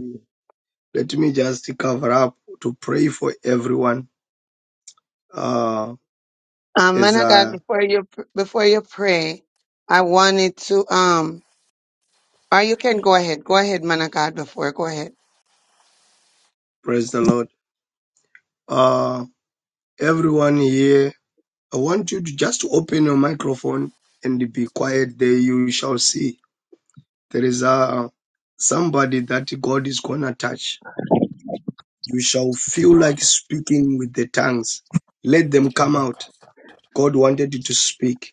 H: let me just cover up to pray for everyone. Uh,
G: um, man
H: as
G: of God,
H: I
G: before you pr- before you pray, I wanted to um, or you can go ahead, go ahead, man of God. Before, go ahead.
H: praise the Lord. Uh, everyone here, I want you to just open your microphone and be quiet. There you shall see there is a somebody that God is gonna touch You shall
F: Thank you,
H: feel like
F: Lord.
H: speaking with the tongues. Let them come out. God wanted you to speak.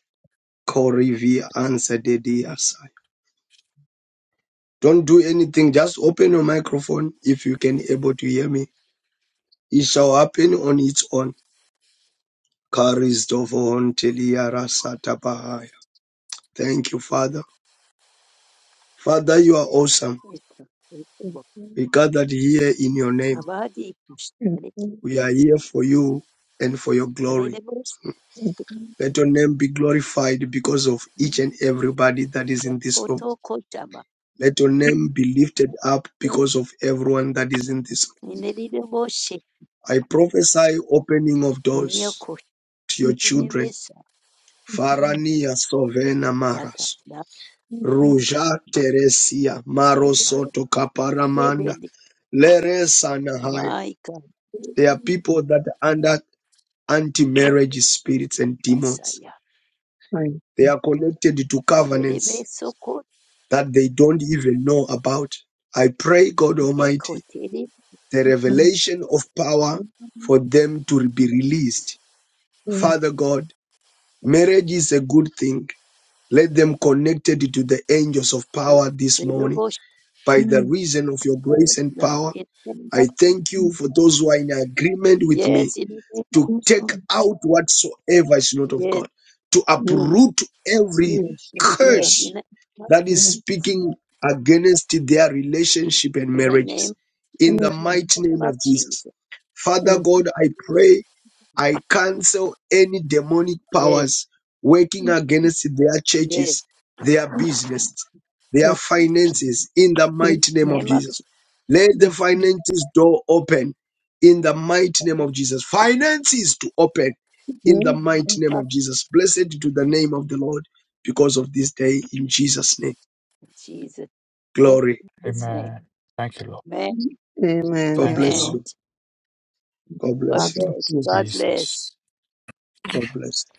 H: Corey V answered the DSI. Don't do anything. Just open your microphone if you can able to hear me. It shall happen on its own. Karisdovohon teliarasatapahaya. Thank you, Father. Father, you are awesome.
C: Ito, ito ba?
H: We gathered here in your name.
C: Abadi kushare,
H: We are here for you and for your glory.
C: adede bose,
H: Let your name be glorified because of each and everybody that is in this room.
C: yakoto kochaba,
H: Let your name be lifted up because of everyone that is in this.
C: inedide bose,
H: I prophesy opening of
C: miyo
H: doors to your
C: koshide
H: children.
C: besa,
H: Farania Sovena
C: tata,
H: Maras.
C: da,
H: Ruja Teresia Marosoto Kaparamanda.
C: dedede,
H: Leresa Nahaya.
C: maika,
H: They are people that are under anti-marriage spirits and demons.
C: basaya,
H: They are connected to
C: dedede
H: covenants
C: beso kote,
H: that they don't even know about. I pray, God Almighty, the revelation of power for
C: Yes.
H: them to be released. Father God, marriage is a good thing. Let them connected to the angels of power this
C: They do
H: morning
C: wash.
H: by the
G: Sorry.
H: reason of your
C: Yes,
H: grace and
C: Lord.
H: power.
C: In the name
H: I
C: of
H: thank you for those who are in agreement with me
C: yes, in the name
H: to
G: Yes,
H: take
C: of
G: Lord.
H: out whatsoever is not of
C: yes,
H: God, to
G: Yes,
H: uproot every
G: yes, yes,
C: yes,
G: Lord.
H: curse
C: in the name of
H: that
G: Yes,
H: is speaking against their relationship and
C: in the
H: marriages.
C: name,
H: In the
G: yes, Lord.
C: in
H: mighty
C: the name
H: name
C: of
H: of Jesus.
C: Jesus.
H: Father
G: Yes,
H: God, I pray, I cancel any demonic
C: Yes,
H: powers working
G: yes,
H: against their
C: yes,
H: churches, their
G: yes,
H: business, their
G: yes,
H: finances, in the
G: yes, yes,
H: mighty name of
C: name of
H: Jesus.
C: Jesus.
H: Let
G: yes,
H: the finances door open in the mighty
C: In
H: name
C: the
H: of Jesus. Finances to open in the
G: yes,
C: name
H: mighty
G: God.
H: name
C: of
H: of Jesus. Blessed to the name of the Lord because of this day in Jesus' name.
C: Jesus. In
H: Glory.
C: His name.
F: Amen. Thank you, Lord.
C: Amen.
G: Amen.
H: God
F: Thank
G: Yes,
F: you,
H: bless
F: Lord.
G: Lord.
C: Amen.
H: you. God
C: God
G: God
H: bless you.
G: bless
C: bless.
G: you.
C: God bless.
F: Jesus.
H: God bless you.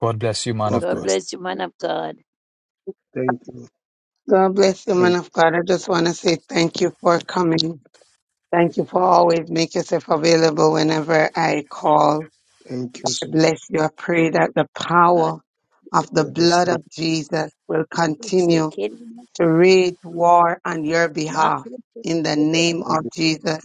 F: God bless you, man
H: God
F: of
C: God
F: God.
H: bless you.
C: bless you, man of God.
H: Thank you.
G: God bless you, man
H: Thank you.
G: of God. I just want to say thank you for coming. Thank you for always make yourself available whenever I call.
H: Thank you
G: I
H: so
G: bless
H: much.
G: you. I pray that the
C: Uh,
G: power of the
H: I
G: blood
H: receive.
G: of Jesus will
C: Say,
G: continue
C: "Kid,
G: to wage war on your
C: Mark,
G: behalf in the
H: I,
G: name of
H: re-
G: Jesus.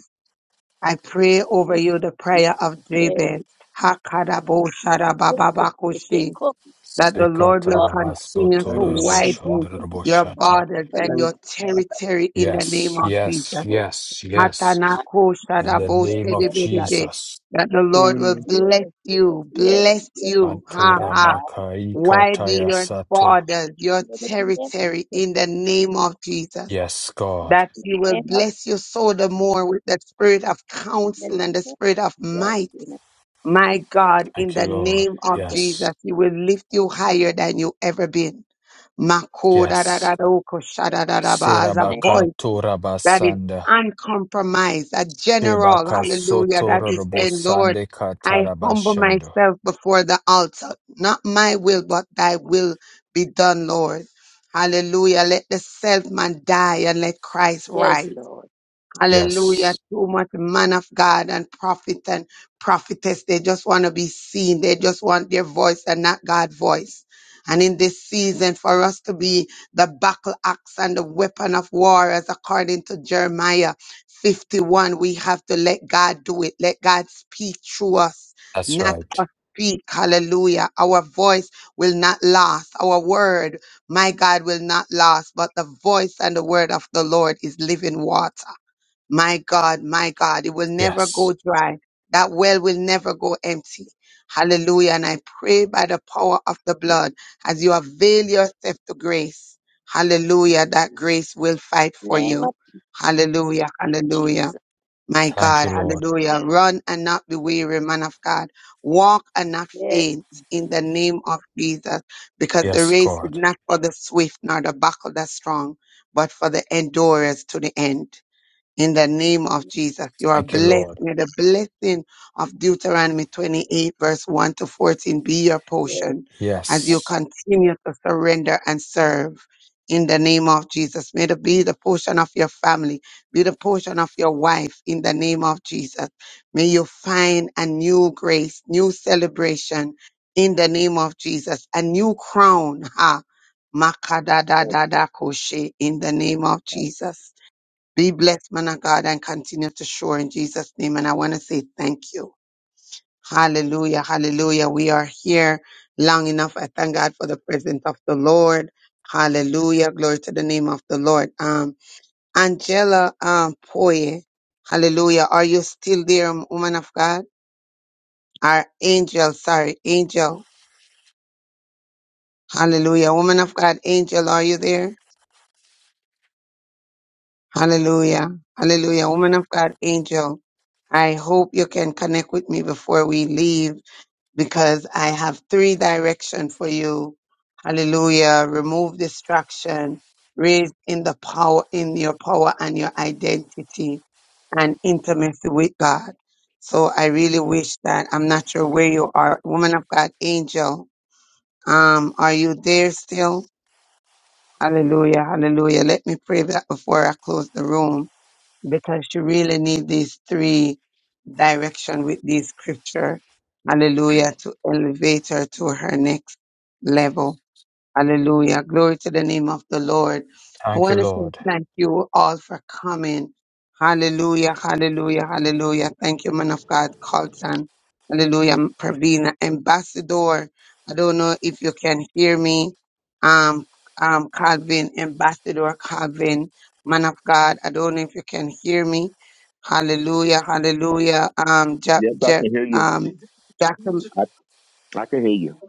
G: I pray over you the prayer of Jabez. Hakadaboshadabababakushi,
C: Yes.
G: That the Lord will
C: Oh,
G: continue
H: I
G: to
H: receive.
C: oh,
G: widen your
F: Sekatarabasotoraboshandaraboshata.
G: borders
C: Well,
G: and
C: I'm
H: Thank
G: your
H: you, Father.
G: territory in the name
F: Yes,
G: of
F: yes,
G: Jesus.
C: so
F: yes, yes.
C: happy
F: In the
C: for
F: name
C: the
F: of
C: good that-
G: Matanakoshadabosidibidibid,
F: Jesus.
G: That the Lord will
H: Mm.
G: bless
C: Yes, yes,
G: you,
C: yes,
G: bless
C: yes.
G: you, ha
C: Yeah,
G: ha,
C: no, it's-
G: widen
C: it's
G: your
F: Antorabakaikatayasato.
G: borders, your
C: gonna be the night.
G: territory
C: It's
G: in the name of Jesus
F: Yes, God.
G: that
C: in the
G: you will
C: Name of
G: bless your soul the more with the spirit of counsel and the
C: Jesus.
G: spirit of
C: Yes,
G: might.
C: in the
G: My God, in
F: Thank you,
G: the
F: Lord.
G: name of
C: name
F: Yes.
G: Jesus, He will lift you higher than you ever been. Mako da da da
F: Yes.
G: do ko sha da da da ba, As a
C: name-
F: Serabaka
G: voice that is
F: torabasanda.
G: uncompromised, a general,
F: Shebaka
G: hallelujah, that is saying, Lord,
F: sotorobosande
G: I humble
F: katarabashando.
G: myself before the altar. Not my will, but thy will be done, Lord. Hallelujah. Let the self man die and let Christ rise.
C: yes, Lord.
G: Hallelujah.
F: Yes.
G: Too much man of God and prophet and prophetess. They just want to be seen. They just want their voice and not God's voice. And in this season, for us to be the battle axe and the weapon of war, as according to Jeremiah 51, we have to let God do it. Let God speak through us,
F: That's
G: not
F: right.
G: us speak. Hallelujah. Our voice will not last. Our word, my God, will not last. But the voice and the word of the Lord is living water. My God, my God, it will never go
F: Yes.
G: dry. That well will never go empty. Hallelujah. And I pray by the power of the
C: In
G: blood as you avail yourself to grace. Hallelujah. That grace will fight
C: the
G: for
C: name
G: you.
C: of
G: Hallelujah. Hallelujah.
C: Jesus.
G: My
F: Thank
G: God.
F: you, Lord.
G: Hallelujah. Run and not be weary, man of God. Walk and not
C: Yes,
G: faint in the name of Jesus because the
F: Yes,
G: race is
F: God.
G: not for the swift nor the buckle that's strong, but for the endurers to the end in the name of Jesus. You are
F: Thank you,
G: blessed.
F: Lord.
G: May the blessing of Deuteronomy 28, verse 1 to 14 be your
C: yes.
G: portion as
C: I'm
G: you
F: Yes.
G: continue to surrender and serve. In the name of Jesus, may it be the portion of your family, be the portion of your wife. In the name of Jesus, may you find a new grace, new celebration. In the name of Jesus, a new crown. Ha,
C: so
G: makadadadadakoshe. In the name of
C: sorry.
G: Jesus. Be blessed, man of God, and continue to show in Jesus' name. And I want to say thank you. Hallelujah. Hallelujah. We are here long enough. I thank God for the presence of the Lord. Hallelujah. Glory to the name of the Lord. Um, Angela um, Poye. Hallelujah. Are you still there, um, woman of God? Our angel, sorry, angel. Hallelujah. Woman of God, angel, are you there? Hallelujah. Hallelujah. Woman of God, angel, I hope you can connect with me before we leave because I have three direction for you. Hallelujah. Remove distraction. Raise in the power, in your power and your identity and intimacy with God. So I really wish that I'm not sure where you are. Woman of God, angel, um, are you there still? Hallelujah. Hallelujah. Let me pray that before I close the room because you really need these three direction with these scripture. Hallelujah to elevate her to her next level. Hallelujah. Glory to the name of the Lord. I
F: Thank you,
G: want to say
F: Lord.
G: thank you all for coming. Hallelujah. Hallelujah. Hallelujah. Thank you, man of God, Colton. Hallelujah. Pravina, ambassador. I don't know if you can hear me. Um, um, Calvin, ambassador Calvin, man of God. I don't know if you can hear me. Hallelujah. Hallelujah. Um, ja,
Q: Yes, I
G: ja,
Q: can hear you.
G: um,
Q: I, I can hear you.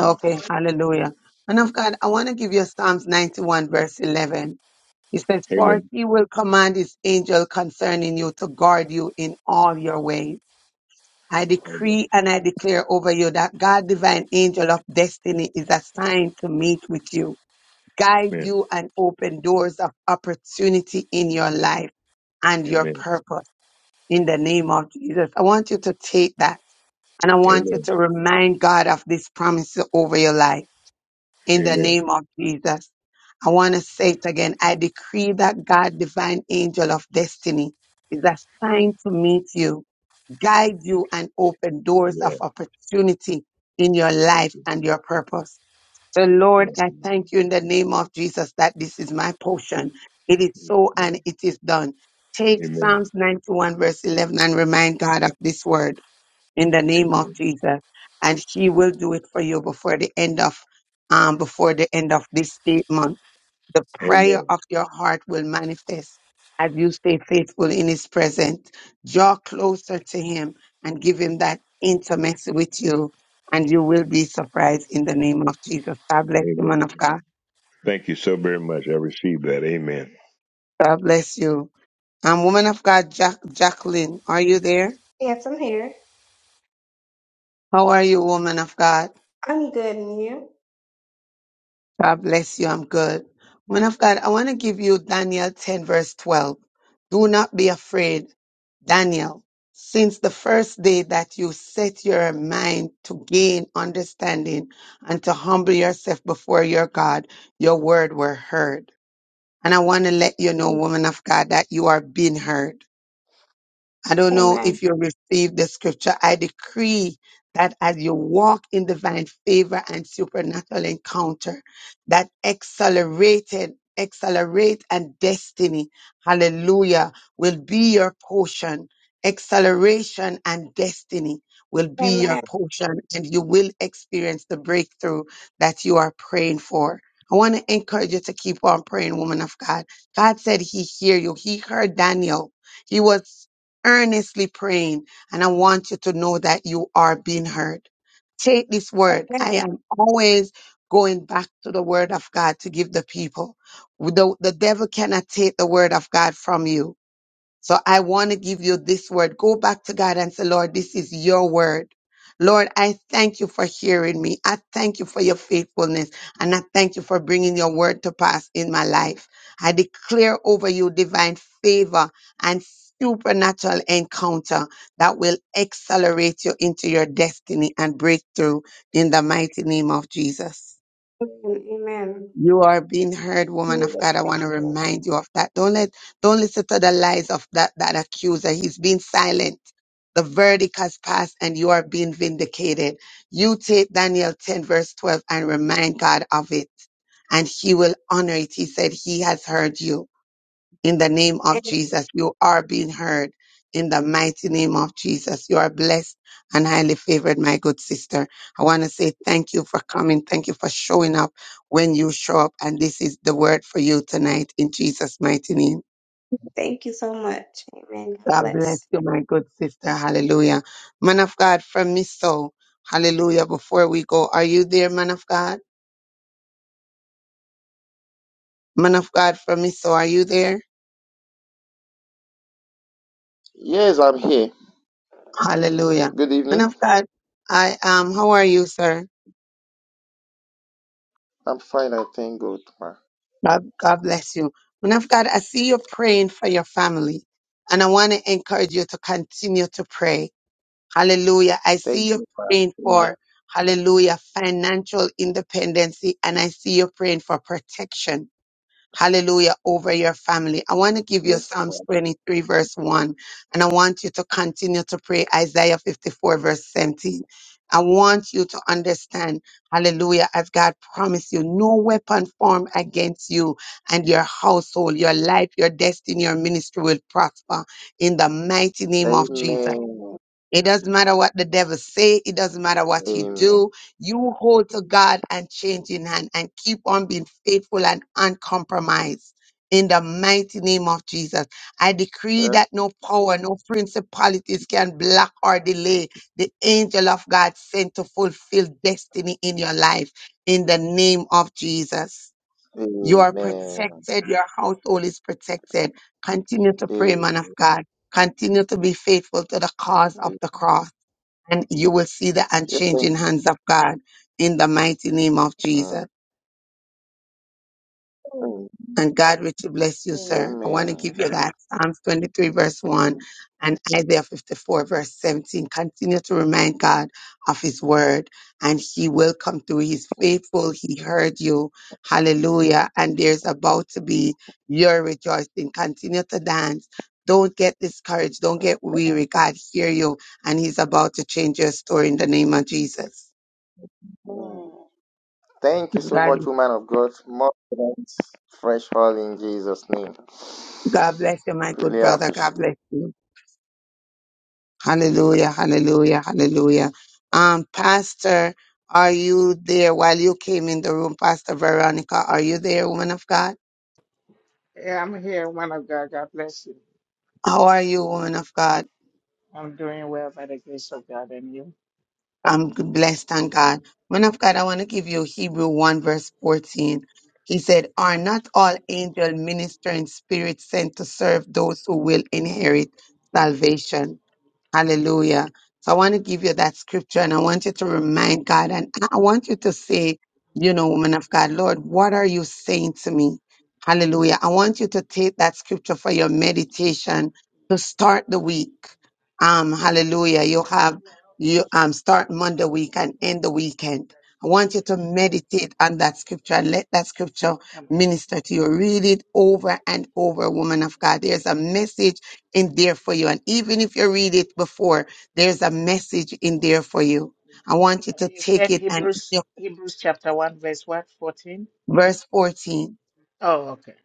G: Okay, hallelujah. And of God, I want to give you Psalms 91, verse 11. He says, For
Q: Amen.
G: he will command his angel concerning you to guard you in all your ways. I decree
Q: Amen.
G: and I declare over you that God, divine angel of destiny, is assigned to meet with you, guide you, and open doors of opportunity in your life and your
Q: Amen.
G: purpose in the name of Jesus. I want you to take that and I want you
Q: Amen.
G: to remind God of this promise over your life in the
Q: Amen.
G: name of Jesus. I want to say it again. I decree that God, divine angel of destiny, is assigned to meet you, guide you, and open doors of
Q: Yeah.
G: opportunity in your
Q: Thank
G: life
Q: you.
G: and your purpose. So,
Q: Yeah.
G: Lord, I
Q: yeah,
G: thank you in the name of Jesus that this is my portion. It is so and
Q: yeah.
G: it is done. Take
Q: Amen.
G: Psalms 91, verse 11, and remind God of this word in the name of
Q: Amen.
G: Jesus. And he will do it for you before the end of um before the end of this eight month. The prayer
Q: Amen.
G: of your heart will manifest as you stay faithful in his presence. Draw closer to him and give him that intimacy with you. And you will be surprised in the name of Jesus. God bless you, man of
Q: Amen.
G: God.
Q: Thank you so very much. I received that. Amen.
G: God bless you. Um, woman of God, Jack, Jacqueline, are you there?
R: Yes, I'm here.
G: How are you, woman of God?
R: I'm good, and you?
G: God bless you. I'm good. Man of God, I want to give you Daniel 10, verse 12. Do not be afraid, Daniel, since the first day that you set your mind to gain understanding and to humble yourself before your God, your word were heard. And I want to let you know, woman of God, that you are being heard. I don't know
R: Amen.
G: if you received the scripture. I decree that as you walk in divine favor and supernatural encounter, that accelerated, accelerate and destiny, hallelujah, will be your portion. Acceleration and destiny will be your
R: Amen.
G: portion and you will experience the breakthrough that you are praying for. I want to encourage you to keep on praying, woman of God. God said he hear you. He heard Daniel. He was earnestly praying. And I want you to know that you are being heard. Take this word.
R: Amen.
G: I am always going back to the word of God to give the people. The, the devil cannot take the word of God from you so I want to give you this word. Go back to God and say, Lord, this is your word. Lord, I thank you for hearing me. I thank you for your faithfulness. And I thank you for bringing your word to pass in my life. I declare over you divine favor and supernatural encounter that will accelerate you into your destiny and breakthrough in the mighty name of Jesus.
R: Amen.
G: You are being heard, woman of
R: Amen.
G: God. I want to remind you of that. Don't let, don't listen to the lies of that, that accuser. He's been silent. The verdict has passed and you are being vindicated. You take Daniel 10 verse 12 and remind God of it and he will honor it. He said he has heard you in the name of
R: Amen.
G: Jesus. You are being heard in the mighty name of Jesus. You are blessed and highly favored, my good sister. I want to say thank you for coming. Thank you for showing up when you show up. And this is the word for you tonight in Jesus' mighty name.
R: Thank you so much. Amen. God
G: God bless
R: bless.
G: you, my good sister. Hallelujah. Man of God from Miso. Hallelujah. Before we go, are you there, man of God? Man of God from Miso, are you there?
S: Yes, I'm here.
G: Hallelujah.
S: Good
G: Man
S: evening.
G: of God, I am. How are you, sir?
S: I'm fine, I thank God, ma.
G: God, God bless you. Man of God, I see you praying for your family, and I want to encourage you to continue to pray. Hallelujah. I
S: Thank
G: see you
S: you, ma.
G: praying
S: Amen.
G: for, hallelujah, financial independency, and I see you praying for protection Hallelujah over your family. I want to give you
S: Yes, ma.
G: Psalms 23 verse 1 and I want you to continue to pray Isaiah 54 verse 17. I want you to understand, hallelujah, as God promised you, no weapon formed against you and your household, your life, your destiny, your ministry will prosper in the mighty name of Jesus.
S: Amen.
G: It doesn't matter what the devil say. It doesn't matter what he
S: Amen.
G: do. You hold to God and change in hand and keep on being faithful and uncompromised. In the mighty name of Jesus, I decree
S: Yes,
G: that no power, no principalities can block or delay the angel of God sent to fulfill destiny in your life. In the name of Jesus. You are
S: amen.
G: protected. Your household is protected. Continue to pray,
S: Amen.
G: man of God. Continue to be faithful to the cause of the cross, and you will see the
S: Yes, thank
G: unchanging hands of God in the mighty name of
S: you. Mm.
G: Jesus.
S: Mm.
G: and God richly bless you, sir. I want to
S: Amen.
G: give you that Psalms 23, verse 1 and Isaiah 54, verse 17. Continue to remind God of his word, and he will come through. He's faithful. He heard you. Hallelujah. And there's about to be your rejoicing. Continue to dance. Don't get discouraged. Don't get weary. God hear you, and he's about to change your story in the name of Jesus.
S: Amen. Thank you so
G: God,
S: much, woman of God. More strength, fresh oil in Jesus' name.
G: God bless you, my good
S: Really
G: brother.
S: appreciate.
G: God bless you. Hallelujah, hallelujah, hallelujah. Um, Pastor, are you there while you came in the room? Pastor Veronica, are you there, woman of God?
T: Yeah, I'm here, woman of God. God bless you.
G: How are you, woman of God?
T: I'm doing well by the grace of God and you.
G: I'm blessed on God. Woman of God, I want to give you Hebrew 1 verse 14. He said, Are not all angel ministering spirits sent to serve those who will inherit salvation? Hallelujah. So I want to give you that scripture and I want you to remind God and I want you to say, you know, woman of God, Lord, what are you saying to me? Hallelujah. I want you to take that scripture for your meditation to start the week. Um, hallelujah. You have you um start Monday week and end the weekend. I want you to meditate on that scripture and let that scripture
T: I'm coming.
G: minister to you. Read it over and over, woman of God. There's a message in there for you. And even if you read it before, there's a message in there for you. I want you
T: I
G: to
T: think you
G: take
T: said
G: it and it's
T: Hebrews
G: your-
T: Hebrews chapter one verse what? Fourteen?
G: verse 14.
T: Oh, okay.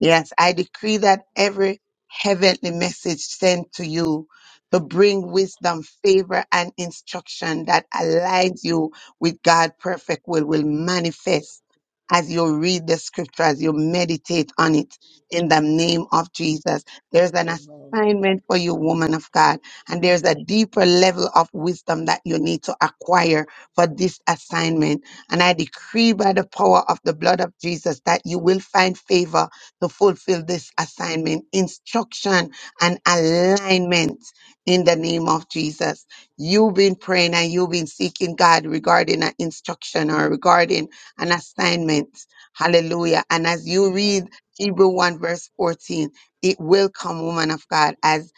G: Yes, I decree that every heavenly message sent to you to bring wisdom, favor, and instruction that aligns you with God's perfect will will manifest as you read the scripture, as you meditate on it in the name of Jesus. There's an
T: Amen.
G: assignment for you, woman of God, and there's a deeper level of wisdom that you need to acquire for this assignment. And I decree by the power of the blood of Jesus that you will find favor to fulfill this assignment, instruction and alignment in the name of Jesus. You've been praying and you've been seeking God regarding an instruction or regarding an assignment. Hallelujah. And as you
T: Amen.
G: read Hebrew 1 verse 14, it will come, woman of God, as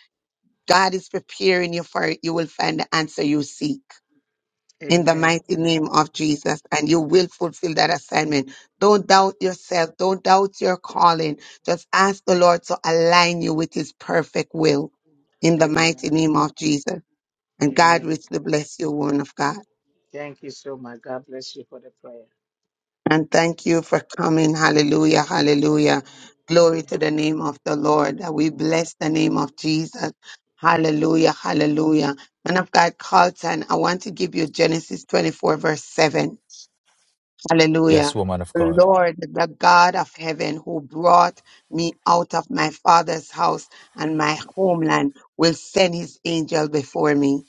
G: God is preparing you for it, you will find the answer you seek in the
T: Amen.
G: mighty name
T: Amen.
G: of Jesus, and you will fulfill that assignment. Don't doubt yourself. Don't doubt your calling. Just ask the Lord to align you with his perfect will in the mighty
T: Amen.
G: name of Jesus. And God
T: Amen.
G: richly bless you, woman of God.
T: Thank you so much. God bless you for the prayer.
G: And thank you for coming. Hallelujah. Hallelujah.
T: Amen.
G: Glory
T: Amen.
G: to the name of the Lord. We bless the name of Jesus. Hallelujah. Hallelujah. Man of God, Carlton, I want to give you Genesis 24, verse 7
F: Yes,
G: Hallelujah.
F: woman of God.
G: Lord, the God of heaven who brought me out of my father's house and my homeland will send his angel before me.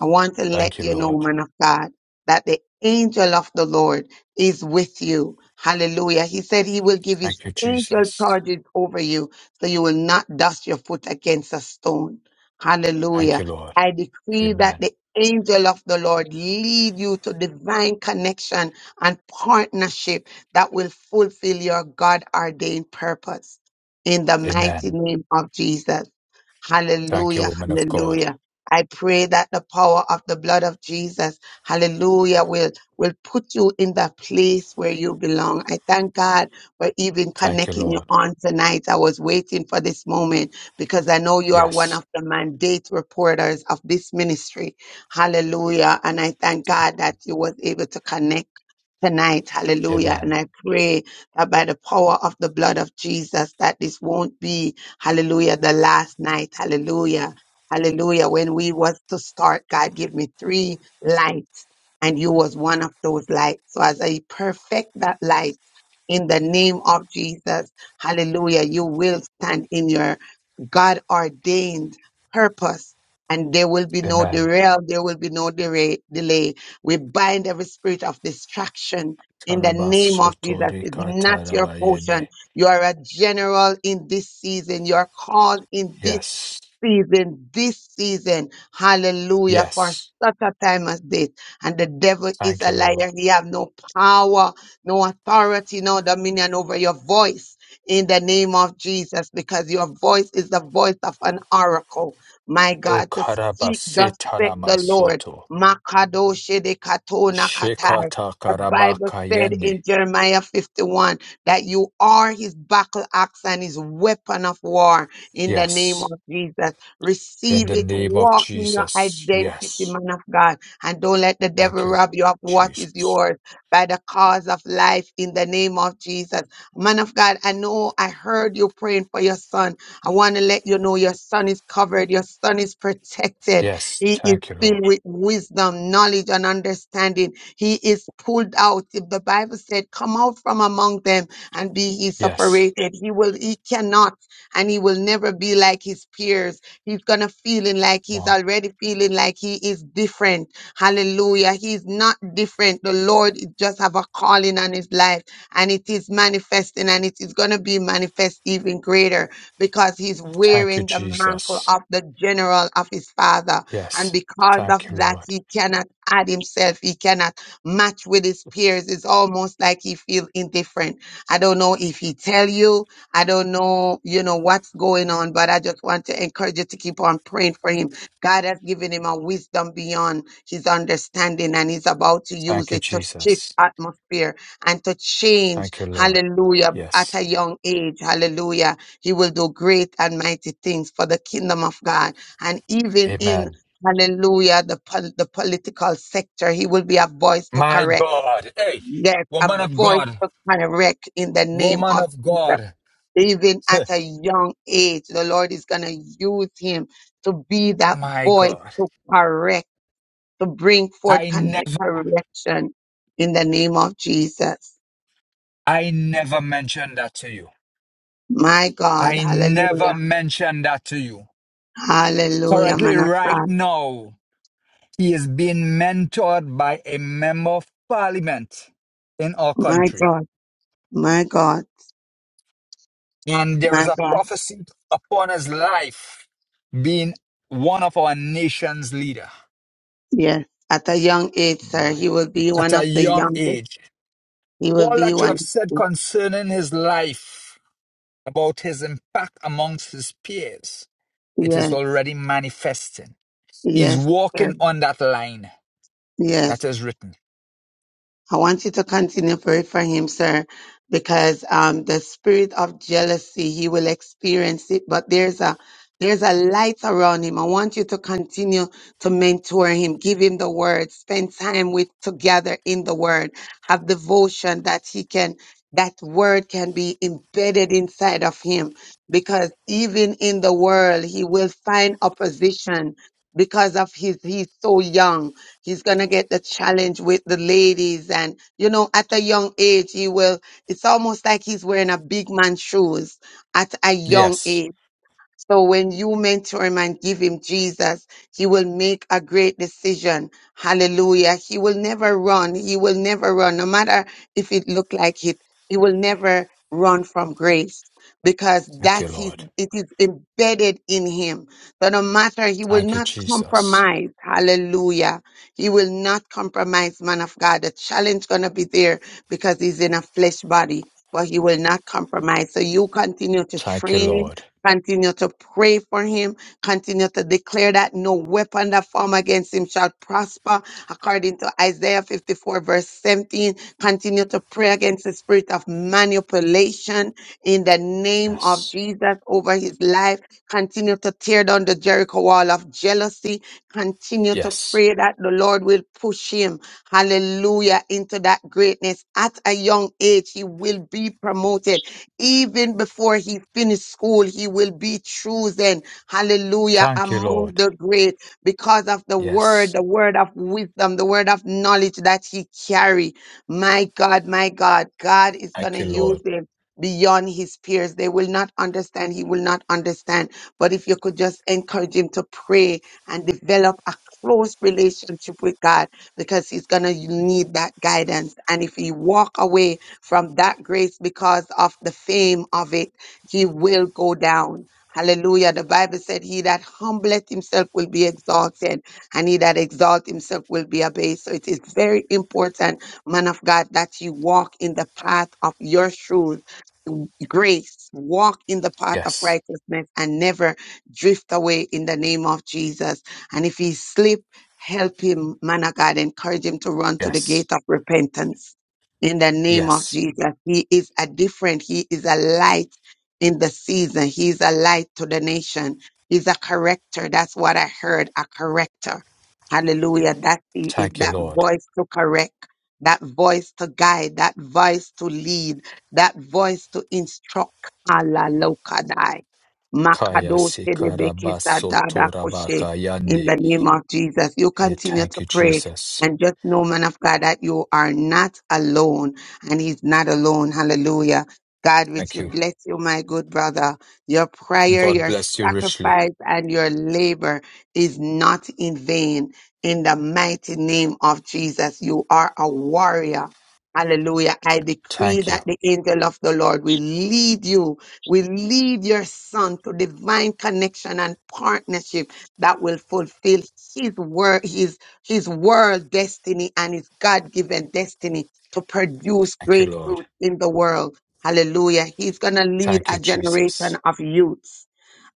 G: I want to let
F: Thank you,
G: you know,
F: Lord.
G: man of God, that the angel of the Lord is with you. Hallelujah. He said he will give his
F: Thank you,
G: angel
F: Jesus.
G: charges over you so you will not dust your foot against a stone.
F: Thank
G: Hallelujah.
F: you, Lord.
G: I decree that
F: Amen.
G: the angel of the Lord lead you to divine connection and partnership that will fulfill your God ordained purpose. In the mighty
F: Amen.
G: name of Jesus.
F: Thank you,
G: Hallelujah.
F: woman of God.
G: Hallelujah. I pray that the power of the blood of Jesus, hallelujah, will, will put you in the place where you belong. I thank God for even
F: Thank you,
G: connecting you
F: Lord.
G: on tonight. I was waiting for this moment because I know you are one
F: Yes.
G: of the mandate reporters of this ministry. Hallelujah. And I thank God that you was able to connect tonight. Hallelujah. And
F: Amen.
G: I pray that by the power of the blood of Jesus, that this won't be, hallelujah, the last night. Hallelujah. Hallelujah. When we was to start, God give me three lights and you was one of those lights. So as I perfect that light in the name of Jesus, hallelujah, you will stand in your God ordained purpose. And there will be no
F: Amen.
G: derail, there will be no dera- delay. We bind every spirit of distraction in the name of Jesus. It's not your
F: Karabasotorikatarabayede.
G: portion. You are a general in this season. You are called in this
F: Yes.
G: season, this season. Hallelujah. For
F: Yes.
G: such a time as this. And the devil is
F: Thank
G: a
F: you, Lord.
G: liar. He have no power, no authority, no dominion over your voice in the name of Jesus, because your voice is the voice of an oracle. My
F: O
G: God, to speak, thus said the Lord.
F: karabasitanamasoto.
G: Makadoshe de katona katai.
F: Shekata
G: The Bible said
F: karabakayende.
G: in Jeremiah 51 that you are his battle axe and his weapon of war in the name
F: Yes.
G: of Jesus.
F: In
G: Receive
F: the
G: it.
F: name of
G: Walk in your
F: Jesus.
G: identity,
F: Yes.
G: man of God. And don't let the
F: Thank
G: devil
F: you,
G: rob you of what is
F: Jesus.
G: yours by the cause of life in the name of Jesus. Man of God, I know I heard you praying for your son. I want to let you know your son is covered, your son is protected.
F: Yes.
G: He is
F: Thank you, Lord.
G: filled with wisdom, knowledge, and understanding. He is pulled out. If the Bible said, Come out from among them and be ye
F: Yes.
G: separated, he will, he cannot and he will never be like his peers. He's gonna feeling like
F: Come
G: he's
F: on.
G: already feeling like he is different. Hallelujah. He's not different. The Lord just have a calling on his life and it is manifesting and it is gonna be manifest even greater because he's
F: Thank you,
G: wearing the mantle
F: Jesus.
G: of the general of his father. And
F: Yes.
G: because of
F: Thank you,
G: that,
F: Lord.
G: he cannot add himself. He cannot match with his peers. It's almost like he feels indifferent. I don't know if he tell you, I don't know, you know, what's going on, but I just want to encourage you to keep on praying for him. God has given him a wisdom beyond his understanding, and he's about to use
F: Thank you,
G: it to shift
F: Jesus.
G: atmosphere and to change.
F: Thank you, Lord.
G: Hallelujah. At a
F: Yes.
G: young age, hallelujah. He will do great and mighty things for the kingdom of God. And even in
F: Amen.
G: Hallelujah, the, pol- the political sector, he will be a voice to
F: My
G: correct.
F: God. Hey,
G: Yes, a
F: woman of
G: voice
F: God.
G: to correct in the name
F: Woman
G: of
F: of
G: Jesus
F: God.
G: even at
F: Huh.
G: a young age. The Lord is going to use him to be that
F: My
G: voice
F: God.
G: to correct, to bring forth
F: I
G: con-
F: never
G: correction in the name of Jesus.
F: I never mentioned that to you.
G: My God,
F: I never
G: hallelujah,
F: mentioned that to you.
G: hallelujah,
F: Currently,
G: man of
F: right
G: God.
F: now, he is being mentored by a member of parliament in our
G: My
F: country.
G: God, my God,
F: And there
G: my
F: is a
G: God.
F: prophecy upon his life being one of our nation's leader.
G: Yes, at a young age, sir,
F: My.
G: he will be
F: At
G: one
F: a
G: of the
F: young
G: youngest.
F: age.
G: He will
F: All
G: be
F: that you
G: one.
F: have said concerning his life, about his impact amongst his peers, it is
G: Yes,
F: already manifesting. He's
G: yes, sir.
F: walking on that line that
G: Yes.
F: is written.
G: I want you to continue pray for him, sir, because um, the spirit of jealousy he will experience it, but there's a there's a light around him. I want you to continue to mentor him, give him the word, spend time with together in the word, have devotion that he can that word can be embedded inside of him because even in the world he will find opposition because of his he's so young He's going to get the challenge with the ladies. And, you know, at a young age, he will, it's almost like he's wearing a big man's shoes at a young
F: Yes.
G: age so when you mentor him and give him Jesus, he will make a great decision. Hallelujah. He will never run. He will never run. No matter if it look like it, he will never run from grace because
F: Thank you,
G: that's his,
F: Lord.
G: it is embedded in him. So no matter, he will
F: Thank you,
G: not
F: Jesus.
G: compromise. Hallelujah. He will not compromise, man of God. The challenge gonna be there because he's in a flesh body, but he will not compromise. So you continue to
F: Thank you,
G: train him
F: Lord.
G: Continue to pray for him. Continue to declare that no weapon that form against him shall prosper, according to Isaiah 54, verse 17. Continue to pray against the spirit of manipulation in the name of
F: Yes.
G: Jesus over his life. Continue to tear down the Jericho wall of jealousy. Continue to
F: Yes.
G: pray that the Lord will push him, hallelujah, into that greatness. At a young age, he will be promoted even before he finished school, he will be chosen, hallelujah,
F: Thank you,
G: among
F: Lord.
G: the great because of the word,
F: Yes.
G: the word of wisdom, the word of knowledge that he carry. My God, my God, God is going
F: Thank
G: to
F: you, Lord.
G: use him beyond his peers. They will not understand. He will not understand. But if you could just encourage him to pray and develop a close relationship with God because he's going to need that guidance. And if he walk away, from that grace because of the fame of it. He will go down. Hallelujah. The Bible said, He that humbleth himself will be exalted, and he that exalt himself will be abased. So it is very important, man of God, that you walk in the path of your truth. Grace, walk in the path of
F: Yes.
G: righteousness and never drift away in the name of Jesus. And if he slip, help him, man of God, encourage him to run to the
F: Yes.
G: gate of repentance in the name of
F: Yes.
G: Jesus. He is a different, he is a light in the season. He is a light to the nation. He's a corrector. That's what I heard, a corrector. Hallelujah. That he is
F: Thank you,
G: that
F: Lord.
G: voice to correct, that voice to guide, that voice to lead, that voice to instruct. Allah Lokadai.
F: Kaya
G: Makado Tedebeke Sadada Koshe. In
F: sikarabasotorabakayande.
G: the name of Jesus, you
F: Eh,
G: continue
F: Thank
G: to
F: you,
G: pray
F: Jesus.
G: and just know, man of God, that you are not alone and he's not alone. Hallelujah. God,
F: Thank
G: richly
F: you.
G: bless you, my good brother. Your prayer,
F: God
G: your
F: bless you richly.
G: sacrifice, and your labor is not in vain. In the mighty name of Jesus, you are a warrior. Hallelujah. I decree
F: Thank you.
G: that the angel of the Lord will lead you, will lead your son to divine connection and partnership that will fulfill his word, his world destiny and his God given destiny to produce
F: Thank you,
G: great
F: Lord.
G: fruit in the world. Hallelujah. He's going to lead
F: Thank you,
G: a generation
F: Jesus.
G: of youths.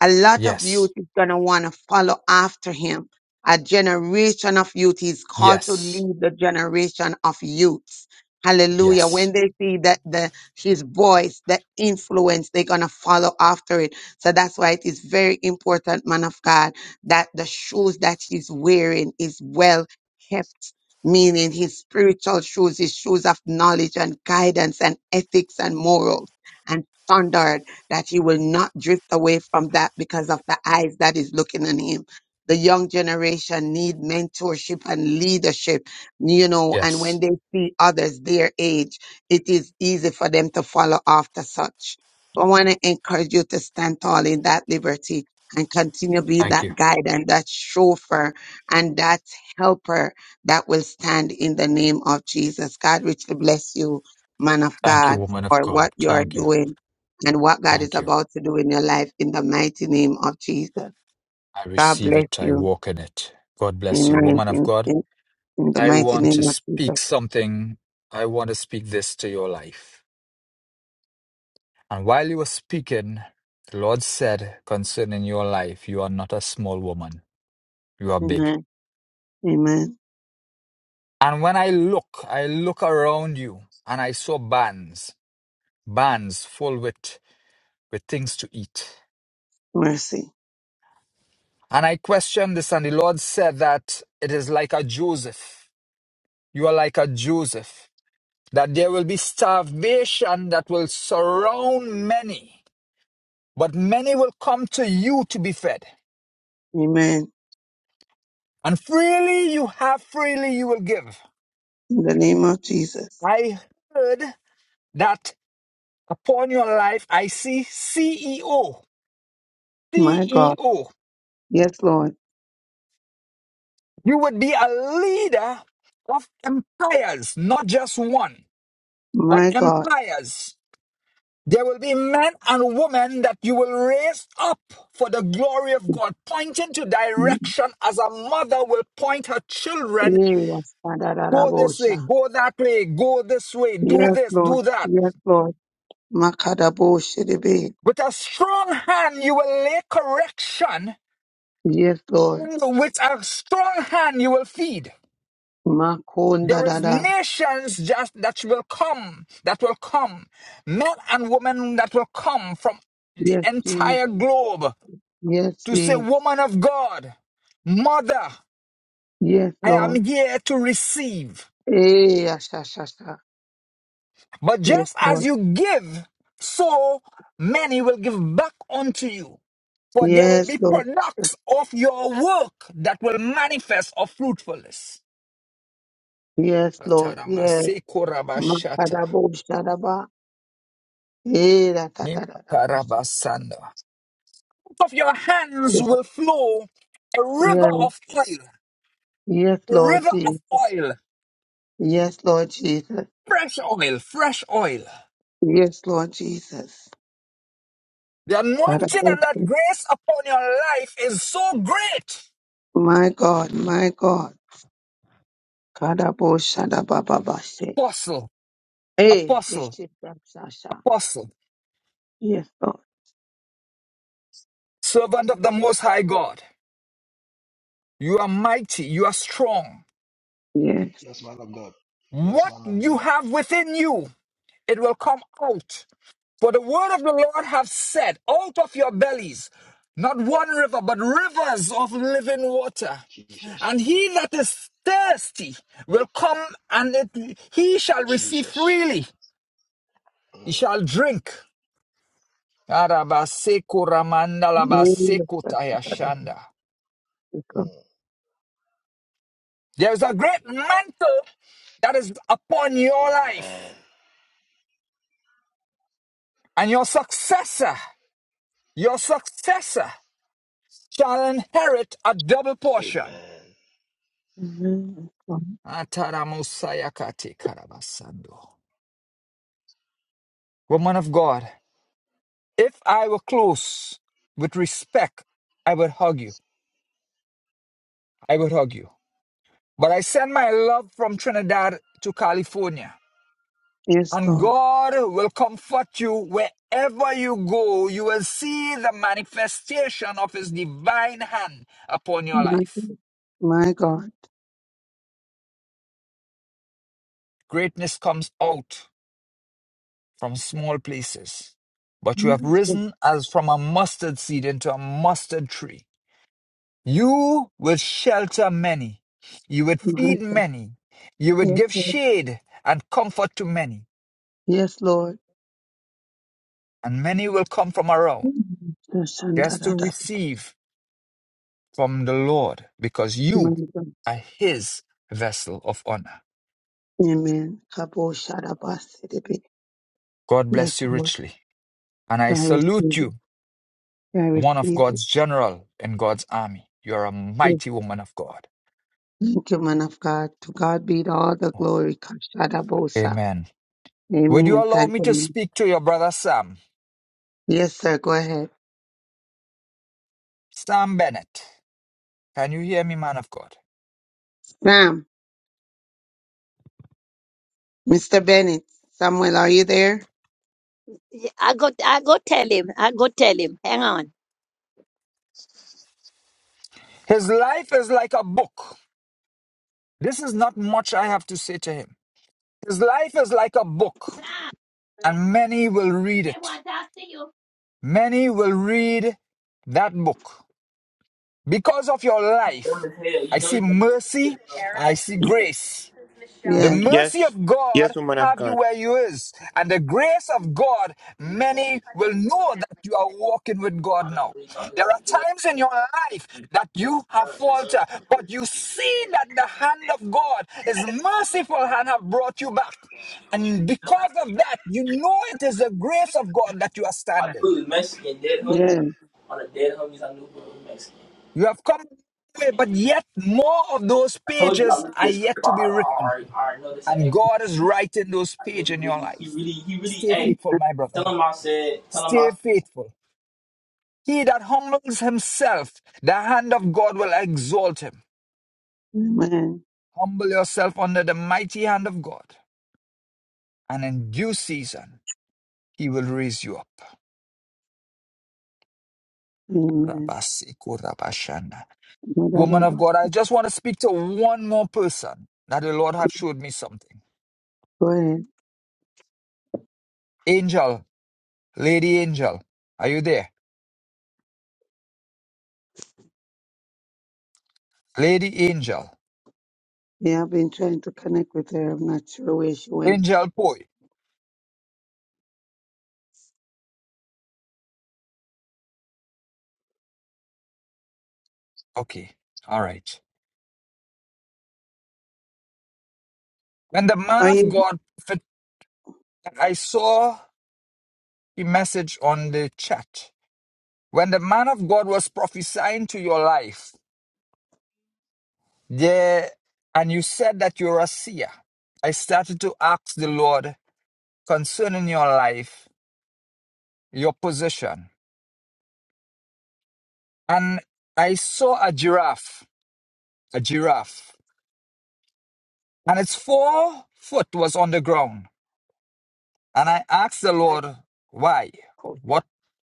G: A lot of youth
F: Yes.
G: is going to want to follow after him. A generation of youth. He's called to
F: Yes.
G: lead the generation of youths. Hallelujah. When
F: Yes.
G: they see that the his voice, the influence, they're gonna follow after it. So that's why it is very important, man of God that the shoes that he's wearing is well kept, meaning his spiritual shoes, his shoes of knowledge and guidance and ethics and morals and standard, that he will not drift away from that because of the eyes that is looking on him. The young generation need mentorship and leadership, you know, and when
F: Yes.
G: they see others their age, it is easy for them to follow after such. So I want to encourage you to stand tall in that liberty and continue to be
F: Thank you.
G: that guide and that chauffeur and that helper that will stand in the name of Jesus. God richly bless you, man of
F: Thank you,
G: God,
F: woman of
G: for what
F: God.
G: you're
F: Thank you.
G: doing and what God is
F: Thank you.
G: about to do in your life in the mighty name of Jesus.
F: I
G: God
F: receive
G: bless
F: it. I
G: you.
F: walk in it. God bless you,
G: Amen.
F: woman of
G: In,
F: God.
G: in, in the
F: I
G: mighty
F: want to
G: name of Jesus.
F: speak something. I want to speak this to your life. And while you were speaking, the Lord said concerning your life, you are not a small woman. You are big.
G: Amen. Amen.
F: And when I look, I look around you and I saw barns, barns full with, with things to eat.
G: Mercy.
F: And I questioned this, and the Lord said that it is like a Joseph. You are like a Joseph, that there will be starvation that will surround many, but many will come to you to be fed.
G: Amen.
F: And freely you have, freely you will give.
G: In the name of Jesus.
F: I heard that upon your life, I see CEO.
G: My God.
F: CEO.
G: Yes, Lord.
F: You would be a leader of empires, not just one, but
G: My God.
F: empires. There will be men and women that you will raise up for the glory of God, pointing to direction as a mother will point her children
G: Yes,
F: go this way,
G: Father,
F: go that way, go this way, do
G: Yes,
F: this,
G: Lord.
F: do that.
G: Yes, Lord. Makadabo Shedebe.
F: With a strong hand, you will lay correction,
G: Yes, Lord.
F: with a strong hand, you will feed.
G: Makonda
F: There is
G: dada.
F: nations just that will come, that will come, men and women that will come from the
G: Yes, Jesus.
F: entire globe
G: Yes,
F: to say,
G: Jesus.
F: Woman of God, Mother,
G: Yes,
F: I am
G: Lord.
F: here to receive.
G: Eh, asha, asha,
F: But
G: Yes,
F: just as
G: Lord.
F: you give, so many will give back unto you. For there will
G: Yes,
F: be
G: Lord.
F: products of your work that will manifest of fruitfulness.
G: Yes, Lord. Yes.
F: Ataramasekorabashata,
G: Makadabo shadaba. Eh, da, da, da, da, da, bo-
F: nimakarabasanda. of your hands will flow a river
G: Yes.
F: of oil,
G: Yes,
F: a
G: Lord
F: river of
G: Jesus.
F: oil,
G: Yes, Lord Jesus.
F: fresh oil, fresh oil.
G: Yes, Lord Jesus.
F: The anointing
G: Kadabo-
F: and that grace upon your life is so great.
G: My God, my God. Kadabo shada baba bashe.
F: Apostle,
G: Hey, hey,
F: apostle,
G: she from Sasha.
F: apostle,
G: Yes, Lord.
F: servant of the Most High God, you are mighty, you are strong.
G: Yes.
I: Yes, man of God. Yes,
F: What
I: man of
F: you
I: God.
F: have within you, it will come out For the word of the Lord hath said, out of your bellies, not one river, but rivers of living water.
I: Jesus.
F: And he that is thirsty will come and it, he shall receive
I: Jesus.
F: freely. He
I: Mm,
F: shall drink.
I: mm,
G: Yes, Lord.
I: mm, mm.
F: There is a great mantle that is upon your
I: Amen.
F: life, and your successor, your successor shall inherit a double portion.
I: Amen.
G: Amen.
F: Ataramosayakate karabasando. Woman of God, if I were close with respect, I would hug you. I would hug you. But I send my love from Trinidad to California.
G: Yes,
F: And
G: Lord.
F: God will comfort you wherever you go. You will see the manifestation of His divine hand upon your
G: My
F: life.
G: God. My God.
F: Greatness comes out from small places. But you
G: My
F: have
G: God.
F: risen as from a mustard seed into a mustard tree You will shelter many. You would
G: My
F: feed
G: God.
F: many. You would
G: Yes,
F: give
G: Lord.
F: shade and comfort to many.
G: Yes, Lord.
F: And many will come from around
G: Yes, and da,
F: just
G: da,
F: to receive from the Lord because
G: My
F: you
G: God.
F: are his vessel of honor.
G: Amen. Kabo shada basi debe.
F: God
G: Yes,
F: bless you
G: Lord.
F: richly. And I
G: I receive
F: salute
G: it.
F: you,
G: I
F: one of
G: receive it.
F: God's general in God's army. You are a
G: Yes.
F: mighty woman of God.
G: Thank you, man of God. To God be all the glory. Kashada bosa.
F: Amen. Would you
G: Amen.
F: allow
G: Thank
F: me
G: you.
F: to
G: ma'am.
F: speak to your brother Sam?
G: Yes, sir. Go ahead.
F: Sam Bennett. Can you hear me, man of God?
G: Sam, Mr. Bennett, Samuel, are you there?
C: Yeah, I go, I go tell him. I go tell him. Hang on.
F: His life is like a book. This is not much I have to say to him. His life is like a book,
C: Sam,
F: and many will read
C: they
F: it.
C: want to see you.
F: Many will read that book. Because of your life, I see mercy, I see grace. The
G: Yes.
F: mercy
D: Yes.
F: of God
D: Yes, woman of
F: have you
D: God.
F: where you is, and the grace of God, many will know that you are walking with God now. There are times in your life that you have faltered, but you see that the hand of God is merciful and have brought you back. And because of that, you know it is the grace of God that you are
D: I
F: standing.
D: knew it was Mexican, dead homies.
G: Yes.
D: On the dead homies, I knew he was Mexican.
F: You have come, but yet more of those
D: I told you I
F: pages
D: looked at
F: are
D: his
F: yet
D: crib. I,
F: to be
D: I,
F: written.
D: already, I already know this an
F: And
D: egg.
F: God is writing those
D: Like,
F: pages
D: nigga,
F: in your
D: really, he
F: life.
D: really, he really,
F: Stay
D: hey,
F: faithful, my brother.
D: tell him I said, tell him
F: Stay
D: I
F: faithful. He that humbles himself, the hand of God will exalt him.
G: Amen.
F: Humble yourself under the mighty hand of God, and in due season, he will raise you up.
G: Amen.
F: Rabaseko rabashanda.
G: My daughter
F: Woman of
G: was-
F: God, I just want to speak to one more person that the Lord have showed me something.
G: Go ahead.
F: Angel, Lady Angel, are you there? Lady Angel,
G: Yeah, I've been trying to connect with her. I'm not sure where she went.
F: Angel Poi. Okay, all right. When the man
G: Are
F: of
G: you?
F: God, fit- I saw a message on the chat. When the man of God was prophesying to your life, there, and you said that you're a seer, I started to ask the Lord concerning your life, your position. And I saw a giraffe, a giraffe, and its four foot was on the ground. And I asked the
C: That's
F: Lord, why?
C: Kota.
F: What,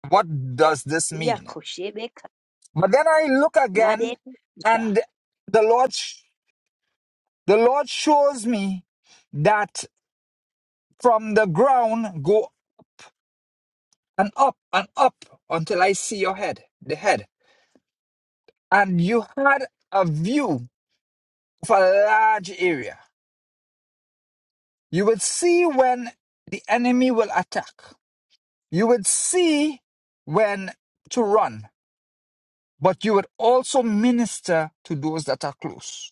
F: what does this
C: Yeah,
F: mean?
C: Koshebeka.
F: But then I look again, and the Lord, sh- the Lord shows me that from the ground go and up and up until I see your head, the head. And you had a view of a large area. You would see when the enemy will attack. You would see when to run, but you would also minister to those that are close.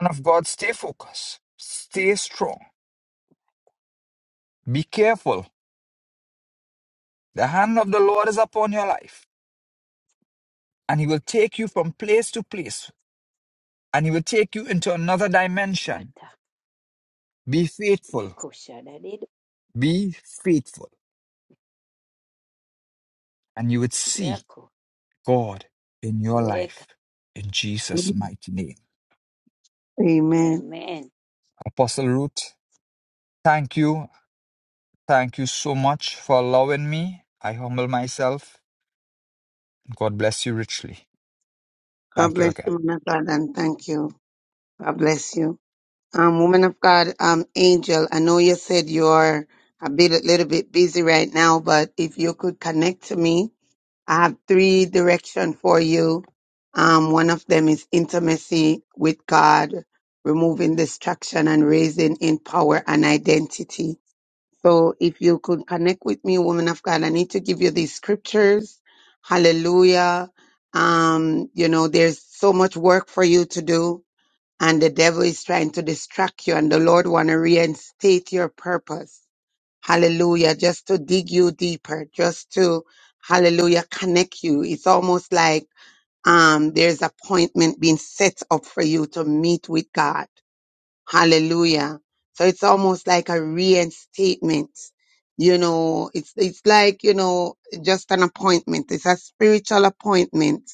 F: Man of God, stay focused, stay strong, be careful The hand of the Lord is upon your life, and He will take you from place to place, and He will take you into another dimension.
C: Made.
F: Be faithful,
C: Miko Sharariro
F: be faithful, and you would see
C: Miracle.
F: God in your
C: Yeka.
F: life in Jesus' mighty name.
G: Amen.
C: Amen.
F: Apostle Ruth, thank you. Thank you so much for allowing me. I humble myself. God bless you richly.
G: God
F: Thank you
G: bless you,
F: again.
G: woman of God, and thank you. God bless you. Um, woman of God, um, Angel, I know you said you're a bit, a little bit busy right now, but if you could connect to me, I have three directions for you. Um, one of them is intimacy with God, removing distraction and raising in power and identity. So if you could connect with me, woman of God, I need to give you these scriptures. Hallelujah. Um, you know, there's so much work for you to do and the devil is trying to distract you and the Lord want to reinstate your purpose. Hallelujah. Just to dig you deeper, just to, hallelujah, connect you. It's almost like, um, there's appointment being set up for you to meet with God. Hallelujah. So it's almost like a reinstatement. You know, it's, it's like, you know, just an appointment. It's a spiritual appointment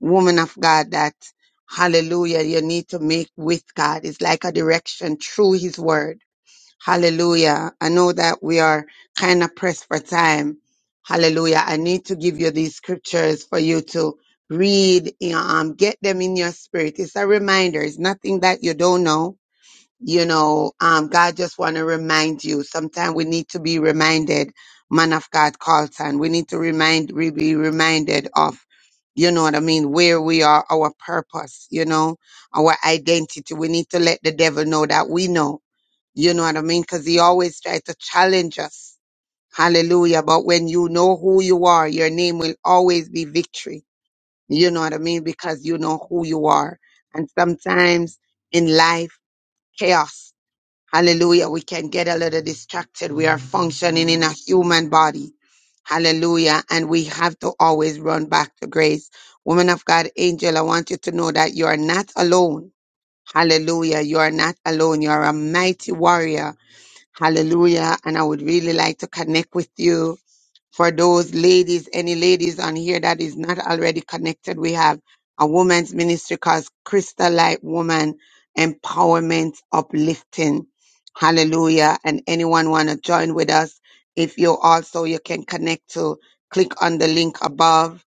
G: woman of God that hallelujah you need to make with God. It's like a direction through his word Hallelujah. I know that we are kind of pressed for time. Hallelujah. I need to give you these scriptures for you to read, you know, um, get them in your spirit. It's a reminder. It's nothing that you don't know. You know, um, God just want to remind you. Sometimes we need to be reminded, man of God, Carlton. We need to remind, we be reminded of, you know what I mean, where we are, our purpose, you know, our identity. We need to let the devil know that we know you know what I mean? Because he always tries to challenge us. Hallelujah. But when you know who you are, your name will always be victory. You know what I mean? Because you know who you are. And sometimes in life, chaos. Hallelujah. We can get a little distracted. We are functioning in a human body. Hallelujah. And we have to always run back to grace. Woman of God, angel, I want you to know that you are not alone. Hallelujah. You are not alone. You are a mighty warrior Hallelujah. And I would really like to connect with you for those ladies, any ladies on here that is not already connected, we have a woman's ministry called Crystal Light Woman Empowerment Uplifting. Hallelujah. And anyone want to join with us? If you also, you can connect to click on the link above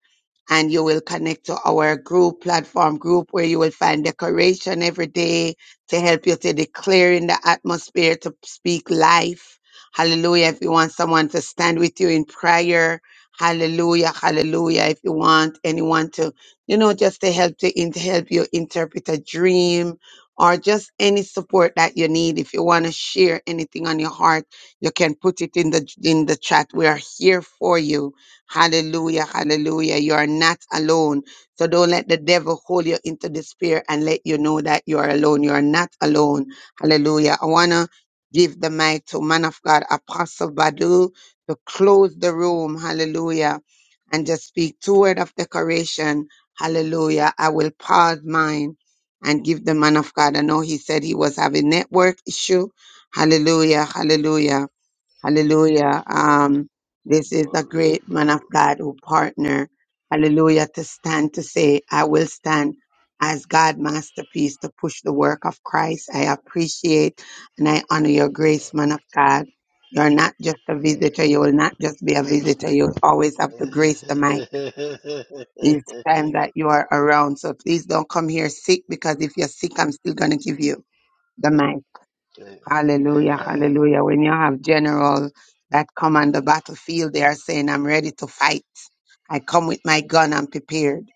G: and you will connect to our group platform group where you will find decoration every day to help you to declare in the atmosphere to speak life Hallelujah. If you want someone to stand with you in prayer, hallelujah, hallelujah. If you want anyone to, you know, just to help to in, to help you interpret a dream or just any support that you need. If you want to share anything on your heart, you can put it in the in the chat. We are here for you. Hallelujah, hallelujah. You are not alone. So don't let the devil hold you into despair and let you know that you are alone. You are not alone. Hallelujah. I wanna Give the mic to man of God, Apostle Badu, to close the room. Hallelujah. And just speak two word of decoration. Hallelujah. I will pause mine and give the man of God. I know he said he was having network issue. Hallelujah. Hallelujah. Hallelujah.
I: Glory,
G: Um, this is a
I: glory,
G: great man of
I: glory.
G: God who partner. Hallelujah. To stand to say, I will stand as God masterpiece to push the work of Christ. I appreciate and I honor your grace, man of God. You're not just a
I: Mm,
G: visitor. You will not just be a visitor. You'll always have to
I: mm.
G: grace the mic each time that you are around. So please don't come here sick because if you're sick, I'm still going to give you the mic. Hallelujah,
I: Amen.
G: hallelujah. When you have generals that come on the battlefield, they are saying, I'm ready to fight. I come with my gun, I'm prepared.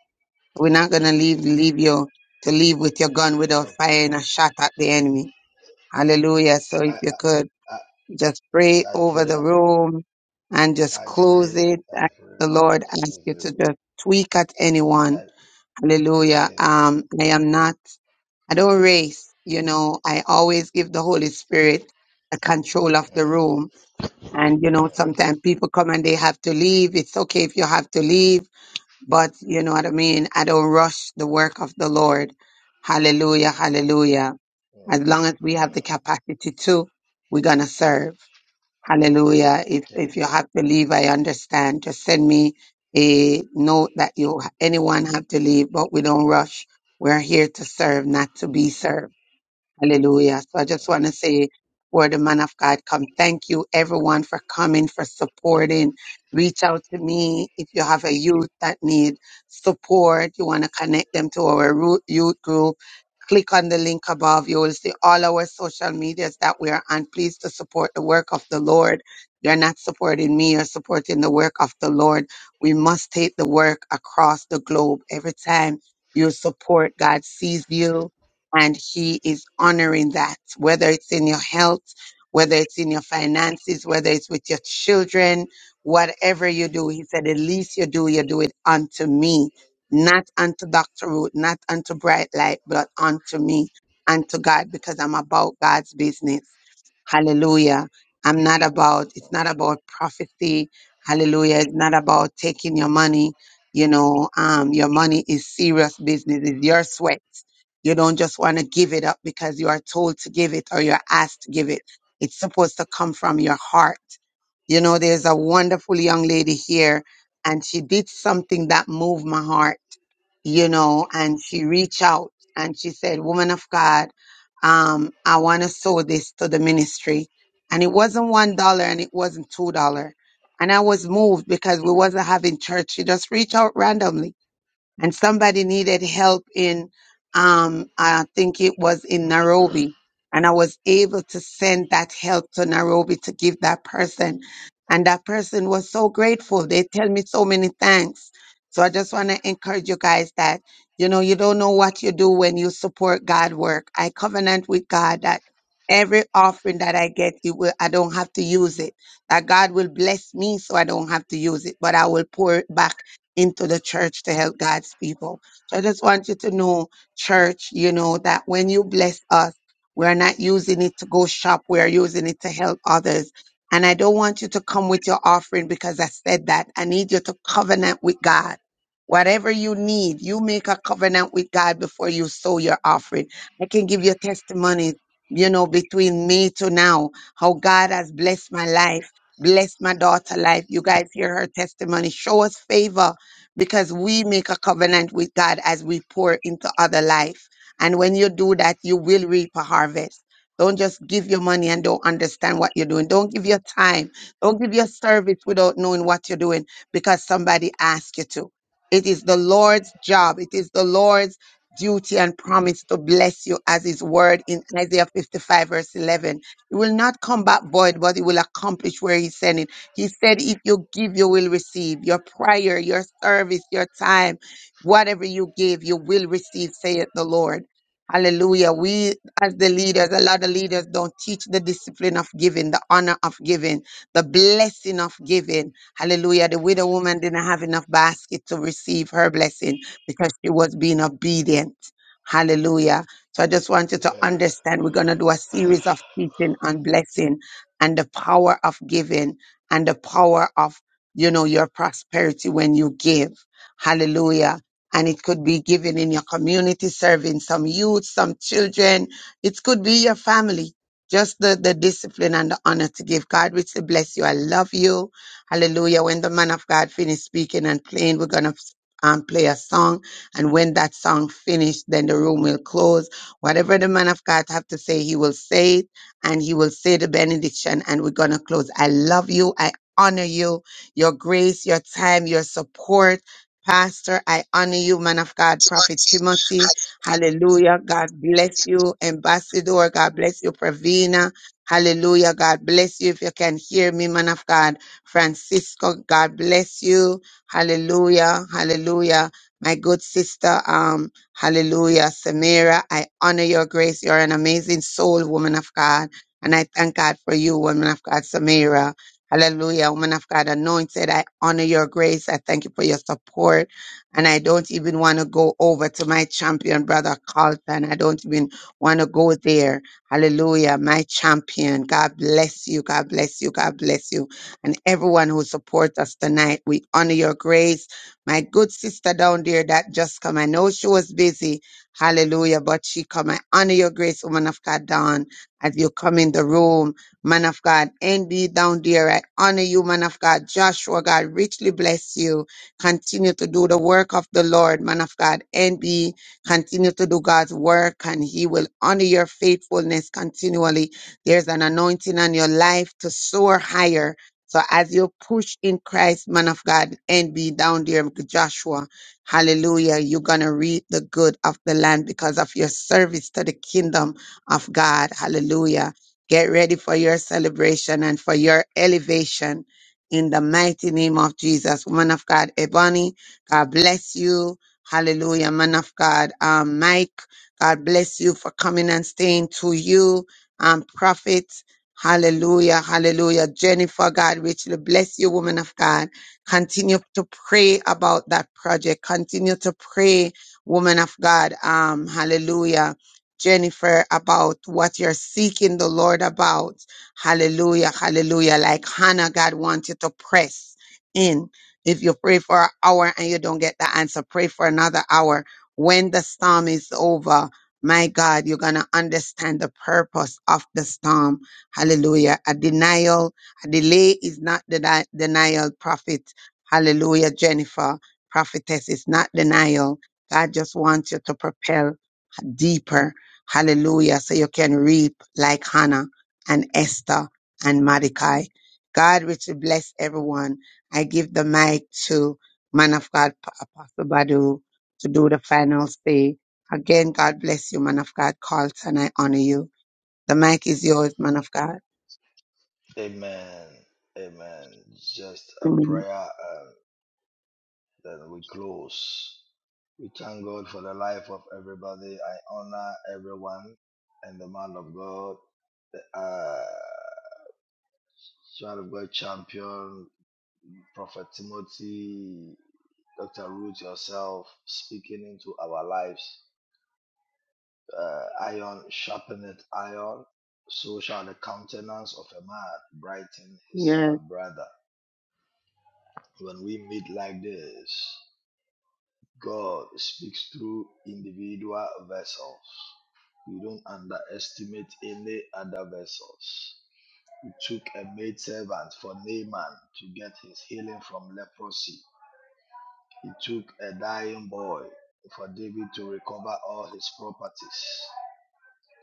G: We're not gonna leave
I: Mm.
G: leave you to leave with your gun without
I: Okay.
G: firing a shot at the enemy. Hallelujah. So
I: I,
G: if
I: I,
G: you could
I: I
G: just pray
I: I
G: over
I: pray,
G: the room and just
I: I
G: close
I: pray,
G: it.
I: I
G: And The
I: pray.
G: Lord
I: I
G: asks you
I: pray.
G: to just tweak at
I: I,
G: anyone. Hallelujah.
I: amen.
G: Um, I am not. I don't race, you know, I always give the Holy Spirit the control of
I: Mm,
G: the room. And, you
I: mm,
G: know, sometimes people come and they have to leave. It's okay if you have to leave, but you know what I mean? I don't rush the work of the Lord. Hallelujah,
I: mm,
G: hallelujah.
I: mm,
G: As long as we have the
I: mm.
G: capacity to, we're going to serve. Hallelujah. If,
I: Amen.
G: if you have to leave, I understand. Just send me a note that you, anyone have to leave, but we don't rush. We're here to serve, not to be served. Hallelujah. So I just
I: Mm,
G: want to say, word the man of God come. Thank you everyone for coming, for supporting. Reach out to me if you have a youth that need support. You want to connect them to our ru- youth group click on the link above. You will see all our social medias that we are on. Please to support the work of the Lord. You're not supporting me, you're supporting the work of the Lord. We must take the work across the globe. Every time you support, God sees you and He is honoring that, whether it's in your health, whether it's in your finances, whether it's with your children, whatever you do. He said, the least you do, you do it unto me not unto Dr. Root, not unto Bright Light, but unto me, unto God, because I'm about God's business. Hallelujah. I'm not about, it's not about prophecy. Hallelujah. It's not about taking your money. You know, um, your money is serious business. It's your sweat. You don't just want to give it up because you are told to give it or you're asked to give it. It's supposed to come from your heart. You know, there's a wonderful young lady here and she did something that moved my heart, you know, and she reached out and she said, Woman of God, um, I want to sow this to the ministry. And it wasn't one dollar and it wasn't two dollar. And I was moved because we wasn't having church. She just reached out randomly and somebody needed help in um I think it was in Nairobi and I was able to send that help to Nairobi to give that person and that person was so grateful they tell me so many thanks so I just want to encourage you guys that you know you don't know what you do when you support God work I covenant with God that every offering that I get you will I don't have to use it that God will bless me so I don't have to use it but I will pour it back into the church to help God's people. So I just want you to know, church, you know, that when you bless us, we're not using it to go shop, we're using it to help others. And I don't want you to come with your offering because I said that. I need you to covenant with God. Whatever you need, you make a covenant with God before you sow your offering. I can give you testimony, you know, between me to now, how God has blessed my life, blessed my daughter life. You guys hear her testimony. Show us favor because we make a covenant with God as we pour into other life. And when you do that, you will reap a harvest. Don't just give your money and don't understand what you're doing. Don't give your time. Don't give your service without knowing what you're doing because somebody asked you to. It is the Lord's job. It is the Lord's duty and promise to bless you as his word in Isaiah 55 verse 11. It will not come back void, but it will accomplish where he sent it he said, if you give, you will receive. Your prayer, your service, your time, whatever you give, you will receive, saith the Lord. Hallelujah. We, as the
I: mm.
G: leaders, a lot of leaders don't teach the discipline of giving, the honor of giving, the blessing of giving. Hallelujah. The widow woman didn't have enough basket to receive her blessing because she was being obedient. Hallelujah. So I just want you to
I: Amen.
G: understand we're going to do a series of teaching on blessing and the power of giving and the power of, you know, your prosperity when you give. Hallelujah. And it could be given in your community, serving some youth, some children. It could be your family. Just the, the discipline and the honor to give. God richly bless you. I love you. Hallelujah. When the man of God finished speaking and playing, we're going to um, play a song. And when that song finished, then the room will close. Whatever the man of God have to say, he will say it and you will say the benediction and we're going to close. I love you. I honor you, your grace, your time, your support. Pastor, I honor you, man of God, Prophet Timothy. Hallelujah. God bless you, Ambassador. God bless you, Pravina. Hallelujah. God bless you. If you can hear me, man of God, Francisco, God bless you. Hallelujah. Hallelujah. My good sister, um, Hallelujah. Samira, I honor your grace. You're an amazing soul, woman of God. And I thank God for you, woman of God, Samira. Hallelujah. Woman of God, anointed. I honor your grace. I thank you for your support. And I don't even want to go over to my champion, brother Carlton. I don't even want to go there. Hallelujah. My champion. God bless you. God bless you. God bless you. And everyone who supports us tonight, we honor your grace. My good sister down there that just come. I know she was busy. Hallelujah. But she come. I honor your grace, woman of God, Dawn as you come in the room, man of God. Andy down there, I honor you, man of God. Joshua, God, richly bless you. Continue to do the work of the Lord, man of God. Andy, continue to do God's work and he will honor your faithfulness continually. There's an anointing on your life to soar higher. So as you push in Christ, man of God, and be down there, Joshua, hallelujah, you're going to reap the good of the land because of your service to the kingdom of God. Hallelujah. Get ready for your celebration and for your elevation in the mighty name of Jesus. Woman of God, Ebony, God bless you. Hallelujah. Man of God, um, Mike, God bless you for coming and staying to you. Um, prophet, hallelujah, hallelujah. Jennifer, God richly bless you, woman of God. Continue to pray about that project. Continue to pray, woman of God. Um, hallelujah Jennifer, about what you're seeking the Lord about. Hallelujah, hallelujah. Like Hannah, God wants you to press in. If you pray for an hour and you don't get the answer, pray for another hour. When the storm is over, my God, you're going to understand the purpose of the storm. Hallelujah. A denial, a delay is not deni- denial, prophet. Hallelujah, Jennifer. Prophetess is not denial. God just wants you to propel deeper. Hallelujah. So you can reap like Hannah and Esther and Mordecai. God richly bless everyone. I give the mic to man of God, Pa- Apostle Badu, to do the final say. Again, God bless you, man of God, Carlton. I honor you. The mic is yours, man of God.
I: Amen. Amen. Just a
G: Amen.
I: prayer and then we close. We thank God for the life of everybody. I honor everyone and the man of God, the uh, child of God champion, Prophet Timothy, Dr. Ruth, yourself speaking into our lives. Uh, iron sharpeneth iron, so shall the countenance of a man brighten his
G: Yes,
I: uh, brother. When we meet like this, God speaks through individual vessels. We don't underestimate any other vessels. He took a maidservant for Naaman to get his healing from leprosy. He took a dying boy for David to recover all his properties.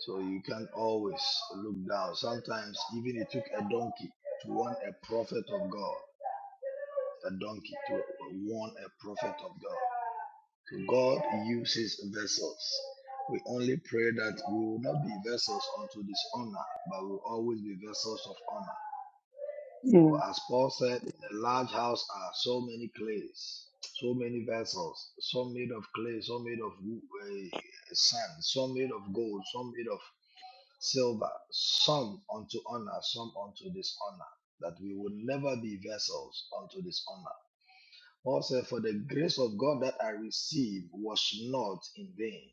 I: So you can always look down. Sometimes even it took a donkey to warn a prophet of God. A donkey to warn a prophet of God. So God uses vessels. We only pray that we will not be vessels unto dishonor, but we will always be vessels of honor.
G: yes,
I: For as Paul said, in a large house are so many clays, so many vessels, some made of clay, some made of wo- eh, sand, some made of gold, some made of silver, some unto honor, some unto dishonor, that we would never be vessels unto dishonor. Paul said, For the grace of God that I received was not in vain.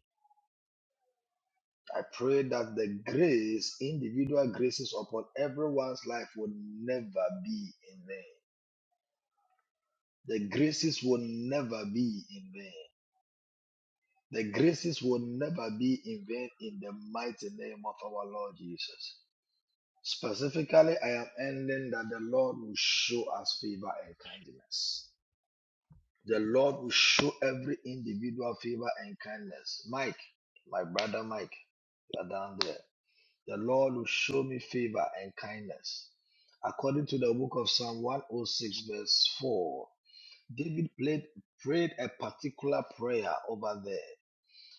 I: I pray that the grace, individual graces upon everyone's life would never be in vain. The graces will never be in vain. The graces will never be in vain in the mighty name of our Lord Jesus. Specifically, I am ending that the Lord will show us favor and kindness. The Lord will show every individual favor and kindness. Mike, my brother Mike, you are down there. The Lord will show me favor and kindness. According to the book of Psalm 106, verse 4, David played, prayed a particular prayer over there.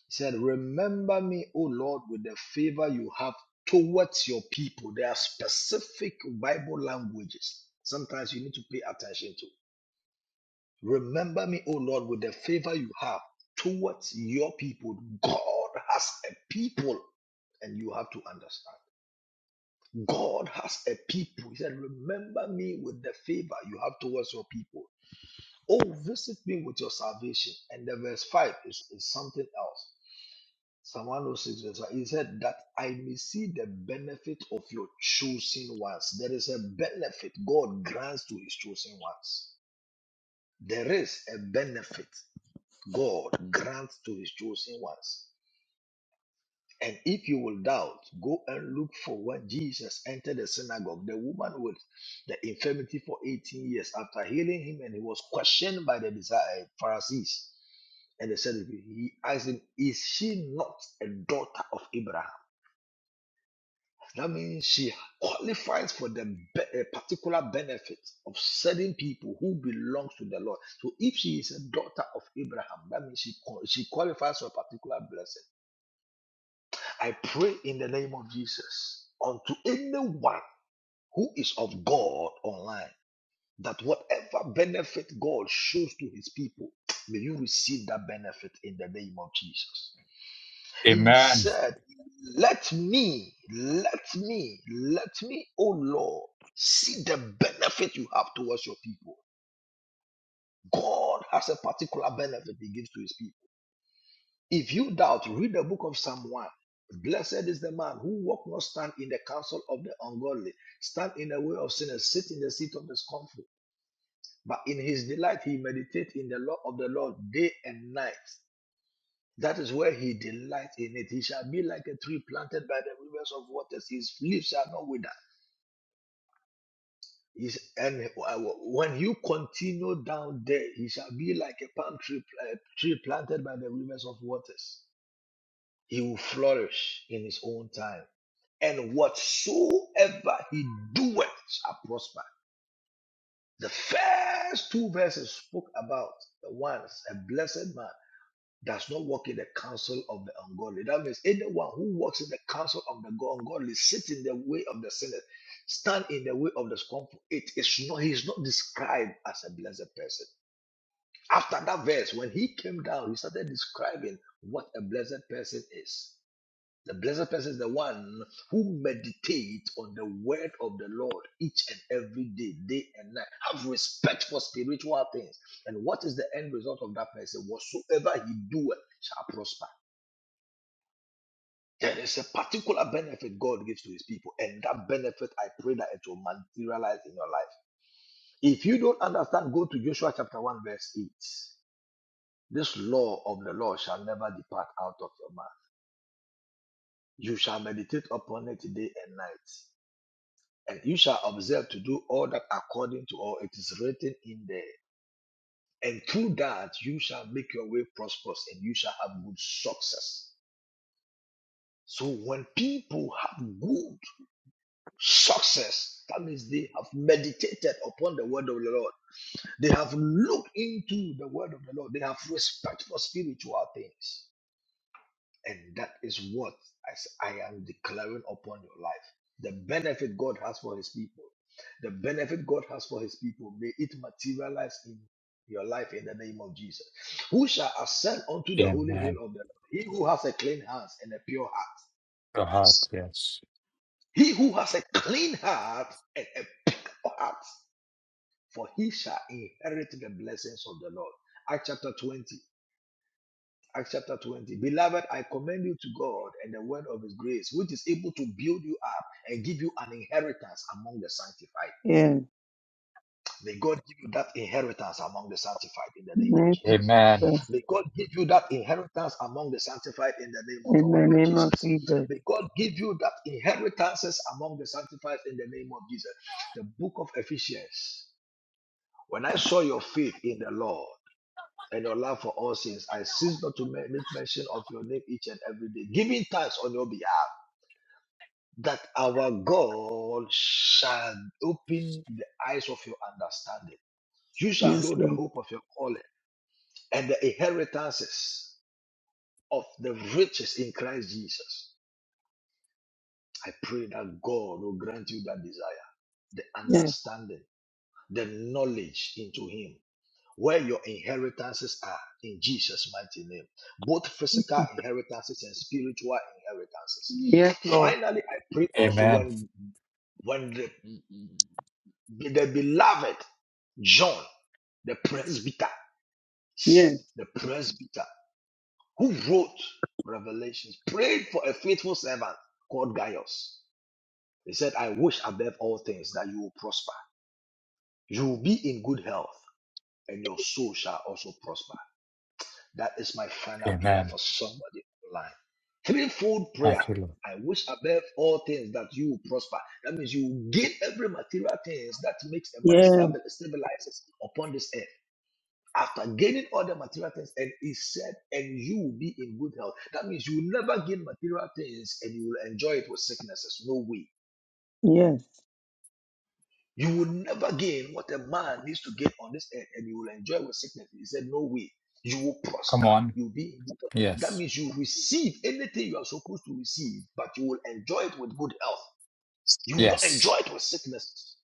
I: He said, Remember me, O Lord, with the favor you have towards your people. There are specific Bible languages. Sometimes you need to pay attention to. Remember me, O Lord, with the favor you have towards your people. God has a people, and you have to understand. God has a people. He said, Remember me with the favor you have towards your people. Oh, visit me with your salvation. And the verse 5 is, is something else. Psalm 106, verse 1. He said, That I may see the benefit of your chosen ones. There is a benefit God grants to his chosen ones. There is a benefit God grants to his chosen ones. And if you will doubt, go and look for when Jesus entered the synagogue, the woman with the infirmity for 18 years after healing him, and he was questioned by the Pharisees. Pharisees. And they said, He asked him, Is she not a daughter of Abraham? That means she qualifies for the be- a particular benefit of certain people who belongs to the Lord. So if she is a daughter of Abraham, that means she, qual- she qualifies for a particular blessing. I pray in the name of Jesus unto anyone who is of God online that whatever benefit God shows to his people, may you receive that benefit in the name of Jesus. He
F: Amen.
I: said, Let me, let me, let me, O Lord, see the benefit you have towards your people. God has a particular benefit he gives to his people. If you doubt, read the book of Psalm 1. Blessed is the man who walk not stand in the counsel of the ungodly, stand in the way of sinners, sit in the seat of discomfort. But in his delight he meditate in the law of the Lord day and night. That is where he delights in it. He shall be like a tree planted by the rivers of waters. His leaves shall not wither. His, and uh, when you continue down there, he shall be like a palm tree, uh, tree planted by the rivers of waters. He will flourish in his own time. And whatsoever he doeth shall prosper. The first two verses spoke about the ones, a blessed man does not walk in the counsel of the ungodly. That means anyone who walks in the counsel of the go- ungodly sits in the way of the sinner, stand in the way of the scornful. It is not, he is not described as a blessed person. After that verse, when he came down, he started describing what a blessed person is. The blessed person is the one who meditates on the word of the Lord each and every day, day and night. Have respect for spiritual things. And what is the end result of that person? Whatsoever he doeth shall prosper. There is a particular benefit God gives to his people, and that benefit I pray that it will materialize in your life. If you don't understand, go to Joshua chapter 1, verse 8. This law of the Lord shall never depart out of your mouth. You shall meditate upon it day and night, and you shall observe to do all that according to all it is written in there. And through that, you shall make your way prosperous and you shall have good success. So when people have good Success. That means they have meditated upon the word of the Lord. They have looked into the word of the Lord. They have respect for spiritual things. And that is what as I am declaring upon your life. The benefit God has for his people. The benefit God has for his people. May it materialize in your life in the name of Jesus. Who shall ascend unto the holy
F: Amen.
I: hill of the Lord? He who has a clean hands and a pure heart.
F: Your heart, yes.
I: He who has a clean heart and a pure heart for he shall inherit the blessings of the Lord. Acts chapter 20. Acts chapter 20. Beloved, I commend you to God and the word of his grace, which is able to build you up and give you an inheritance among the sanctified.
G: yes.
I: May God give you that inheritance among the sanctified in the name of
G: Name of
I: Jesus.
F: Amen.
G: Jesus.
I: May God give you that inheritance among the sanctified in the name of
G: In
I: our
G: the
I: Lord
G: name of
I: Jesus.
G: Jesus.
I: May God give you that inheritances among the sanctified in the name of Jesus. The book of Ephesians. When I saw your faith in the Lord, and your love for all things. I cease not to ma- make mention of your name each and every day, giving thanks on your behalf that our God shall open the eyes of your understanding. You shall
G: Yes,
I: know the
G: Lord.
I: hope of your calling and the inheritances of the riches in Christ Jesus. I pray that God will grant you that desire, the
G: Yes,
I: understanding, the knowledge into Him where your inheritances are in Jesus' mighty name, both physical inheritances and spiritual inheritances. Finally, I pray also
F: Amen.
I: when when the, the beloved John, the presbyter,
G: yes,
I: the presbyter who wrote Revelations, prayed for a faithful servant called Gaius. He said, I wish above all things that you will prosper. You will be in good health, and your soul shall also prosper. That is my final prayer
F: Amen.
I: for somebody online. Threefold prayer.
F: Thank you, Lord.
I: I wish above all things that you will prosper. That means you will gain every material things that makes a man
G: yes,
I: stable, stabilizes upon this earth. After gaining all the material things, and he said, and you will be in good health. That means you will never gain material things and you will enjoy it with sicknesses. No way.
G: yes.
I: You will never gain what a man needs to gain on this earth, and you will enjoy with sickness. He said, No way. You will
F: Come
I: prosper.
F: on.
I: You'll be in good health. That
F: Yes.
I: means you receive anything you are supposed to receive, but you will enjoy it with good health. You will not enjoy
F: Yes.
I: it with sickness.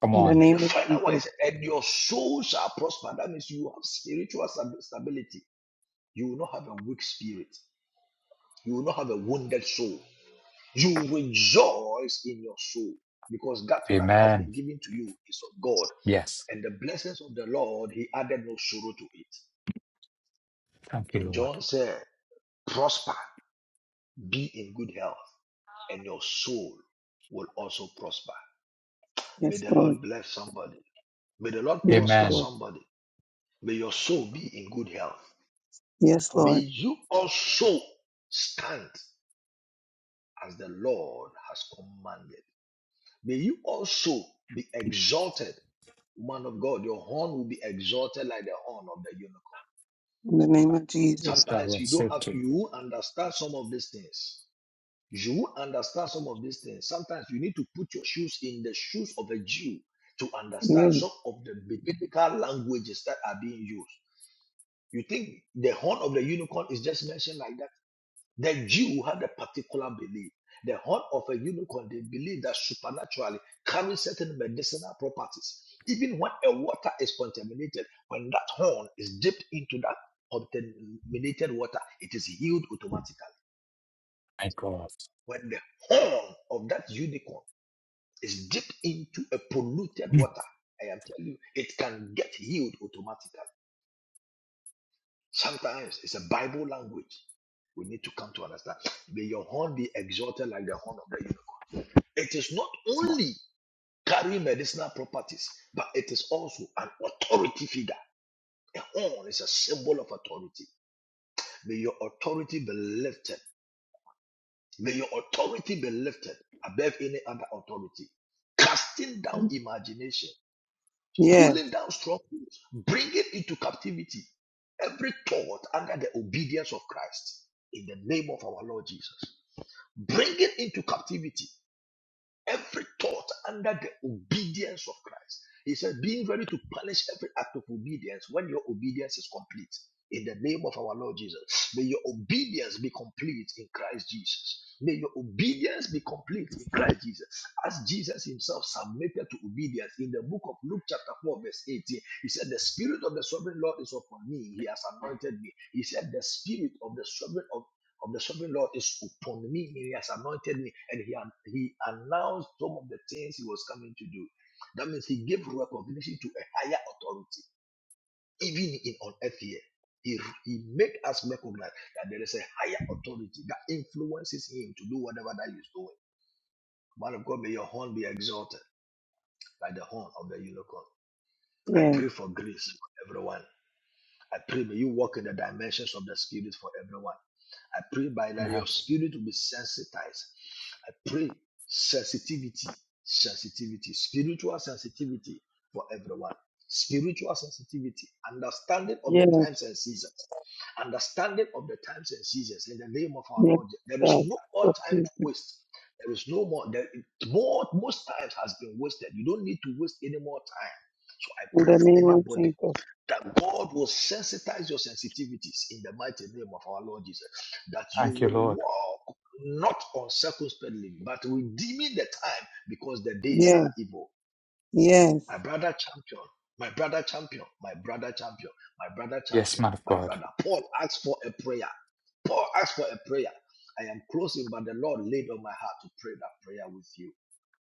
F: Come
G: In the
F: on.
I: And the
G: name of
I: final
G: Jesus.
I: one is, and your soul shall prosper. That means you have spiritual stability. You will not have a weak spirit. You will not have a wounded soul. You will rejoice in your soul because that that has
F: Amen.
I: been given to you is of God
F: Yes.
I: And the blessings of the Lord, he added no sorrow to it.
F: Thank
I: So
F: you, Lord.
I: John said, Prosper, be in good health, and your soul will also prosper. May
G: Yes,
I: the
G: Lord.
I: Lord bless somebody. May the Lord
G: Yes,
I: prosper
F: Amen.
G: Lord.
I: somebody. May your soul be in good health.
G: Yes,
I: May
G: Lord.
I: you also stand as the Lord has commanded. May you also be exalted, man of God. Your horn will be exalted like the horn of the unicorn.
G: In the name of Jesus.
I: Sometimes you don't have to, you understand some of these things. You will understand some of these things. Sometimes you need to put your shoes in the shoes of a Jew to understand
G: Yes.
I: some of the biblical languages that are being used. You think the horn of the unicorn is just mentioned like that? The Jew had a particular belief. The horn of a unicorn, they believe that supernaturally carries certain medicinal properties. Even when a water is contaminated, when that horn is dipped into that contaminated water, it is healed automatically.
F: My God.
I: When the horn of that unicorn It's dipped into a polluted
F: Mm.
I: water. I am telling you, it can get healed automatically. Sometimes it's a Bible language. We need to come to understand. May your horn be exalted like the horn of the unicorn. It is not only carrying medicinal properties, but it is also an authority figure. A horn is a symbol of authority. May your authority be lifted. May your authority be lifted above any other authority casting down imagination.
G: Yes.
I: pulling down strongholds, bringing into captivity every thought under the obedience of Christ in the name of our Lord Jesus. Bringing into captivity every thought under the obedience of Christ. He said, being ready to punish every act of obedience when your obedience is complete. In the name of our Lord Jesus, may your obedience be complete in Christ Jesus. May your obedience be complete in Christ Jesus. As Jesus himself submitted to obedience in the book of Luke, chapter 4, verse 18, he said, The Spirit of the Sovereign Lord is upon me. He has anointed me. He said, The Spirit of the Sovereign of the sovereign Lord is upon me. and He has anointed me. And he, an- he announced some of the things he was coming to do. That means he gave recognition to a higher authority, even in on earth here. He, he made us recognize that there is a higher authority that influences him to do whatever that he's doing. Man of God, may your horn be exalted like the horn of the unicorn. I
G: Yes.
I: pray for grace for everyone. I pray may you walk in the dimensions of the Spirit for everyone. I pray by that your spirit will be sensitized. I pray sensitivity, sensitivity, spiritual sensitivity for everyone. Spiritual sensitivity, understanding of the
G: Yes.
I: times and seasons, understanding of the times and seasons in the name of our
G: Yes.
I: Lord. There is
G: God.
I: no more
G: For
I: time
G: Jesus.
I: to waste. There is no more. There, more most times has been wasted. You don't need to waste any more time. So I
G: In
I: pray
G: the
I: for
G: name of
I: anybody
G: Jesus.
I: that God will sensitize your sensitivities in the mighty name of our Lord Jesus, that you
F: Thank you,
I: will
F: Lord.
I: walk not uncircumspectly, but redeeming the time because the days are
G: Yes.
I: evil.
G: Yes.
I: My brother champion, my brother champion, my brother champion, my brother
F: Yes,
I: champion,
F: man of
I: my
F: God.
I: brother. Paul asked for a prayer. Paul asked for a prayer. I am closing, but the Lord laid on my heart to pray that prayer with you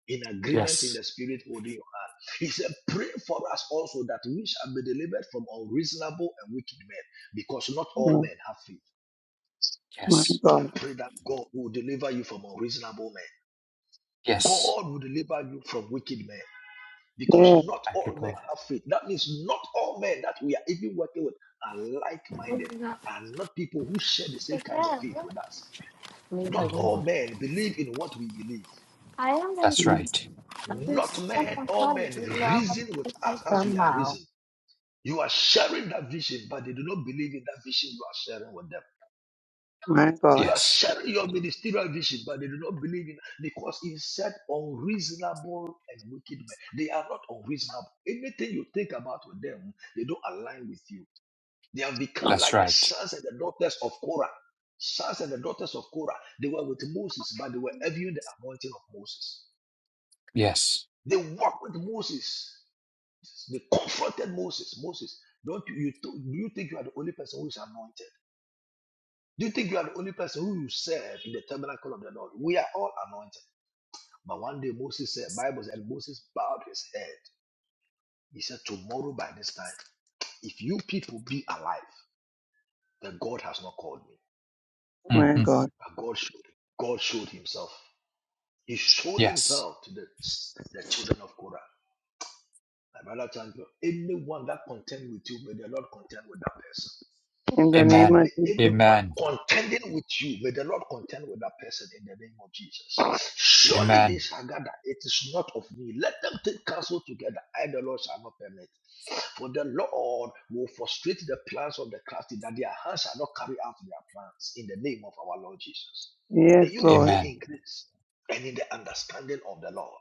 I: in agreement in
F: Yes.
I: the spirit holding your hand. He said, Pray for us also that we shall be delivered from unreasonable and wicked men, because not all
G: Yes.
I: men have faith.
G: My
F: Yes.
I: I
G: God.
I: pray that God will deliver you from unreasonable men.
F: Yes.
I: God will deliver you from wicked men, because
G: Yes.
I: not
F: Thank you,
I: all men
F: Lord.
I: have faith. That means not all men that we are even working with are like
U: I
I: minded, are not people who share the same kind of faith with us.
U: mean, her
I: Not all
U: window.
F: Amen.
I: men believe in what we believe.
F: That's right.
I: Not men, all men reason with us as we are
U: Somehow.
I: reasoning. You are sharing that vision, but they do not believe in that vision you are sharing with them.
G: My God.
I: You are
F: Yes.
I: sharing your ministerial vision, but they do not believe in because it said unreasonable and wicked men. They are not unreasonable. Anything you think about with them, they don't align with you. They have become
F: That's
I: like the
F: right.
I: sons and the daughters of Korah. Sons and the daughters of Korah. They were with Moses, but they were envying the anointing of Moses.
F: Yes.
I: They walked with Moses. They confronted Moses. Moses, don't you, you, do you think you are the only person who is anointed? Do you think you are the only person who you serve in the tabernacle of the Lord? We are all anointed. But one day Moses said, Bible said Moses bowed his head. He said, Tomorrow by this time, if you people be alive, then God has not called me.
G: My
F: hmm
G: God.
I: But God showed him. God showed himself. He showed
F: Yes.
I: himself to the, the children of Korah. My brother champion, anyone that contend with you, may the Lord contend with that person.
G: In the name
F: Amen.
I: May
G: of Jesus.
I: anyone
F: Amen.
I: contending with you, may the Lord contend with that person in the name of Jesus. Surely they
F: Amen.
I: shall gather. It is not of me. Let them take counsel together. I, the Lord, shall not permit. For the Lord will frustrate the plans of the crafty, that their hands shall not carry out their plans in the name of our Lord Jesus.
G: Yes,
I: May you
G: Lord.
I: grow
F: Amen.
I: in grace and in the understanding of the Lord.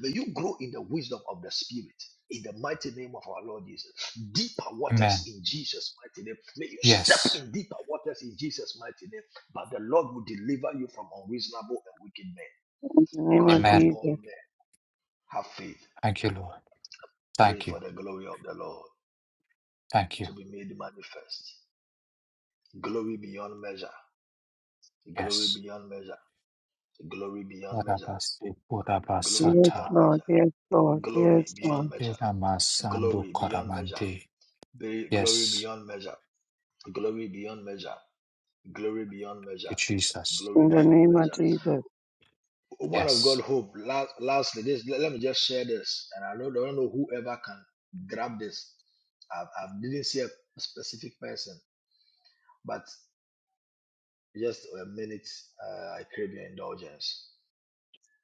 I: May you grow in the wisdom of the Spirit. In the mighty name of our Lord Jesus, deeper waters
F: Amen.
I: in Jesus' mighty name. May you step
F: Yes.
I: in deeper waters in Jesus' mighty name. But the Lord will deliver you from unreasonable and wicked men,
G: In the name
I: because
G: of
I: not
F: Amen.
I: all
G: Jesus.
I: men have faith.
F: Thank you, Lord.
I: Pray
F: Thank you.
I: for the glory of the Lord
F: Thank you.
I: to be made manifest. Glory beyond measure, glory
F: Yes.
I: beyond measure, glory beyond measure,
F: Barabasi,
I: glory
G: Yes,
I: beyond
F: barabasata.
G: Lord.
I: measure,
G: Yes, Lord.
I: glory
G: Yes,
I: beyond
G: Lord.
I: measure,
F: Tenamasando
I: glory beyond measure,
F: Karamante.
I: be- glory
F: Yes,
I: beyond measure. Glory beyond measure. Glory beyond measure.
F: thank you, Jesus.
I: Glory
G: In the
I: beyond
G: name of
I: measure.
G: Jesus.
I: Woman of God,
F: Yes.
I: hope. La- Lastly, this let let me just share this, and I don't, I don't know whoever can grab this. I, I didn't see a specific person, but just a minute. Uh, I crave your indulgence.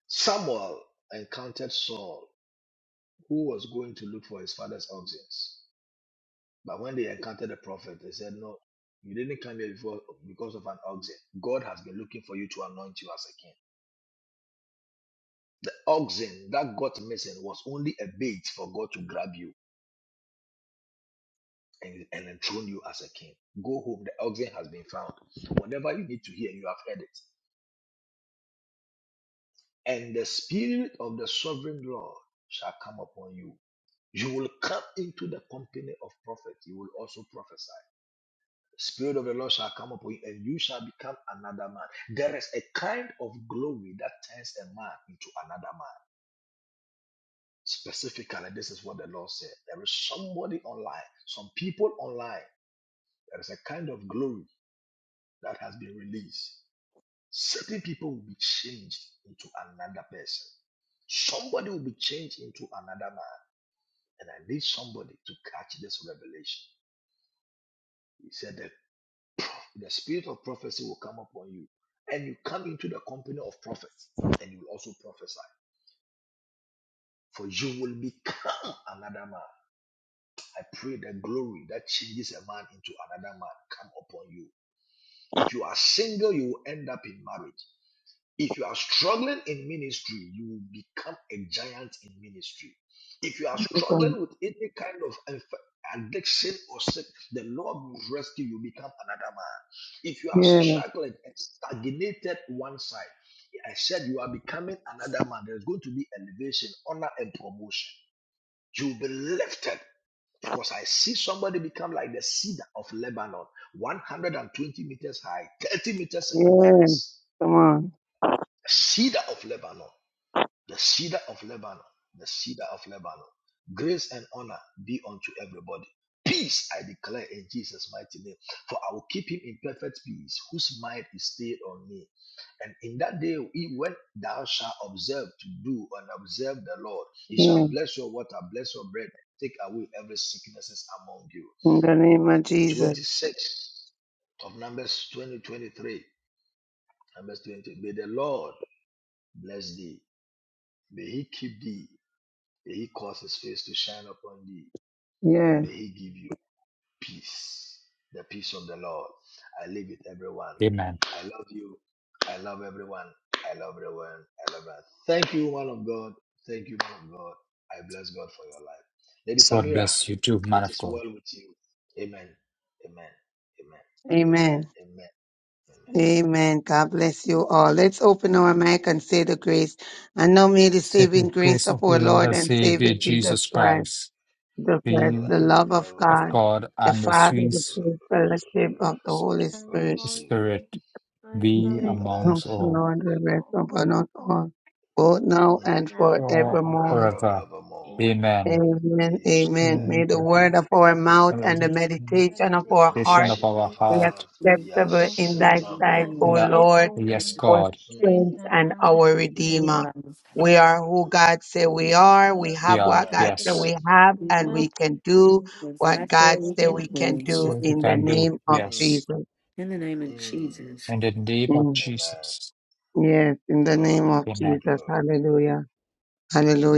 I: Samuel encountered Saul, who was going to look for his father's oxen, but when they encountered the prophet, they said, "No, you didn't come here before because of an oxen. God has been looking for you to anoint you as a king." oxen that got missing was only a bait for God to grab you and, and enthrone you as a king. Go home, the oxen has been found. Whatever you need to hear, you have heard it. And the spirit of the sovereign Lord shall come upon you. You will come into the company of prophets. You will also prophesy. Spirit of the Lord shall come upon you, and you shall become another man. There is a kind of glory that turns a man into another man. Specifically, this is what the Lord said. There is somebody online, some people online There is a kind of glory that has been released. Certain people will be changed into another person. Somebody will be changed into another man. And I need somebody to catch this revelation. He said that the spirit of prophecy will come upon you, and you come into the company of prophets, and you will also prophesy. For you will become another man. I pray the glory that changes a man into another man come upon you. If you are single, you will end up in marriage. If you are struggling in ministry, you will become a giant in ministry. If you are
G: My God.
I: struggling with any kind of inf- addiction or sick, the Lord will rescue you, become another man. If you are
G: Yes.
I: struggling and stagnated one side, I said you are becoming another man. There's going to be elevation, honor, and promotion. You'll be lifted. Of course, I see somebody become like the cedar of Lebanon, 120 meters high, 30 meters
G: Yes.
I: circumference.
G: Come on.
I: Cedar of Lebanon the cedar of Lebanon, the cedar of Lebanon. Grace and honor be unto everybody. Peace, I declare in Jesus' mighty name. For I will keep him in perfect peace, whose mind is stayed on me. And in that day, he- when thou shalt observe to do and observe the Lord, he shall
G: Yes.
I: bless your water, bless your bread, and take away every sicknesses among you.
G: In the name of Jesus.
I: 26 of Numbers 20 23. Numbers 20. May the Lord bless thee. May he keep thee. May he cause his face to shine upon thee,
G: Yes.
I: and may he give you peace, the peace of the Lord. I live with everyone.
F: Amen.
I: I love you. I love everyone. I love everyone. I love everyone. Thank you, one of God. Thank you, one of God. I bless God for your life. Lady
F: God
I: Samira,
F: bless you too,
I: it
F: man of
I: is
F: God.
I: well with you. Amen. Amen. Amen. Amen.
G: Amen.
I: Amen.
G: Amen. God bless you all. Let's open our mic and say the grace. And now may the saving
F: Second
G: grace
F: grace
G: of
F: of the
G: our
F: Lord
G: Lord
F: and
G: and Savior
F: Savior
I: Amen.
G: Jesus
F: Jesus
G: Christ,
F: Christ,
G: the
I: The
G: Christ,
F: being
G: the love
I: li-
G: of
I: love of
F: of
G: God,
I: God,
F: God
G: the
F: and the
G: Father, the
F: sweet
G: Spirit, fellowship of the Holy
E: And the
I: Holy
G: Spirit,
E: Holy
I: Spirit,
E: Spirit,
F: Spirit
E: first
F: be
I: be
E: remain
I: with
E: in the
G: come
F: amongst
I: us
E: blood of
F: all
G: now and
E: the
G: rest
E: soul,
G: upon us all, both now
E: both
I: mm,
G: and
E: now and
F: all
G: forevermore.
E: forevermore.
F: forever.
E: Amen.
I: forevermore.
F: Amen.
G: Amen. Amen.
I: Amen.
F: Surely
G: May the
F: goodness
G: word of our
E: With
G: mouth
F: and
E: The
F: mercy follow
G: and
F: us
G: the
E: life and
G: meditation of
I: The
G: our
E: meditation of
F: Condition
G: heart
F: of
E: our
I: meditation
F: our
E: heart
I: of our
G: be
E: be
F: heart.
I: heart
U: we-
I: be
G: acceptable
E: acceptable
G: in thy
U: we
E: in
I: acceptable.
G: sight,
E: thy
U: send
G: O
U: me
F: No.
U: to-
E: sight,
G: Lord
E: O
F: Yes,
E: Lord,
G: our
E: to
F: God.
I: Mm, mm,
E: strength
G: strength
E: and
G: and
E: our
G: our
U: we
E: Redeemer.
G: redeemer.
U: run.
G: We are who
I: mm.
G: God say we
E: Let's go
G: are. We
E: prayer.
G: have
F: Yeah.
E: We
G: what
I: Yeah.
G: God
E: have a
G: say
F: Yes.
G: we
E: God's
G: have,
E: We
G: and
U: We-
E: have.
G: we can
E: We
G: do
E: can do
U: we
G: what God
E: what
U: we
G: say
E: we
U: can
I: Mm,
G: we
E: can.
G: can
U: do.
G: do
F: So we
G: in the
F: can do.
G: name
I: mm,
G: of
I: mm,
F: Yes.
G: Jesus.
U: In the name of
I: mm.
U: Jesus.
F: In the name of
G: Mm.
I: Amen.
F: Jesus.
G: Yes, in the
I: Glory.
G: name of
F: Amen.
G: Jesus.
I: Glory.
G: Hallelujah.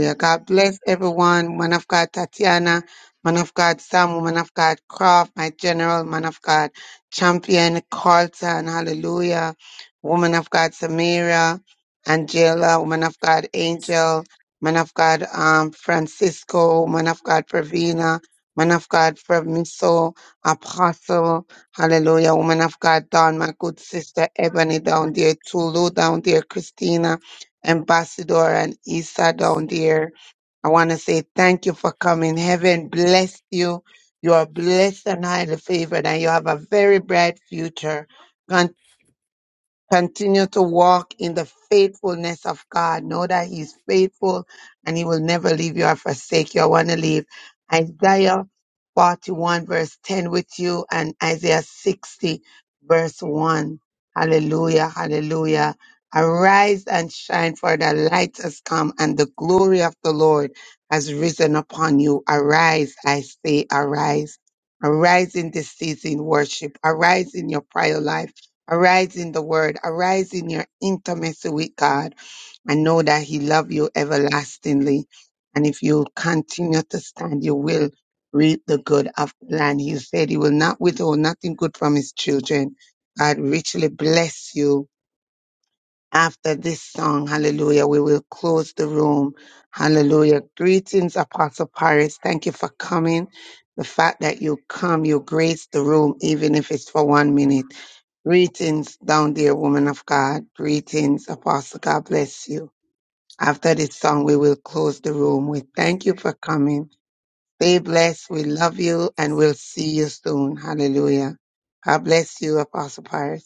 I: Mm.
G: God bless everyone. Man of God, Tatiana. Man of God, Sam. Man of God, Croft. My general. Man of God, Champion, Carlton. Hallelujah. Woman of God, Samira. Angela. Woman of God, Angel. Man of God, um, Francisco. Man of God, Pravina. Man of God, Miso, Apostle. Hallelujah. Woman of God, Don, my good sister, Ebony down there. Tulu down there. Christina. Ambassador and Issa down there. I want to say thank you for coming. Heaven bless you. You are blessed and highly favored, and you have a very bright future. Continue to walk in the faithfulness of God. Know that He's faithful and He will never leave you or forsake you. I want to leave Isaiah 41, verse 10 with you and Isaiah 60, verse 1. Hallelujah, hallelujah. Arise and shine, for the light has come, and the glory of the Lord has risen upon you. Arise, I say, arise. Arise in this season, worship. Arise in your prior life Arise in the word. Arise in your intimacy with God and know that he loves you everlastingly. And if you continue to stand, you will reap the good of the land. He said he will not withhold nothing good from his children. God richly bless you after this song, hallelujah, we will close the room. Hallelujah. Greetings, Apostle Paris. Thank you for coming. The fact that you come, you grace the room, even if it's for one minute. Greetings, down there, woman of God. Greetings, Apostle. God bless you. After this song, we will close the room. We thank you for coming. Stay blessed. We love you and we'll see you soon. Hallelujah. God bless you, Apostle Paris.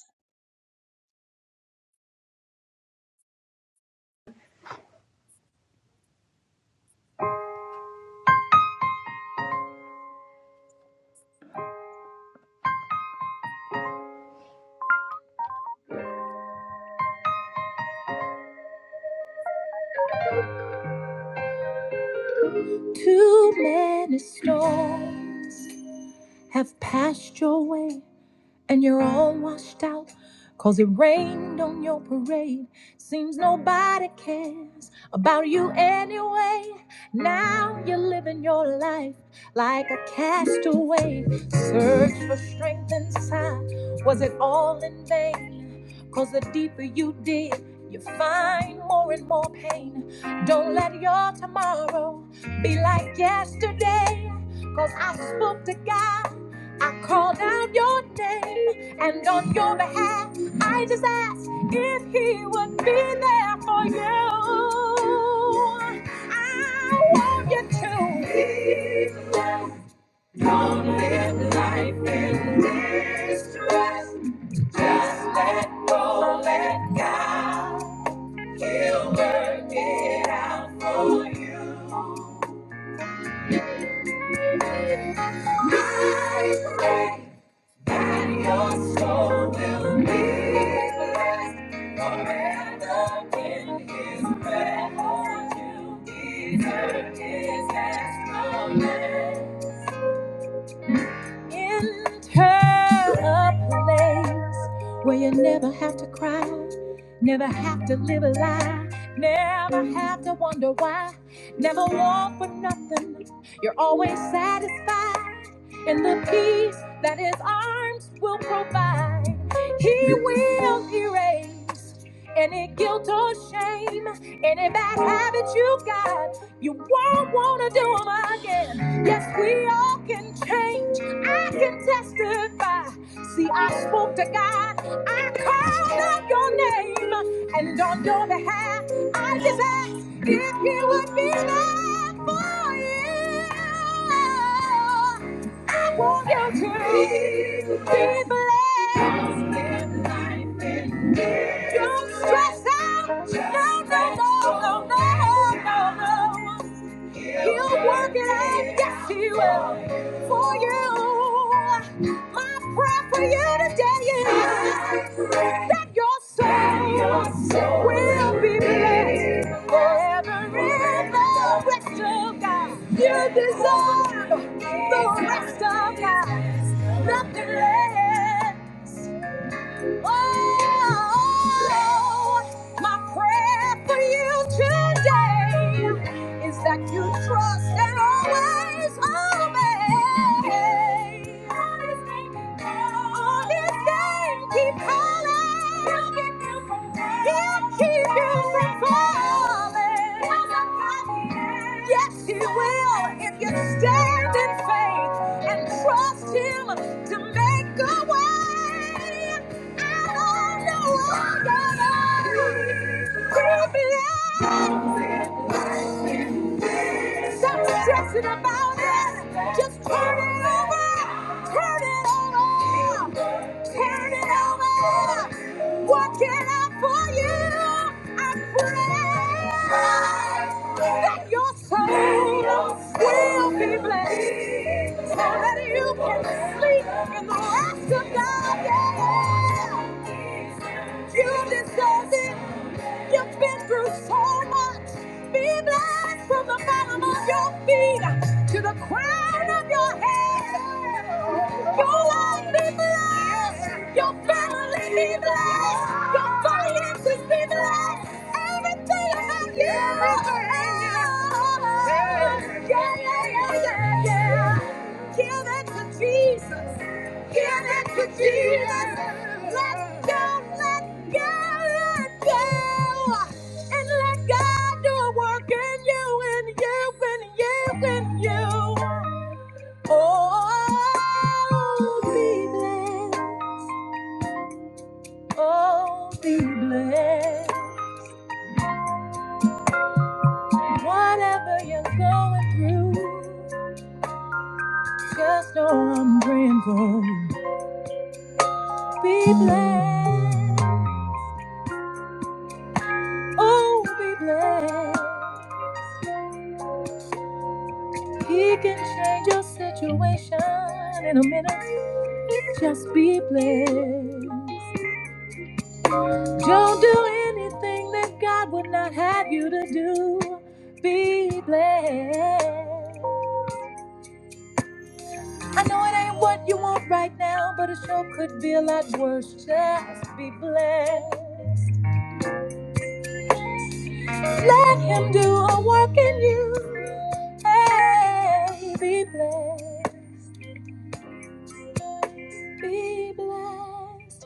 A: Too many storms have passed your way. and you're all washed out 'cause it rained on your parade seems nobody cares about you anyway now you're living your life like a castaway search for strength inside was it all in vain Cause the deeper you dig, you find more and more pain. Don't let your tomorrow be like yesterday. 'Cause I spoke to God, I called out your name, and on your behalf, I just asked if He would be there for you. I want you to. Don't live life in distress. Just let go, let God. He'll work it out for you. I pray that your soul will be blessed forever in His presence. You deserve His best Enter a place where you never have to cry, never have to live a lie, never have to wonder why, never want for nothing. You're always satisfied in the peace that His arms will provide. He will erase any guilt or shame, any bad habit you've got but you won't want to do them again. Yes, we all can change. I can testify. See, I spoke to God, I called out your name, and on your behalf, I just asked if you would be there for you. I want you to be blessed. Don't stress out. No, no, no, no, no, no, no. He'll work it out, yes, He will, for you. My prayer for you today is that your soul will be blessed forever in the rest of God. You deserve the rest of God, nothing less. Oh, oh, oh. my prayer have for you today is that you trust and always obey. On His name, keep calling. He'll keep you from falling. Yes, He will if you stand in faith and trust Him to make a way. Stop stressing about it. Just turn it over. Turn it over. Turn it over. Work it out for you. I pray that your soul will be blessed so that you can sleep in the rest of God. Yeah. You deserve it. You've been through so much. Be blessed from the bottom of your feet to the crown of your head. Your life be blessed. Your family be blessed. Your finances be blessed. Everything about you. Yeah, yeah, yeah, yeah, yeah. Give it to Jesus. Give it to Jesus. Let go, let go, let go. And let God do a work in you, in you, in you, in you. Oh, be blessed. Oh, be blessed. Whatever you're going through, just know I'm praying for you. Be blessed. Oh, be blessed. He can change your situation in a minute. Just be blessed. Don't do anything that God would not have you to do. Be blessed. I know it ain't what you want right now, but it sure could be a lot worse. Just be blessed. Let Him do a work in you. Hey, be blessed. be blessed.